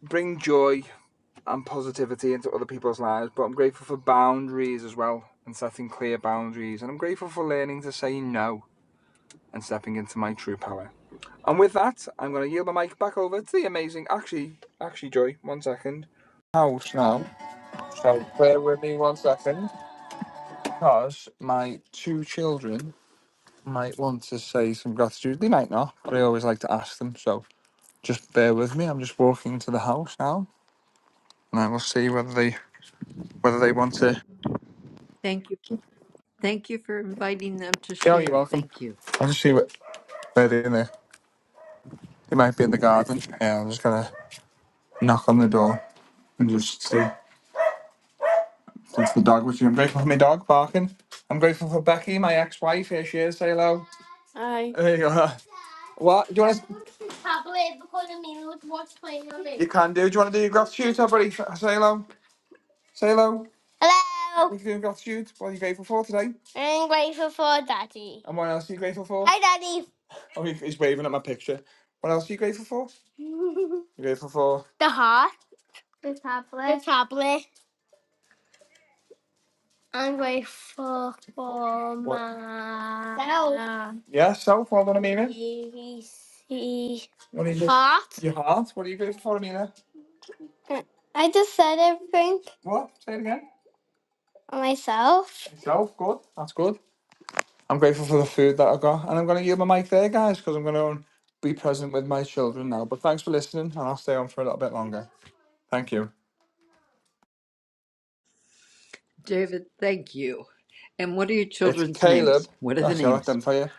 Speaker 30: bring joy and positivity into other people's lives, but I'm grateful for boundaries as well and setting clear boundaries. And I'm grateful for learning to say no and stepping into my true power. And with that, I'm going to yield the mic back over to the amazing, actually, actually, Joy, one second. House now. So bear with me one second. because my two children might want to say some gratitude. They might not, but I always like to ask them. So just bear with me. I'm just walking into the house now, and I will see whether they whether they want to.
Speaker 24: Thank you. Thank you for inviting them to
Speaker 30: Yeah, you're
Speaker 24: share.
Speaker 30: welcome.
Speaker 24: Thank you.
Speaker 30: I'll just see what they're in there. They might be in the garden. Yeah, I'm just gonna knock on the door and just see. That's the dog with you. I'm grateful for my dog barking. I'm grateful for Becky, my ex-wife. Here she is. Say hello. Hi. There you are. What? Do you want to? Tablet because Amelia would watch playing on it. You can do. Do you want to do your gratitude, everybody? Say hello. Say hello. Hello. What are you doing gratitude? What are you grateful for today? I'm grateful for Daddy. And what else are you grateful for? Hi, Daddy. Oh, he- he's waving at my picture. What else are you grateful for? you grateful for? The heart. The tablet. The tablet. I'm grateful for What? my Self. Yeah, self. Well done, Amina. ABC What are you good? heart. Your heart. What are you grateful for, Amina? Uh, I just said everything What? Say it again. myself. Yourself. Good. That's good. I'm grateful for the food that I got, and I'm going to use my mic there, guys, because I'm going to be present with my children now. But thanks for listening, and I'll stay on for a little bit longer. Thank you.
Speaker 24: David, thank you. And what are your
Speaker 30: It's
Speaker 24: children's
Speaker 30: Caleb.
Speaker 24: names? What are the
Speaker 30: Actually, I'll let
Speaker 24: names?
Speaker 30: them tell you.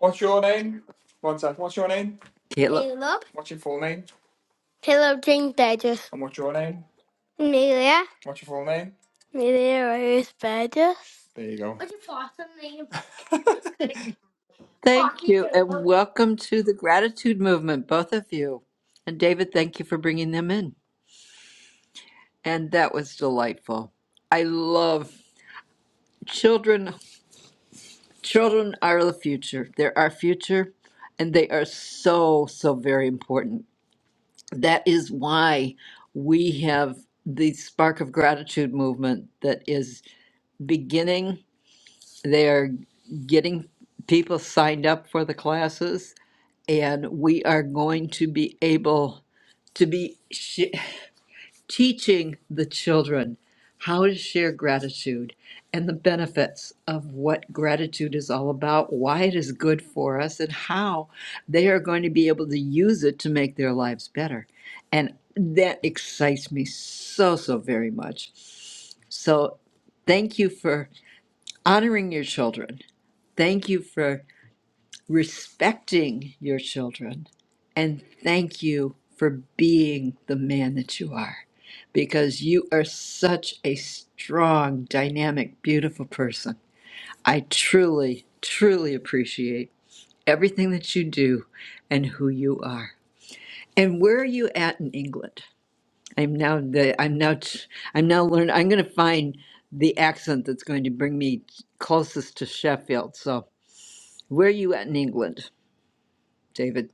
Speaker 30: What's your name? One sec. What's your name?
Speaker 24: Caleb.
Speaker 30: Caleb. What's your full name? Caleb James Burgess. And what's your name? Amelia. What's your full name? Amelia Rose Burgess. There you go.
Speaker 24: Thank you. And welcome to the gratitude movement, both of you. And David, thank you for bringing them in. And that was delightful. I love children. Children are the future. They're our future. And they are so, so very important. That is why we have the spark of gratitude movement that is beginning They're getting people signed up for the classes, and we are going to be able to be sh- teaching the children how to share gratitude and the benefits of what gratitude is all about, why it is good for us, and how they are going to be able to use it to make their lives better. And that excites me so, so very much. So, thank you for honoring your children Thank you for respecting your children. And thank you for being the man that you are because you are such a strong, dynamic, beautiful person. I truly, truly appreciate everything that you do and who you are. And where are you at in England? I'm now the I'm now t- I'm now learn I'm going to find the accent that's going to bring me closest to Sheffield. So, where are you at in England? David,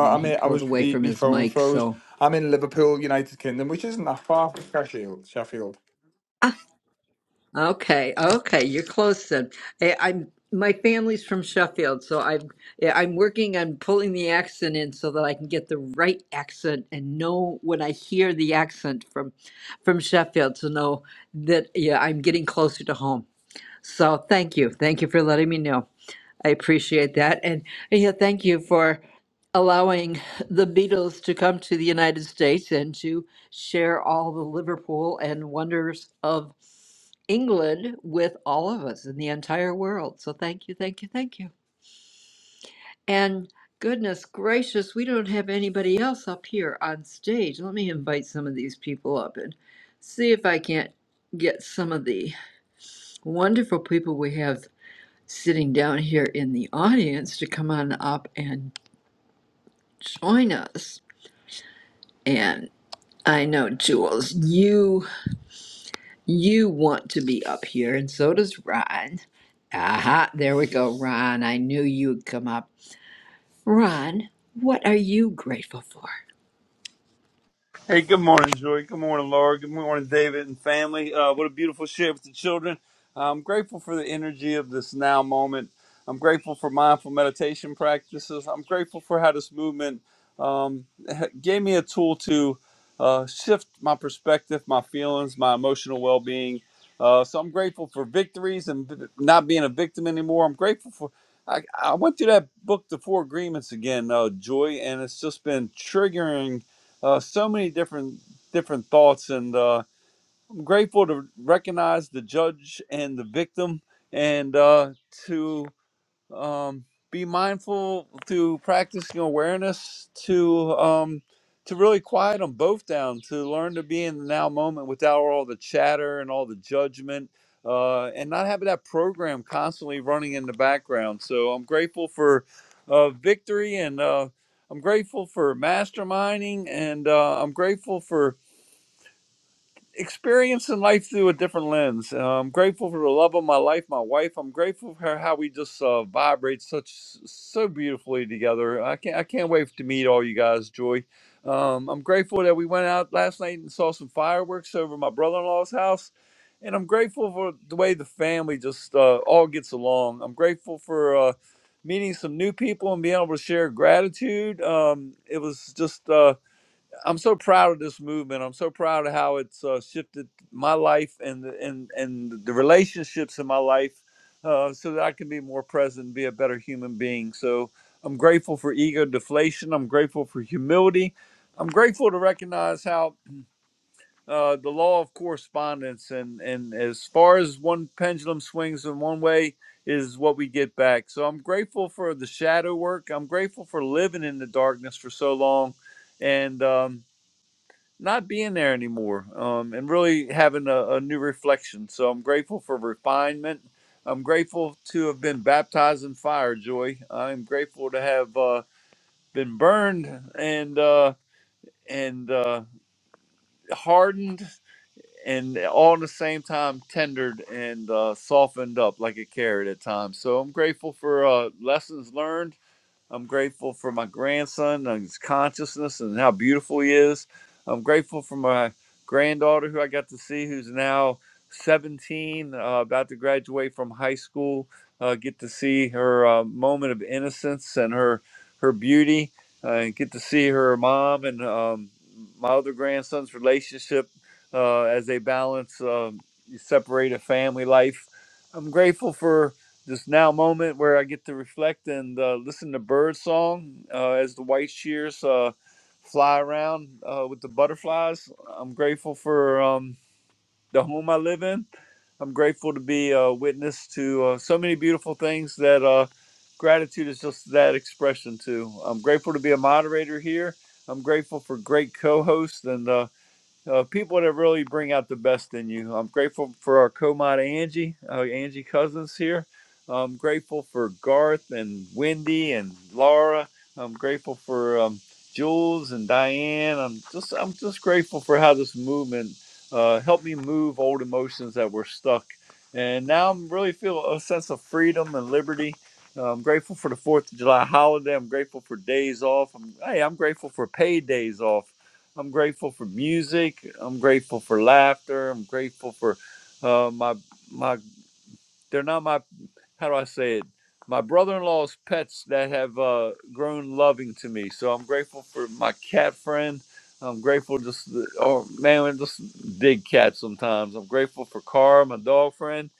Speaker 24: and he pulled away from his mic. So, ah, okay, okay, you're close then. I, I'm my family's from Sheffield, so I'm yeah, I'm working on pulling the accent in so that I can get the right accent and know when I hear the accent from from Sheffield to know that yeah, I'm getting closer to home. So, thank you, thank you for letting me know. I appreciate that. And, yeah, thank you for allowing the Beatles to come to the United States and to share all the Liverpool and wonders of England with all of us in the entire world. So thank you, thank you, thank you. And goodness gracious, we don't have anybody else up here on stage. Let me invite some of these people up and see if I can't get some of the wonderful people we have sitting down here in the audience to come on up and join us. And I know Jules, you you want to be up here, and so does Ron. Aha, there we go, Ron. I knew you'd come up. Ron, what are you grateful for?
Speaker 1: Hey, good morning, Joy. Good morning, Laura. Good morning, David and family. Uh, what a beautiful share with the children. I'm grateful for the energy of this now moment. I'm grateful for mindful meditation practices. I'm grateful for how this movement um, gave me a tool to uh, shift my perspective, my feelings, my emotional well being. Uh, so I'm grateful for victories and v- not being a victim anymore. I'm grateful for. I, I went through that book, The Four Agreements, again, uh, Joy, and it's just been triggering uh, so many different different thoughts and uh, i'm grateful to recognize the judge and the victim and uh, to um, be mindful through practicing awareness to um, to really quiet them both down to learn to be in the now moment without all the chatter and all the judgment uh, and not having that program constantly running in the background so i'm grateful for uh, victory and uh, i'm grateful for masterminding and uh, i'm grateful for experiencing life through a different lens. Uh, I'm grateful for the love of my life, my wife. I'm grateful for how we just uh, vibrate such so beautifully together. I can't I can't wait to meet all you guys, Joy. Um, I'm grateful that we went out last night and saw some fireworks over my brother-in-law's house. And I'm grateful for the way the family just uh, all gets along. I'm grateful for uh, meeting some new people and being able to share gratitude. Um, it was just uh, I'm so proud of this movement. I'm so proud of how it's uh, shifted my life and the, and and the relationships in my life, uh, so that I can be more present, and be a better human being. So I'm grateful for ego deflation. I'm grateful for humility. I'm grateful to recognize how uh, the law of correspondence and and as far as one pendulum swings in one way is what we get back. So I'm grateful for the shadow work. I'm grateful for living in the darkness for so long, and. Um, not being there anymore um, and really having a, a new reflection. So I'm grateful for refinement. I'm grateful to have been baptized in fire, Joy. I'm grateful to have uh, been burned and uh, and uh, hardened and all at the same time tendered and uh, softened up like a carrot at times. So I'm grateful for uh, lessons learned I'm grateful for my grandson and his consciousness and how beautiful he is. I'm grateful for my granddaughter who I got to see, who's now 17, uh, about to graduate from high school. Uh, get to see her uh, moment of innocence and her her beauty, uh, and get to see her mom and um, my other grandson's relationship uh, as they balance um, separate family life. I'm grateful for this now moment where I get to reflect and uh, listen to bird song uh, as the white shears uh, fly around uh, with the butterflies. I'm grateful for um, the home I live in. I'm grateful to be a witness to uh, so many beautiful things that uh, gratitude is just that expression to. I'm grateful to be a moderator here. I'm grateful for great co-hosts and uh, uh, people that really bring out the best in you. I'm grateful for our co-mod Angie, uh, Angie Cousins here. I'm grateful for Garth and Wendy and Laura. I'm grateful for um, Jules and Diane. I'm just I'm just grateful for how this movement uh, helped me move old emotions that were stuck, and now I'm really feel a sense of freedom and liberty. Uh, I'm grateful for the Fourth of July holiday. I'm grateful for days off. I'm, hey, I'm grateful for paid days off. I'm grateful for music. I'm grateful for laughter. I'm grateful for uh, my my. They're not my how do I say it? My brother-in-law's pets that have uh, grown loving to me. So I'm grateful for my cat friend. I'm grateful just oh man, I just dig cats sometimes. I'm grateful for Carr, my dog friend,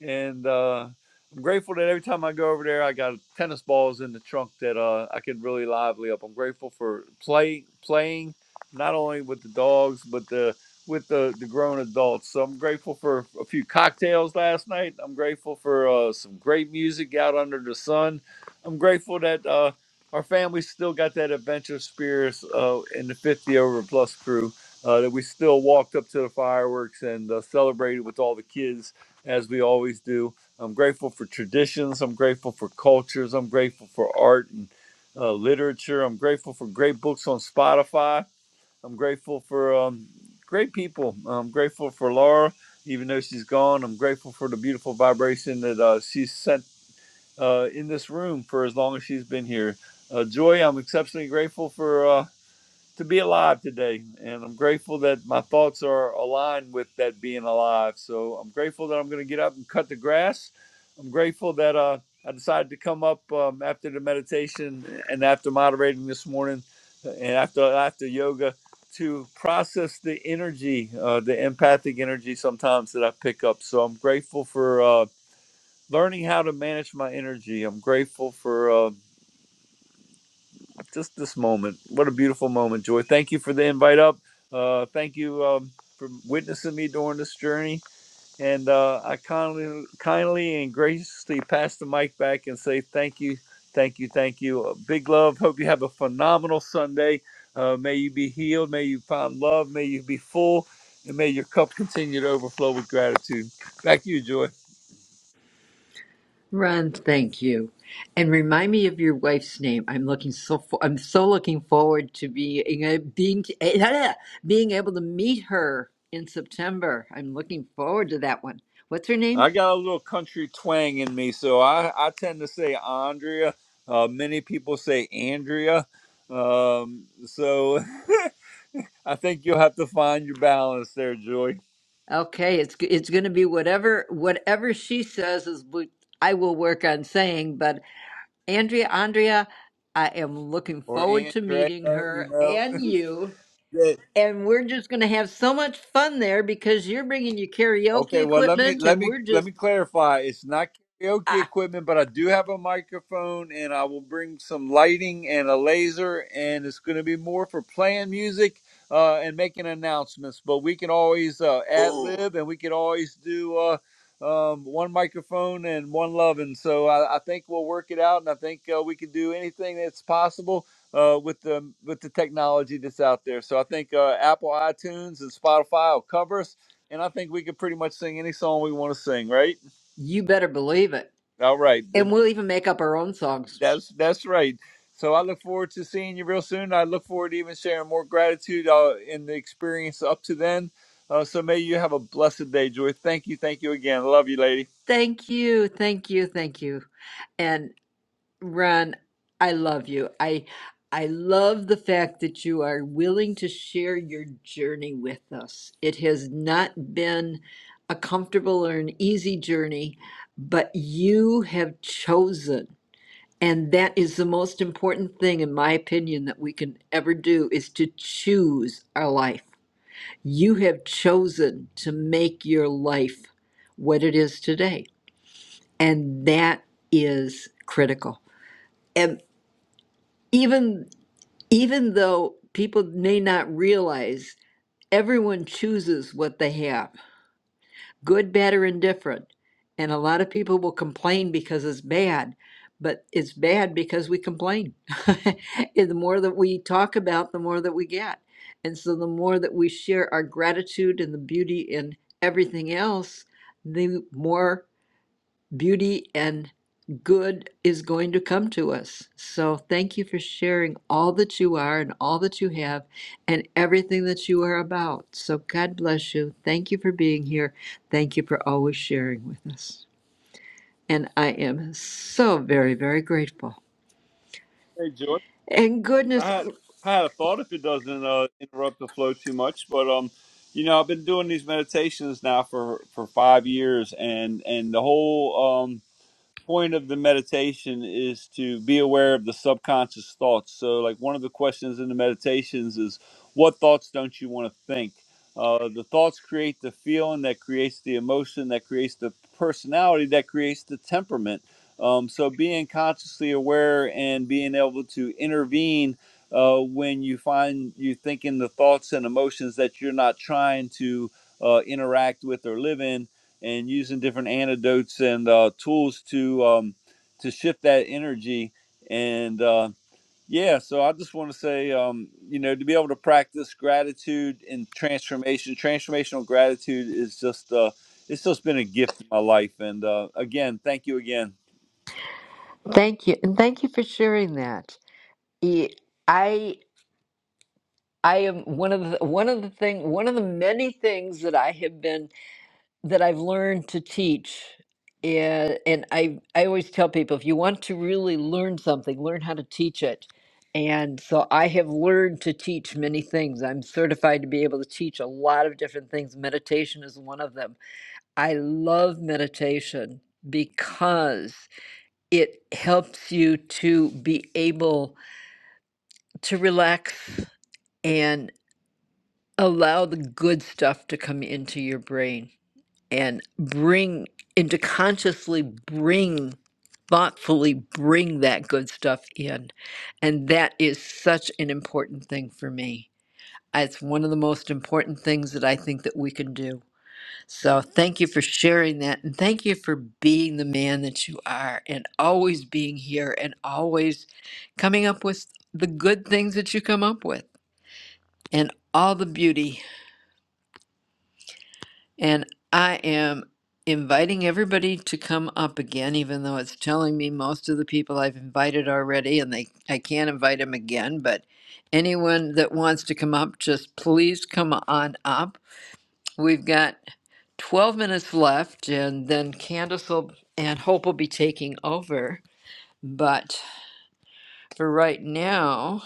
Speaker 1: and uh, I'm grateful that every time I go over there, I got tennis balls in the trunk that uh, I can really lively up. I'm grateful for play playing, not only with the dogs but the with the, the grown adults. So I'm grateful for a few cocktails last night. I'm grateful for uh, some great music out under the sun. I'm grateful that uh, our family still got that adventure spirit uh, in the 50 over plus crew. Uh, that we still walked up to the fireworks and uh, celebrated with all the kids as we always do. I'm grateful for traditions. I'm grateful for cultures. I'm grateful for art and uh, literature. I'm grateful for great books on Spotify. I'm grateful for um, great people. I'm grateful for Laura, even though she's gone. I'm grateful for the beautiful vibration that uh, she's sent uh, in this room for as long as she's been here. Uh, Joy, I'm exceptionally grateful for. uh, to be alive today. And I'm grateful that my thoughts are aligned with that being alive. So I'm grateful that I'm going to get up and cut the grass. I'm grateful that uh, I decided to come up um, after the meditation and after moderating this morning and after, after yoga to process the energy, uh, the empathic energy sometimes that I pick up. So I'm grateful for uh, learning how to manage my energy. I'm grateful for. uh, just this moment. What a beautiful moment, Joy. Thank you for the invite up. Uh, thank you um, for witnessing me during this journey. And uh, I kindly, kindly and graciously pass the mic back and say thank you, thank you, thank you. Uh, big love. Hope you have a phenomenal Sunday. Uh, may you be healed. May you find love. May you be full. And may your cup continue to overflow with gratitude. Back to you, Joy.
Speaker 24: Ron, thank you. And remind me of your wife's name. I'm looking so for, I'm so looking forward to being a- being being able to meet her in September. I'm looking forward to that one. What's her name?
Speaker 1: I got a little country twang in me, so I, I tend to say Andrea. Uh, many people say Andrea. Um, so I think you'll have to find your balance there, Joy.
Speaker 24: Okay, it's it's going to be whatever whatever she says is what I will work on saying, but Andrea Andrea, I am looking
Speaker 1: Or
Speaker 24: forward to
Speaker 1: Andrea,
Speaker 24: meeting
Speaker 1: you
Speaker 24: her
Speaker 1: know.
Speaker 24: and you
Speaker 1: Yeah,
Speaker 24: and we're just going to have so much fun there because you're bringing your karaoke
Speaker 1: Okay, well let me
Speaker 24: equipment
Speaker 1: let
Speaker 24: and
Speaker 1: me
Speaker 24: we're
Speaker 1: let
Speaker 24: just
Speaker 1: me clarify. It's not karaoke equipment, but I do have a microphone and I will bring some lighting and a laser and it's going to be more for playing music uh, and making announcements, but we can always uh, ad
Speaker 24: Oh,
Speaker 1: lib and we can always do uh, um, one microphone and one loving. So I, I think we'll work it out and I think uh, we can do anything that's possible uh, with the with the technology that's out there. So I think uh, Apple iTunes and Spotify will cover us and I think we could pretty much sing any song we want to sing, right?
Speaker 24: you better believe it.
Speaker 1: All right,
Speaker 24: And
Speaker 1: then
Speaker 24: we'll even make up our own songs.
Speaker 1: that's that's right. So I look forward to seeing you real soon. I look forward to even sharing more gratitude uh, in the experience up to then. Uh, so may you have a blessed day, Joy. Thank you, thank you again. Love you, lady.
Speaker 24: Thank you, thank you, thank you. And Ron, I love you. I I love the fact that you are willing to share your journey with us. It has not been a comfortable or an easy journey, but you have chosen. And that is the most important thing, in my opinion, that we can ever do is to choose our life You have chosen to make your life what it is today. And that is critical. And even even though people may not realize everyone chooses what they have good, bad, or indifferent. And a lot of people will complain because it's bad, but it's bad because we complain. And the more that we talk about, the more that we get. And so the more that we share our gratitude and the beauty in everything else, the more beauty and good is going to come to us. So thank you for sharing all that you are and all that you have and everything that you are about. So God bless you. Thank you for being here. Thank you for always sharing with us. And I am so very, very grateful.
Speaker 1: Hey, Joy.
Speaker 24: And
Speaker 1: I
Speaker 24: goodness,
Speaker 1: had I had a thought if it doesn't uh, interrupt the flow too much, but um, you know, I've been doing these meditations now for for five years, and and the whole um. point of the meditation is to be aware of the subconscious thoughts. So, like one of the questions in the meditations is, what thoughts don't you want to think? Uh, the thoughts create the feeling that creates the emotion, that creates the personality, that creates the temperament. Um, so, being consciously aware and being able to intervene uh, when you find you thinking the thoughts and emotions that you're not trying to uh, interact with or live in and using different antidotes and uh, tools to um, to shift that energy. And uh, yeah, so I just want to say, um, you know, to be able to practice gratitude and transformation, transformational gratitude is just uh, it's just been a gift in my life. And uh, again, thank you again.
Speaker 24: thank you, and thank you for sharing that. E- I I am one of the one of the thing one of the many things that I have been that I've learned to teach. And, and I, I always tell people if you want to really learn something, learn how to teach it. And so I have learned to teach many things. I'm certified to be able to teach a lot of different things. Meditation is one of them. I love meditation because it helps you to be able to relax and allow the good stuff to come into your brain and bring and to consciously bring thoughtfully bring that good stuff in and that is such an important thing for me it's one of the most important things that i think that we can do so thank you for sharing that and thank you for being the man that you are and always being here and always coming up with the good things that you come up with and all the beauty And I am inviting everybody to come up again, even though it's telling me most of the people I've invited already, and they I can't invite them again. But anyone that wants to come up, just please come on up. We've got 12 minutes left, and then Candace will, and Hope will be taking over. But for right now,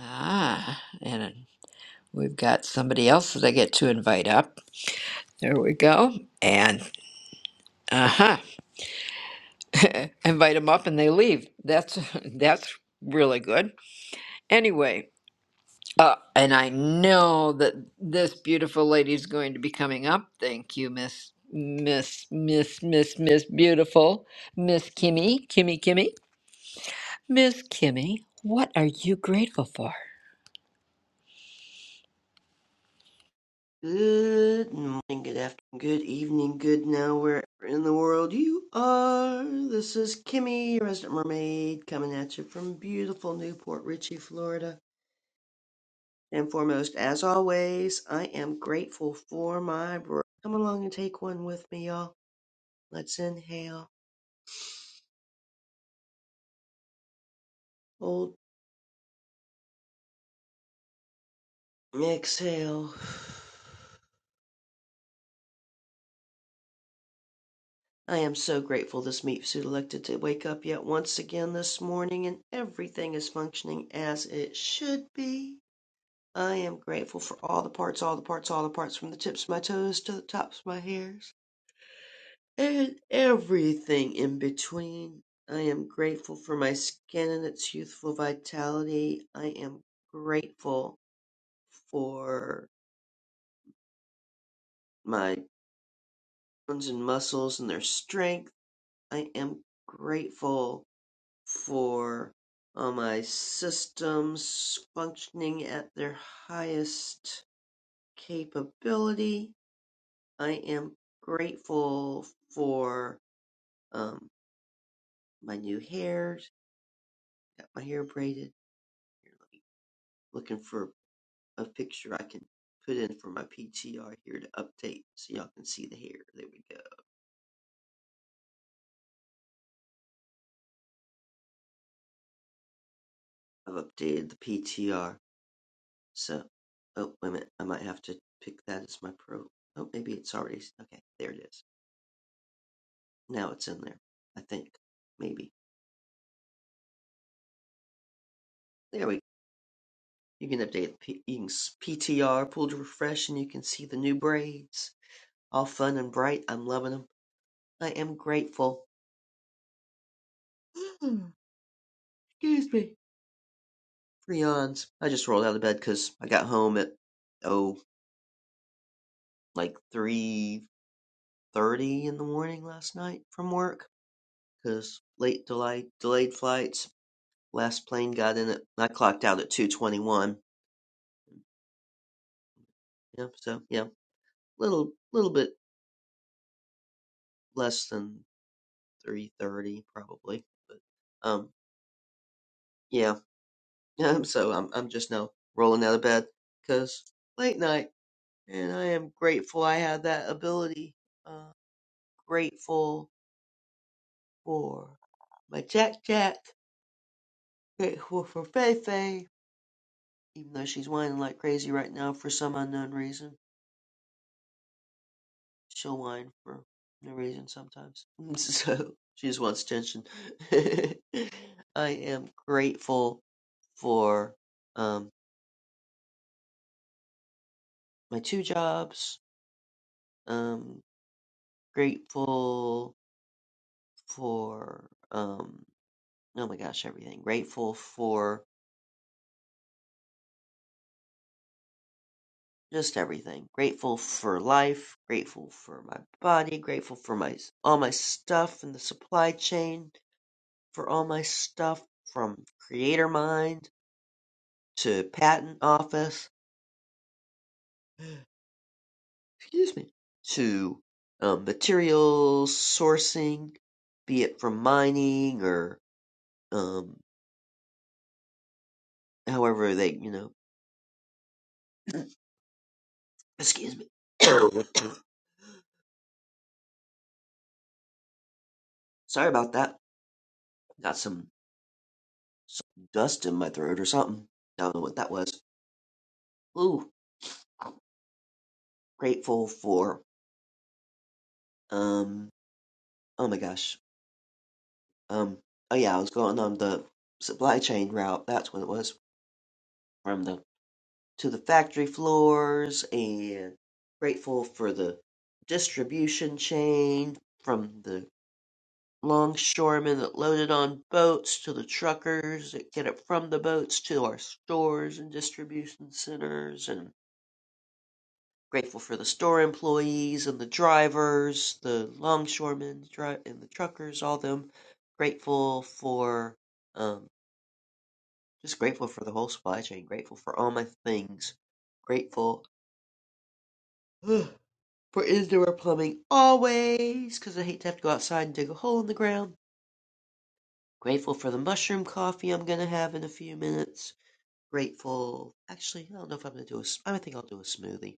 Speaker 24: ah, and we've got somebody else that I get to invite up. There we go. And aha. invite them up and they leave. That's that's really good. Anyway, uh, and I know that this beautiful lady is going to be coming up. Thank you, Miss Miss Miss Miss Miss Beautiful Miss Kimmy Kimmy Kimmy Miss Kimmy. What are you grateful for,
Speaker 31: Good morning, good afternoon, good evening, good now, wherever in the world you are. This is Kimmy, your resident mermaid, coming at you from beautiful Newport Richey, Florida. And foremost, as always, I am grateful for my breath. Come along and take one with me, y'all. Let's inhale, hold, exhale. I am so grateful this meat suit elected to wake up yet once again this morning and everything is functioning as it should be. I am grateful for all the parts, all the parts, all the parts, from the tips of my toes to the tops of my hairs, and everything in between. I am grateful for my skin and its youthful vitality. I am grateful for my bones and muscles and their strength. I am grateful for uh, my systems functioning at their highest capability. I am grateful for um my new hair. Got my hair braided. Here, let me looking for a picture I can put in for my PTR here to update so y'all can see the hair. There we go. I've updated the PTR. So oh wait a minute, I might have to pick that as my pro oh maybe it's already okay, there it is. Now it's in there. I think. Maybe. There we go. You can update the P- you can s- PTR, pull to refresh, and you can see the new braids. All fun and bright. I'm loving loving them. I am grateful. Excuse me for yawns. I just rolled out of bed because I got home at oh like three thirty in the morning last night from work because late delay delayed flights. Last plane got in at I clocked out at two twenty one. Yeah, so yeah, little little bit less than three thirty probably, but um yeah yeah. So I'm I'm just now rolling out of bed because late night. and I am grateful I have that ability. Uh, grateful for my Jack Jack. Grateful for Fei Fei, even though she's whining like crazy right now for some unknown reason. She'll whine for no reason sometimes. so she just wants attention. I am grateful for um, my two jobs. Um, grateful for um, oh my gosh, everything. Grateful for just everything. Grateful for life, grateful for my body, grateful for my all my stuff in the supply chain, for all my stuff from creator mind to patent office, excuse me, to um, materials sourcing, be it from mining or um, however they, you know, excuse me. Sorry about that. Got some, some dust in my throat or something. I Don't know what that was. Ooh. grateful for um oh my gosh um oh yeah i was going on the supply chain route that's what it was from the to the factory floors and grateful for the distribution chain from the longshoremen that loaded on boats to the truckers that get it from the boats to our stores and distribution centers and Grateful for the store employees and the drivers, the longshoremen, dri- and the truckers, all them. Grateful for, um, just grateful for the whole supply chain. Grateful for all my things. Grateful for indoor plumbing always, because I hate to have to go outside and dig a hole in the ground. Grateful for the mushroom coffee I'm gonna have in a few minutes. Grateful, actually, I don't know if I'm gonna do a. s- I think I'll do a smoothie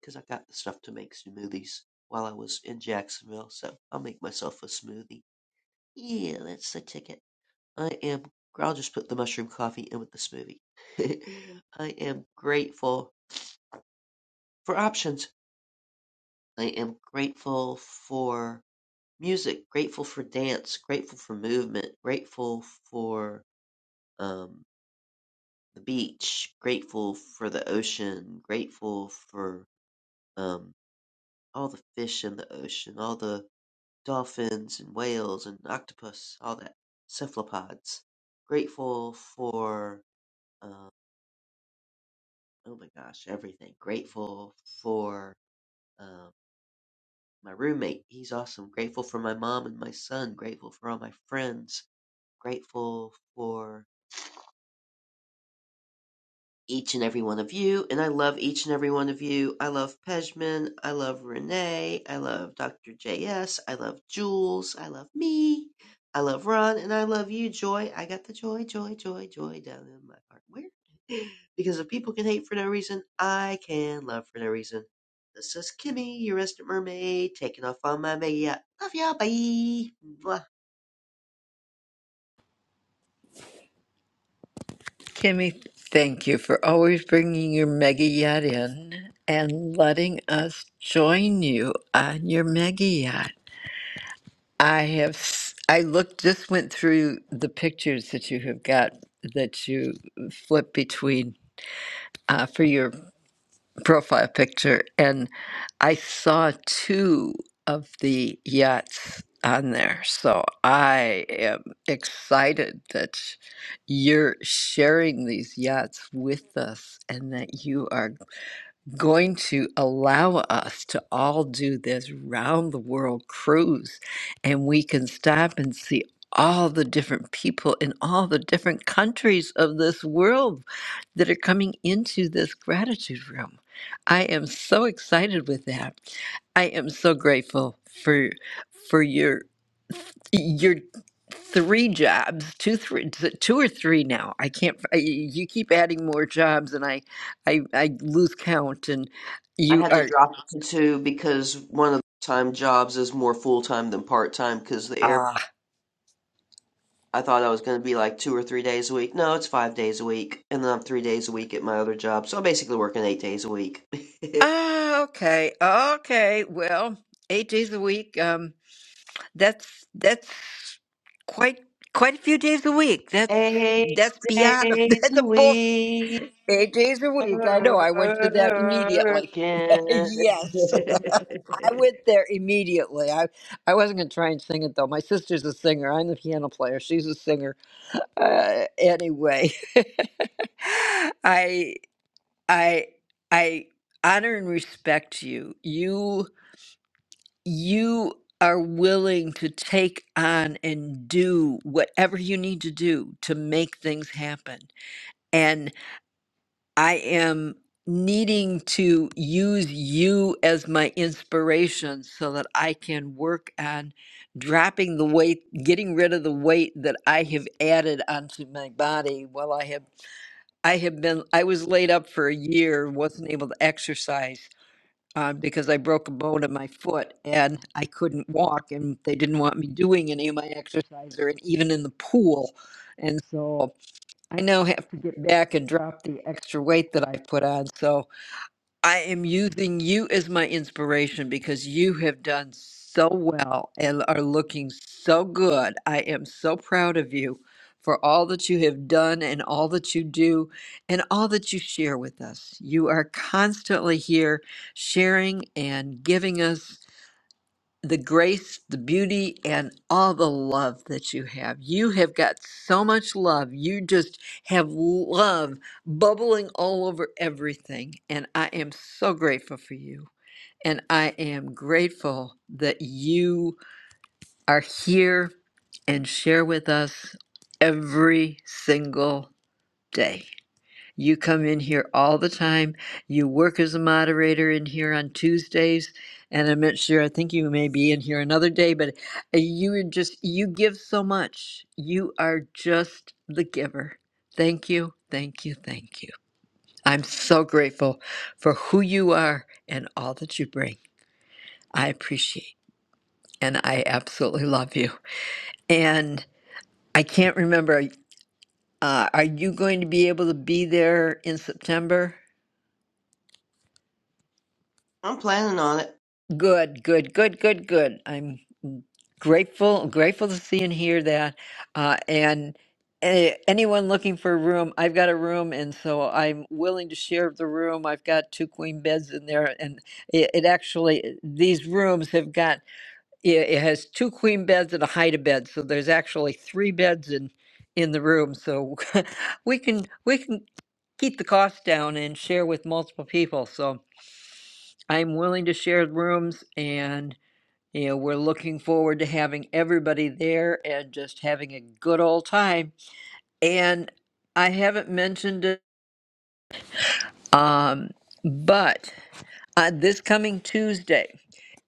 Speaker 31: because I got the stuff to make smoothies while I was in Jacksonville, so I'll make myself a smoothie. Yeah, that's the ticket. I am, I'll just put the mushroom coffee in with the smoothie. I am grateful for options. I am grateful for music, grateful for dance, grateful for movement, grateful for um, the beach, grateful for the ocean, grateful for um, all the fish in the ocean, all the Dolphins and whales and octopus, all that. Cephalopods. Grateful for, um, oh my gosh, everything. Grateful for um, my roommate. He's awesome. Grateful for my mom and my son. Grateful for all my friends. Grateful for each and every one of you, and I love each and every one of you. I love Pejman. I love Renee. I love Dr. S. I love Jules. I love me. I love Ron, and I love you, Joy. I got the joy, joy, joy, joy down in my heart. Where? Because if people can hate for no reason, I can love for no reason. This is Kimmy, your resident mermaid, taking off on my mega. yacht. Love ya, bye. Mwah.
Speaker 24: Kimmy? Thank you for always bringing your mega yacht in and letting us join you on your mega yacht. I have, s- I looked, just went through the pictures that you have got that you flip between uh, for your profile picture, and I saw two of the yachts on there. So I am excited that you're sharing these yachts with us and that you are going to allow us to all do this round the world cruise and we can stop and see all the different people in all the different countries of this world that are coming into this gratitude room. I am so excited with that. I am so grateful for for your your three jobs, two three t- two or three now. I can't f- I- you keep adding more jobs and I I I lose count and
Speaker 31: I
Speaker 24: you
Speaker 31: had to
Speaker 24: are
Speaker 31: drop it to two because one of the time jobs is more full time than part time because the airport.
Speaker 24: ah
Speaker 31: I thought I was going to be like two or three days a week. No, it's five days a week. And then I'm three days a week at my other job. So I'm basically working eight days a week.
Speaker 24: ah okay. Okay. Well, 8 days a week um that's that's quite quite a few days a week. That's
Speaker 31: eight
Speaker 24: that's beyond
Speaker 31: days
Speaker 24: that's
Speaker 31: a
Speaker 24: a bull
Speaker 31: week
Speaker 24: eight days a week. I know. I went to that immediately.
Speaker 31: working.
Speaker 24: Yes. I went there immediately. I, I wasn't going to try and sing it though. My sister's a singer. I'm the piano player. She's a singer. Uh, anyway, I I I honor and respect you. You you are willing to take on and do whatever you need to do to make things happen. I am needing to use you as my inspiration so that I can work on dropping the weight, getting rid of the weight that I have added onto my body while I have I have been I was laid up for a year, wasn't able to exercise uh, because I broke a bone in my foot and I couldn't walk and they didn't want me doing any of my exercise or even in the pool. And so I now have to get back and drop the extra weight that I put on. So I am using you as my inspiration because you have done so well and are looking so good. I am so proud of you for all that you have done and all that you do and all that you share with us. You are constantly here sharing and giving us the grace, the beauty, and all the love that you have. You have got so much love. You just have love bubbling all over everything. And I am so grateful for you. And I am grateful that you are here and share with us every single day. You come in here all the time. You work as a moderator in here on Tuesdays, and I'm not sure. I think you may be in here another day, but uh, you are just you give so much. You are just the giver. Thank you, thank you, thank you. I'm so grateful for who you are and all that you bring. I appreciate and I absolutely love you. And I can't remember. Uh, are you going to be able to be there in September?
Speaker 31: I'm planning on it.
Speaker 24: Good, good, good, good, good. I'm grateful, grateful to see and hear that. Uh, and eh, anyone looking for a room, I've got a room, and so I'm willing to share the room. I've got two queen beds in there, and it, it actually these rooms have got it, it has two queen beds and a hide a bed, so there's actually three beds in in the room. So we can we can keep the cost down and share with multiple people. So I'm willing to share rooms and you know we're looking forward to having everybody there and just having a good old time. And I haven't mentioned it um but uh, this coming Tuesday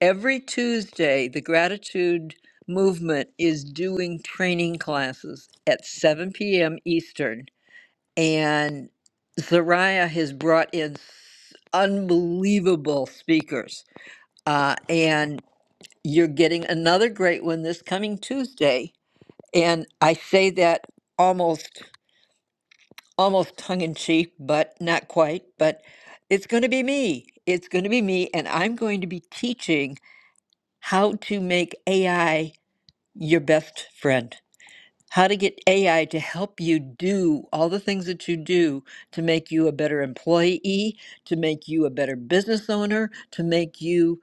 Speaker 24: every Tuesday the gratitude movement is doing training classes at 7 p.m. Eastern and Zariah has brought in s- unbelievable speakers. Uh, and you're getting another great one this coming Tuesday. And I say that almost almost tongue in cheek, but not quite. But it's going to be me. It's going to be me, and I'm going to be teaching how to make AI your best friend how to get AI to help you do all the things that you do to make you a better employee, to make you a better business owner, to make you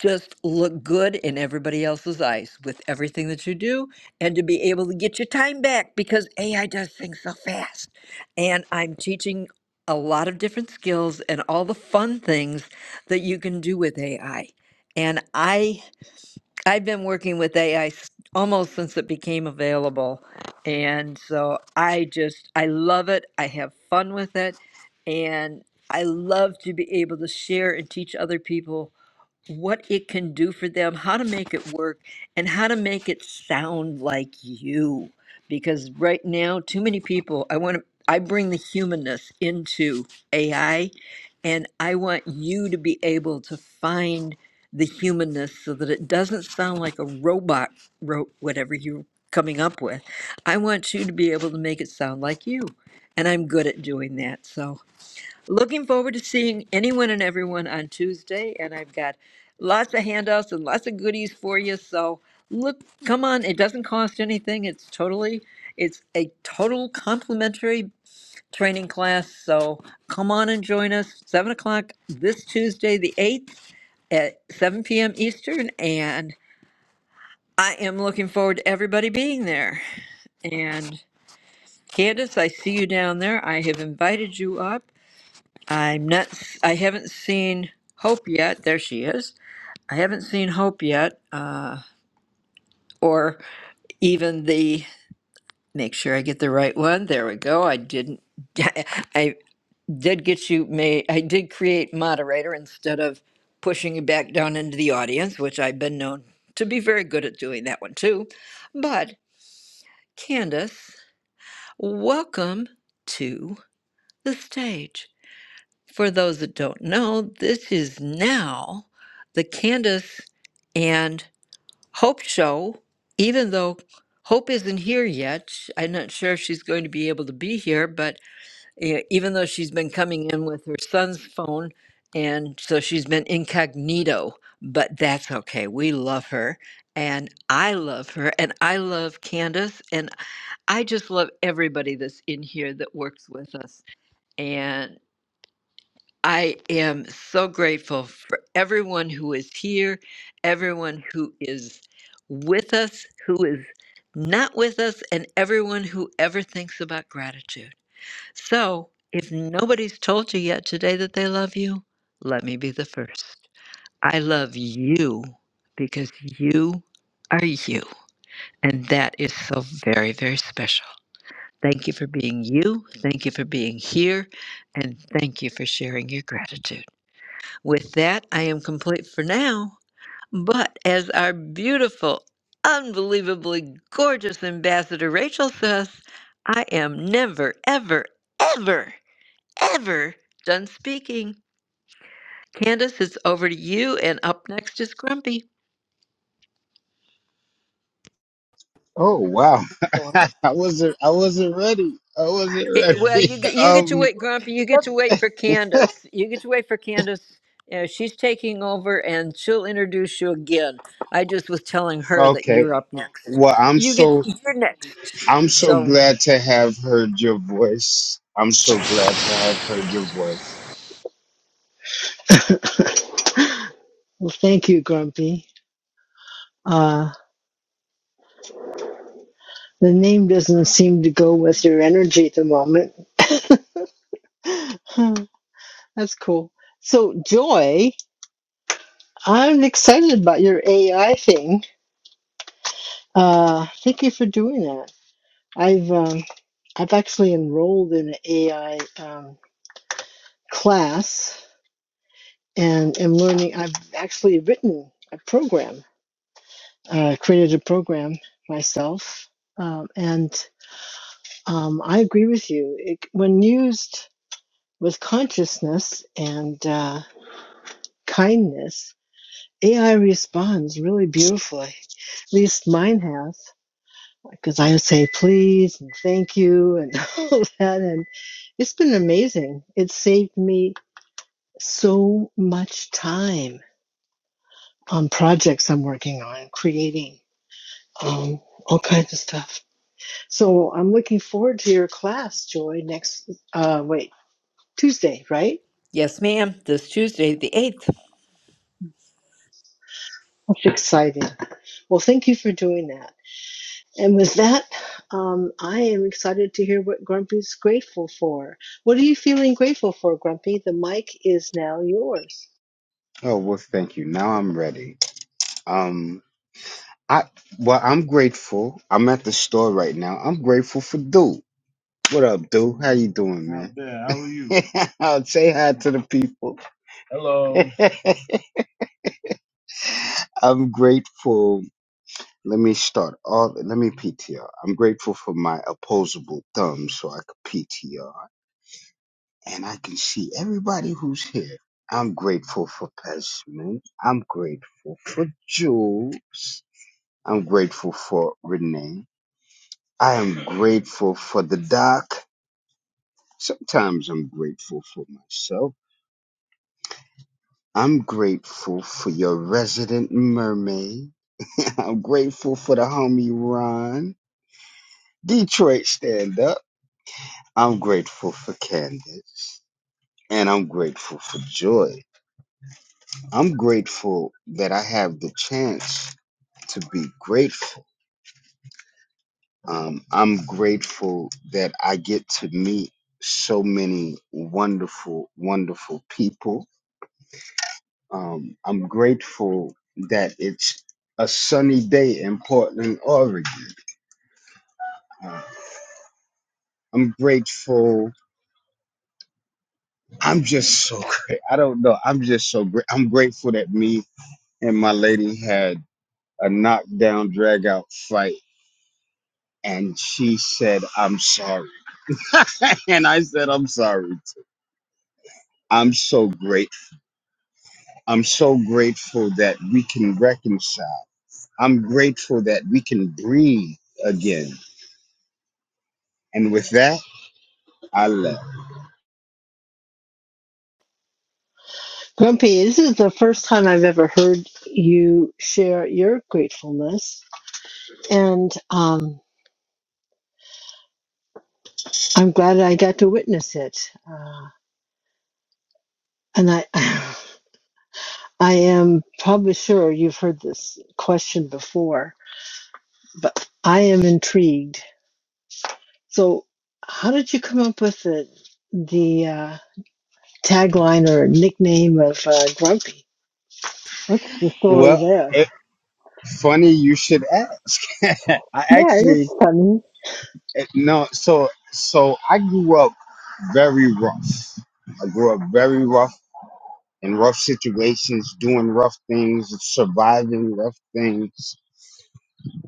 Speaker 24: just look good in everybody else's eyes with everything that you do, and to be able to get your time back because AI does things so fast. And I'm teaching a lot of different skills and all the fun things that you can do with AI. And I I've been working with AI almost since it became available. And so I just, I love it. I have fun with it. And I love to be able to share and teach other people what it can do for them, how to make it work, and how to make it sound like you. Because right now, too many people, I want to, I bring the humanness into AI, and I want you to be able to find the humanness so that it doesn't sound like a robot wrote whatever you're coming up with. I want you to be able to make it sound like you. And I'm good at doing that. So, Looking forward to seeing anyone and everyone on Tuesday, and I've got lots of handouts and lots of goodies for you. So look, come on! It doesn't cost anything. It's totally, it's a total complimentary training class. So come on and join us seven o'clock this Tuesday, the eighth, at seven p.m. Eastern. And I am looking forward to everybody being there. And Candace, I see you down there. I have invited you up. I'm not. I haven't seen Hope yet. There she is. I haven't seen Hope yet, uh, or even the. Make sure I get the right one. There we go. I didn't. I did get you. May I did create moderator instead of pushing you back down into the audience, which I've been known to be very good at doing that one too. But Candace, welcome to the stage. For those that don't know, this is now the Candace and Hope show, even though Hope isn't here yet. sh- I'm not sure if she's going to be able to be here, but uh, even though she's been coming in with her son's phone, and so she's been incognito, but that's okay. We love her. And I love her, and I love Candace, and I just love everybody that's in here that works with us. and. I am so grateful for everyone who is here, everyone who is with us, who is not with us, and everyone who ever thinks about gratitude. So, if nobody's told you yet today that they love you, let me be the first. I love you because you are you. And that is so very, very special. Thank you for being you. Thank you for being here. And thank you for sharing your gratitude. With that, I am complete for now. But as our beautiful, unbelievably gorgeous ambassador Rachel says, I am never, ever, ever, ever done speaking. Candace, it's over to you, and up next is Grumpy.
Speaker 20: Oh wow. I wasn't I wasn't ready. I wasn't
Speaker 24: Eh, well,
Speaker 20: ready.
Speaker 24: you get you get to
Speaker 20: Um.
Speaker 24: wait, Grumpy. You get to wait for Candace. You get to wait for Candace. Yeah, she's taking over, and she'll introduce you again. I just was telling her that
Speaker 20: Okay.
Speaker 24: you're up next.
Speaker 20: Well, I'm
Speaker 24: You get
Speaker 20: so
Speaker 24: you're next.
Speaker 20: I'm so
Speaker 24: So
Speaker 20: glad to have heard your voice. I'm so glad to have heard your voice.
Speaker 32: Well, thank you, Grumpy. Uh, the name doesn't seem to go with your energy at the moment. Hmm, That's cool. So, Joy, I'm excited about your AI thing. Uh, thank you for doing that. I've um, I've actually enrolled in an AI um, class and am learning. I've actually written a program, uh, created a program myself, um, and Um, I agree with you. It, when used with consciousness and uh, kindness, AI responds really beautifully. At least mine has, because I say please and thank you and all that. And it's been amazing. It saved me so much time on projects I'm working on, creating um, all kinds of stuff. So I'm looking forward to your class, Joy, next, uh, wait, Tuesday, right?
Speaker 24: Yes, ma'am. This Tuesday, the 8th.
Speaker 32: Exciting. Well, thank you for doing that. And with that, um, I am excited to hear what Grumpy's grateful for. What are you feeling grateful for, Grumpy? The mic is now yours.
Speaker 20: Oh well, thank you. Now I'm ready. Um, I well, I'm grateful. I'm at the store right now. I'm grateful for Dude. What up, Dude? How you doing, Not man? Not bad. How are you? I'll say hi to the people. Hello. I'm grateful. Let me start. All let me PTR. I'm grateful for my opposable thumb, so I could PTR. and I can see everybody who's here. I'm grateful for Pesman. I'm grateful for Jules. I'm grateful for Renee. I am grateful for the doc. Sometimes I'm grateful for myself. I'm grateful for your resident mermaid. I'm grateful for the homie Ron. Detroit stand up. I'm grateful for Candace. And I'm grateful for Joy. I'm grateful that I have the chance to be grateful. Um, I'm grateful that I get to meet so many wonderful, wonderful people. Um, I'm grateful that it's a sunny day in Portland, Oregon. Uh, I'm grateful. I'm just so great. I don't know. I'm just so great. I'm grateful that me and my lady had a knockdown, drag out fight, and she said, I'm sorry. and I said, I'm sorry I'm so grateful. I'm so grateful that we can reconcile. I'm grateful that we can breathe again. And with that, I left.
Speaker 32: Grumpy, this is the first time I've ever heard you share your gratefulness, and um, I'm glad I got to witness it. Uh, and I, I am probably sure you've heard this question before, but I am intrigued So, how did you come up with the, the uh, tagline or nickname of uh, Grumpy? What's the story
Speaker 20: Well,
Speaker 32: there?
Speaker 20: it, funny you should ask. I
Speaker 32: Yeah,
Speaker 20: actually
Speaker 32: it's funny.
Speaker 20: it, no. So so I grew up very rough. I grew up very rough in rough situations, doing rough things, surviving rough things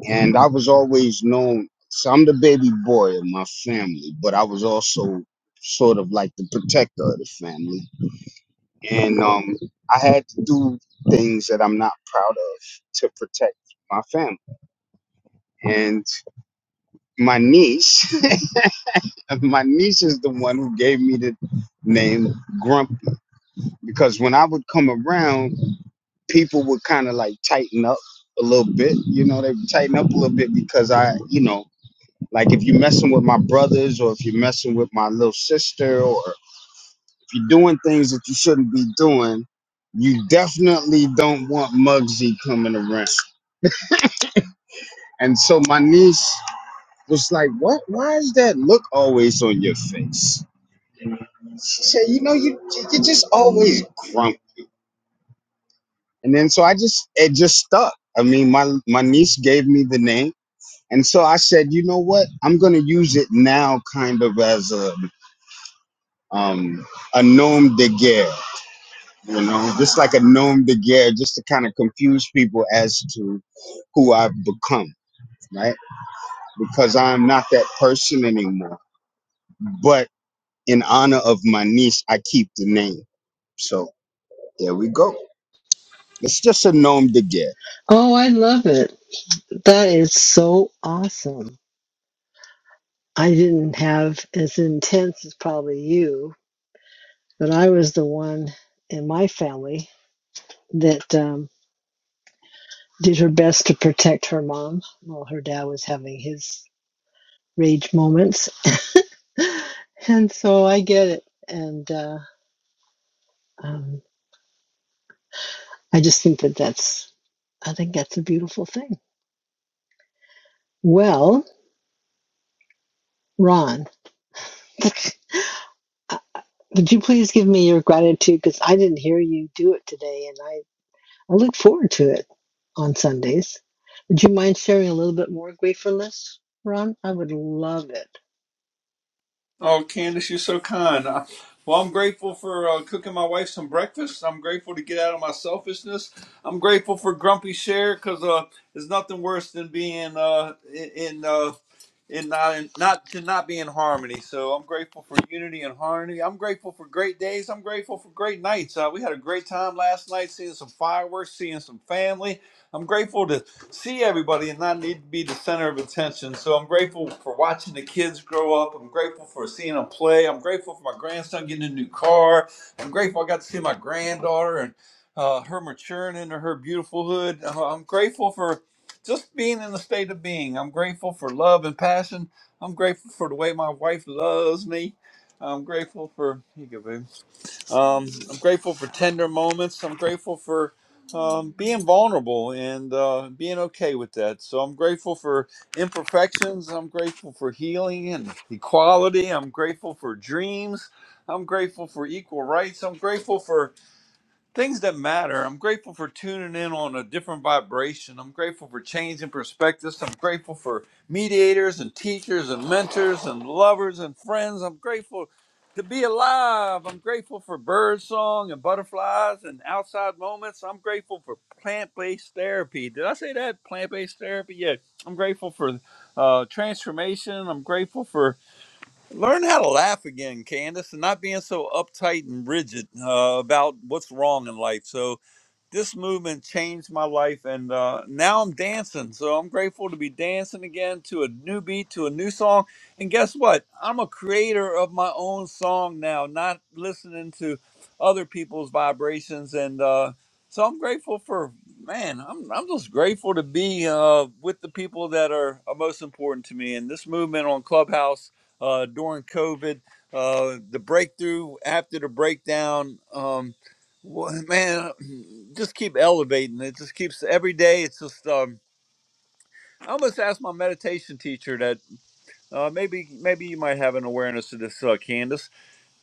Speaker 20: and I was always known. So I'm the baby boy of my family, but I was also sort of like the protector of the family, and um, I had to do things that I'm not proud of to protect my family. And my niece, my niece is the one who gave me the name Grumpy because when I would come around, people would kind of like tighten up a little bit. You know, they would tighten up a little bit because I, you know. Like if you're messing with my brothers or if you're messing with my little sister or if you're doing things that you shouldn't be doing, you definitely don't want Muggsy coming around. And so my niece was like, What why is that look always on your face? She said, You know, you you're just always grumpy. And then so I just it just stuck. I mean, my my niece gave me the name. And so I said, you know what? I'm gonna use it now kind of as a um, a nom de guerre, you know, just like a nom de guerre, just to kind of confuse people as to who I've become, right? Because I'm not that person anymore. But in honor of my niece, I keep the name. So there we go. It's just a nom de guerre.
Speaker 32: Oh, I love it. That is so awesome. I didn't have as intense as probably you, but I was the one in my family that um, did her best to protect her mom while her dad was having his rage moments. and so I get it. And uh, um, I just think that that's, I think that's a beautiful thing. Well, Ron, would you please give me your gratitude? Because I didn't hear you do it today, and I, I look forward to it on Sundays. Would you mind sharing a little bit more gratefulness, Ron? I would love it.
Speaker 1: Oh, Candace, you're so kind. Uh, Well, I'm grateful for uh, cooking my wife some breakfast. I'm grateful to get out of my selfishness. I'm grateful for Grumpy Share because uh, there's nothing worse than being uh, in in, uh, in not in, not to not be in harmony. So I'm grateful for unity and harmony. I'm grateful for great days. I'm grateful for great nights. Uh, we had a great time last night, seeing some fireworks, seeing some family. I'm grateful to see everybody and not need to be the center of attention. So I'm grateful for watching the kids grow up. I'm grateful for seeing them play. I'm grateful for my grandson getting a new car. I'm grateful I got to see my granddaughter and uh, her maturing into her beautiful hood. Uh, I'm grateful for just being in the state of being. I'm grateful for love and passion. I'm grateful for the way my wife loves me. I'm grateful for, here you go, baby. Um, I'm grateful for tender moments. I'm grateful for um, being vulnerable and uh, being okay with that. So I'm grateful for imperfections. I'm grateful for healing and equality. I'm grateful for dreams. I'm grateful for equal rights. I'm grateful for things that matter. I'm grateful for tuning in on a different vibration. I'm grateful for changing perspectives. I'm grateful for mediators and teachers and mentors and lovers and friends. I'm grateful to be alive. I'm grateful for bird song and butterflies and outside moments. I'm grateful for plant-based therapy. Did I say that? Plant-based therapy? Yeah. I'm grateful for uh, transformation. I'm grateful for Learn how to laugh again, Candace, and not being so uptight and rigid uh, about what's wrong in life. So this movement changed my life and uh, now i'm dancing so i'm grateful to be dancing again to a new beat to a new song and guess what i'm a creator of my own song now not listening to other people's vibrations and uh, so i'm grateful for man i'm, I'm just grateful to be uh, with the people that are, are most important to me and this movement on clubhouse uh, during covid uh, the breakthrough after the breakdown. Um, well, man, just keep elevating it. Just keeps every day. It's just um. I almost asked my meditation teacher that uh, maybe maybe you might have an awareness of this, uh, Candace.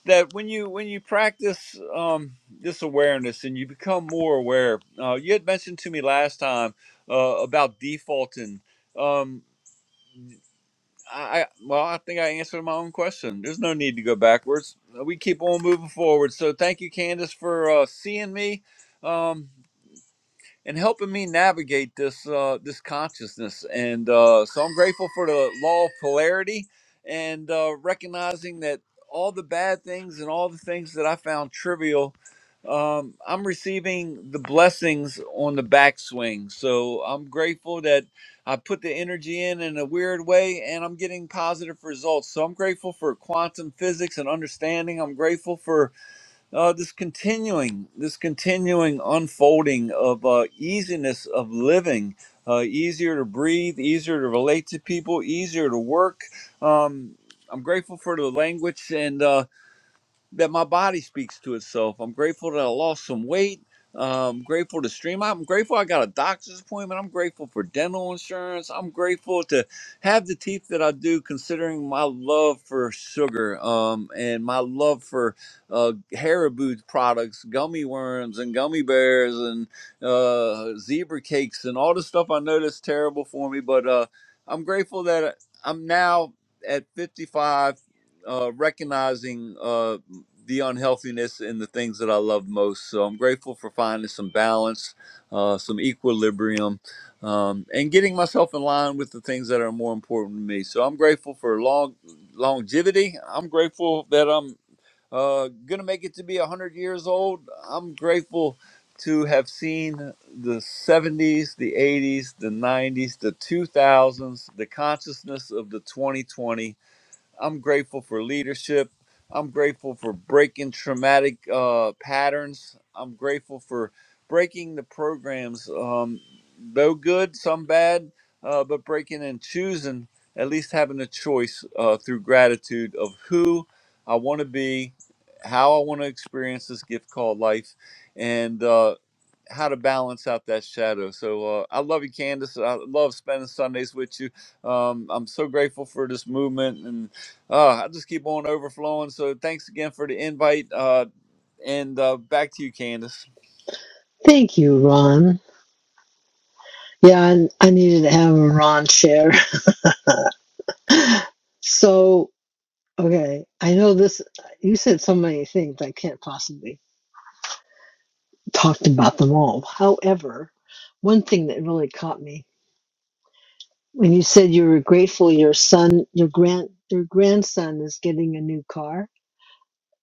Speaker 1: That when you when you practice um, this awareness and you become more aware, uh, you had mentioned to me last time uh, about defaulting. Um, I I- well, I think I answered my own question. There's no need to go backwards. We keep on moving forward. So thank you, Candace, for uh, seeing me. Um, and helping me navigate this uh, this consciousness. And uh, so I'm grateful for the law of polarity and uh, recognizing that all the bad things and all the things that I found trivial, um, I'm receiving the blessings on the backswing. So I'm grateful that I put the energy in in a weird way and I'm getting positive results. So I'm grateful for quantum physics and understanding. I'm grateful for uh, this continuing this continuing unfolding of uh, easiness of living uh, easier to breathe easier to relate to people easier to work um, i'm grateful for the language and uh, that my body speaks to itself. I'm grateful that I lost some weight. I'm grateful to stream. I'm grateful I got a doctor's appointment. I'm grateful for dental insurance. I'm grateful to have the teeth that I do, considering my love for sugar um, and my love for uh, Haribo products, gummy worms and gummy bears and uh, zebra cakes and all the stuff I know that's terrible for me. But uh, I'm grateful that I'm now at 55 uh, recognizing. Uh, the unhealthiness in the things that I love most. So I'm grateful for finding some balance, uh, some equilibrium, um, and getting myself in line with the things that are more important to me. So I'm grateful for long longevity. I'm grateful that I'm uh, gonna make it to be 100 years old. I'm grateful to have seen the 70s, the 80s, the 90s, the 2000s, the consciousness of the 2020 I'm grateful for leadership. I'm grateful for breaking traumatic uh, patterns. I'm grateful for breaking the programs, um, though good, some bad, uh, but breaking and choosing, at least having a choice uh, through gratitude of who I want to be, how I want to experience this gift called life, and uh, how to balance out that shadow. So uh, I love you, Candace. I love spending Sundays with you. Um, I'm so grateful for this movement and. Uh, i just keep on overflowing. So thanks again for the invite. Uh, and uh, back to you, Candace.
Speaker 32: Thank you, Ron. Yeah, I, I needed to have a Ron share. so, okay, I know this, you said so many things I can't possibly talked about them all. However, one thing that really caught me when you said you were grateful your son, your grand, your grandson is getting a new car.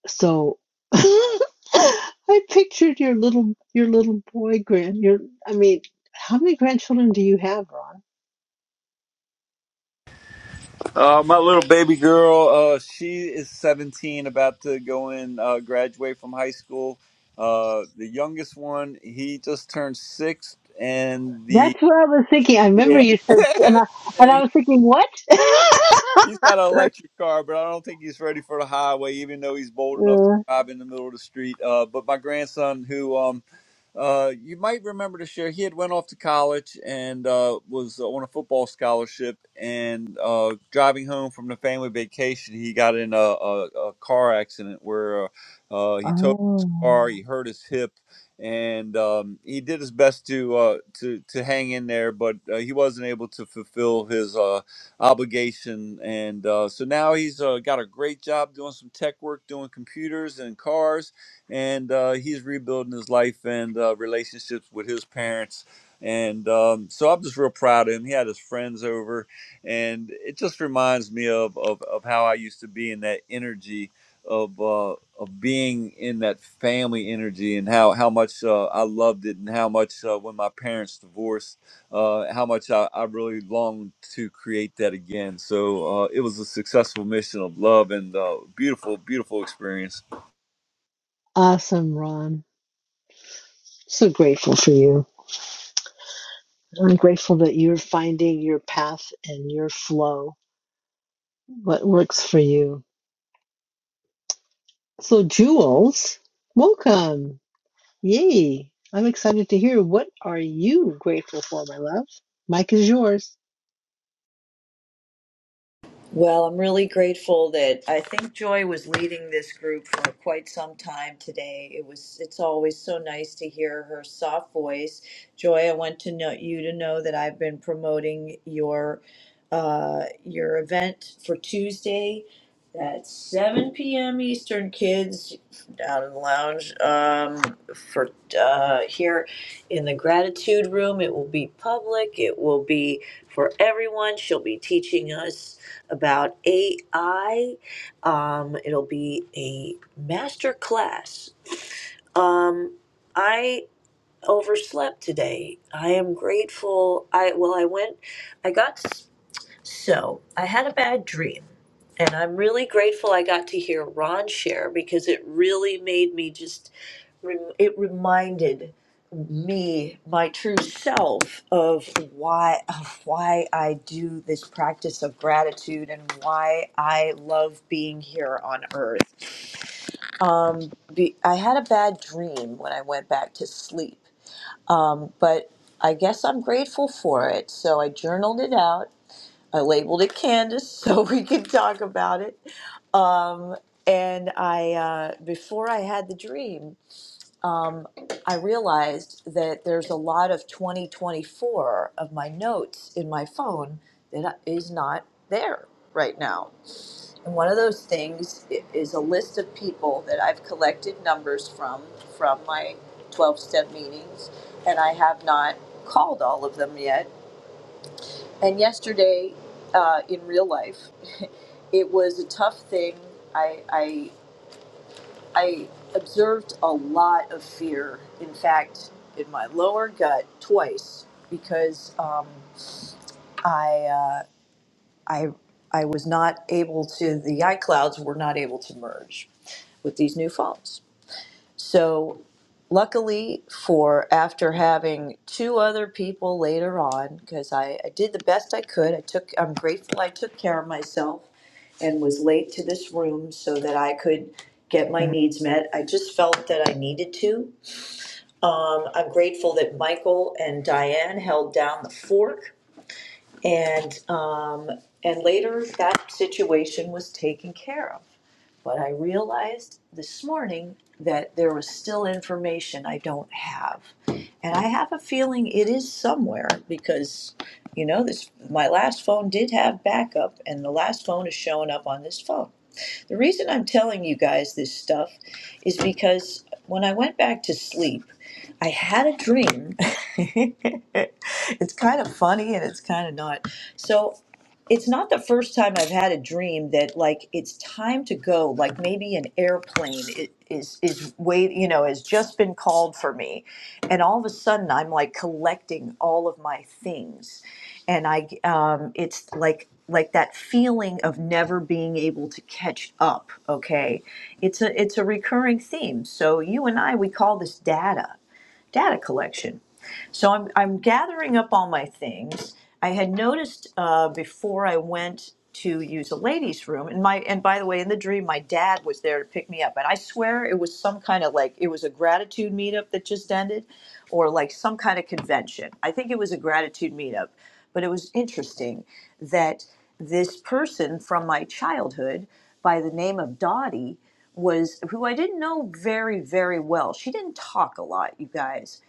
Speaker 32: So I pictured your little, your little boy grand. Your, I mean, how many grandchildren do you have, Ron?
Speaker 1: Uh, my little baby girl, uh, she is 17, about to go in, uh, graduate from high school. Uh, the youngest one, he just turned six, and
Speaker 32: That's
Speaker 1: the
Speaker 32: what I was thinking. I remember
Speaker 1: yeah,
Speaker 32: you said, and
Speaker 1: yeah
Speaker 32: I, and I
Speaker 1: he-
Speaker 32: was thinking, what?
Speaker 1: he's got an electric car, but I don't think he's ready for the highway, even though he's bold enough to
Speaker 32: Uh,
Speaker 1: drive in the middle of the street. Uh, but my grandson, who um, Uh, you might remember this year he had went off to college and uh, was on a football scholarship. And uh, driving home from the family vacation, he got in a, a, a car accident where uh, uh, he totaled his
Speaker 32: oh,
Speaker 1: car, he hurt his hip, and um, he did his best to uh, to to hang in there, but uh, he wasn't able to fulfill his uh, obligation. And uh, so now he's uh, got a great job doing some tech work, doing computers and cars and uh, he's rebuilding his life and uh, relationships with his parents. And um, so I'm just real proud of him. He had his friends over, and it just reminds me of of, of how I used to be in that energy of uh, of being in that family energy, and how how much uh, I loved it, and how much uh, when my parents divorced, uh, how much I, I really longed to create that again. So uh, it was a successful mission of love and uh, beautiful, beautiful experience.
Speaker 32: awesome, Ron. So grateful for you. I'm grateful that you're finding your path and your flow, what works for you. So, Jules, welcome. Yay. I'm excited to hear what are you grateful for, my love? Mike is yours.
Speaker 33: Well, I'm really grateful that I think Joy was leading this group for quite some time today. It was it's always so nice to hear her soft voice. Joy, I want to know you to know that I've been promoting your uh, your event for Tuesday at 7 p.m. Eastern, kids down in the lounge um, for uh, here in the gratitude room. It will be public. It will be for everyone. She'll be teaching us about AI. Um, it'll be a master class. Um, I overslept today. I am grateful. I well, I went. I got. So I had a bad dream, and I'm really grateful I got to hear Ron share because it really made me just, rem- it reminded me, my true self, of why, of why I do this practice of gratitude and why I love being here on earth. Um, be, I had a bad dream when I went back to sleep, um, but I guess I'm grateful for it. So I journaled it out I labeled it Candace so we can talk about it. Um, and I, uh, before I had the dream, um, I realized that there's a lot of 2024 of my notes in my phone that is not there right now. And one of those things i- is a list of people that I've collected numbers from from my 12 step meetings, and I have not called all of them yet and yesterday, uh, in real life, it was a tough thing. I, I, I observed a lot of fear. In fact, in my lower gut twice because um, I, uh, I, I was not able to. The iClouds were not able to merge with these new phones. So, luckily for after having two other people later on, because I, I did the best I could, I took, I'm grateful I took care of myself and was late to this room so that I could get my needs met. I just felt that I needed to. Um, I'm grateful that Michael and Diane held down the fort and um, and later that situation was taken care of. But I realized this morning that there was still information I don't have. And I have a feeling it is somewhere because you know this my last phone did have backup and the last phone is showing up on this phone. The reason I'm telling you guys this stuff is because when I went back to sleep, I had a dream. it's kind of funny and it's kind of not. So, it's not the first time I've had a dream that like it's time to go. Like maybe an airplane i- is is wait, you know, has just been called for me, and all of a sudden I'm like collecting all of my things and I um, it's like like that feeling of never being able to catch up. Okay, it's a it's a recurring theme. So you and I we call this data data collection. So I'm I'm gathering up all my things. I had noticed uh, before I went to use a ladies' room, and my and by the way, in the dream, my dad was there to pick me up, and I swear it was some kind of like it was a gratitude meetup that just ended, or like some kind of convention. I think it was a gratitude meetup but it was interesting that this person from my childhood by the name of Dottie was who I didn't know very, very well. She didn't talk a lot, you guys.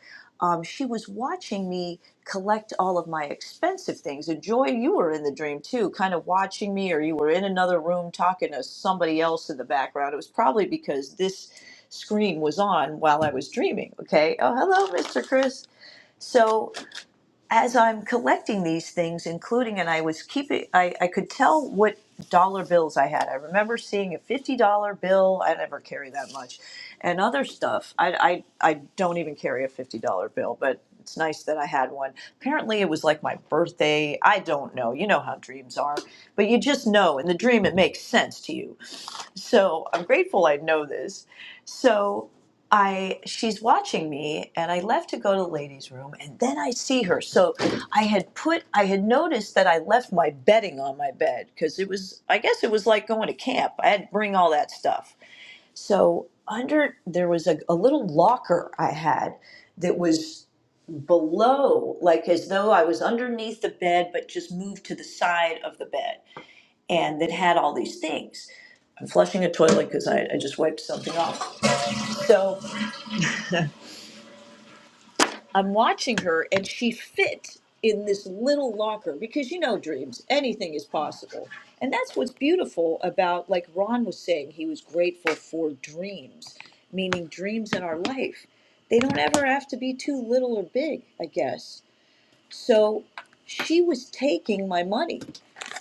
Speaker 33: Um, she was watching me collect all of my expensive things. And Joy, you were in the dream too, kind of watching me, or you were in another room talking to somebody else in the background. It was probably because this screen was on while I was dreaming. Okay. Oh, hello, Mr. Chris. So as I'm collecting these things, including, and I was keeping, I, I could tell what dollar bills I had. I remember seeing a $50 bill. I never carry that much. And other stuff. I, I, I don't even carry a $50 bill, but it's nice that I had one. Apparently, it was like my birthday. I don't know. You know how dreams are. But you just know. In the dream, it makes sense to you so I'm grateful I know this. So I she's watching me and I left to go to the ladies' room and then I see her. So I had put I had noticed that I left my bedding on my bed because it was I guess it was like going to camp. I had to bring all that stuff. So under there was a, a little locker I had that was below, like as though I was underneath the bed, but just moved to the side of the bed and that had all these things. I'm flushing a toilet because I, I just wiped something off. So I'm watching her, and she fit in this little locker because you know, dreams, anything is possible. And that's what's beautiful about, like Ron was saying, he was grateful for dreams, meaning dreams in our life. They don't ever have to be too little or big, I guess So she was taking my money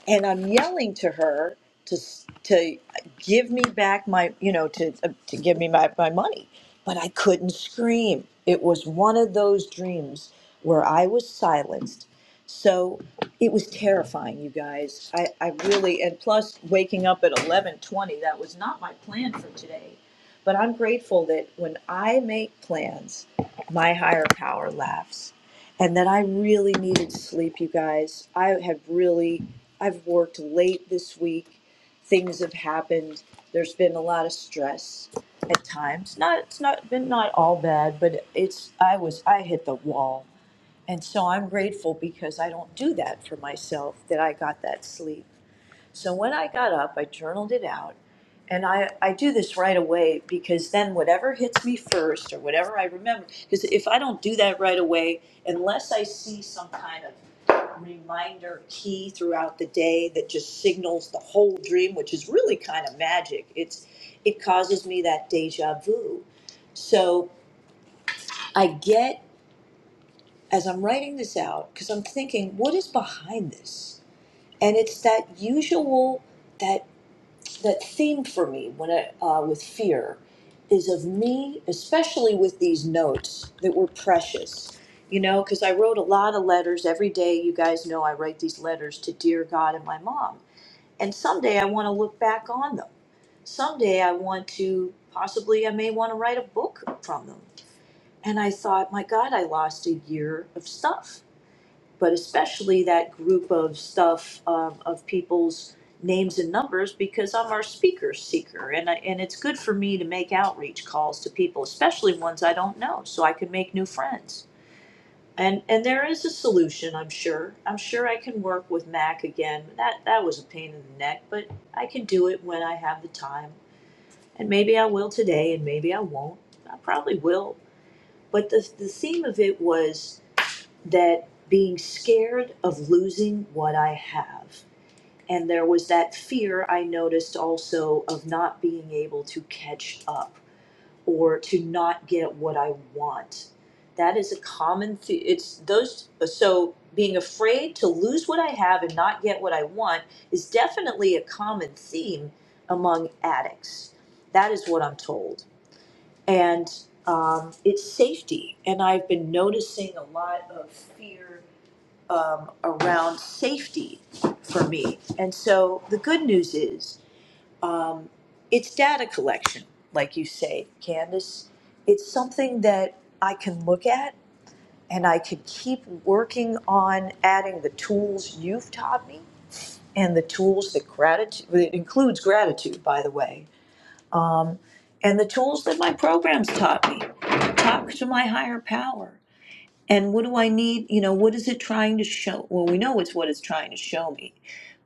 Speaker 33: and I'm yelling to her to s- to give me back my you know to uh, to give me my, my money, but I couldn't scream. It was one of those dreams where I was silenced. So it was terrifying, you guys. I, I really and plus waking up at eleven twenty, that was not my plan for today. But I'm grateful that when I make plans, my higher power laughs and that I really needed sleep, you guys. I have really, I've worked late this week. Things have happened. There's been a lot of stress at times. Not, it's not been not all bad, but it's, I was, I hit the wall. And so I'm grateful because I don't do that for myself, that I got that sleep. So when I got up, I journaled it out. And I, I do this right away because then whatever hits me first or whatever I remember, because if I don't do that right away, unless I see some kind of reminder key throughout the day that just signals the whole dream, which is really kind of magic, it's it causes me that deja vu. So I get as I'm writing this out, because I'm thinking, what is behind this? And it's that usual that that theme for me when I, uh, with fear is of me, especially with these notes that were precious. You know, because I wrote a lot of letters every day. You guys know I write these letters to dear God and my mom. And someday I want to look back on them. Someday I want to, possibly, I may want to write a book from them. And I thought, my God, I lost a year of stuff but especially that group of stuff um, of people's names and numbers because I'm our speaker seeker and I, and it's good for me to make outreach calls to people especially ones I don't know so I can make new friends and and there is a solution I'm sure I'm sure I can work with Mac again that that was a pain in the neck but I can do it when I have the time and maybe I will today and maybe I won't I probably will but the the theme of it was that being scared of losing what I have. And there was that fear I noticed also of not being able to catch up or to not get what I want. That is a common th- it's those so being afraid to lose what I have and not get what I want is definitely a common theme among addicts. That is what I'm told. And um, it's safety. And I've been noticing a lot of fear um, around safety for me. And so the good news is um, it's data collection, like you say, Candace. It's something that I can look at and I could keep working on adding the tools you've taught me and the tools that gratitude, well, it includes gratitude, by the way, um, and the tools that my programs taught me. Talk to my higher power and what do I need? You know, what is it trying to show? Well, we know it's what it's trying to show me,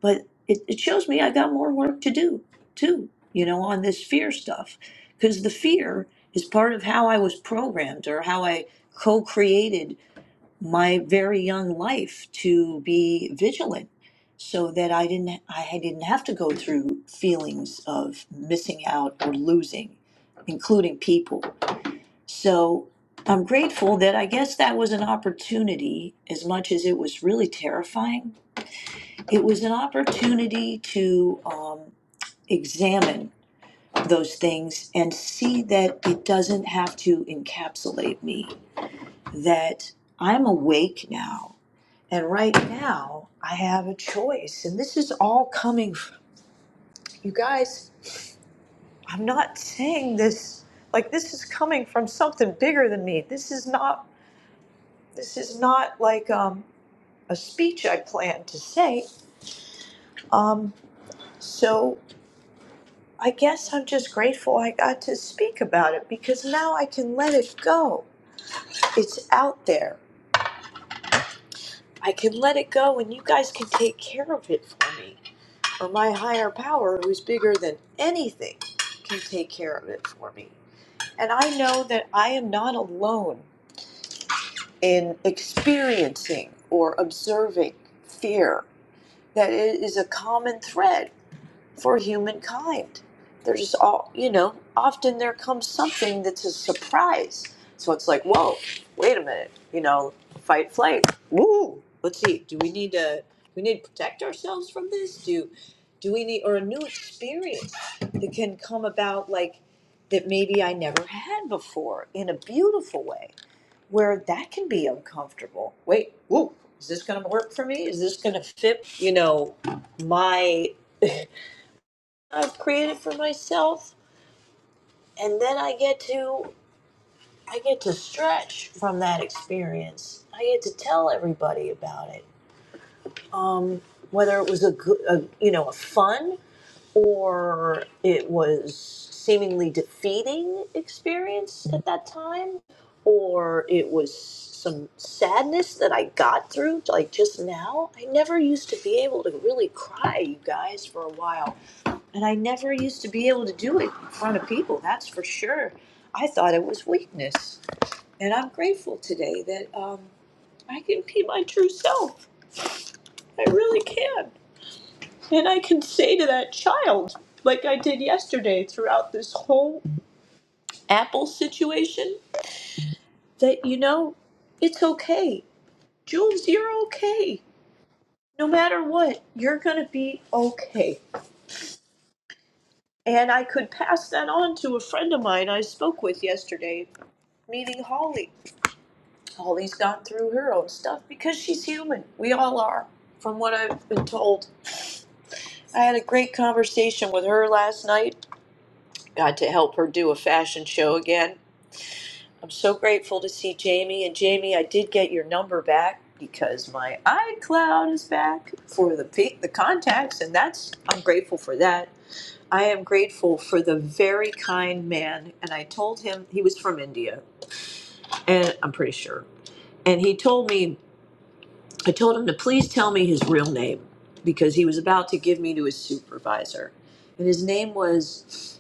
Speaker 33: but it, it shows me I got more work to do too, you know, on this fear stuff. Because the fear is part of how I was programmed or how I co created my very young life to be vigilant so that I didn't I didn't have to go through feelings of missing out or losing, including people. So I'm grateful that I guess that was an opportunity, as much as it was really terrifying. It was an opportunity to um, examine those things and see that it doesn't have to encapsulate me, that I'm awake now. And right now, I have a choice. And this is all coming from you guys. I'm not saying this like this is coming from something bigger than me. This is not, this is not like, um, a speech I planned to say. Um, so I guess I'm just grateful I got to speak about it because now I can let it go. It's out there. I can let it go and you guys can take care of it for me. Or my higher power, who's bigger than anything, can take care of it for me. And I know that I am not alone in experiencing or observing fear, that it is a common thread for humankind. There's all, you know, often there comes something that's a surprise. So it's like, whoa, wait a minute, you know, fight, flight, woo. Let's see, do we need to, we need to protect ourselves from this? Do, do we need, or a new experience that can come about like that maybe I never had before in a beautiful way where that can be uncomfortable. Wait, whoa, is this going to work for me? Is this going to fit, you know, my I've created for myself, and then I get to I get to stretch from that experience. I get to tell everybody about it, um, whether it was a, good, a you know a fun or it was seemingly defeating experience at that time, or it was some sadness that I got through like just now. I never used to be able to really cry, you guys, for a while And I never used to be able to do it in front of people, that's for sure. I thought it was weakness. And I'm grateful today that um, I can be my true self. I really can. And I can say to that child, like I did yesterday throughout this whole Apple situation, that, you know, it's okay. Jules, you're okay. No matter what, you're going to be okay. And I could pass that on to a friend of mine I spoke with yesterday, meeting Holly Holly's gone through her own stuff because she's human. We all are, from what I've been told. I had a great conversation with her last night. Got to help her do a fashion show again. I'm so grateful to see Jamie. And Jamie, I did get your number back because my iCloud is back for the pe- the contacts, and that's I'm grateful for that. I am grateful for the very kind man, and I told him he was from India, and I'm pretty sure and he told me I told him to please tell me his real name because he was about to give me to his supervisor. And his name was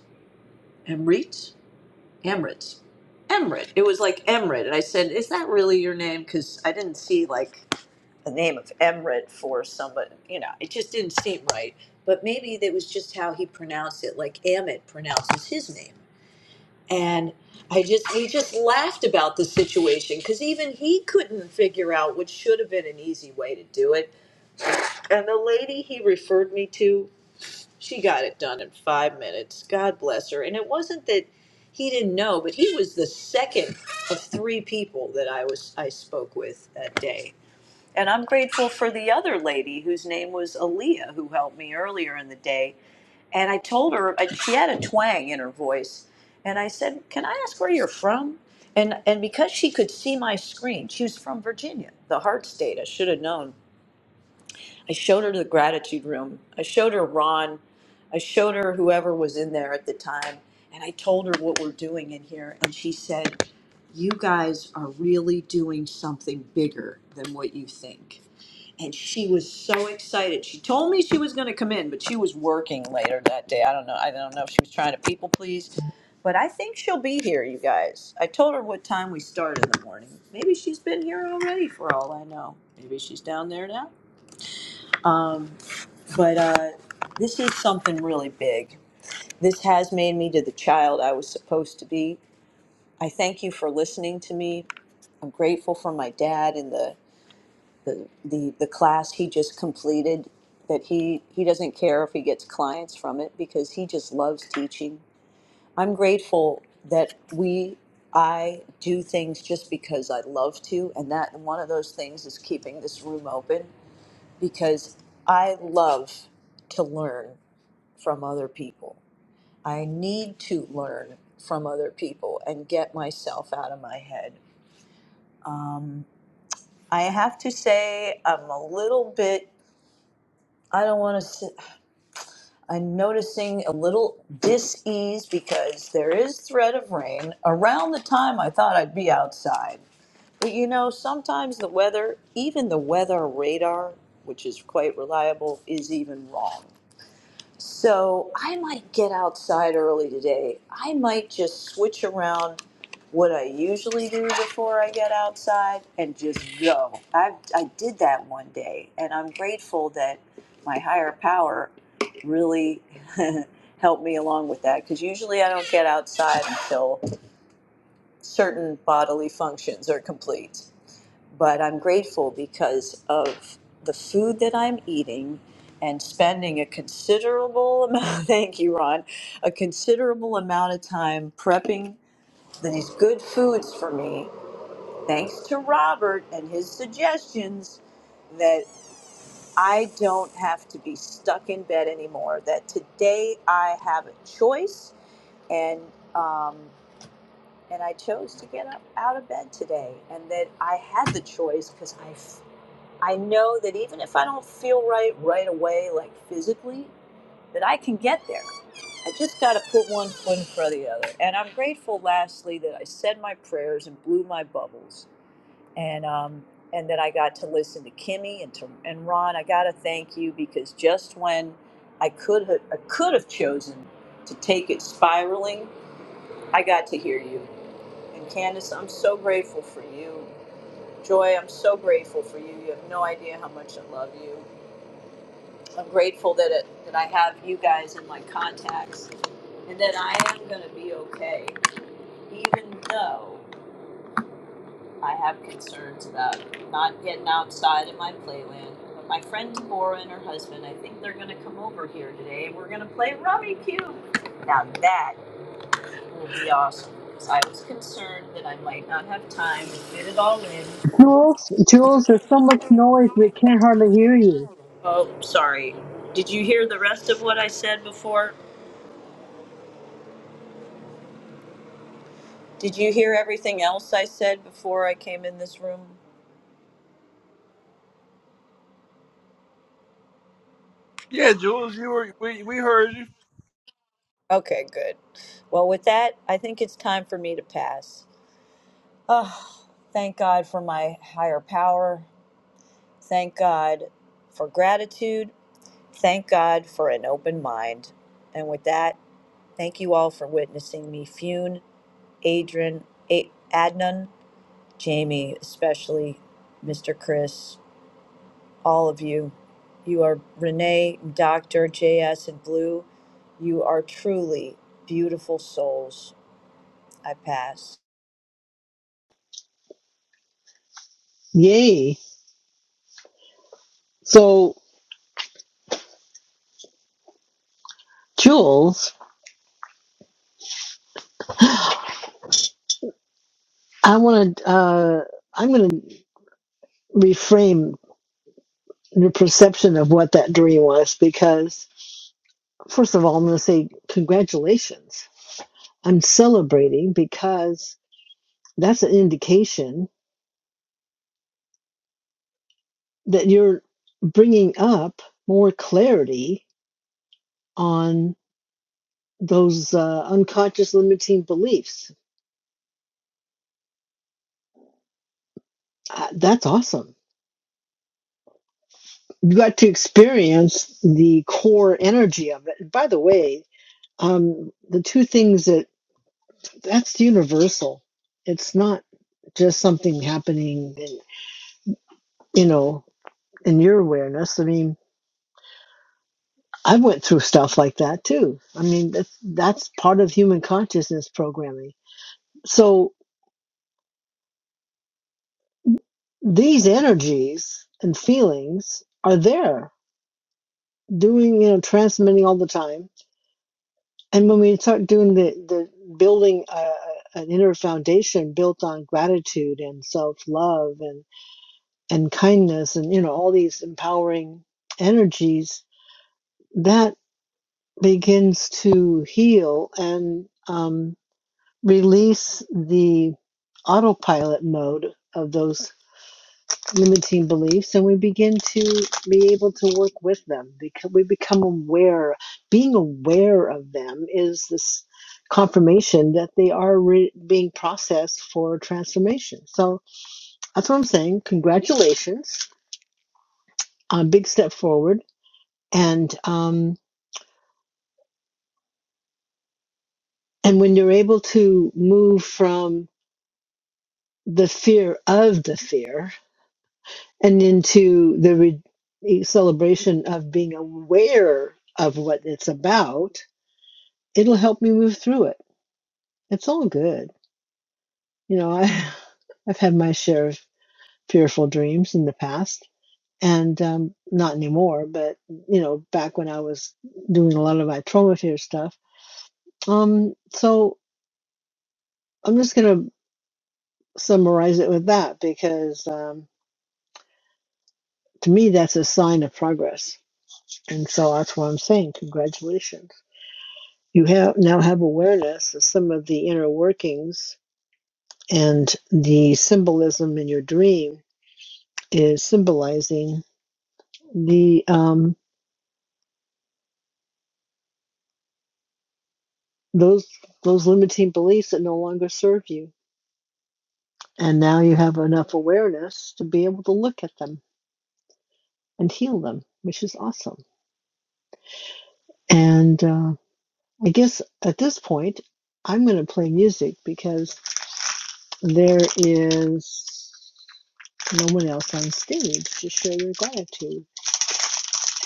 Speaker 33: Emrit? Emrit. Emrit. It was like Emrit. And I said, Is that really your name? Because I didn't see like the name of Emrit for somebody. You know, it just didn't seem right. But maybe that was just how he pronounced it, like Amit pronounces his name. And I just, we just laughed about the situation because even he couldn't figure out what should have been an easy way to do it and the lady he referred me to, she got it done in five minutes. God bless her. And it wasn't that he didn't know, but he was the second of three people that I was I spoke with that day. And I'm grateful for the other lady whose name was Aaliyah, who helped me earlier in the day. And I told her I, she had a twang in her voice, and I said, "Can I ask where you're from?" And and because she could see my screen, she was from Virginia, the heart state. I should have known I showed her the gratitude room. I showed her Ron. I showed her whoever was in there at the time. And I told her what we're doing in here. And she said, You guys are really doing something bigger than what you think. And she was so excited. She told me she was going to come in, but she was working later that day. I don't know. I don't know if she was trying to people please. But I think she'll be here, you guys. I told her what time we start in the morning. Maybe she's been here already for all I know. Maybe she's down there now. Um, but uh, this is something really big. This has made me to the child I was supposed to be. I thank you for listening to me. I'm grateful for my dad and the the, the, the class he just completed that he, he doesn't care if he gets clients from it because he just loves teaching. I'm grateful that we I do things just because I love to and that one of those things is keeping this room open because I love to learn from other people. I need to learn from other people and get myself out of my head. I have to say, I'm a little bit, I don't want to, I'm noticing a little dis ease because there is threat of rain around the time I thought I'd be outside. But you know, sometimes the weather, even the weather radar, which is quite reliable, is even wrong. So I might get outside early today. I might just switch around what I usually do before I get outside and just go. I I did that one day, and I'm grateful that my higher power really helped me along with that because usually I don't get outside until certain bodily functions are complete but I'm grateful because of the food that I'm eating and spending a considerable amount, thank you, Ron, a considerable amount of time prepping these good foods for me, thanks to Robert and his suggestions that I don't have to be stuck in bed anymore, that today I have a choice and, um, and I chose to get up out of bed today, and that I had the choice because I I know that even if I don't feel right right away, like physically, that I can get there. I just got to put one foot in front of the other. And I'm grateful, lastly, that I said my prayers and blew my bubbles, and um, and that I got to listen to Kimmy and to and Ron. I got to thank you because just when I could have I could have chosen to take it spiraling, I got to hear you. And Candace, I'm so grateful for you. Joy, I'm so grateful for you. You have no idea how much I love you. I'm grateful that it, that I have you guys in my contacts and that I am going to be okay, even though I have concerns about not getting outside in my playland. But my friend Deborah and her husband, I think they're going to come over here today and we're going to play Rummy Cube. Now that will be awesome. Because I was concerned that I might not have time to fit it all in.
Speaker 32: Jules, Jules, there's so much noise we can't hardly hear you.
Speaker 33: Oh, sorry. Did you hear the rest of what I said before? Did you hear everything else I said before I came in this room?
Speaker 1: Yeah, Jules, you were we, we heard you.
Speaker 33: Okay, good. Well, with that, I think it's time for me to pass. Oh, thank God for my higher power. Thank God for gratitude. Thank God for an open mind. And with that, thank you all for witnessing me Fune, Adrian, A- Adnan, Jamie, especially Mr. Chris. all of you. You are Renee, Dr. JS, and Blue. You are truly beautiful souls. I pass.
Speaker 32: Yay. So, Jules, I want to, uh, I'm going to reframe your perception of what that dream was because, first of all, I'm going to say congratulations I'm celebrating because that's an indication that you're bringing up more clarity on those uh, unconscious limiting beliefs. Uh, that's awesome. You got to experience the core energy of it. by the way, um, the two things that that's universal. It's not just something happening, in, you know, in your awareness. I mean, I went through stuff like that too. I mean, that's, that's part of human consciousness programming. So these energies and feelings are there, doing, you know, transmitting all the time. And when we start doing the, the building a, an inner foundation built on gratitude and self love and, and kindness and, you know, all these empowering energies, that begins to heal and, um, release the autopilot mode of those limiting beliefs and we begin to be able to work with them because we become aware being aware of them is this confirmation that they are re- being processed for transformation so that's what i'm saying congratulations a big step forward and um and when you're able to move from the fear of the fear and into the re- celebration of being aware of what it's about, it'll help me move through it. It's all good. You know, I, I've had my share of fearful dreams in the past and um, not anymore, but, you know, back when I was doing a lot of my trauma fear stuff. Um, so I'm just going to summarize it with that because um, to me, that's a sign of progress. And so that's what I'm saying. Congratulations. you have now have awareness of some of the inner workings and the symbolism in your dream is symbolizing the um, those those limiting beliefs that no longer serve you and now you have enough awareness to be able to look at them and heal them which is awesome and uh, i guess at this point i'm going to play music because there is no one else on stage to share your gratitude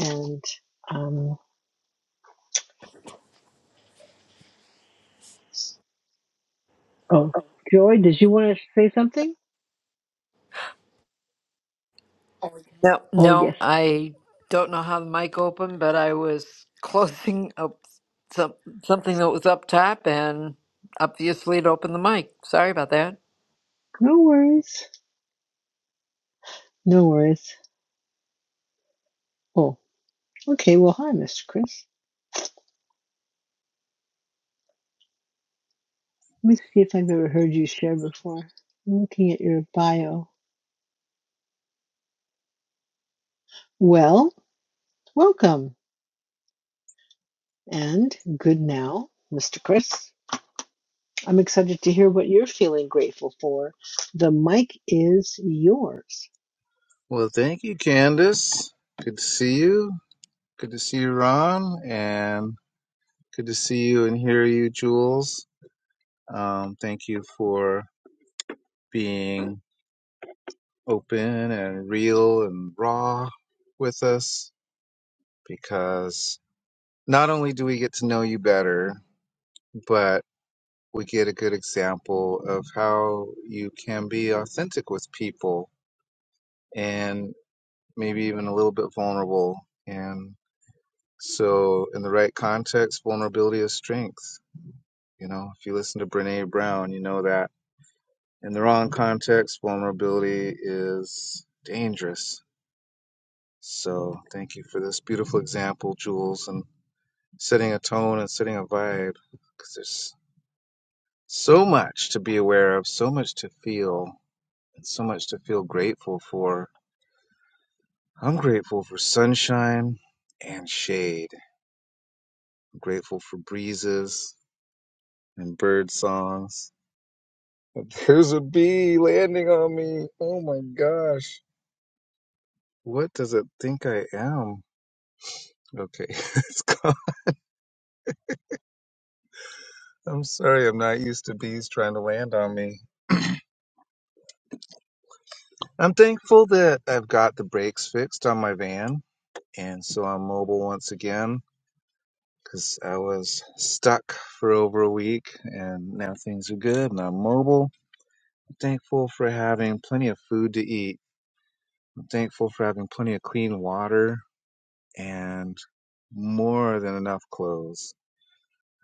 Speaker 32: And um, oh, Joy, did you want to say something?
Speaker 24: No,
Speaker 32: Oh,
Speaker 24: no,
Speaker 32: yes.
Speaker 24: I don't know how the mic opened, but I was closing up some, something that was up top, and obviously it opened the mic. Sorry about that.
Speaker 32: No worries. No worries. Oh, okay. Well, hi, Mr. Chris. Let me see if I've ever heard you share before. I'm looking at your bio. Well, welcome and good now, Mr. Chris. I'm excited to hear what you're feeling grateful for. The mic is yours.
Speaker 34: Well, thank you, Candace. Good to see you. Good to see you, Ron, and good to see you and hear you, Jules. Um, thank you for being open and real and raw with us because not only do we get to know you better, but we get a good example of how you can be authentic with people and maybe even a little bit vulnerable. and. So, in the right context, vulnerability is strength. You know, if you listen to Brene Brown, you know that. In the wrong context, vulnerability is dangerous. So, thank you for this beautiful example, Jules, and setting a tone and setting a vibe because there's so much to be aware of, so much to feel, and so much to feel grateful for. I'm grateful for sunshine and shade. I'm grateful for breezes and bird songs Here's a bee landing on me. Oh my gosh. What does it think I am? Okay, it's gone. I'm sorry, I'm not used to bees trying to land on me. I'm thankful that I've got the brakes fixed on my van, and so I'm mobile once again because I was stuck for over a week, and now things are good and I'm mobile. I'm thankful for having plenty of food to eat. I'm thankful for having plenty of clean water and more than enough clothes.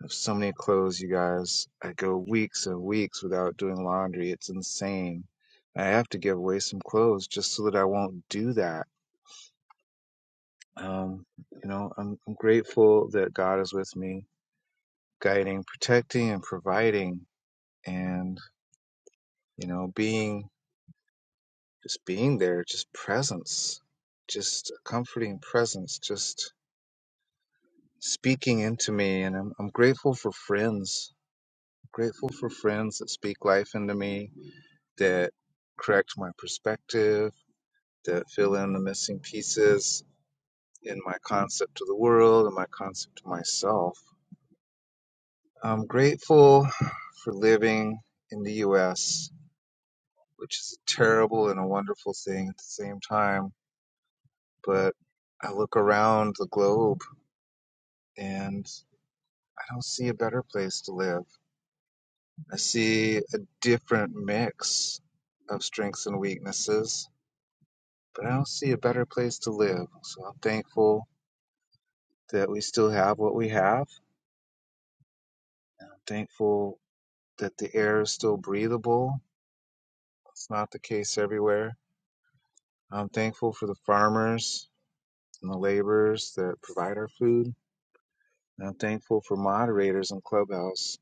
Speaker 34: have so many clothes, you guys. I go weeks and weeks without doing laundry. It's insane. I have to give away some clothes just so that I won't do that. Um, you know, I'm, I'm grateful that God is with me, guiding, protecting, and providing, and, you know, being just being there, just presence, just a comforting presence, just speaking into me. And I'm, I'm grateful for friends, grateful for friends that speak life into me that correct my perspective, that fill in the missing pieces in my concept of the world and my concept of myself. I'm grateful for living in the US, which is a terrible and a wonderful thing at the same time, but I look around the globe and I don't see a better place to live. I see a different mix of strengths and weaknesses, but I don't see a better place to live. So I'm thankful that we still have what we have. I'm thankful that the air is still breathable. It's not the case everywhere. I'm thankful for the farmers and the laborers that provide our food. And I'm thankful for moderators in Clubhouse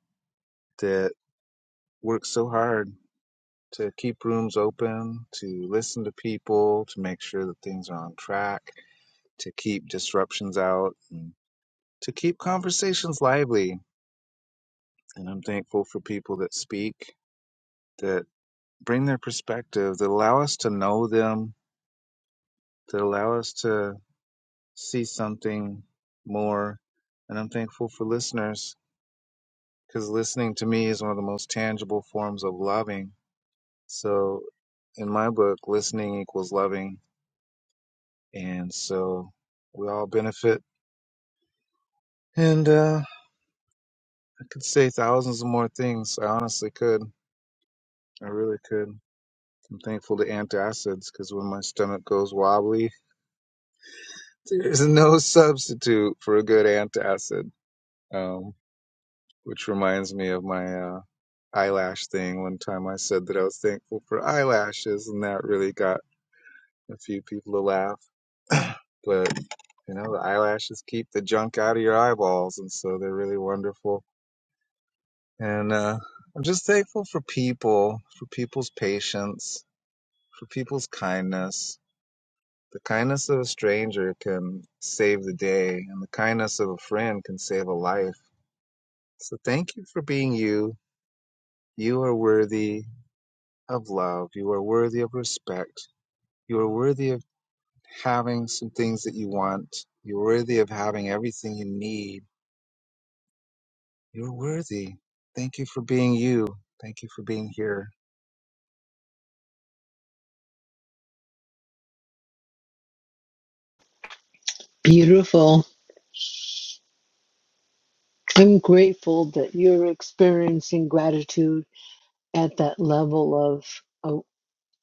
Speaker 34: that work so hard to keep rooms open, to listen to people, to make sure that things are on track, to keep disruptions out, and to keep conversations lively. And I'm thankful for people that speak that. bring their perspective that allow us to know them, that allow us to see something more. And I'm thankful for listeners because listening to me is one of the most tangible forms of loving. So, in my book, listening equals loving. And so we all benefit. And uh, I could say thousands of more things. I honestly could. I really could. I'm thankful to antacids because when my stomach goes wobbly, there's no substitute for a good antacid. um, which reminds me of my uh, eyelash thing. One time I said that I was thankful for eyelashes, and that really got a few people to laugh. but you know, the eyelashes keep the junk out of your eyeballs, and so they're really wonderful. And uh, I'm just thankful for people, for people's patience, for people's kindness. The kindness of a stranger can save the day, and the kindness of a friend can save a life. So thank you for being you. You are worthy of love. You are worthy of respect. You are worthy of having some things that you want. You're worthy of having everything you need. You're worthy. Thank you for being you. Thank you for being here.
Speaker 32: Beautiful. I'm grateful that you're experiencing gratitude at that level of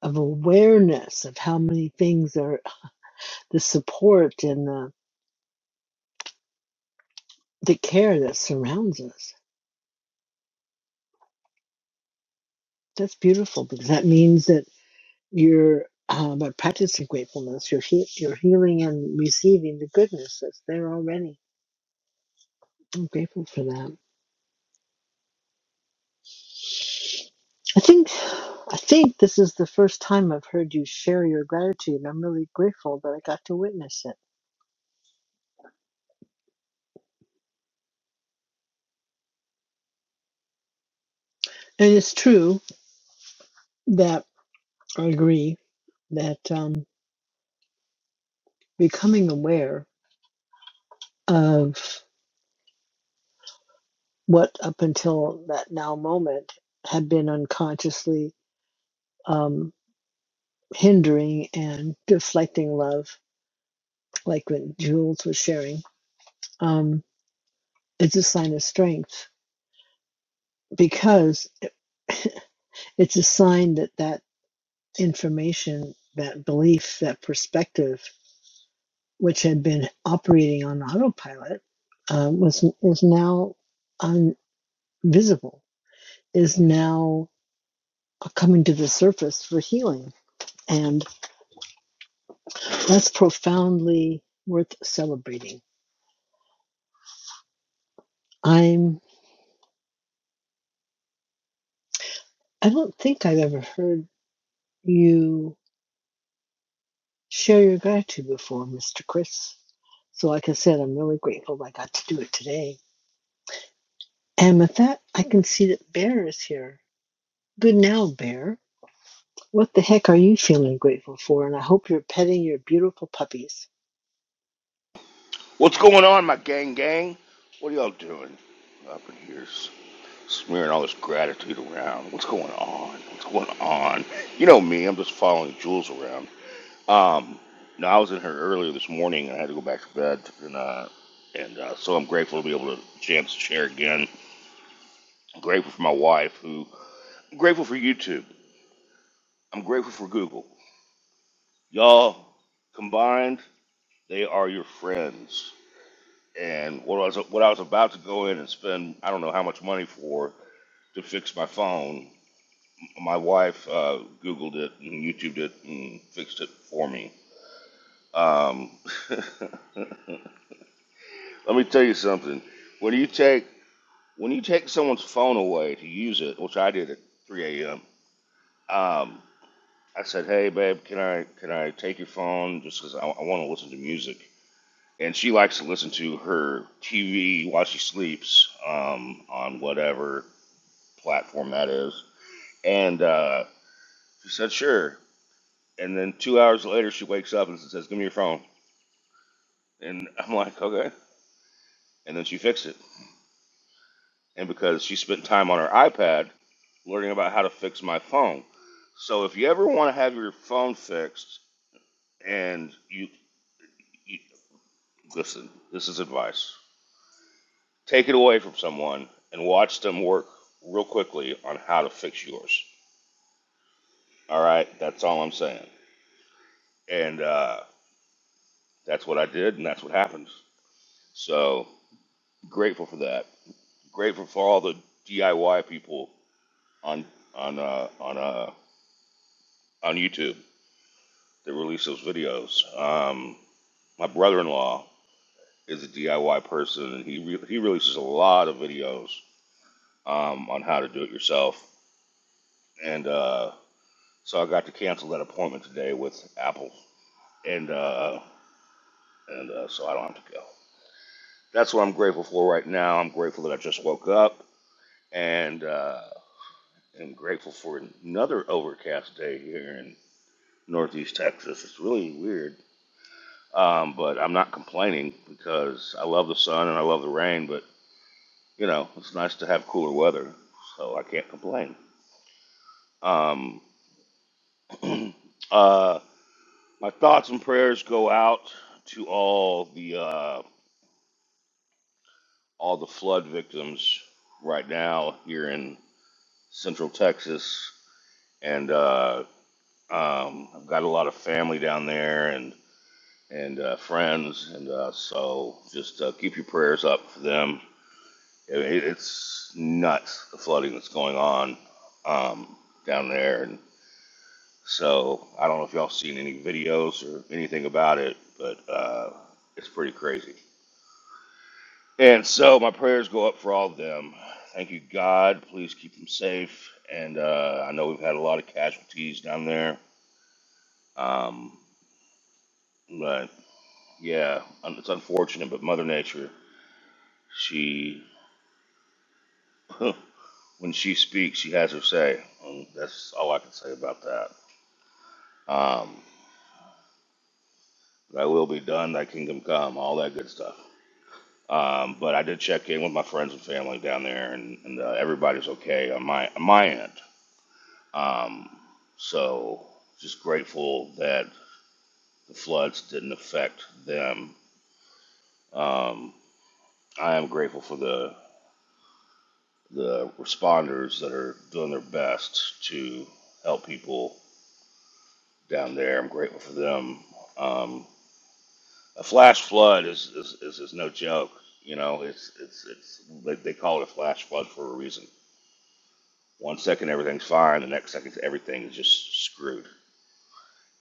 Speaker 32: of awareness of how many things are the support and the, the care that surrounds us. That's beautiful because that means that you're uh, by practicing gratefulness, you're he- you're healing and receiving the goodness that's there already. I'm grateful for that. I think I think this is the first time I've heard you share your gratitude. and I'm really grateful that I got to witness it. And it's true that I agree that um, becoming aware of what up until that now moment had been unconsciously um, hindering and deflecting love, like when Jules was sharing, um, it's a sign of strength because it's a sign that that information, that belief, that perspective, which had been operating on autopilot, um, was is now un- visible, is now uh, coming to the surface for healing and. That's profoundly worth celebrating. I'm I don't think I've ever heard you share your gratitude before, Mr. Chris. So like I said, I'm really grateful I got to do it today. And with that, I can see that Bear is here. Good now, Bear. What the heck are you feeling grateful for? And I hope you're petting your beautiful puppies.
Speaker 23: What's going on, my gang gang? What are y'all doing up in here? smearing all this gratitude around. What's going on? What's going on? You know me, I'm just following Jules around. Um, now I was in here earlier this morning and I had to go back to bed, and uh, and uh, so I'm grateful to be able to jam this chair again. I'm grateful for my wife, who I'm grateful for YouTube. I'm grateful for Google. Y'all combined, they are your friends. And what I was what I was about to go in and spend I don't know how much money for to fix my phone My wife uh, Googled it and YouTubed it and fixed it for me. Um, let me tell you something. When you take when you take someone's phone away to use it, which I did at 3 a.m. Um, I said, "Hey, babe, can I can I take your phone just 'cause I, I want to listen to music?" And she likes to listen to her TV while she sleeps um, on whatever platform that is. And uh, she said, "Sure." And then two hours later, she wakes up and says, "Give me your phone." And I'm like, "Okay." And then she fixed it. And because she spent time on her iPad learning about how to fix my phone, so if you ever want to have your phone fixed, and you, you listen, this is advice: take it away from someone and watch them work real quickly on how to fix yours. All right, that's all I'm saying. And uh, that's what I did, and that's what happened. So grateful for that. Grateful for all the DIY people on on uh, on uh, on YouTube that release those videos. Um, my brother-in-law is a DIY person, and he re- he releases a lot of videos um, on how to do it yourself. And uh, so I got to cancel that appointment today with Apple, and uh, and uh, so I don't have to go. That's what I'm grateful for right now. I'm grateful that I just woke up, and uh, I'm grateful for another overcast day here in Northeast Texas. It's really weird, um, but I'm not complaining because I love the sun and I love the rain. But you know, it's nice to have cooler weather, so I can't complain. Um, uh, my thoughts and prayers go out to all the uh, all the flood victims right now here in Central Texas, and uh, um, I've got a lot of family down there and and uh, friends, and uh, so just uh, keep your prayers up for them I mean, it's nuts the flooding that's going on um, down there, and so I don't know if y'all seen any videos or anything about it, but uh, it's pretty crazy. And so my prayers go up for all of them. Thank you, God. Please keep them safe. And uh, I know we've had a lot of casualties down there, um, but yeah, it's unfortunate. But Mother Nature, she when she speaks, she has her say. And that's all I can say about that. Um, Thy will be done, thy kingdom come, all that good stuff. Um, but I did check in with my friends and family down there, and, and uh, everybody's okay on my on my end. Um, so just grateful that the floods didn't affect them. Um, I am grateful for the the responders that are doing their best to help people down there. I'm grateful for them. Um, a flash flood is is, is, is no joke. You know, it's it's it's they, they call it a flash flood for a reason. One second everything's fine, the next second everything is just screwed.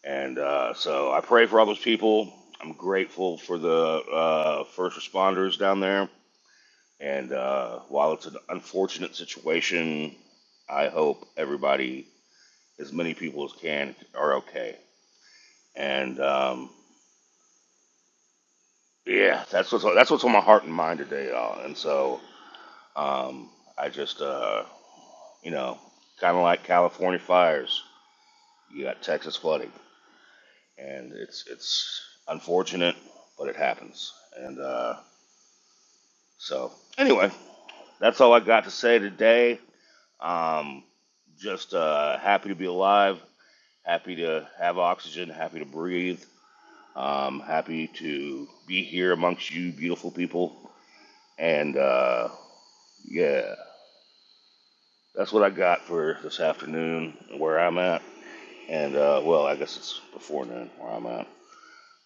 Speaker 23: And uh, so I pray for all those people. I'm grateful for the uh, first responders down there. And uh, while it's an unfortunate situation, I hope everybody, as many people as can, are okay. And um, yeah, that's what's that's what's on my heart and mind today, y'all. And so Um, I just, uh, you know, kind of like California fires, you got Texas flooding, and it's it's unfortunate, but it happens. And uh, so, anyway, that's all I got to say today. Um, just uh, happy to be alive, happy to have oxygen, happy to breathe, um, happy to be here amongst you beautiful people, and uh, yeah, that's what I got for this afternoon, where I'm at. and uh, well, I guess it's before noon where I'm at.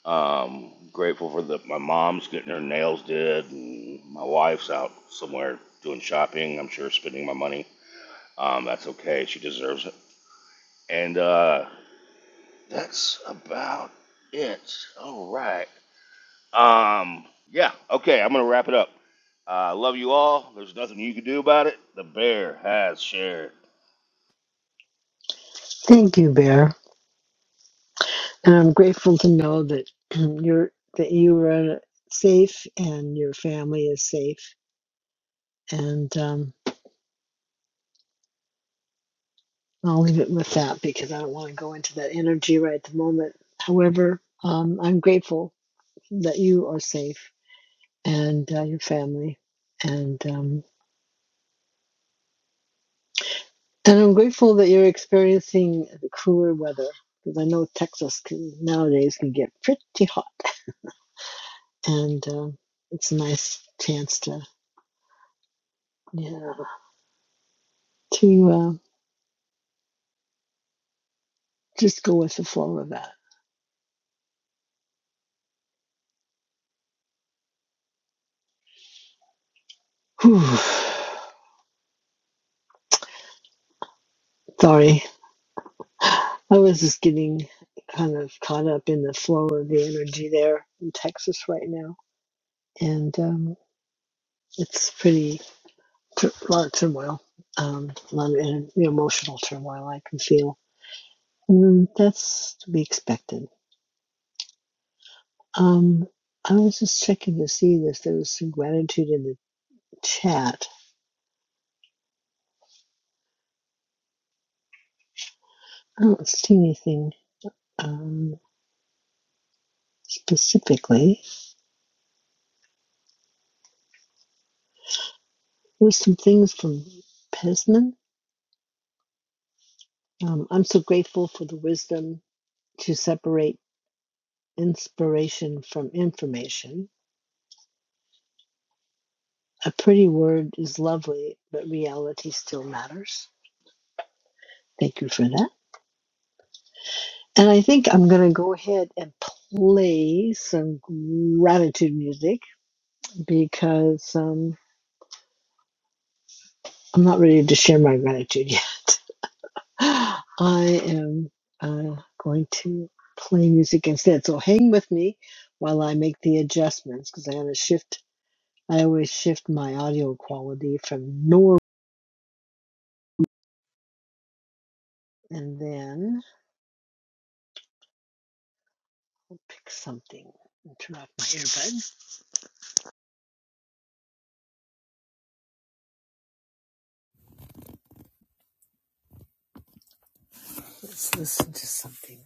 Speaker 23: Um, grateful for that. My mom's getting her nails did, and my wife's out somewhere doing shopping. I'm sure spending my money. Um, that's okay. She deserves it. And uh, that's about it. All right. Um, yeah. Okay. I'm gonna wrap it up. I Uh, love you all. There's nothing you can do about it. The bear has shared.
Speaker 32: Thank you, Bear. And I'm grateful to know that you're that you are safe and your family is safe. And um, I'll leave it with that because I don't want to go into that energy right at the moment. However, um, I'm grateful that you are safe and uh, your family, and um, and I'm grateful that you're experiencing the cooler weather because I know Texas can, nowadays can get pretty hot, and um it's a nice chance to yeah to uh, just go with the flow of that. Whew. Sorry, I was just getting kind of caught up in the flow of the energy there in Texas right now, and um, it's pretty tur a lot of turmoil, um, a lot of en- the emotional turmoil I can feel. Mm, that's to be expected. Um, I was just checking to see if there was some gratitude in the chat. I don't see anything um, specifically. There's some things from Pesman. Um, I'm so grateful for the wisdom to separate inspiration from information. A pretty word is lovely, but reality still matters. Thank you for that. And I think I'm going to go ahead and play some gratitude music because um, I'm not ready to share my gratitude yet. I am uh, going to play music instead. So hang with me while I make the adjustments because I'm going to shift. I always shift my audio quality from normal and then pick something and turn off my earbuds. Let's listen to something.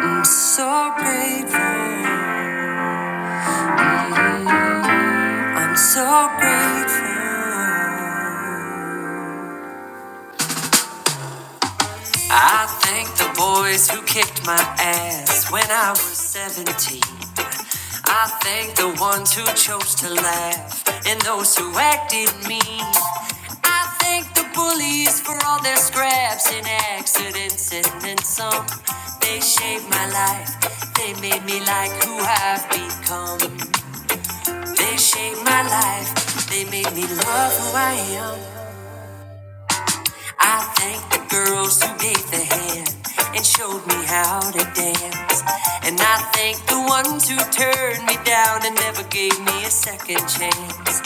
Speaker 32: I'm so grateful. I'm so grateful. I thank the boys who kicked my ass when I was 17. I thank the ones who chose to laugh and those who acted mean. I thank the bullies for all their scraps and accidents and then some. They shaped my life. They made me like who I've become. They shaped my life. They made me love who I am. I thank the girls who gave the hand and showed me how to dance. And I thank the ones who turned me down and never gave me a second chance.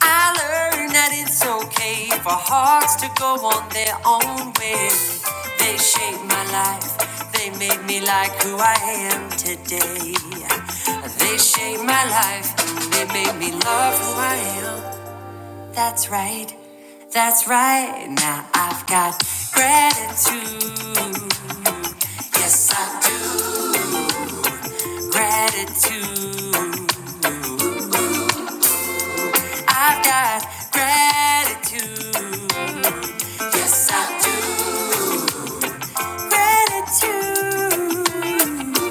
Speaker 32: I learned that it's okay for hearts to go on their own way. They shaped my life, they made me like who I am today. They shaped my life, they made me love who I am. That's right. That's right. Now I've got gratitude. Yes, I do. Gratitude. I've got gratitude. Yes, I do. Gratitude.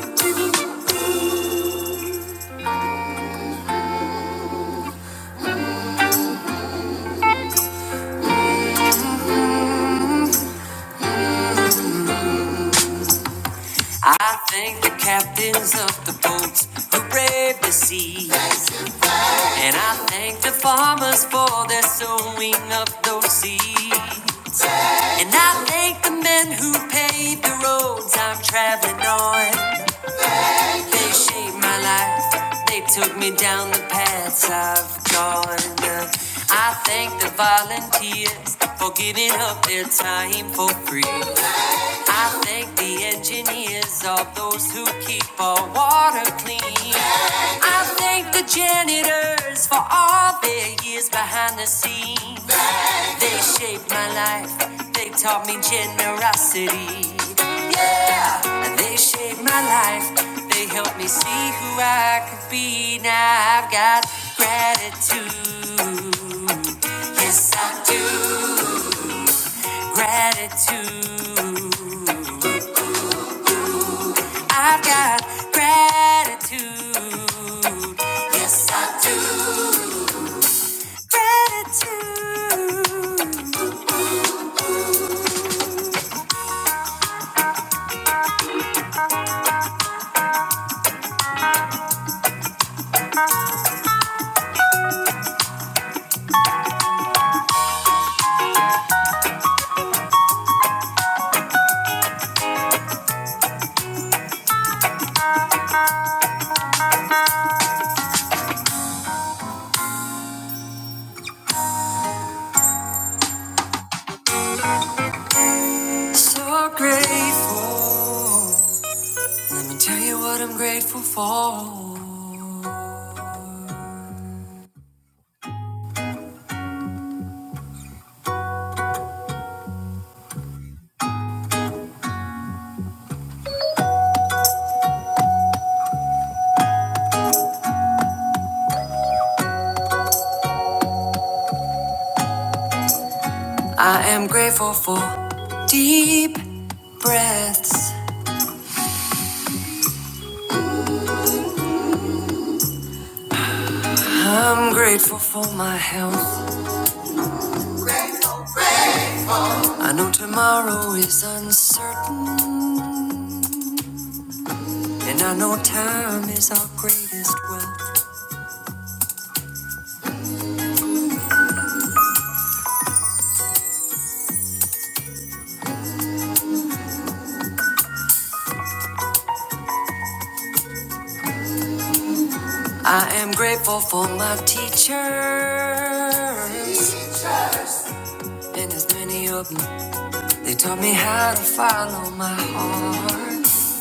Speaker 32: I thank the captains of the boats who brave the sea. And I thank the farmers for their sowing of those seeds. And I thank the men who paved the roads I'm traveling on. They shaped my life. They took me down the paths I've gone. I thank the volunteers for giving up their time for free. I thank the engineers, all those who keep our water clean. I thank the janitors for all their years behind the scenes. They shaped my life. They taught me generosity. They shaped my life. They helped me see who I could be. Now I've got gratitude. Yes, I do. Gratitude. I've got gratitude. Yes, I do. Gratitude. So grateful. Let me tell you what I'm grateful for. I am grateful for deep breaths. I'm grateful for my health. I know tomorrow is uncertain, and I know time is our greatest wealth. I am grateful for my teachers, and there's many of them. They taught me how to follow my heart.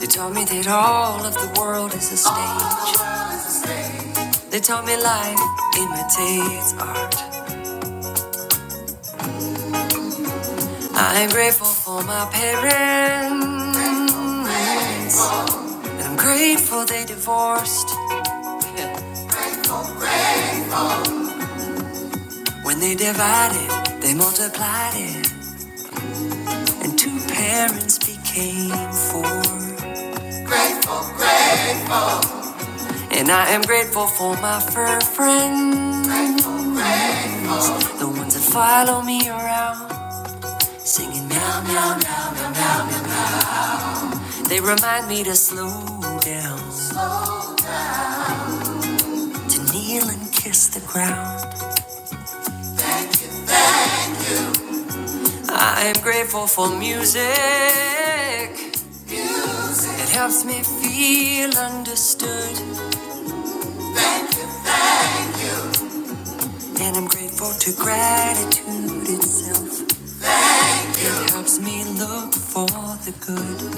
Speaker 32: They taught me that all of the world is a stage. They told me life imitates art. I'm grateful for my parents. And I'm grateful they divorced. When they divided, they multiplied it. And two parents became four. And I am grateful for my fur friends. The ones that follow me around. Singing meow, meow, meow, meow, meow. They remind me to slow down. to kneel and kiss the ground. I am grateful for music. It helps me feel understood. And I'm grateful to gratitude itself. It helps me look for the good.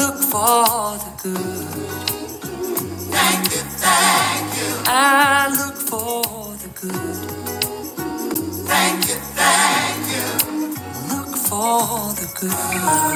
Speaker 32: Look for the good. I look for the good. Look for the good.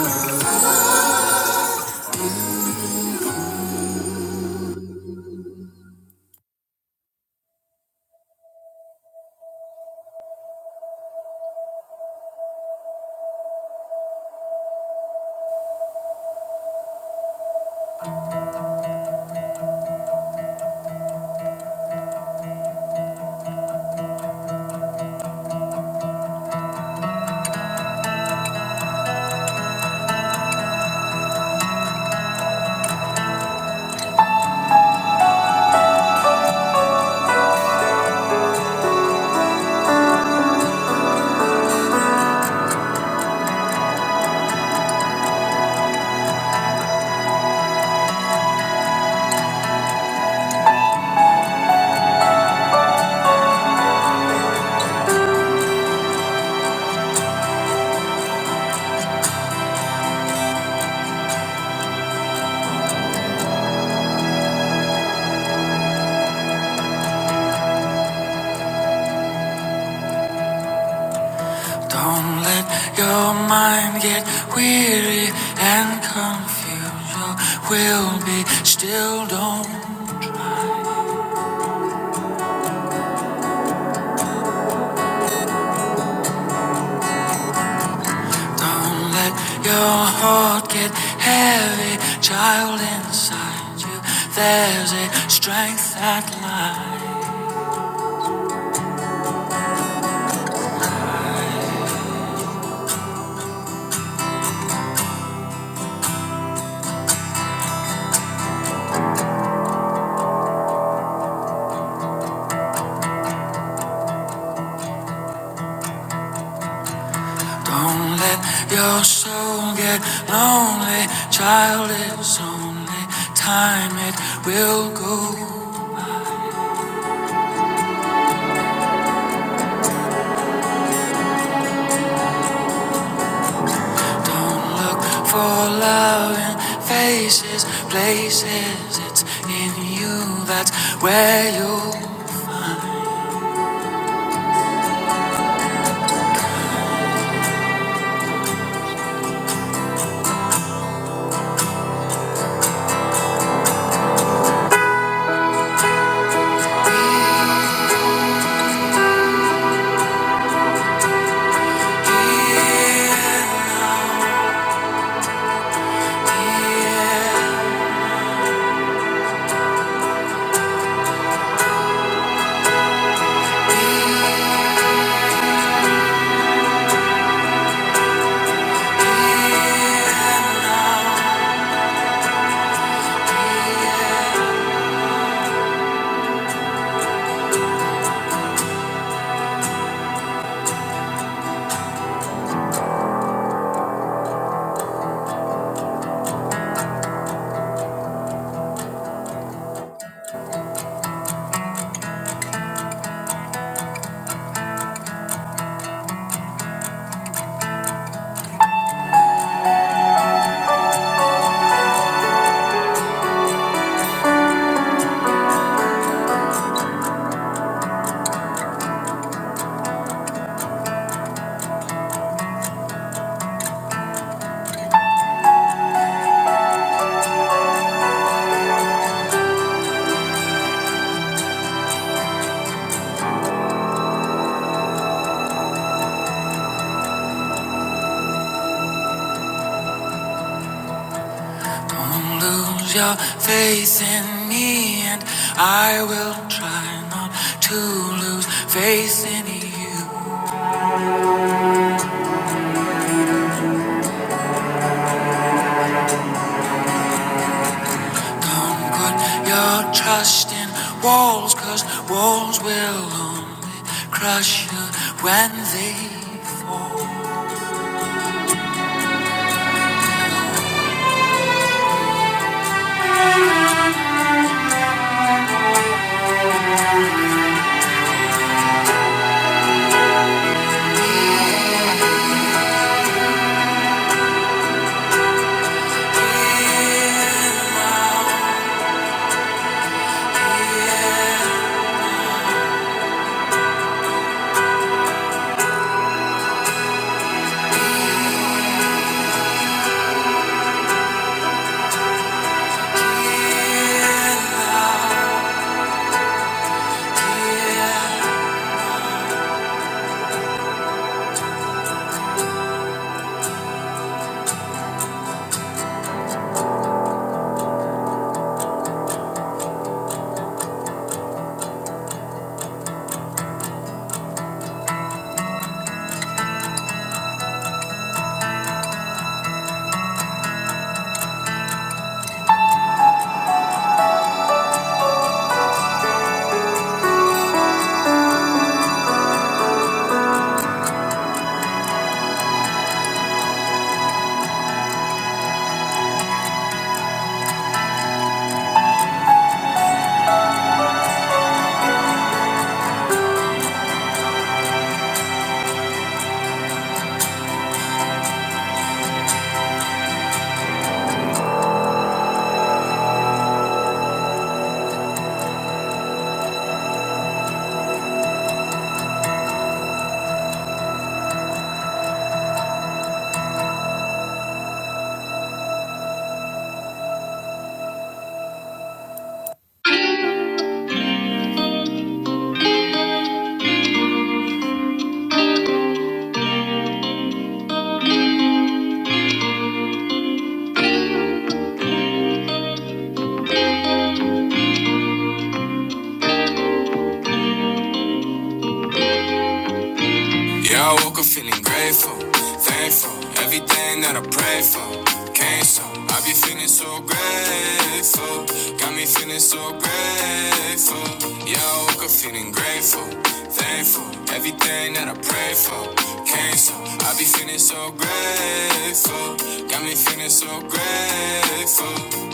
Speaker 32: Don't let your mind get weary and confused. You will be still. Don't don't let your heart get heavy, child inside you. There's a strength that lies. Don't let your soul get lonely, child. It's only time it will go. Don't look for love in faces, places. It's in you. That's where you. Here now, here, here now, here. Don't lose your faith in me, and I will try not to lose faith in you. Don't put your trust in walls, cause walls will only crush you when they fall. Dear Lord, dear, dear Lord, dear Yeah, I woke up feeling grateful, thankful. Everything that I pray for came so. I be feeling so grateful, got me feeling so grateful. Yeah, I woke up feeling grateful, thankful. Everything that I pray for came so. I be feeling so grateful, got me feeling so grateful.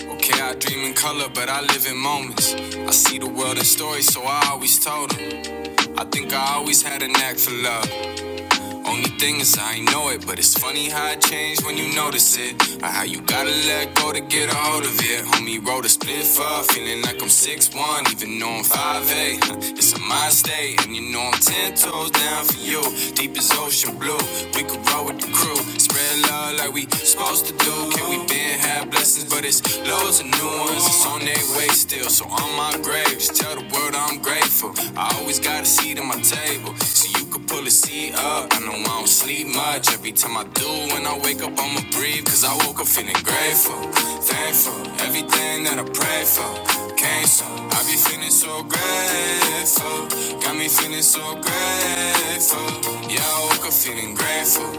Speaker 32: Okay, I dream in color, but I live in moments. I see the world in stories, so I always told them. I think I always had a knack for love. Only thing is, I ain't know it, but it's funny how it changed when you notice it. Or how you gotta let go to get a hold of it. Homie wrote a split up, feeling like I'm six one, even though I'm five eight. It's a mind state, and you know I'm 10 toes down for you. Deep as ocean blue, we could roll with the crew. Spread love like we supposed to do. Can we been have blessings, but it's low Loads of new ones, it's on their way still. So on my grave, just tell the world I'm grateful. I always got a seat at my table, so you could pull a seat up. I know I don't sleep much. Every time I do, when I wake up, I'ma breathe. Cause I woke up feeling grateful, thankful. Everything that I pray for came so. I be feeling so grateful, got me feeling so grateful. Yeah, I woke up feeling feeling grateful,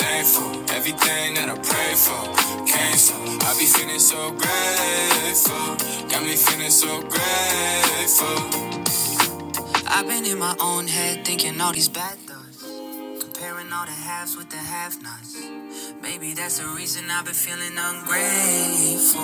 Speaker 32: thankful. Everything that I pray for came so. I be feeling so grateful, got me feeling so grateful. I've been in my own head thinking all these bad thoughts. Comparing all the halves with the have nots. Maybe that's the reason I've been feeling ungrateful.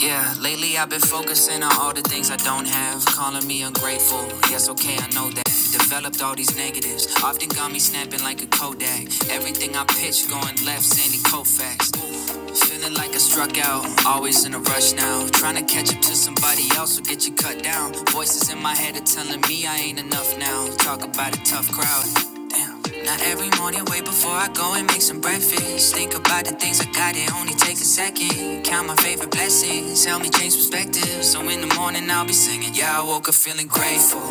Speaker 32: Yeah, lately I've been focusing on all the things I don't have. Calling me ungrateful. Yes, okay, I know that. Developed all these negatives. Often got me snapping like a Kodak. Everything I pitch going left, Sandy Koufax. Feeling like I struck out, always in a rush now. Trying to catch up to somebody else will get you cut down. Voices in my head are telling me I ain't enough now. Talk about a tough crowd. Damn. Now every morning, way before I go and make some breakfast. Think about the things I got, it only takes a second. Count my favorite blessings, help me change perspective. So in the morning, I'll be singing. Yeah, I woke up feeling grateful,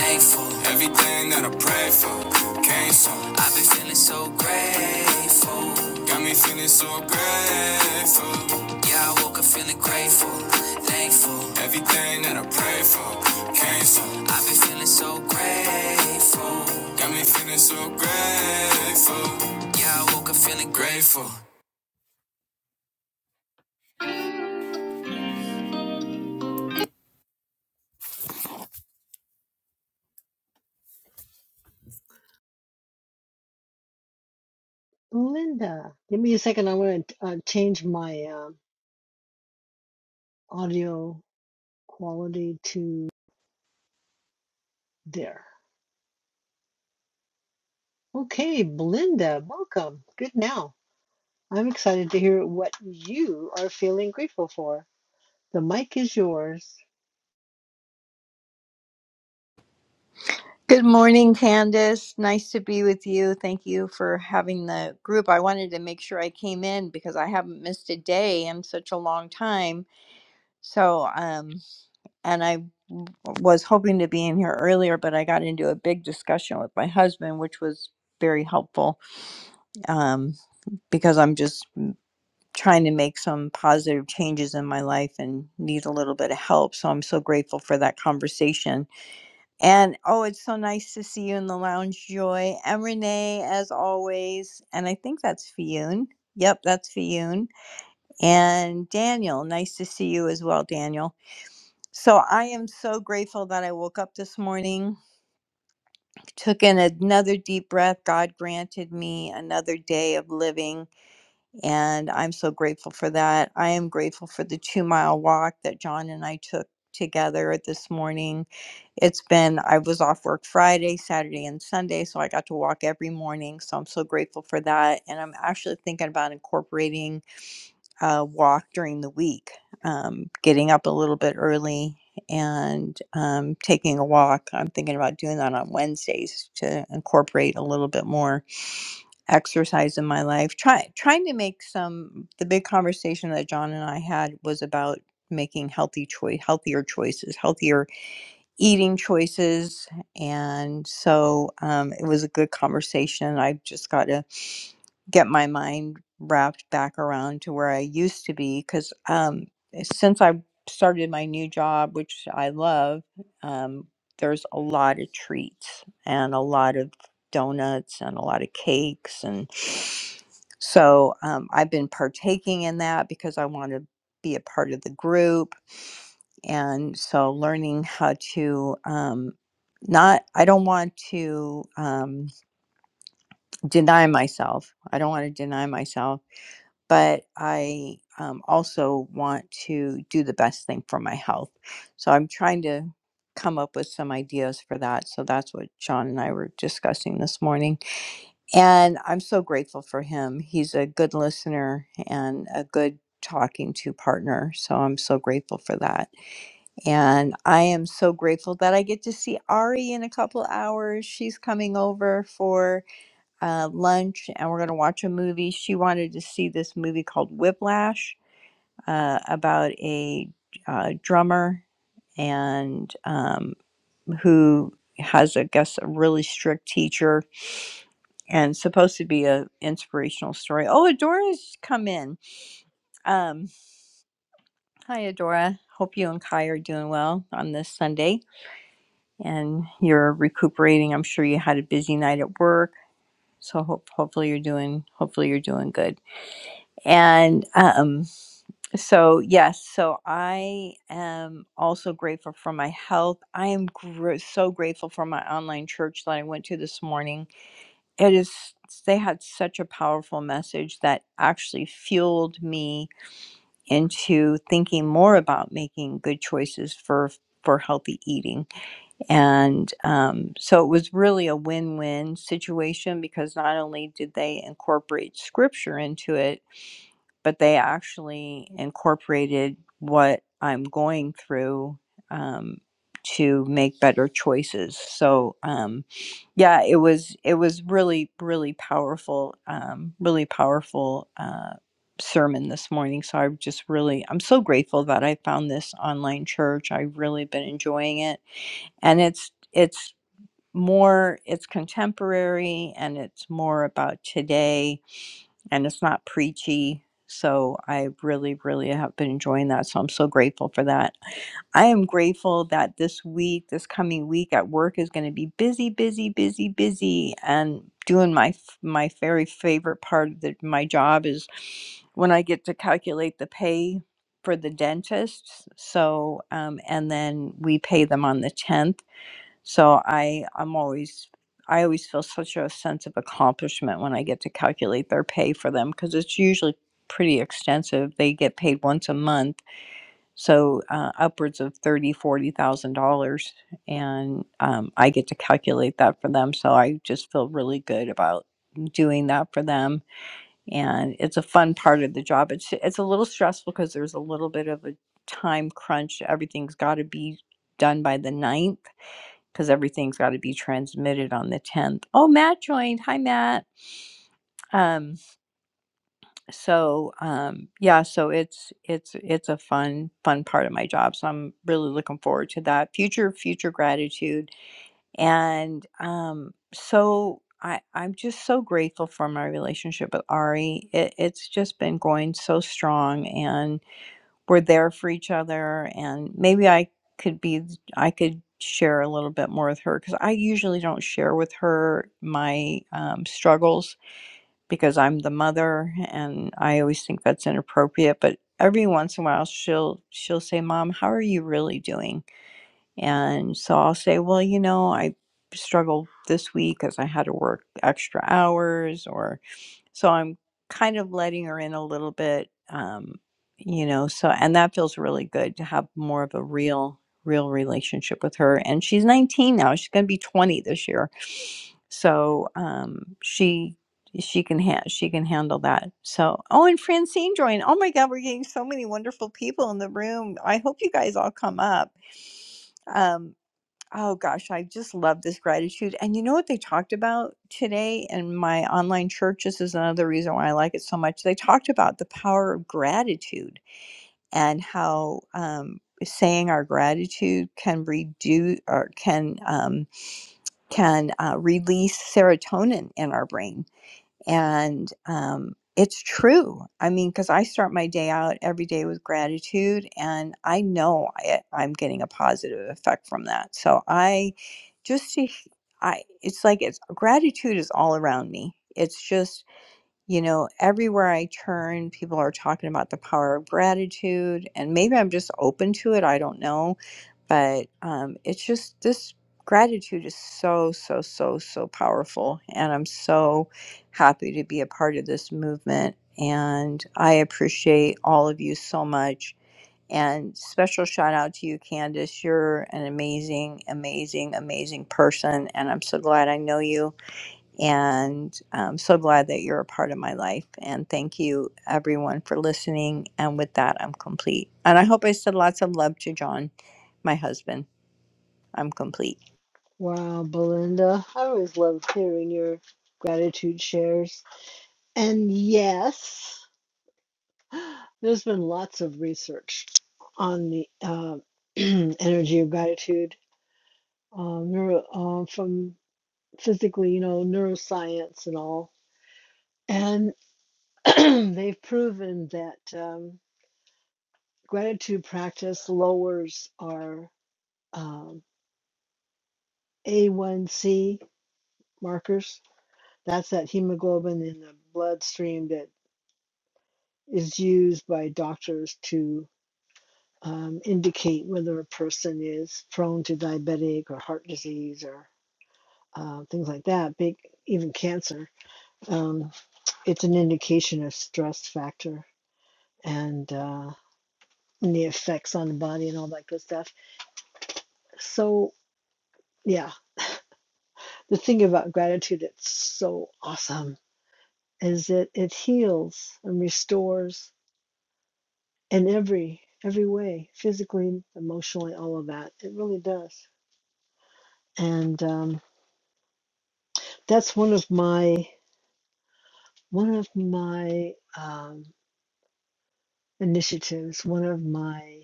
Speaker 32: thankful. Everything that I prayed for came so. I've been feeling so grateful. Got me feeling so grateful. Yeah, I woke up feeling grateful, thankful. Everything that I pray for came so. I've been feeling so grateful. Got me feeling so grateful. Yeah, I woke up feeling grateful. Linda, give me a second. I want to uh, change my um audio quality to there. Okay, Belinda, welcome. Good now. I'm excited to hear what you are feeling grateful for. The mic is yours.
Speaker 35: Good morning, Candace. Nice to be with you. Thank you for having the group. I wanted to make sure I came in because I haven't missed a day in such a long time. So, um, and I was hoping to be in here earlier, but I got into a big discussion with my husband, which was very helpful um, because I'm just trying to make some positive changes in my life and need a little bit of help. So I'm so grateful for that conversation And oh, it's so nice to see you in the lounge, Joy. And Renee, as always. And I think that's Fiyun. Yep, that's Fiyun. And Daniel, nice to see you as well, Daniel. So I am so grateful that I woke up this morning, took in another deep breath. God granted me another day of living and I'm so grateful for that. I am grateful for the two mile walk that John and I took together this morning. It's been, I was off work Friday, Saturday, and Sunday, so I got to walk every morning. So I'm so grateful for that. And I'm actually thinking about incorporating a walk during the week, um, getting up a little bit early and um, taking a walk. I'm thinking about doing that on Wednesdays to incorporate a little bit more exercise in my life try trying to make some the big conversation that john and i had was about making healthy choice healthier choices healthier eating choices. And so um, it was a good conversation. I just got to get my mind wrapped back around to where I used to be because um, since I started my new job, which I love, um, there's a lot of treats and a lot of donuts and a lot of cakes. And so um, I've been partaking in that because I want to be a part of the group and so learning how to um, not i don't want to um, deny myself i don't want to deny myself but i um, also want to do the best thing for my health so i'm trying to come up with some ideas for that so that's what sean and i were discussing this morning and i'm so grateful for him he's a good listener and a good talking to partner so i'm so grateful for that and I am so grateful that I get to see Ari in a couple hours. She's coming over for uh, lunch and we're going to watch a movie. She wanted to see this movie called Whiplash uh, about a uh, drummer and um, who has, I guess, a really strict teacher and supposed to be a inspirational story. Oh, Adora's come in. Um, hi, Adora. Hope you and Kai are doing well on this Sunday. and you're recuperating. I'm sure you had a busy night at work, so hope, hopefully you're doing hopefully you're doing good. And um, so yes, so I am also grateful for my health. I am gr- so grateful for my online church that I went to this morning. It is they had such a powerful message that actually fueled me into thinking more about making good choices for for healthy eating and um, so it was really a win win situation because not only did they incorporate scripture into it, but they actually incorporated what I'm going through um, to make better choices. So, um, yeah, it was it was really really powerful, um, really powerful uh, sermon this morning. So I'm just really I'm so grateful that I found this online church. I've really been enjoying it and it's it's more it's contemporary and it's more about today and it's not preachy so i really really have been enjoying that so i'm so grateful for that i am grateful that this week this coming week at work is going to be busy busy busy busy and doing my f- my very favorite part of the, my job is when i get to calculate the pay for the dentist so um, and then we pay them on the 10th so I I'm always I always feel such a sense of accomplishment when I get to calculate their pay for them because it's usually pretty extensive. They get paid once a month, so uh, upwards of thirty forty thousand dollars, and um, I get to calculate that for them. So I just feel really good about doing that for them, and it's a fun part of the job. It's it's a little stressful because there's a little bit of a time crunch. Everything's got to be done by the ninth because everything's got to be transmitted on the 10th. Oh, Matt joined. Hi, Matt. Um, so um, yeah, so it's it's it's a fun fun part of my job. So I'm really looking forward to that future future gratitude. And um, so I I'm just so grateful for my relationship with Ari. It, it's just been going so strong, and we're there for each other and maybe i could be i could share a little bit more with her because i usually don't share with her my um, struggles because i'm the mother and i always think that's inappropriate but every once in a while she'll she'll say mom how are you really doing and so i'll say well you know i struggled this week because i had to work extra hours or so i'm kind of letting her in a little bit um you know so and that feels really good to have more of a real real relationship with her and she's 19 now she's going to be 20 this year so um she she can ha- she can handle that so oh and francine joined oh my god we're getting so many wonderful people in the room i hope you guys all come up um Oh gosh, I just love this gratitude. And you know what they talked about today in my online church? This is another reason why I like it so much. They talked about the power of gratitude and how um, saying our gratitude can reduce or can um, can uh, release serotonin in our brain, and um, it's true i mean because i start my day out every day with gratitude and i know I, i'm getting a positive effect from that so i just to h- i it's like it's gratitude is all around me it's just you know, everywhere I turn, people are talking about the power of gratitude, and maybe I'm just open to it. I don't know. But um, it's just this gratitude is so, so, so, so powerful. And I'm so happy to be a part of this movement. And I appreciate all of you so much. And special shout out to you, Candace. You're an amazing, amazing, amazing person. And I'm so glad I know you and I'm so glad that you're a part of my life. And thank you, everyone, for listening. And with that, I'm complete. And I hope I said lots of love to John, my husband. I'm complete.
Speaker 32: Wow, Belinda. I always love hearing your gratitude shares. And yes, there's been lots of research on the uh, energy of gratitude um, neuro, uh, from physically, you know, neuroscience and all. And they've proven that um, gratitude practice lowers our um, A1C markers That's that hemoglobin in the bloodstream that is used by doctors to um, indicate whether a person is prone to diabetic or heart disease or uh, things like that, big, even cancer. Um, it's an indication of stress factor and, uh, and the effects on the body and all that good stuff. So, yeah, the thing about gratitude, it's so awesome, is that it heals and restores in every every way, physically, emotionally, all of that. It really does. And um, that's one of my one of my um, initiatives, one of my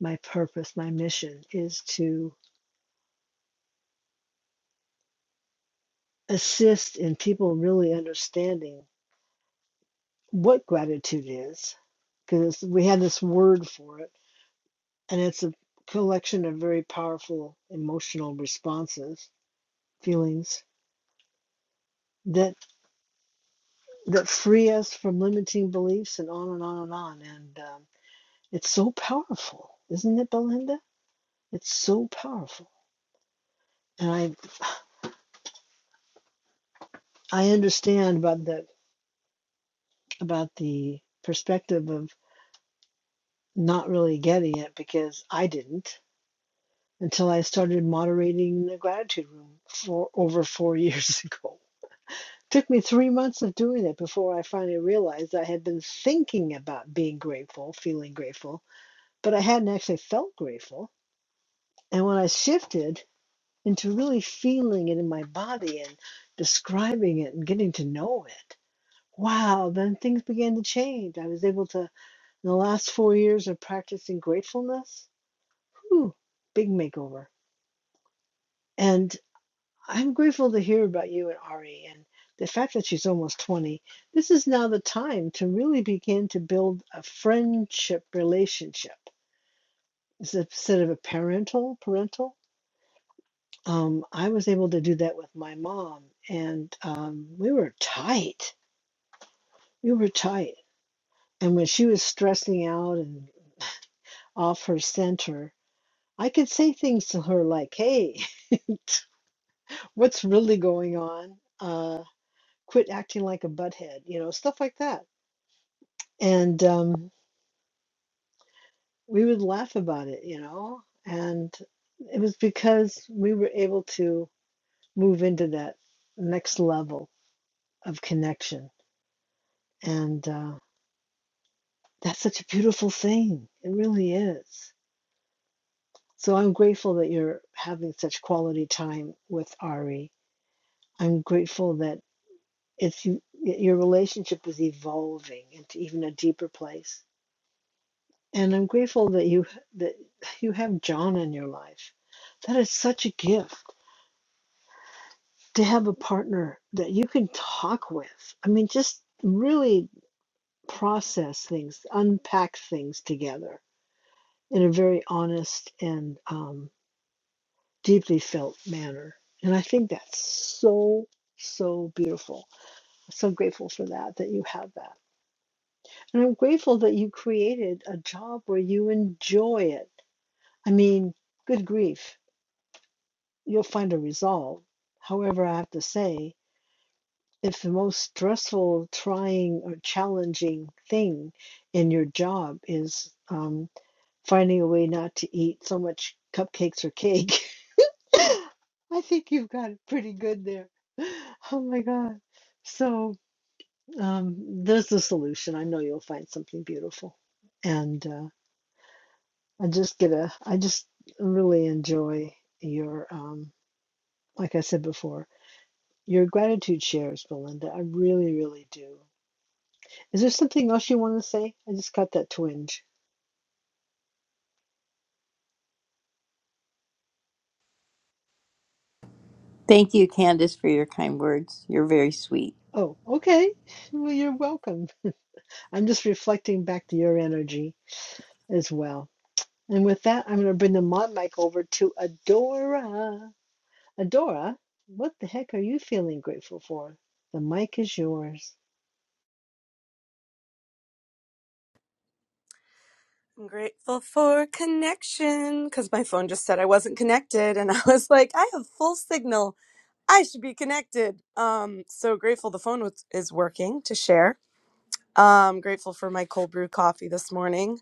Speaker 32: my purpose, my mission is to assist in people really understanding what gratitude is, because we had this word for it, and it's a collection of very powerful emotional responses, feelings that. that free us from limiting beliefs and on and on and on. And um, it's so powerful, isn't it, Belinda? It's so powerful. And I I understand about the about the perspective of not really getting it because I didn't until I started moderating the gratitude room for over four years ago. Took me three months of doing it before I finally realized I had been thinking about being grateful, feeling grateful, but I hadn't actually felt grateful. And when I shifted into really feeling it in my body and describing it and getting to know it. Wow, then things began to change. I was able to, in the last four years of practicing gratefulness, whew, big makeover. And I'm grateful to hear about you and Ari and the fact that she's almost 20. This is now the time to really begin to build a friendship relationship instead of a parental, parental. um, I was able to do that with my mom, and um, we were tight. We were tight. And when she was stressing out and off her center, I could say things to her like, hey, what's really going on? Uh, quit acting like a butthead, you know, stuff like that. And um, we would laugh about it, you know, and it was because we were able to move into that next level of connection. And uh, That's such a beautiful thing. It really is. So I'm grateful that you're having such quality time with Ari. I'm grateful that it's you, your relationship is evolving into even a deeper place. And I'm grateful that you that you have John in your life. That is such a gift to have a partner that you can talk with. I mean, just really process things, unpack things together in a very honest and um, deeply felt manner. And I think that's so, so beautiful. I'm so grateful for that, that you have that. And I'm grateful that you created a job where you enjoy it. I mean, good grief, you'll find a resolve. However, I have to say, if the most stressful, trying, or challenging thing in your job is um, finding a way not to eat so much cupcakes or cake, I think you've got it pretty good there. Oh my God. So um, there's the solution. I know you'll find something beautiful. And uh, I just get a, I just really enjoy your, um, like I said before, your gratitude shares, Belinda. I really, really do. Is there something else you want to say? I just got that twinge.
Speaker 35: Thank you, Candace, for your kind words. You're very sweet.
Speaker 32: Oh, okay. Well, you're welcome. I'm just reflecting back to your energy as well. And with that, I'm going to bring the mod mic over to Adora. Adora, what the heck are you feeling grateful for? The mic is yours.
Speaker 36: I'm grateful for connection because my phone just said I wasn't connected, and I was like, I have full signal. I should be connected. Um, so grateful the phone was, is working to share. Um, grateful for my cold brew coffee this morning.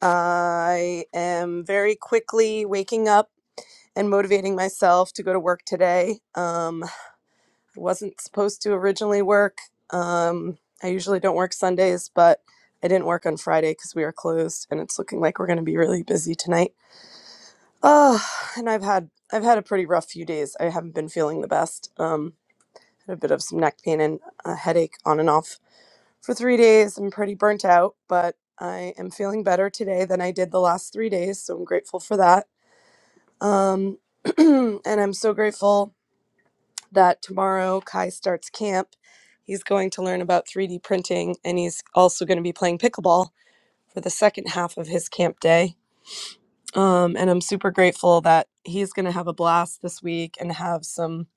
Speaker 36: I am very quickly waking up and motivating myself to go to work today. Um, I wasn't supposed to originally work. Um, I usually don't work Sundays, but I didn't work on Friday because we are closed, and it's looking like we're going to be really busy tonight. Oh, and I've had I've had a pretty rough few days. I haven't been feeling the best. Um, had a bit of some neck pain and a headache on and off for three days. I'm pretty burnt out, but I am feeling better today than I did the last three days, so I'm grateful for that. Um, and I'm so grateful that tomorrow Kai starts camp. He's going to learn about 3D printing, and he's also going to be playing pickleball for the second half of his camp day Um, and I'm super grateful that he's going to have a blast this week and have some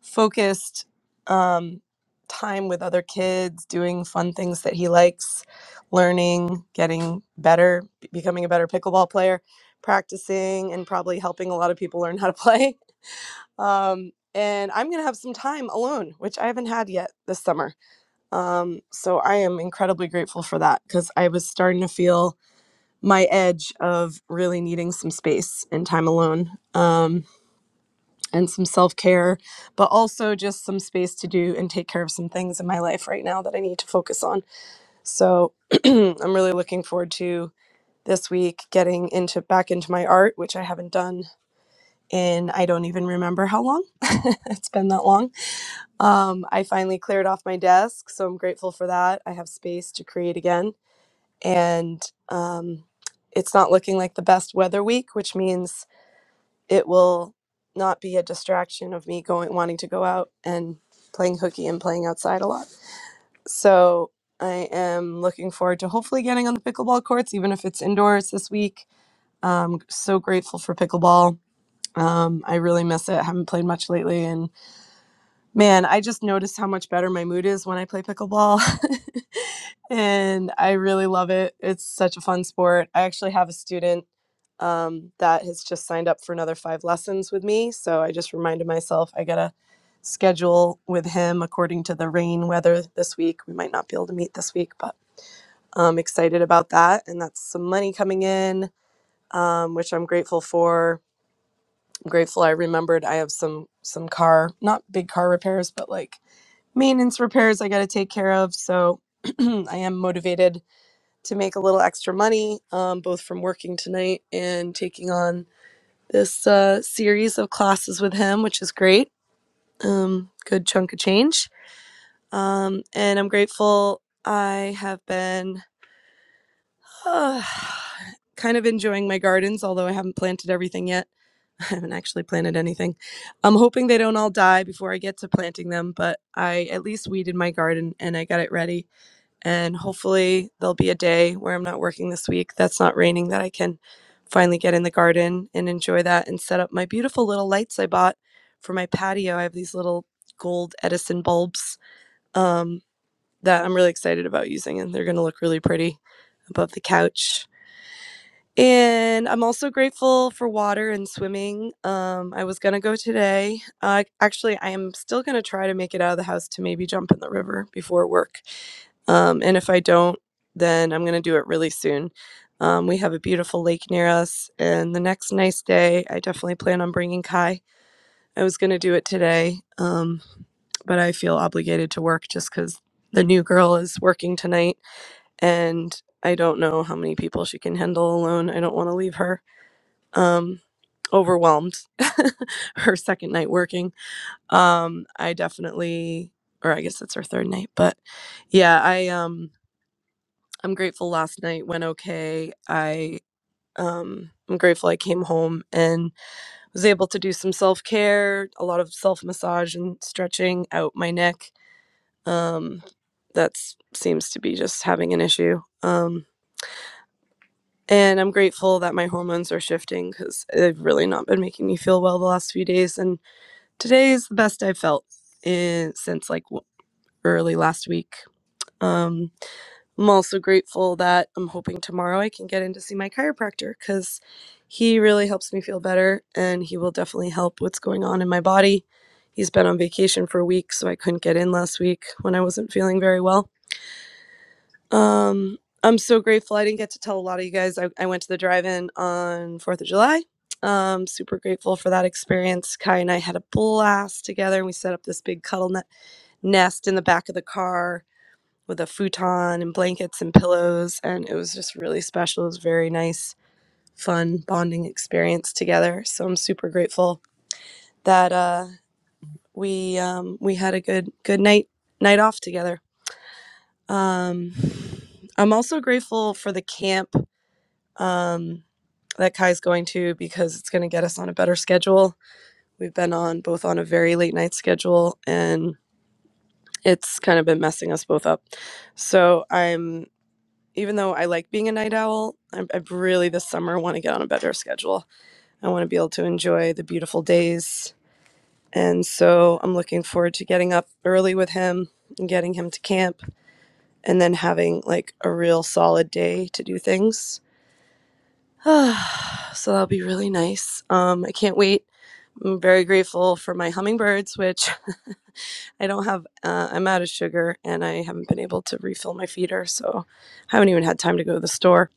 Speaker 36: focused um, time with other kids, doing fun things that he likes, learning, getting better, be- becoming a better pickleball player, practicing, and probably helping a lot of people learn how to play. Um, and I'm going to have some time alone, which I haven't had yet this summer. Um, so I am incredibly grateful for that because I was starting to feel my edge of really needing some space and time alone um, and some self care, but also just some space to do and take care of some things in my life right now that I need to focus on. So I'm really looking forward to this week getting into back into my art, which I haven't done in I don't even remember how long. it's been that long. Um, I finally cleared off my desk, so I'm grateful for that. I have space to create again and um, it's not looking like the best weather week, which means it will not be a distraction of me going wanting to go out and playing hooky and playing outside a lot. So I am looking forward to hopefully getting on the pickleball courts, even if it's indoors this week. Um, so grateful for pickleball. Um, I really miss it. Haven't played much lately, and man, I just noticed how much better my mood is when I play pickleball. and I really love it. It's such a fun sport. I actually have a student um, that has just signed up for another five lessons with me. So I just reminded myself I gotta schedule with him according to the rain weather this week. We might not be able to meet this week, but I'm excited about that. And that's some money coming in, um, which I'm grateful for. I'm grateful I remembered I have some some car, not big car repairs, but like maintenance repairs I gotta take care of. So I am motivated to make a little extra money, um, both from working tonight and taking on this uh, series of classes with him, which is great. Um, good chunk of change. Um, and I'm grateful I have been uh, kind of enjoying my gardens, although I haven't planted everything yet. I haven't actually planted anything. I'm hoping they don't all die before I get to planting them, but I at least weeded my garden and I got it ready and hopefully there'll be a day where I'm not working this week that's not raining that I can finally get in the garden and enjoy that and set up my beautiful little lights I bought for my patio. I have these little gold Edison bulbs um, that I'm really excited about using, and they're going to look really pretty above the couch. And I'm also grateful for water and swimming. Um, I was gonna go today. Uh, actually, I am still gonna try to make it out of the house to maybe jump in the river before work. Um, and if I don't, then I'm gonna do it really soon. Um, we have a beautiful lake near us, and the next nice day, I definitely plan on bringing Kai. I was gonna do it today, um, but I feel obligated to work just because the new girl is working tonight and I don't know how many people she can handle alone. I don't want to leave her um, overwhelmed. her second night working. Um, I definitely, or I guess it's her third night, but yeah, I um, I'm grateful. Last night went okay. I um, I'm grateful I came home and was able to do some self care, a lot of self massage and stretching out my neck. Um, that seems to be just having an issue. Um, And I'm grateful that my hormones are shifting because they've really not been making me feel well the last few days. And today is the best I've felt in, since like early last week. Um, I'm also grateful that I'm hoping tomorrow I can get in to see my chiropractor because he really helps me feel better and he will definitely help what's going on in my body. He's been on vacation for a week, so I couldn't get in last week when I wasn't feeling very well um, I'm so grateful. I didn't get to tell a lot of you guys. I, I went to the drive-in on Fourth of July. Um, super grateful for that experience. Kai and I had a blast together. We set up this big cuddle ne- nest in the back of the car with a futon and blankets and pillows, and it was just really special. It was a very nice, fun bonding experience together. So I'm super grateful that uh, we um, we had a good good night night off together. Um, I'm also grateful for the camp um, that Kai's going to because it's going to get us on a better schedule. We've been on both on a very late night schedule and it's kind of been messing us both up. So I'm, even though I like being a night owl, i I really this summer want to get on a better schedule. I want to be able to enjoy the beautiful days. And so I'm looking forward to getting up early with him and getting him to camp and then having like a real solid day to do things. So that'll be really nice. Um, I can't wait. I'm very grateful for my hummingbirds, which I don't have. Uh, I'm out of sugar and I haven't been able to refill my feeder. So I haven't even had time to go to the store.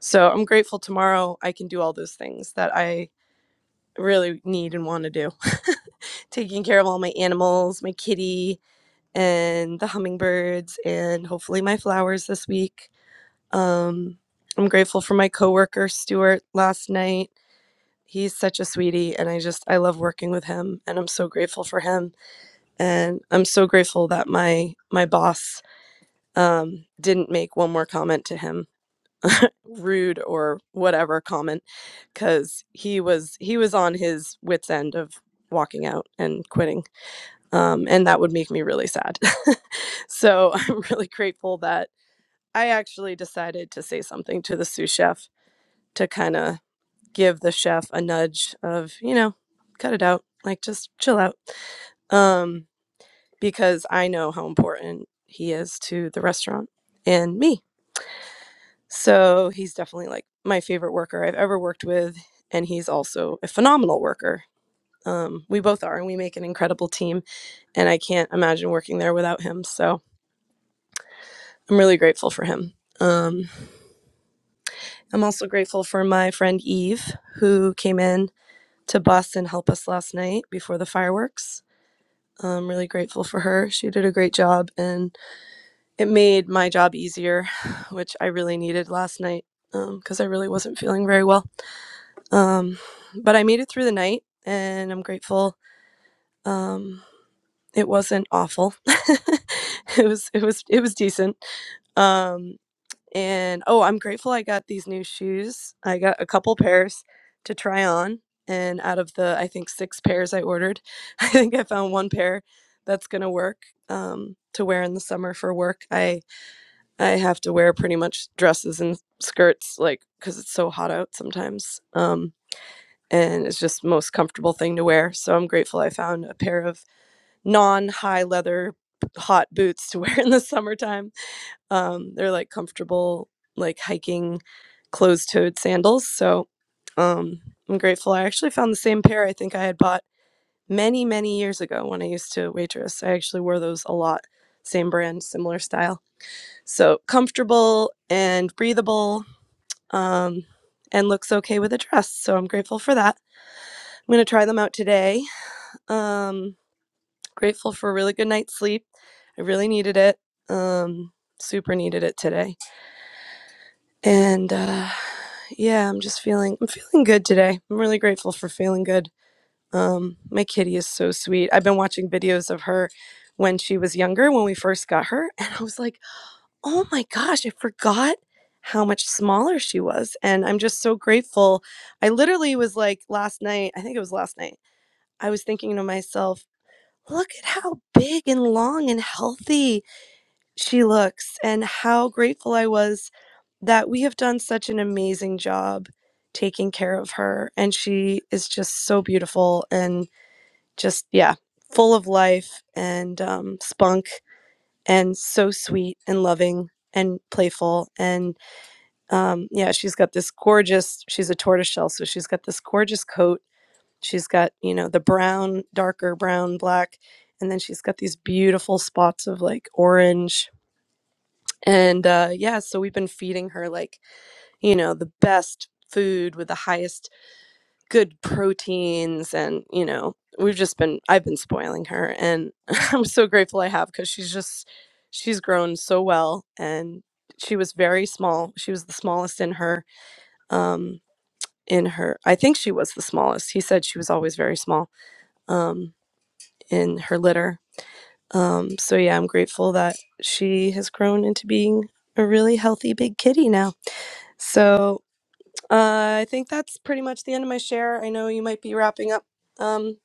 Speaker 36: So I'm grateful tomorrow I can do all those things that I really need and want to do taking care of all my animals, my kitty, and the hummingbirds, and hopefully my flowers this week. Um, I'm grateful for my coworker, Stuart, last night. He's such a sweetie, and I just I love working with him, and I'm so grateful for him, and I'm so grateful that my my boss um, didn't make one more comment to him, rude or whatever comment, because he was he was on his wits end of walking out and quitting, um, and that would make me really sad. so I'm really grateful that I actually decided to say something to the sous chef to kind of give the chef a nudge of, you know, cut it out, like just chill out. Um, because I know how important he is to the restaurant and me. So he's definitely like my favorite worker I've ever worked with. And he's also a phenomenal worker. Um, we both are, and we make an incredible team. And I can't imagine working there without him. So I'm really grateful for him. Um, I'm also grateful for my friend Eve, who came in to bus and help us last night before the fireworks I'm really grateful for her. She did a great job and it made my job easier, which I really needed last night because I really wasn't feeling very well. Um, but I made it through the night and I'm grateful. Um, it wasn't awful. it was it was it was decent. Um, and oh, I'm grateful I got these new shoes. I got a couple pairs to try on. And out of the, I think, six pairs I ordered, I think I found one pair that's going to work um, to wear in the summer for work. I, I have to wear pretty much dresses and skirts, like, because it's so hot out sometimes. Um, and it's just most comfortable thing to wear. So I'm grateful I found a pair of non high leather hot boots to wear in the summertime um, they're like comfortable, like hiking closed toed sandals. So um, I'm grateful. I actually found the same pair I think I had bought many, many years ago when I used to waitress. I actually wore those a lot. Same brand, similar style. So comfortable and breathable um, and looks okay with a dress. So I'm grateful for that. I'm going to try them out today. Um, grateful for a really good night's sleep. I really needed it. Um, super needed it today. And uh, Yeah, I'm just feeling I'm feeling good today. I'm really grateful for feeling good. Um my kitty is so sweet. I've been watching videos of her when she was younger when we first got her and I was like, "Oh my gosh, I forgot how much smaller she was." And I'm just so grateful. I literally was like last night, I think it was last night. I was thinking to myself, "Look at how big and long and healthy she looks and how grateful I was that we have done such an amazing job taking care of her. And she is just so beautiful and just, yeah, full of life and um, spunk and so sweet and loving and playful. And um, yeah, she's got this gorgeous, she's a tortoiseshell. So she's got this gorgeous coat. She's got, you know, the brown, darker brown, black. And then she's got these beautiful spots of like orange and uh, yeah, so we've been feeding her like, you know, the best food with the highest good proteins. And, you know, we've just been, I've been spoiling her. And I'm so grateful I have because she's just, she's grown so well. And she was very small. She was the smallest in her, um, in her, I think she was the smallest. He said she was always very small um, in her litter. Um, so yeah, I'm grateful that she has grown into being a really healthy big kitty now. So uh, I think that's pretty much the end of my share. I know you might be wrapping up um,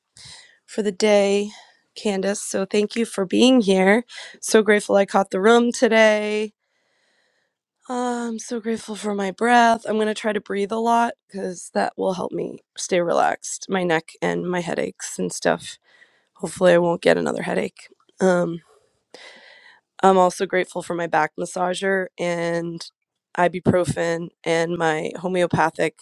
Speaker 36: for the day, Candace. So thank you for being here. So grateful I caught the room today. Uh, I'm so grateful for my breath. I'm going to try to breathe a lot because that will help me stay relaxed, my neck and my headaches and stuff. Hopefully, I won't get another headache. Um, I'm also grateful for my back massager and ibuprofen and my homeopathic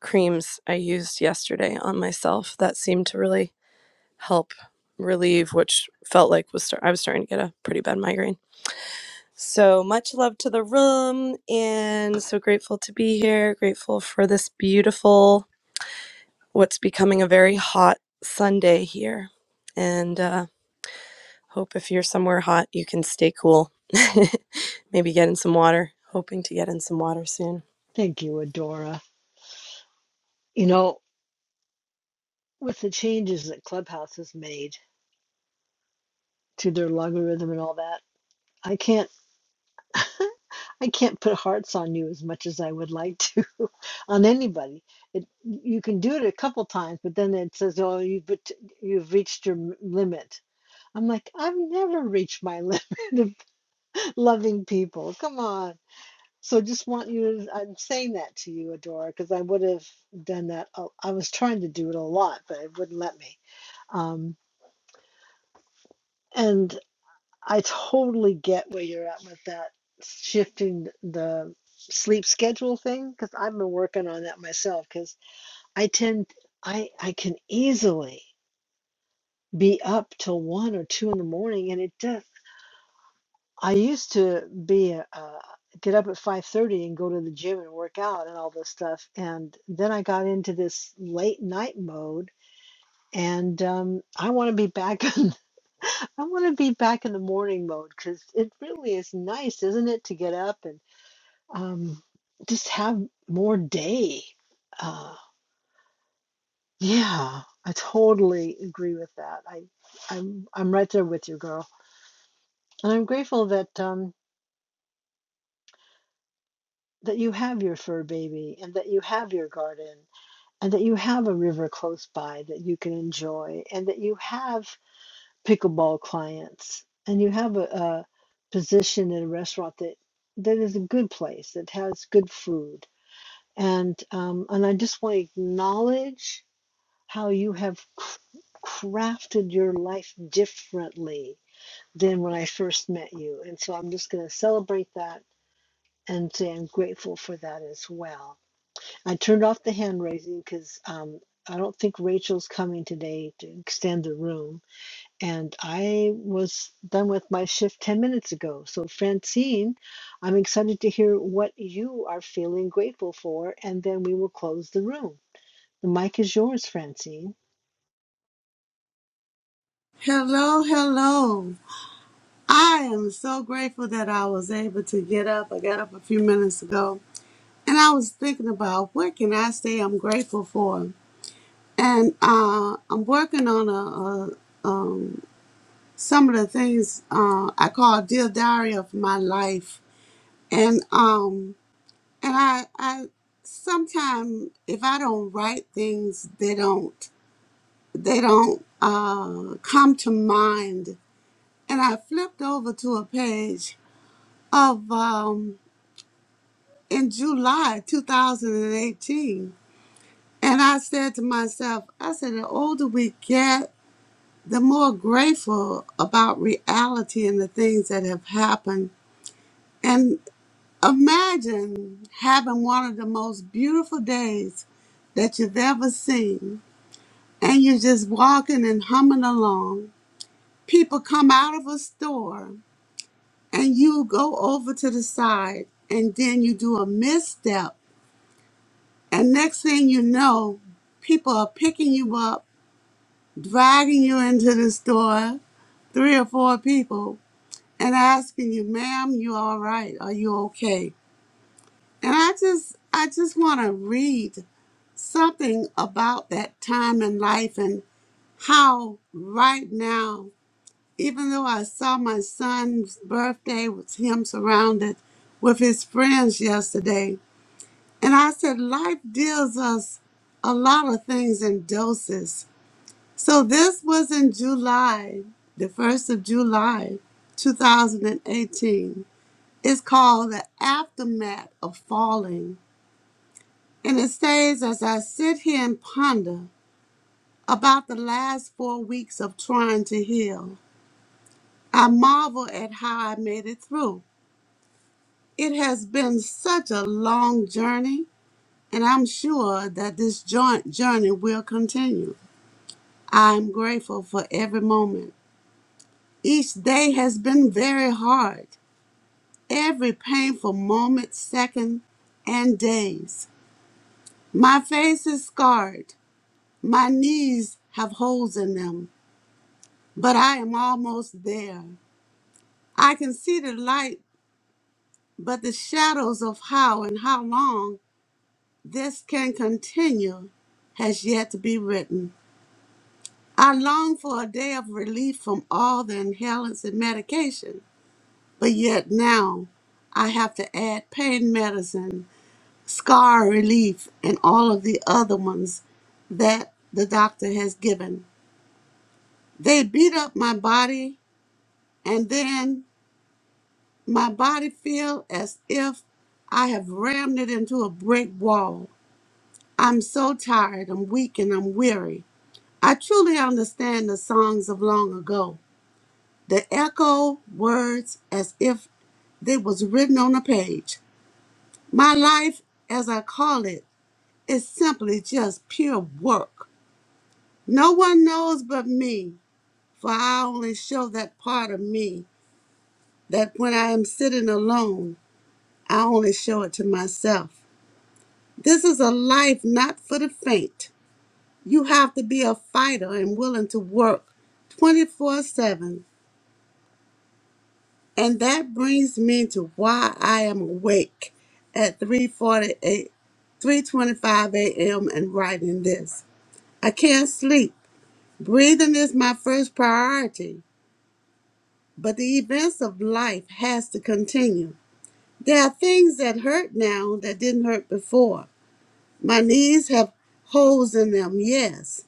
Speaker 36: creams I used yesterday on myself that seemed to really help relieve which felt like was start- I was starting to get a pretty bad migraine. So much love to the room and so grateful to be here, grateful for this beautiful what's becoming a very hot Sunday here. And uh Hope if you're somewhere hot, you can stay cool. Maybe get in some water. Hoping to get in some water soon.
Speaker 32: Thank you, Adora. You know, with the changes that Clubhouse has made to their logarithm and all that, I can't I can't put hearts on you as much as I would like to on anybody. It, you can do it a couple times, but then it says, "Oh, you've bet- you've reached your m- limit." I'm like, I've never reached my limit. loving people. Come on. So just want you to, I'm saying that to you, Adora, because I would have done that. a- I was trying to do it a lot, but it wouldn't let me. Um, and I totally get where you're at with that shifting the sleep schedule thing, because I've been working on that myself, because I tend, I, I can easily be up till one or two in the morning and it just I used to be a, uh, get up at 5:30 and go to the gym and work out and all this stuff. And then I got into this late night mode, and um, I want to be back in, I want to be back in the morning mode because it really is nice, isn't it, to get up and um, just have more day. Uh, yeah, I totally agree with that. I, I'm I'm right there with you, girl, and I'm grateful that. Um, that you have your fur baby and that you have your garden and that you have a river close by that you can enjoy and that you have pickleball clients and you have a, a position in a restaurant that that is a good place that has good food and um, and I just want to acknowledge how you have cr- crafted your life differently than when I first met you and so I'm just going to celebrate that and say I'm grateful for that as well I turned off the hand raising because um, I don't think Rachel's coming today to extend the room. And I was done with my shift 10 minutes ago. So, Francine, I'm excited to hear what you are feeling grateful for, and then we will close the room. The mic is yours, Francine.
Speaker 37: Hello, hello. I am so grateful that I was able to get up. I got up a few minutes ago and I was thinking about what can I say I'm grateful for. And uh, I'm working on a, a um, some of the things uh, I call dear diary of my life. And um, and I I sometimes if I don't write things, they don't they don't uh, come to mind. And I flipped over to a page of um, in July 2018. And eighteen. And I said to myself, I said, the older we get, the more grateful about reality and the things that have happened. And imagine having one of the most beautiful days that you've ever seen, and you're just walking and humming along. People come out of a store, and you go over to the side, and then you do a misstep And next thing you know, people are picking you up, dragging you into the store, three or four people, and asking you, ma'am, you all right? Are you okay? And I just I just want to read something about that time in life and how right now, even though I saw my son's birthday with him surrounded with his friends yesterday, and I said, life deals us a lot of things in doses So this was in July, the 1st of July, 2018. It's called The Aftermath of Falling. And it says, as I sit here and ponder about the last four weeks of trying to heal, I marvel at how I made it through. It has been such a long journey, and I'm sure that this joint journey will continue. I'm grateful for every moment. Each day has been very hard, every painful moment, second, and days. My face is scarred. My knees have holes in them, but I am almost there. I can see the light, but the shadows of how and how long this can continue has yet to be written. I long for a day of relief from all the inhalants and medication, but yet now I have to add pain medicine scar relief, and all of the other ones that the doctor has given. They beat up my body, and then my body feel as if I have rammed it into a brick wall. I'm so tired, I'm weak, and I'm weary. I truly understand the songs of long ago. The echo words as if they was written on a page. My life, as I call it, is simply just pure work. No one knows but me, for I only show that part of me that when I am sitting alone, I only show it to myself. This is a life not for the faint. You have to be a fighter and willing to work 24 7. And that brings me to why I am awake at 3:48, 3:25 a.m. and writing this. I can't sleep. Breathing is my first priority But the events of life has to continue. There are things that hurt now that didn't hurt before. My knees have holes in them, yes,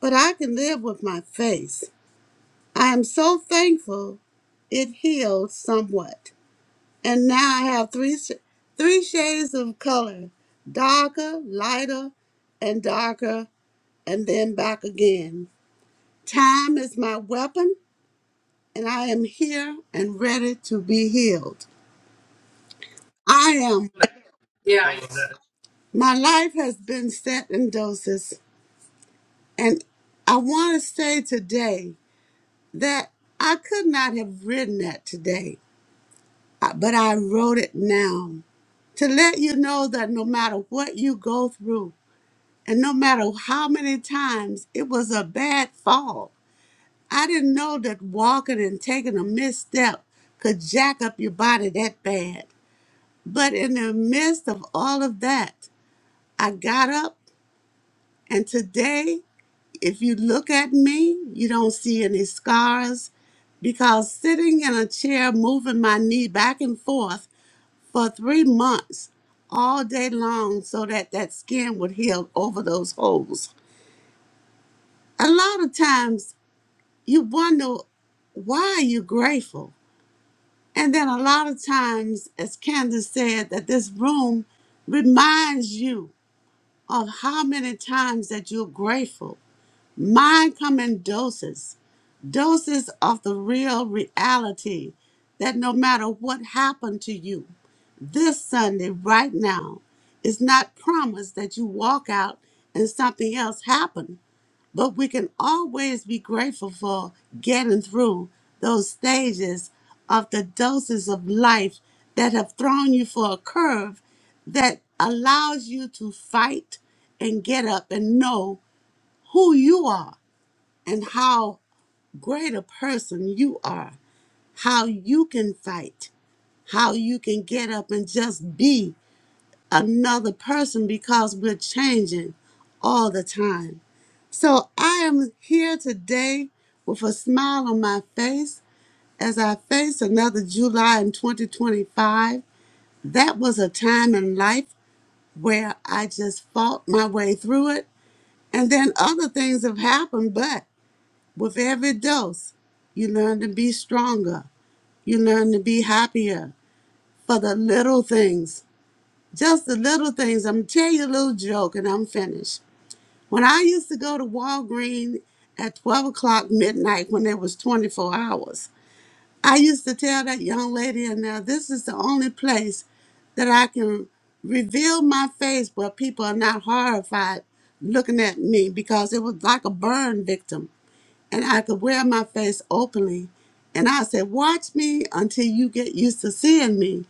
Speaker 37: but I can live with my face. I am so thankful it healed somewhat. And now I have three sh- three shades of color, darker, lighter, and darker, and then back again. Time is my weapon, and I am here and ready to be healed. I am.
Speaker 38: Yeah. I-
Speaker 37: My life has been set in doses, and I want to say today that I could not have written that today, uh, but I wrote it now to let you know that no matter what you go through, and no matter how many times it was a bad fall, I didn't know that walking and taking a misstep could jack up your body that bad. But in the midst of all of that, I got up, and today If you look at me, you don't see any scars because sitting in a chair moving my knee back and forth for three months all day long so that that skin would heal over those holes. A lot of times you wonder why are you grateful? And then a lot of times, as Candace said, that this room reminds you of how many times that you're grateful Mine come in doses, doses of the real reality that no matter what happened to you this Sunday, right now, it's not promised that you walk out and something else happened. But we can always be grateful for getting through those stages of the doses of life that have thrown you for a curve that allows you to fight and get up and know who you are and how great a person you are, how you can fight, how you can get up and just be another person because we're changing all the time. So I am here today with a smile on my face as I face another July in 2025. That was a time in life where I just fought my way through it. And then other things have happened, but With every dose, you learn to be stronger. You learn to be happier for the little things. Just the little things. I'm gonna tell you a little joke and I'm finished. When I used to go to Walgreens at 12 o'clock midnight when there was 24 hours, I used to tell that young lady in there, this is the only place that I can reveal my face where people are not horrified looking at me because it was like a burn victim and I could wear my face openly. And I said, Watch me until you get used to seeing me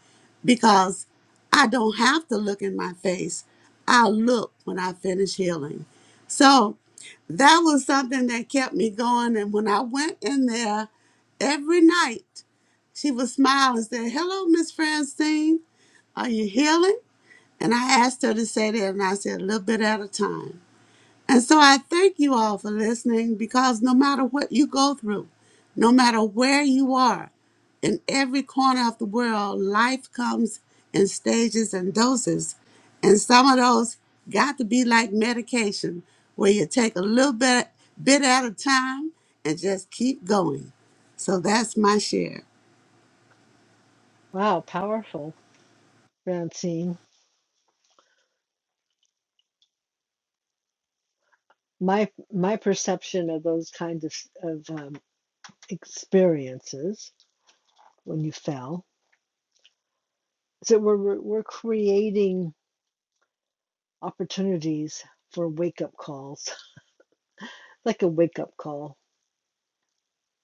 Speaker 37: because I don't have to look in my face. I'll look when I finish healing. So that was something that kept me going. And when I went in there every night, she would smile and say, Hello, Miss Francine, are you healing? And I asked her to say that, and I said, A little bit at a time. And so I thank you all for listening because no matter what you go through, no matter where you are, in every corner of the world, life comes in stages and doses. And some of those got to be like medication, where you take a little bit, bit at a time and just keep going. So that's my share.
Speaker 32: Wow, powerful, Francine. My my perception of those kinds of of um, experiences when you fell is that we're we're we're creating opportunities for wake up calls, like a wake up call.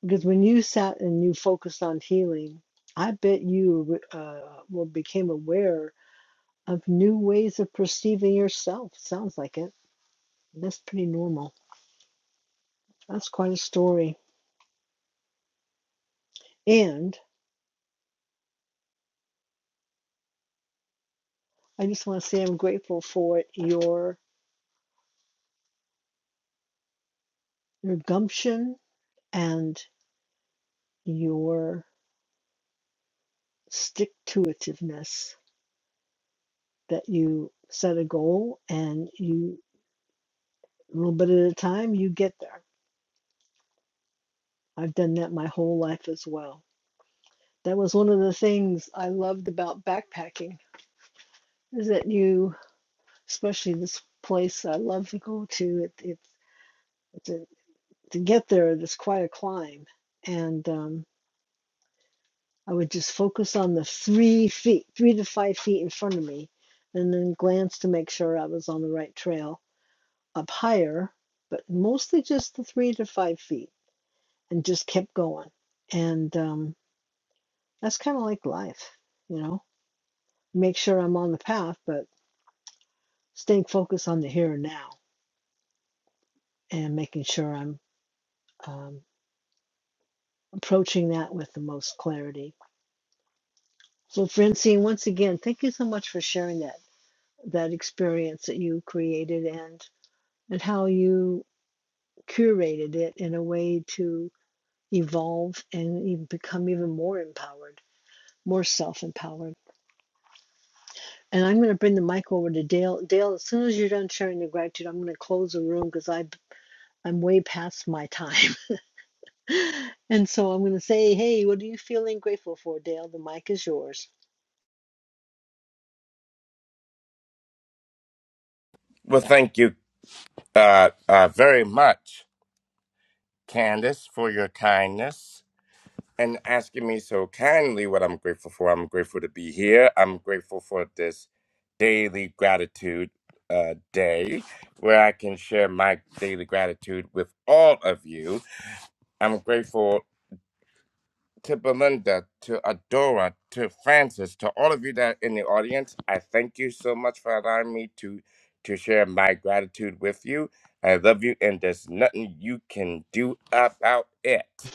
Speaker 32: Because when you sat and you focused on healing, I bet you uh, well became aware of new ways of perceiving yourself. Sounds like it. That's pretty normal. That's quite a story. And I just want to say I'm grateful for your your gumption and your stick to itiveness that you set a goal and you a little bit at a time you get there I've done that my whole life as well. That was one of the things I loved about backpacking is that you, especially this place I love to go to, it, it, to, to get there, it's quite a climb. And um, I would just focus on the three feet, three to five feet in front of me, and then glance to make sure I was on the right trail up higher, but mostly just the three to five feet and just kept going. And um, that's kind of like life, you know? make sure I'm on the path, but staying focused on the here and now and making sure I'm um, approaching that with the most clarity. So, Francine, once again, thank you so much for sharing that that experience that you created and and how you curated it in a way to evolve and even become even more empowered, more self-empowered. And I'm going to bring the mic over to Dale. Dale, as soon as you're done sharing your gratitude, I'm going to close the room because I I'm way past my time. And so I'm going to say, hey, what are you feeling grateful for, Dale? The mic is yours.
Speaker 38: Well, thank you uh, uh, very much, Candace, for your kindness and asking me so kindly what I'm grateful for. I'm grateful to be here. I'm grateful for this daily gratitude uh, day where I can share my daily gratitude with all of you. I'm grateful. to Belinda, to Adora, to Francis, to all of you that are in the audience, I thank you so much for allowing me to to share my gratitude with you. I love you, and there's nothing you can do about it.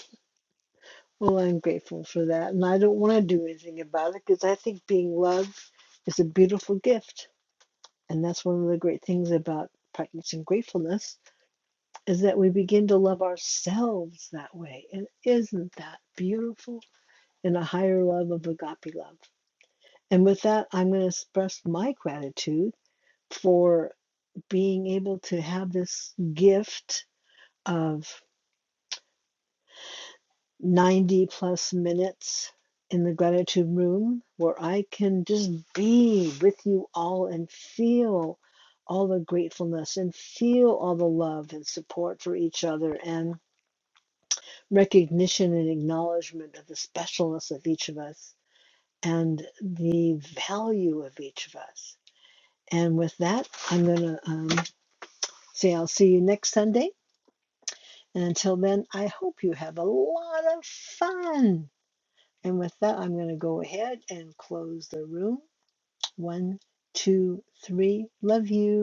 Speaker 32: Well, I'm grateful for that. And I don't want to do anything about it because I think being loved is a beautiful gift. And that's one of the great things about practicing gratefulness is that we begin to love ourselves that way. And isn't that beautiful? In a higher love of agape love. And with that, I'm going to express my gratitude for being able to have this gift of. 90 plus minutes in the gratitude room where I can just be with you all and feel all the gratefulness and feel all the love and support for each other and recognition and acknowledgement of the specialness of each of us and the value of each of us. And with that, I'm going to um, say I'll see you next Sunday. And until then, I hope you have a lot of fun And with that, I'm going to go ahead and close the room. One, two, three. Love you.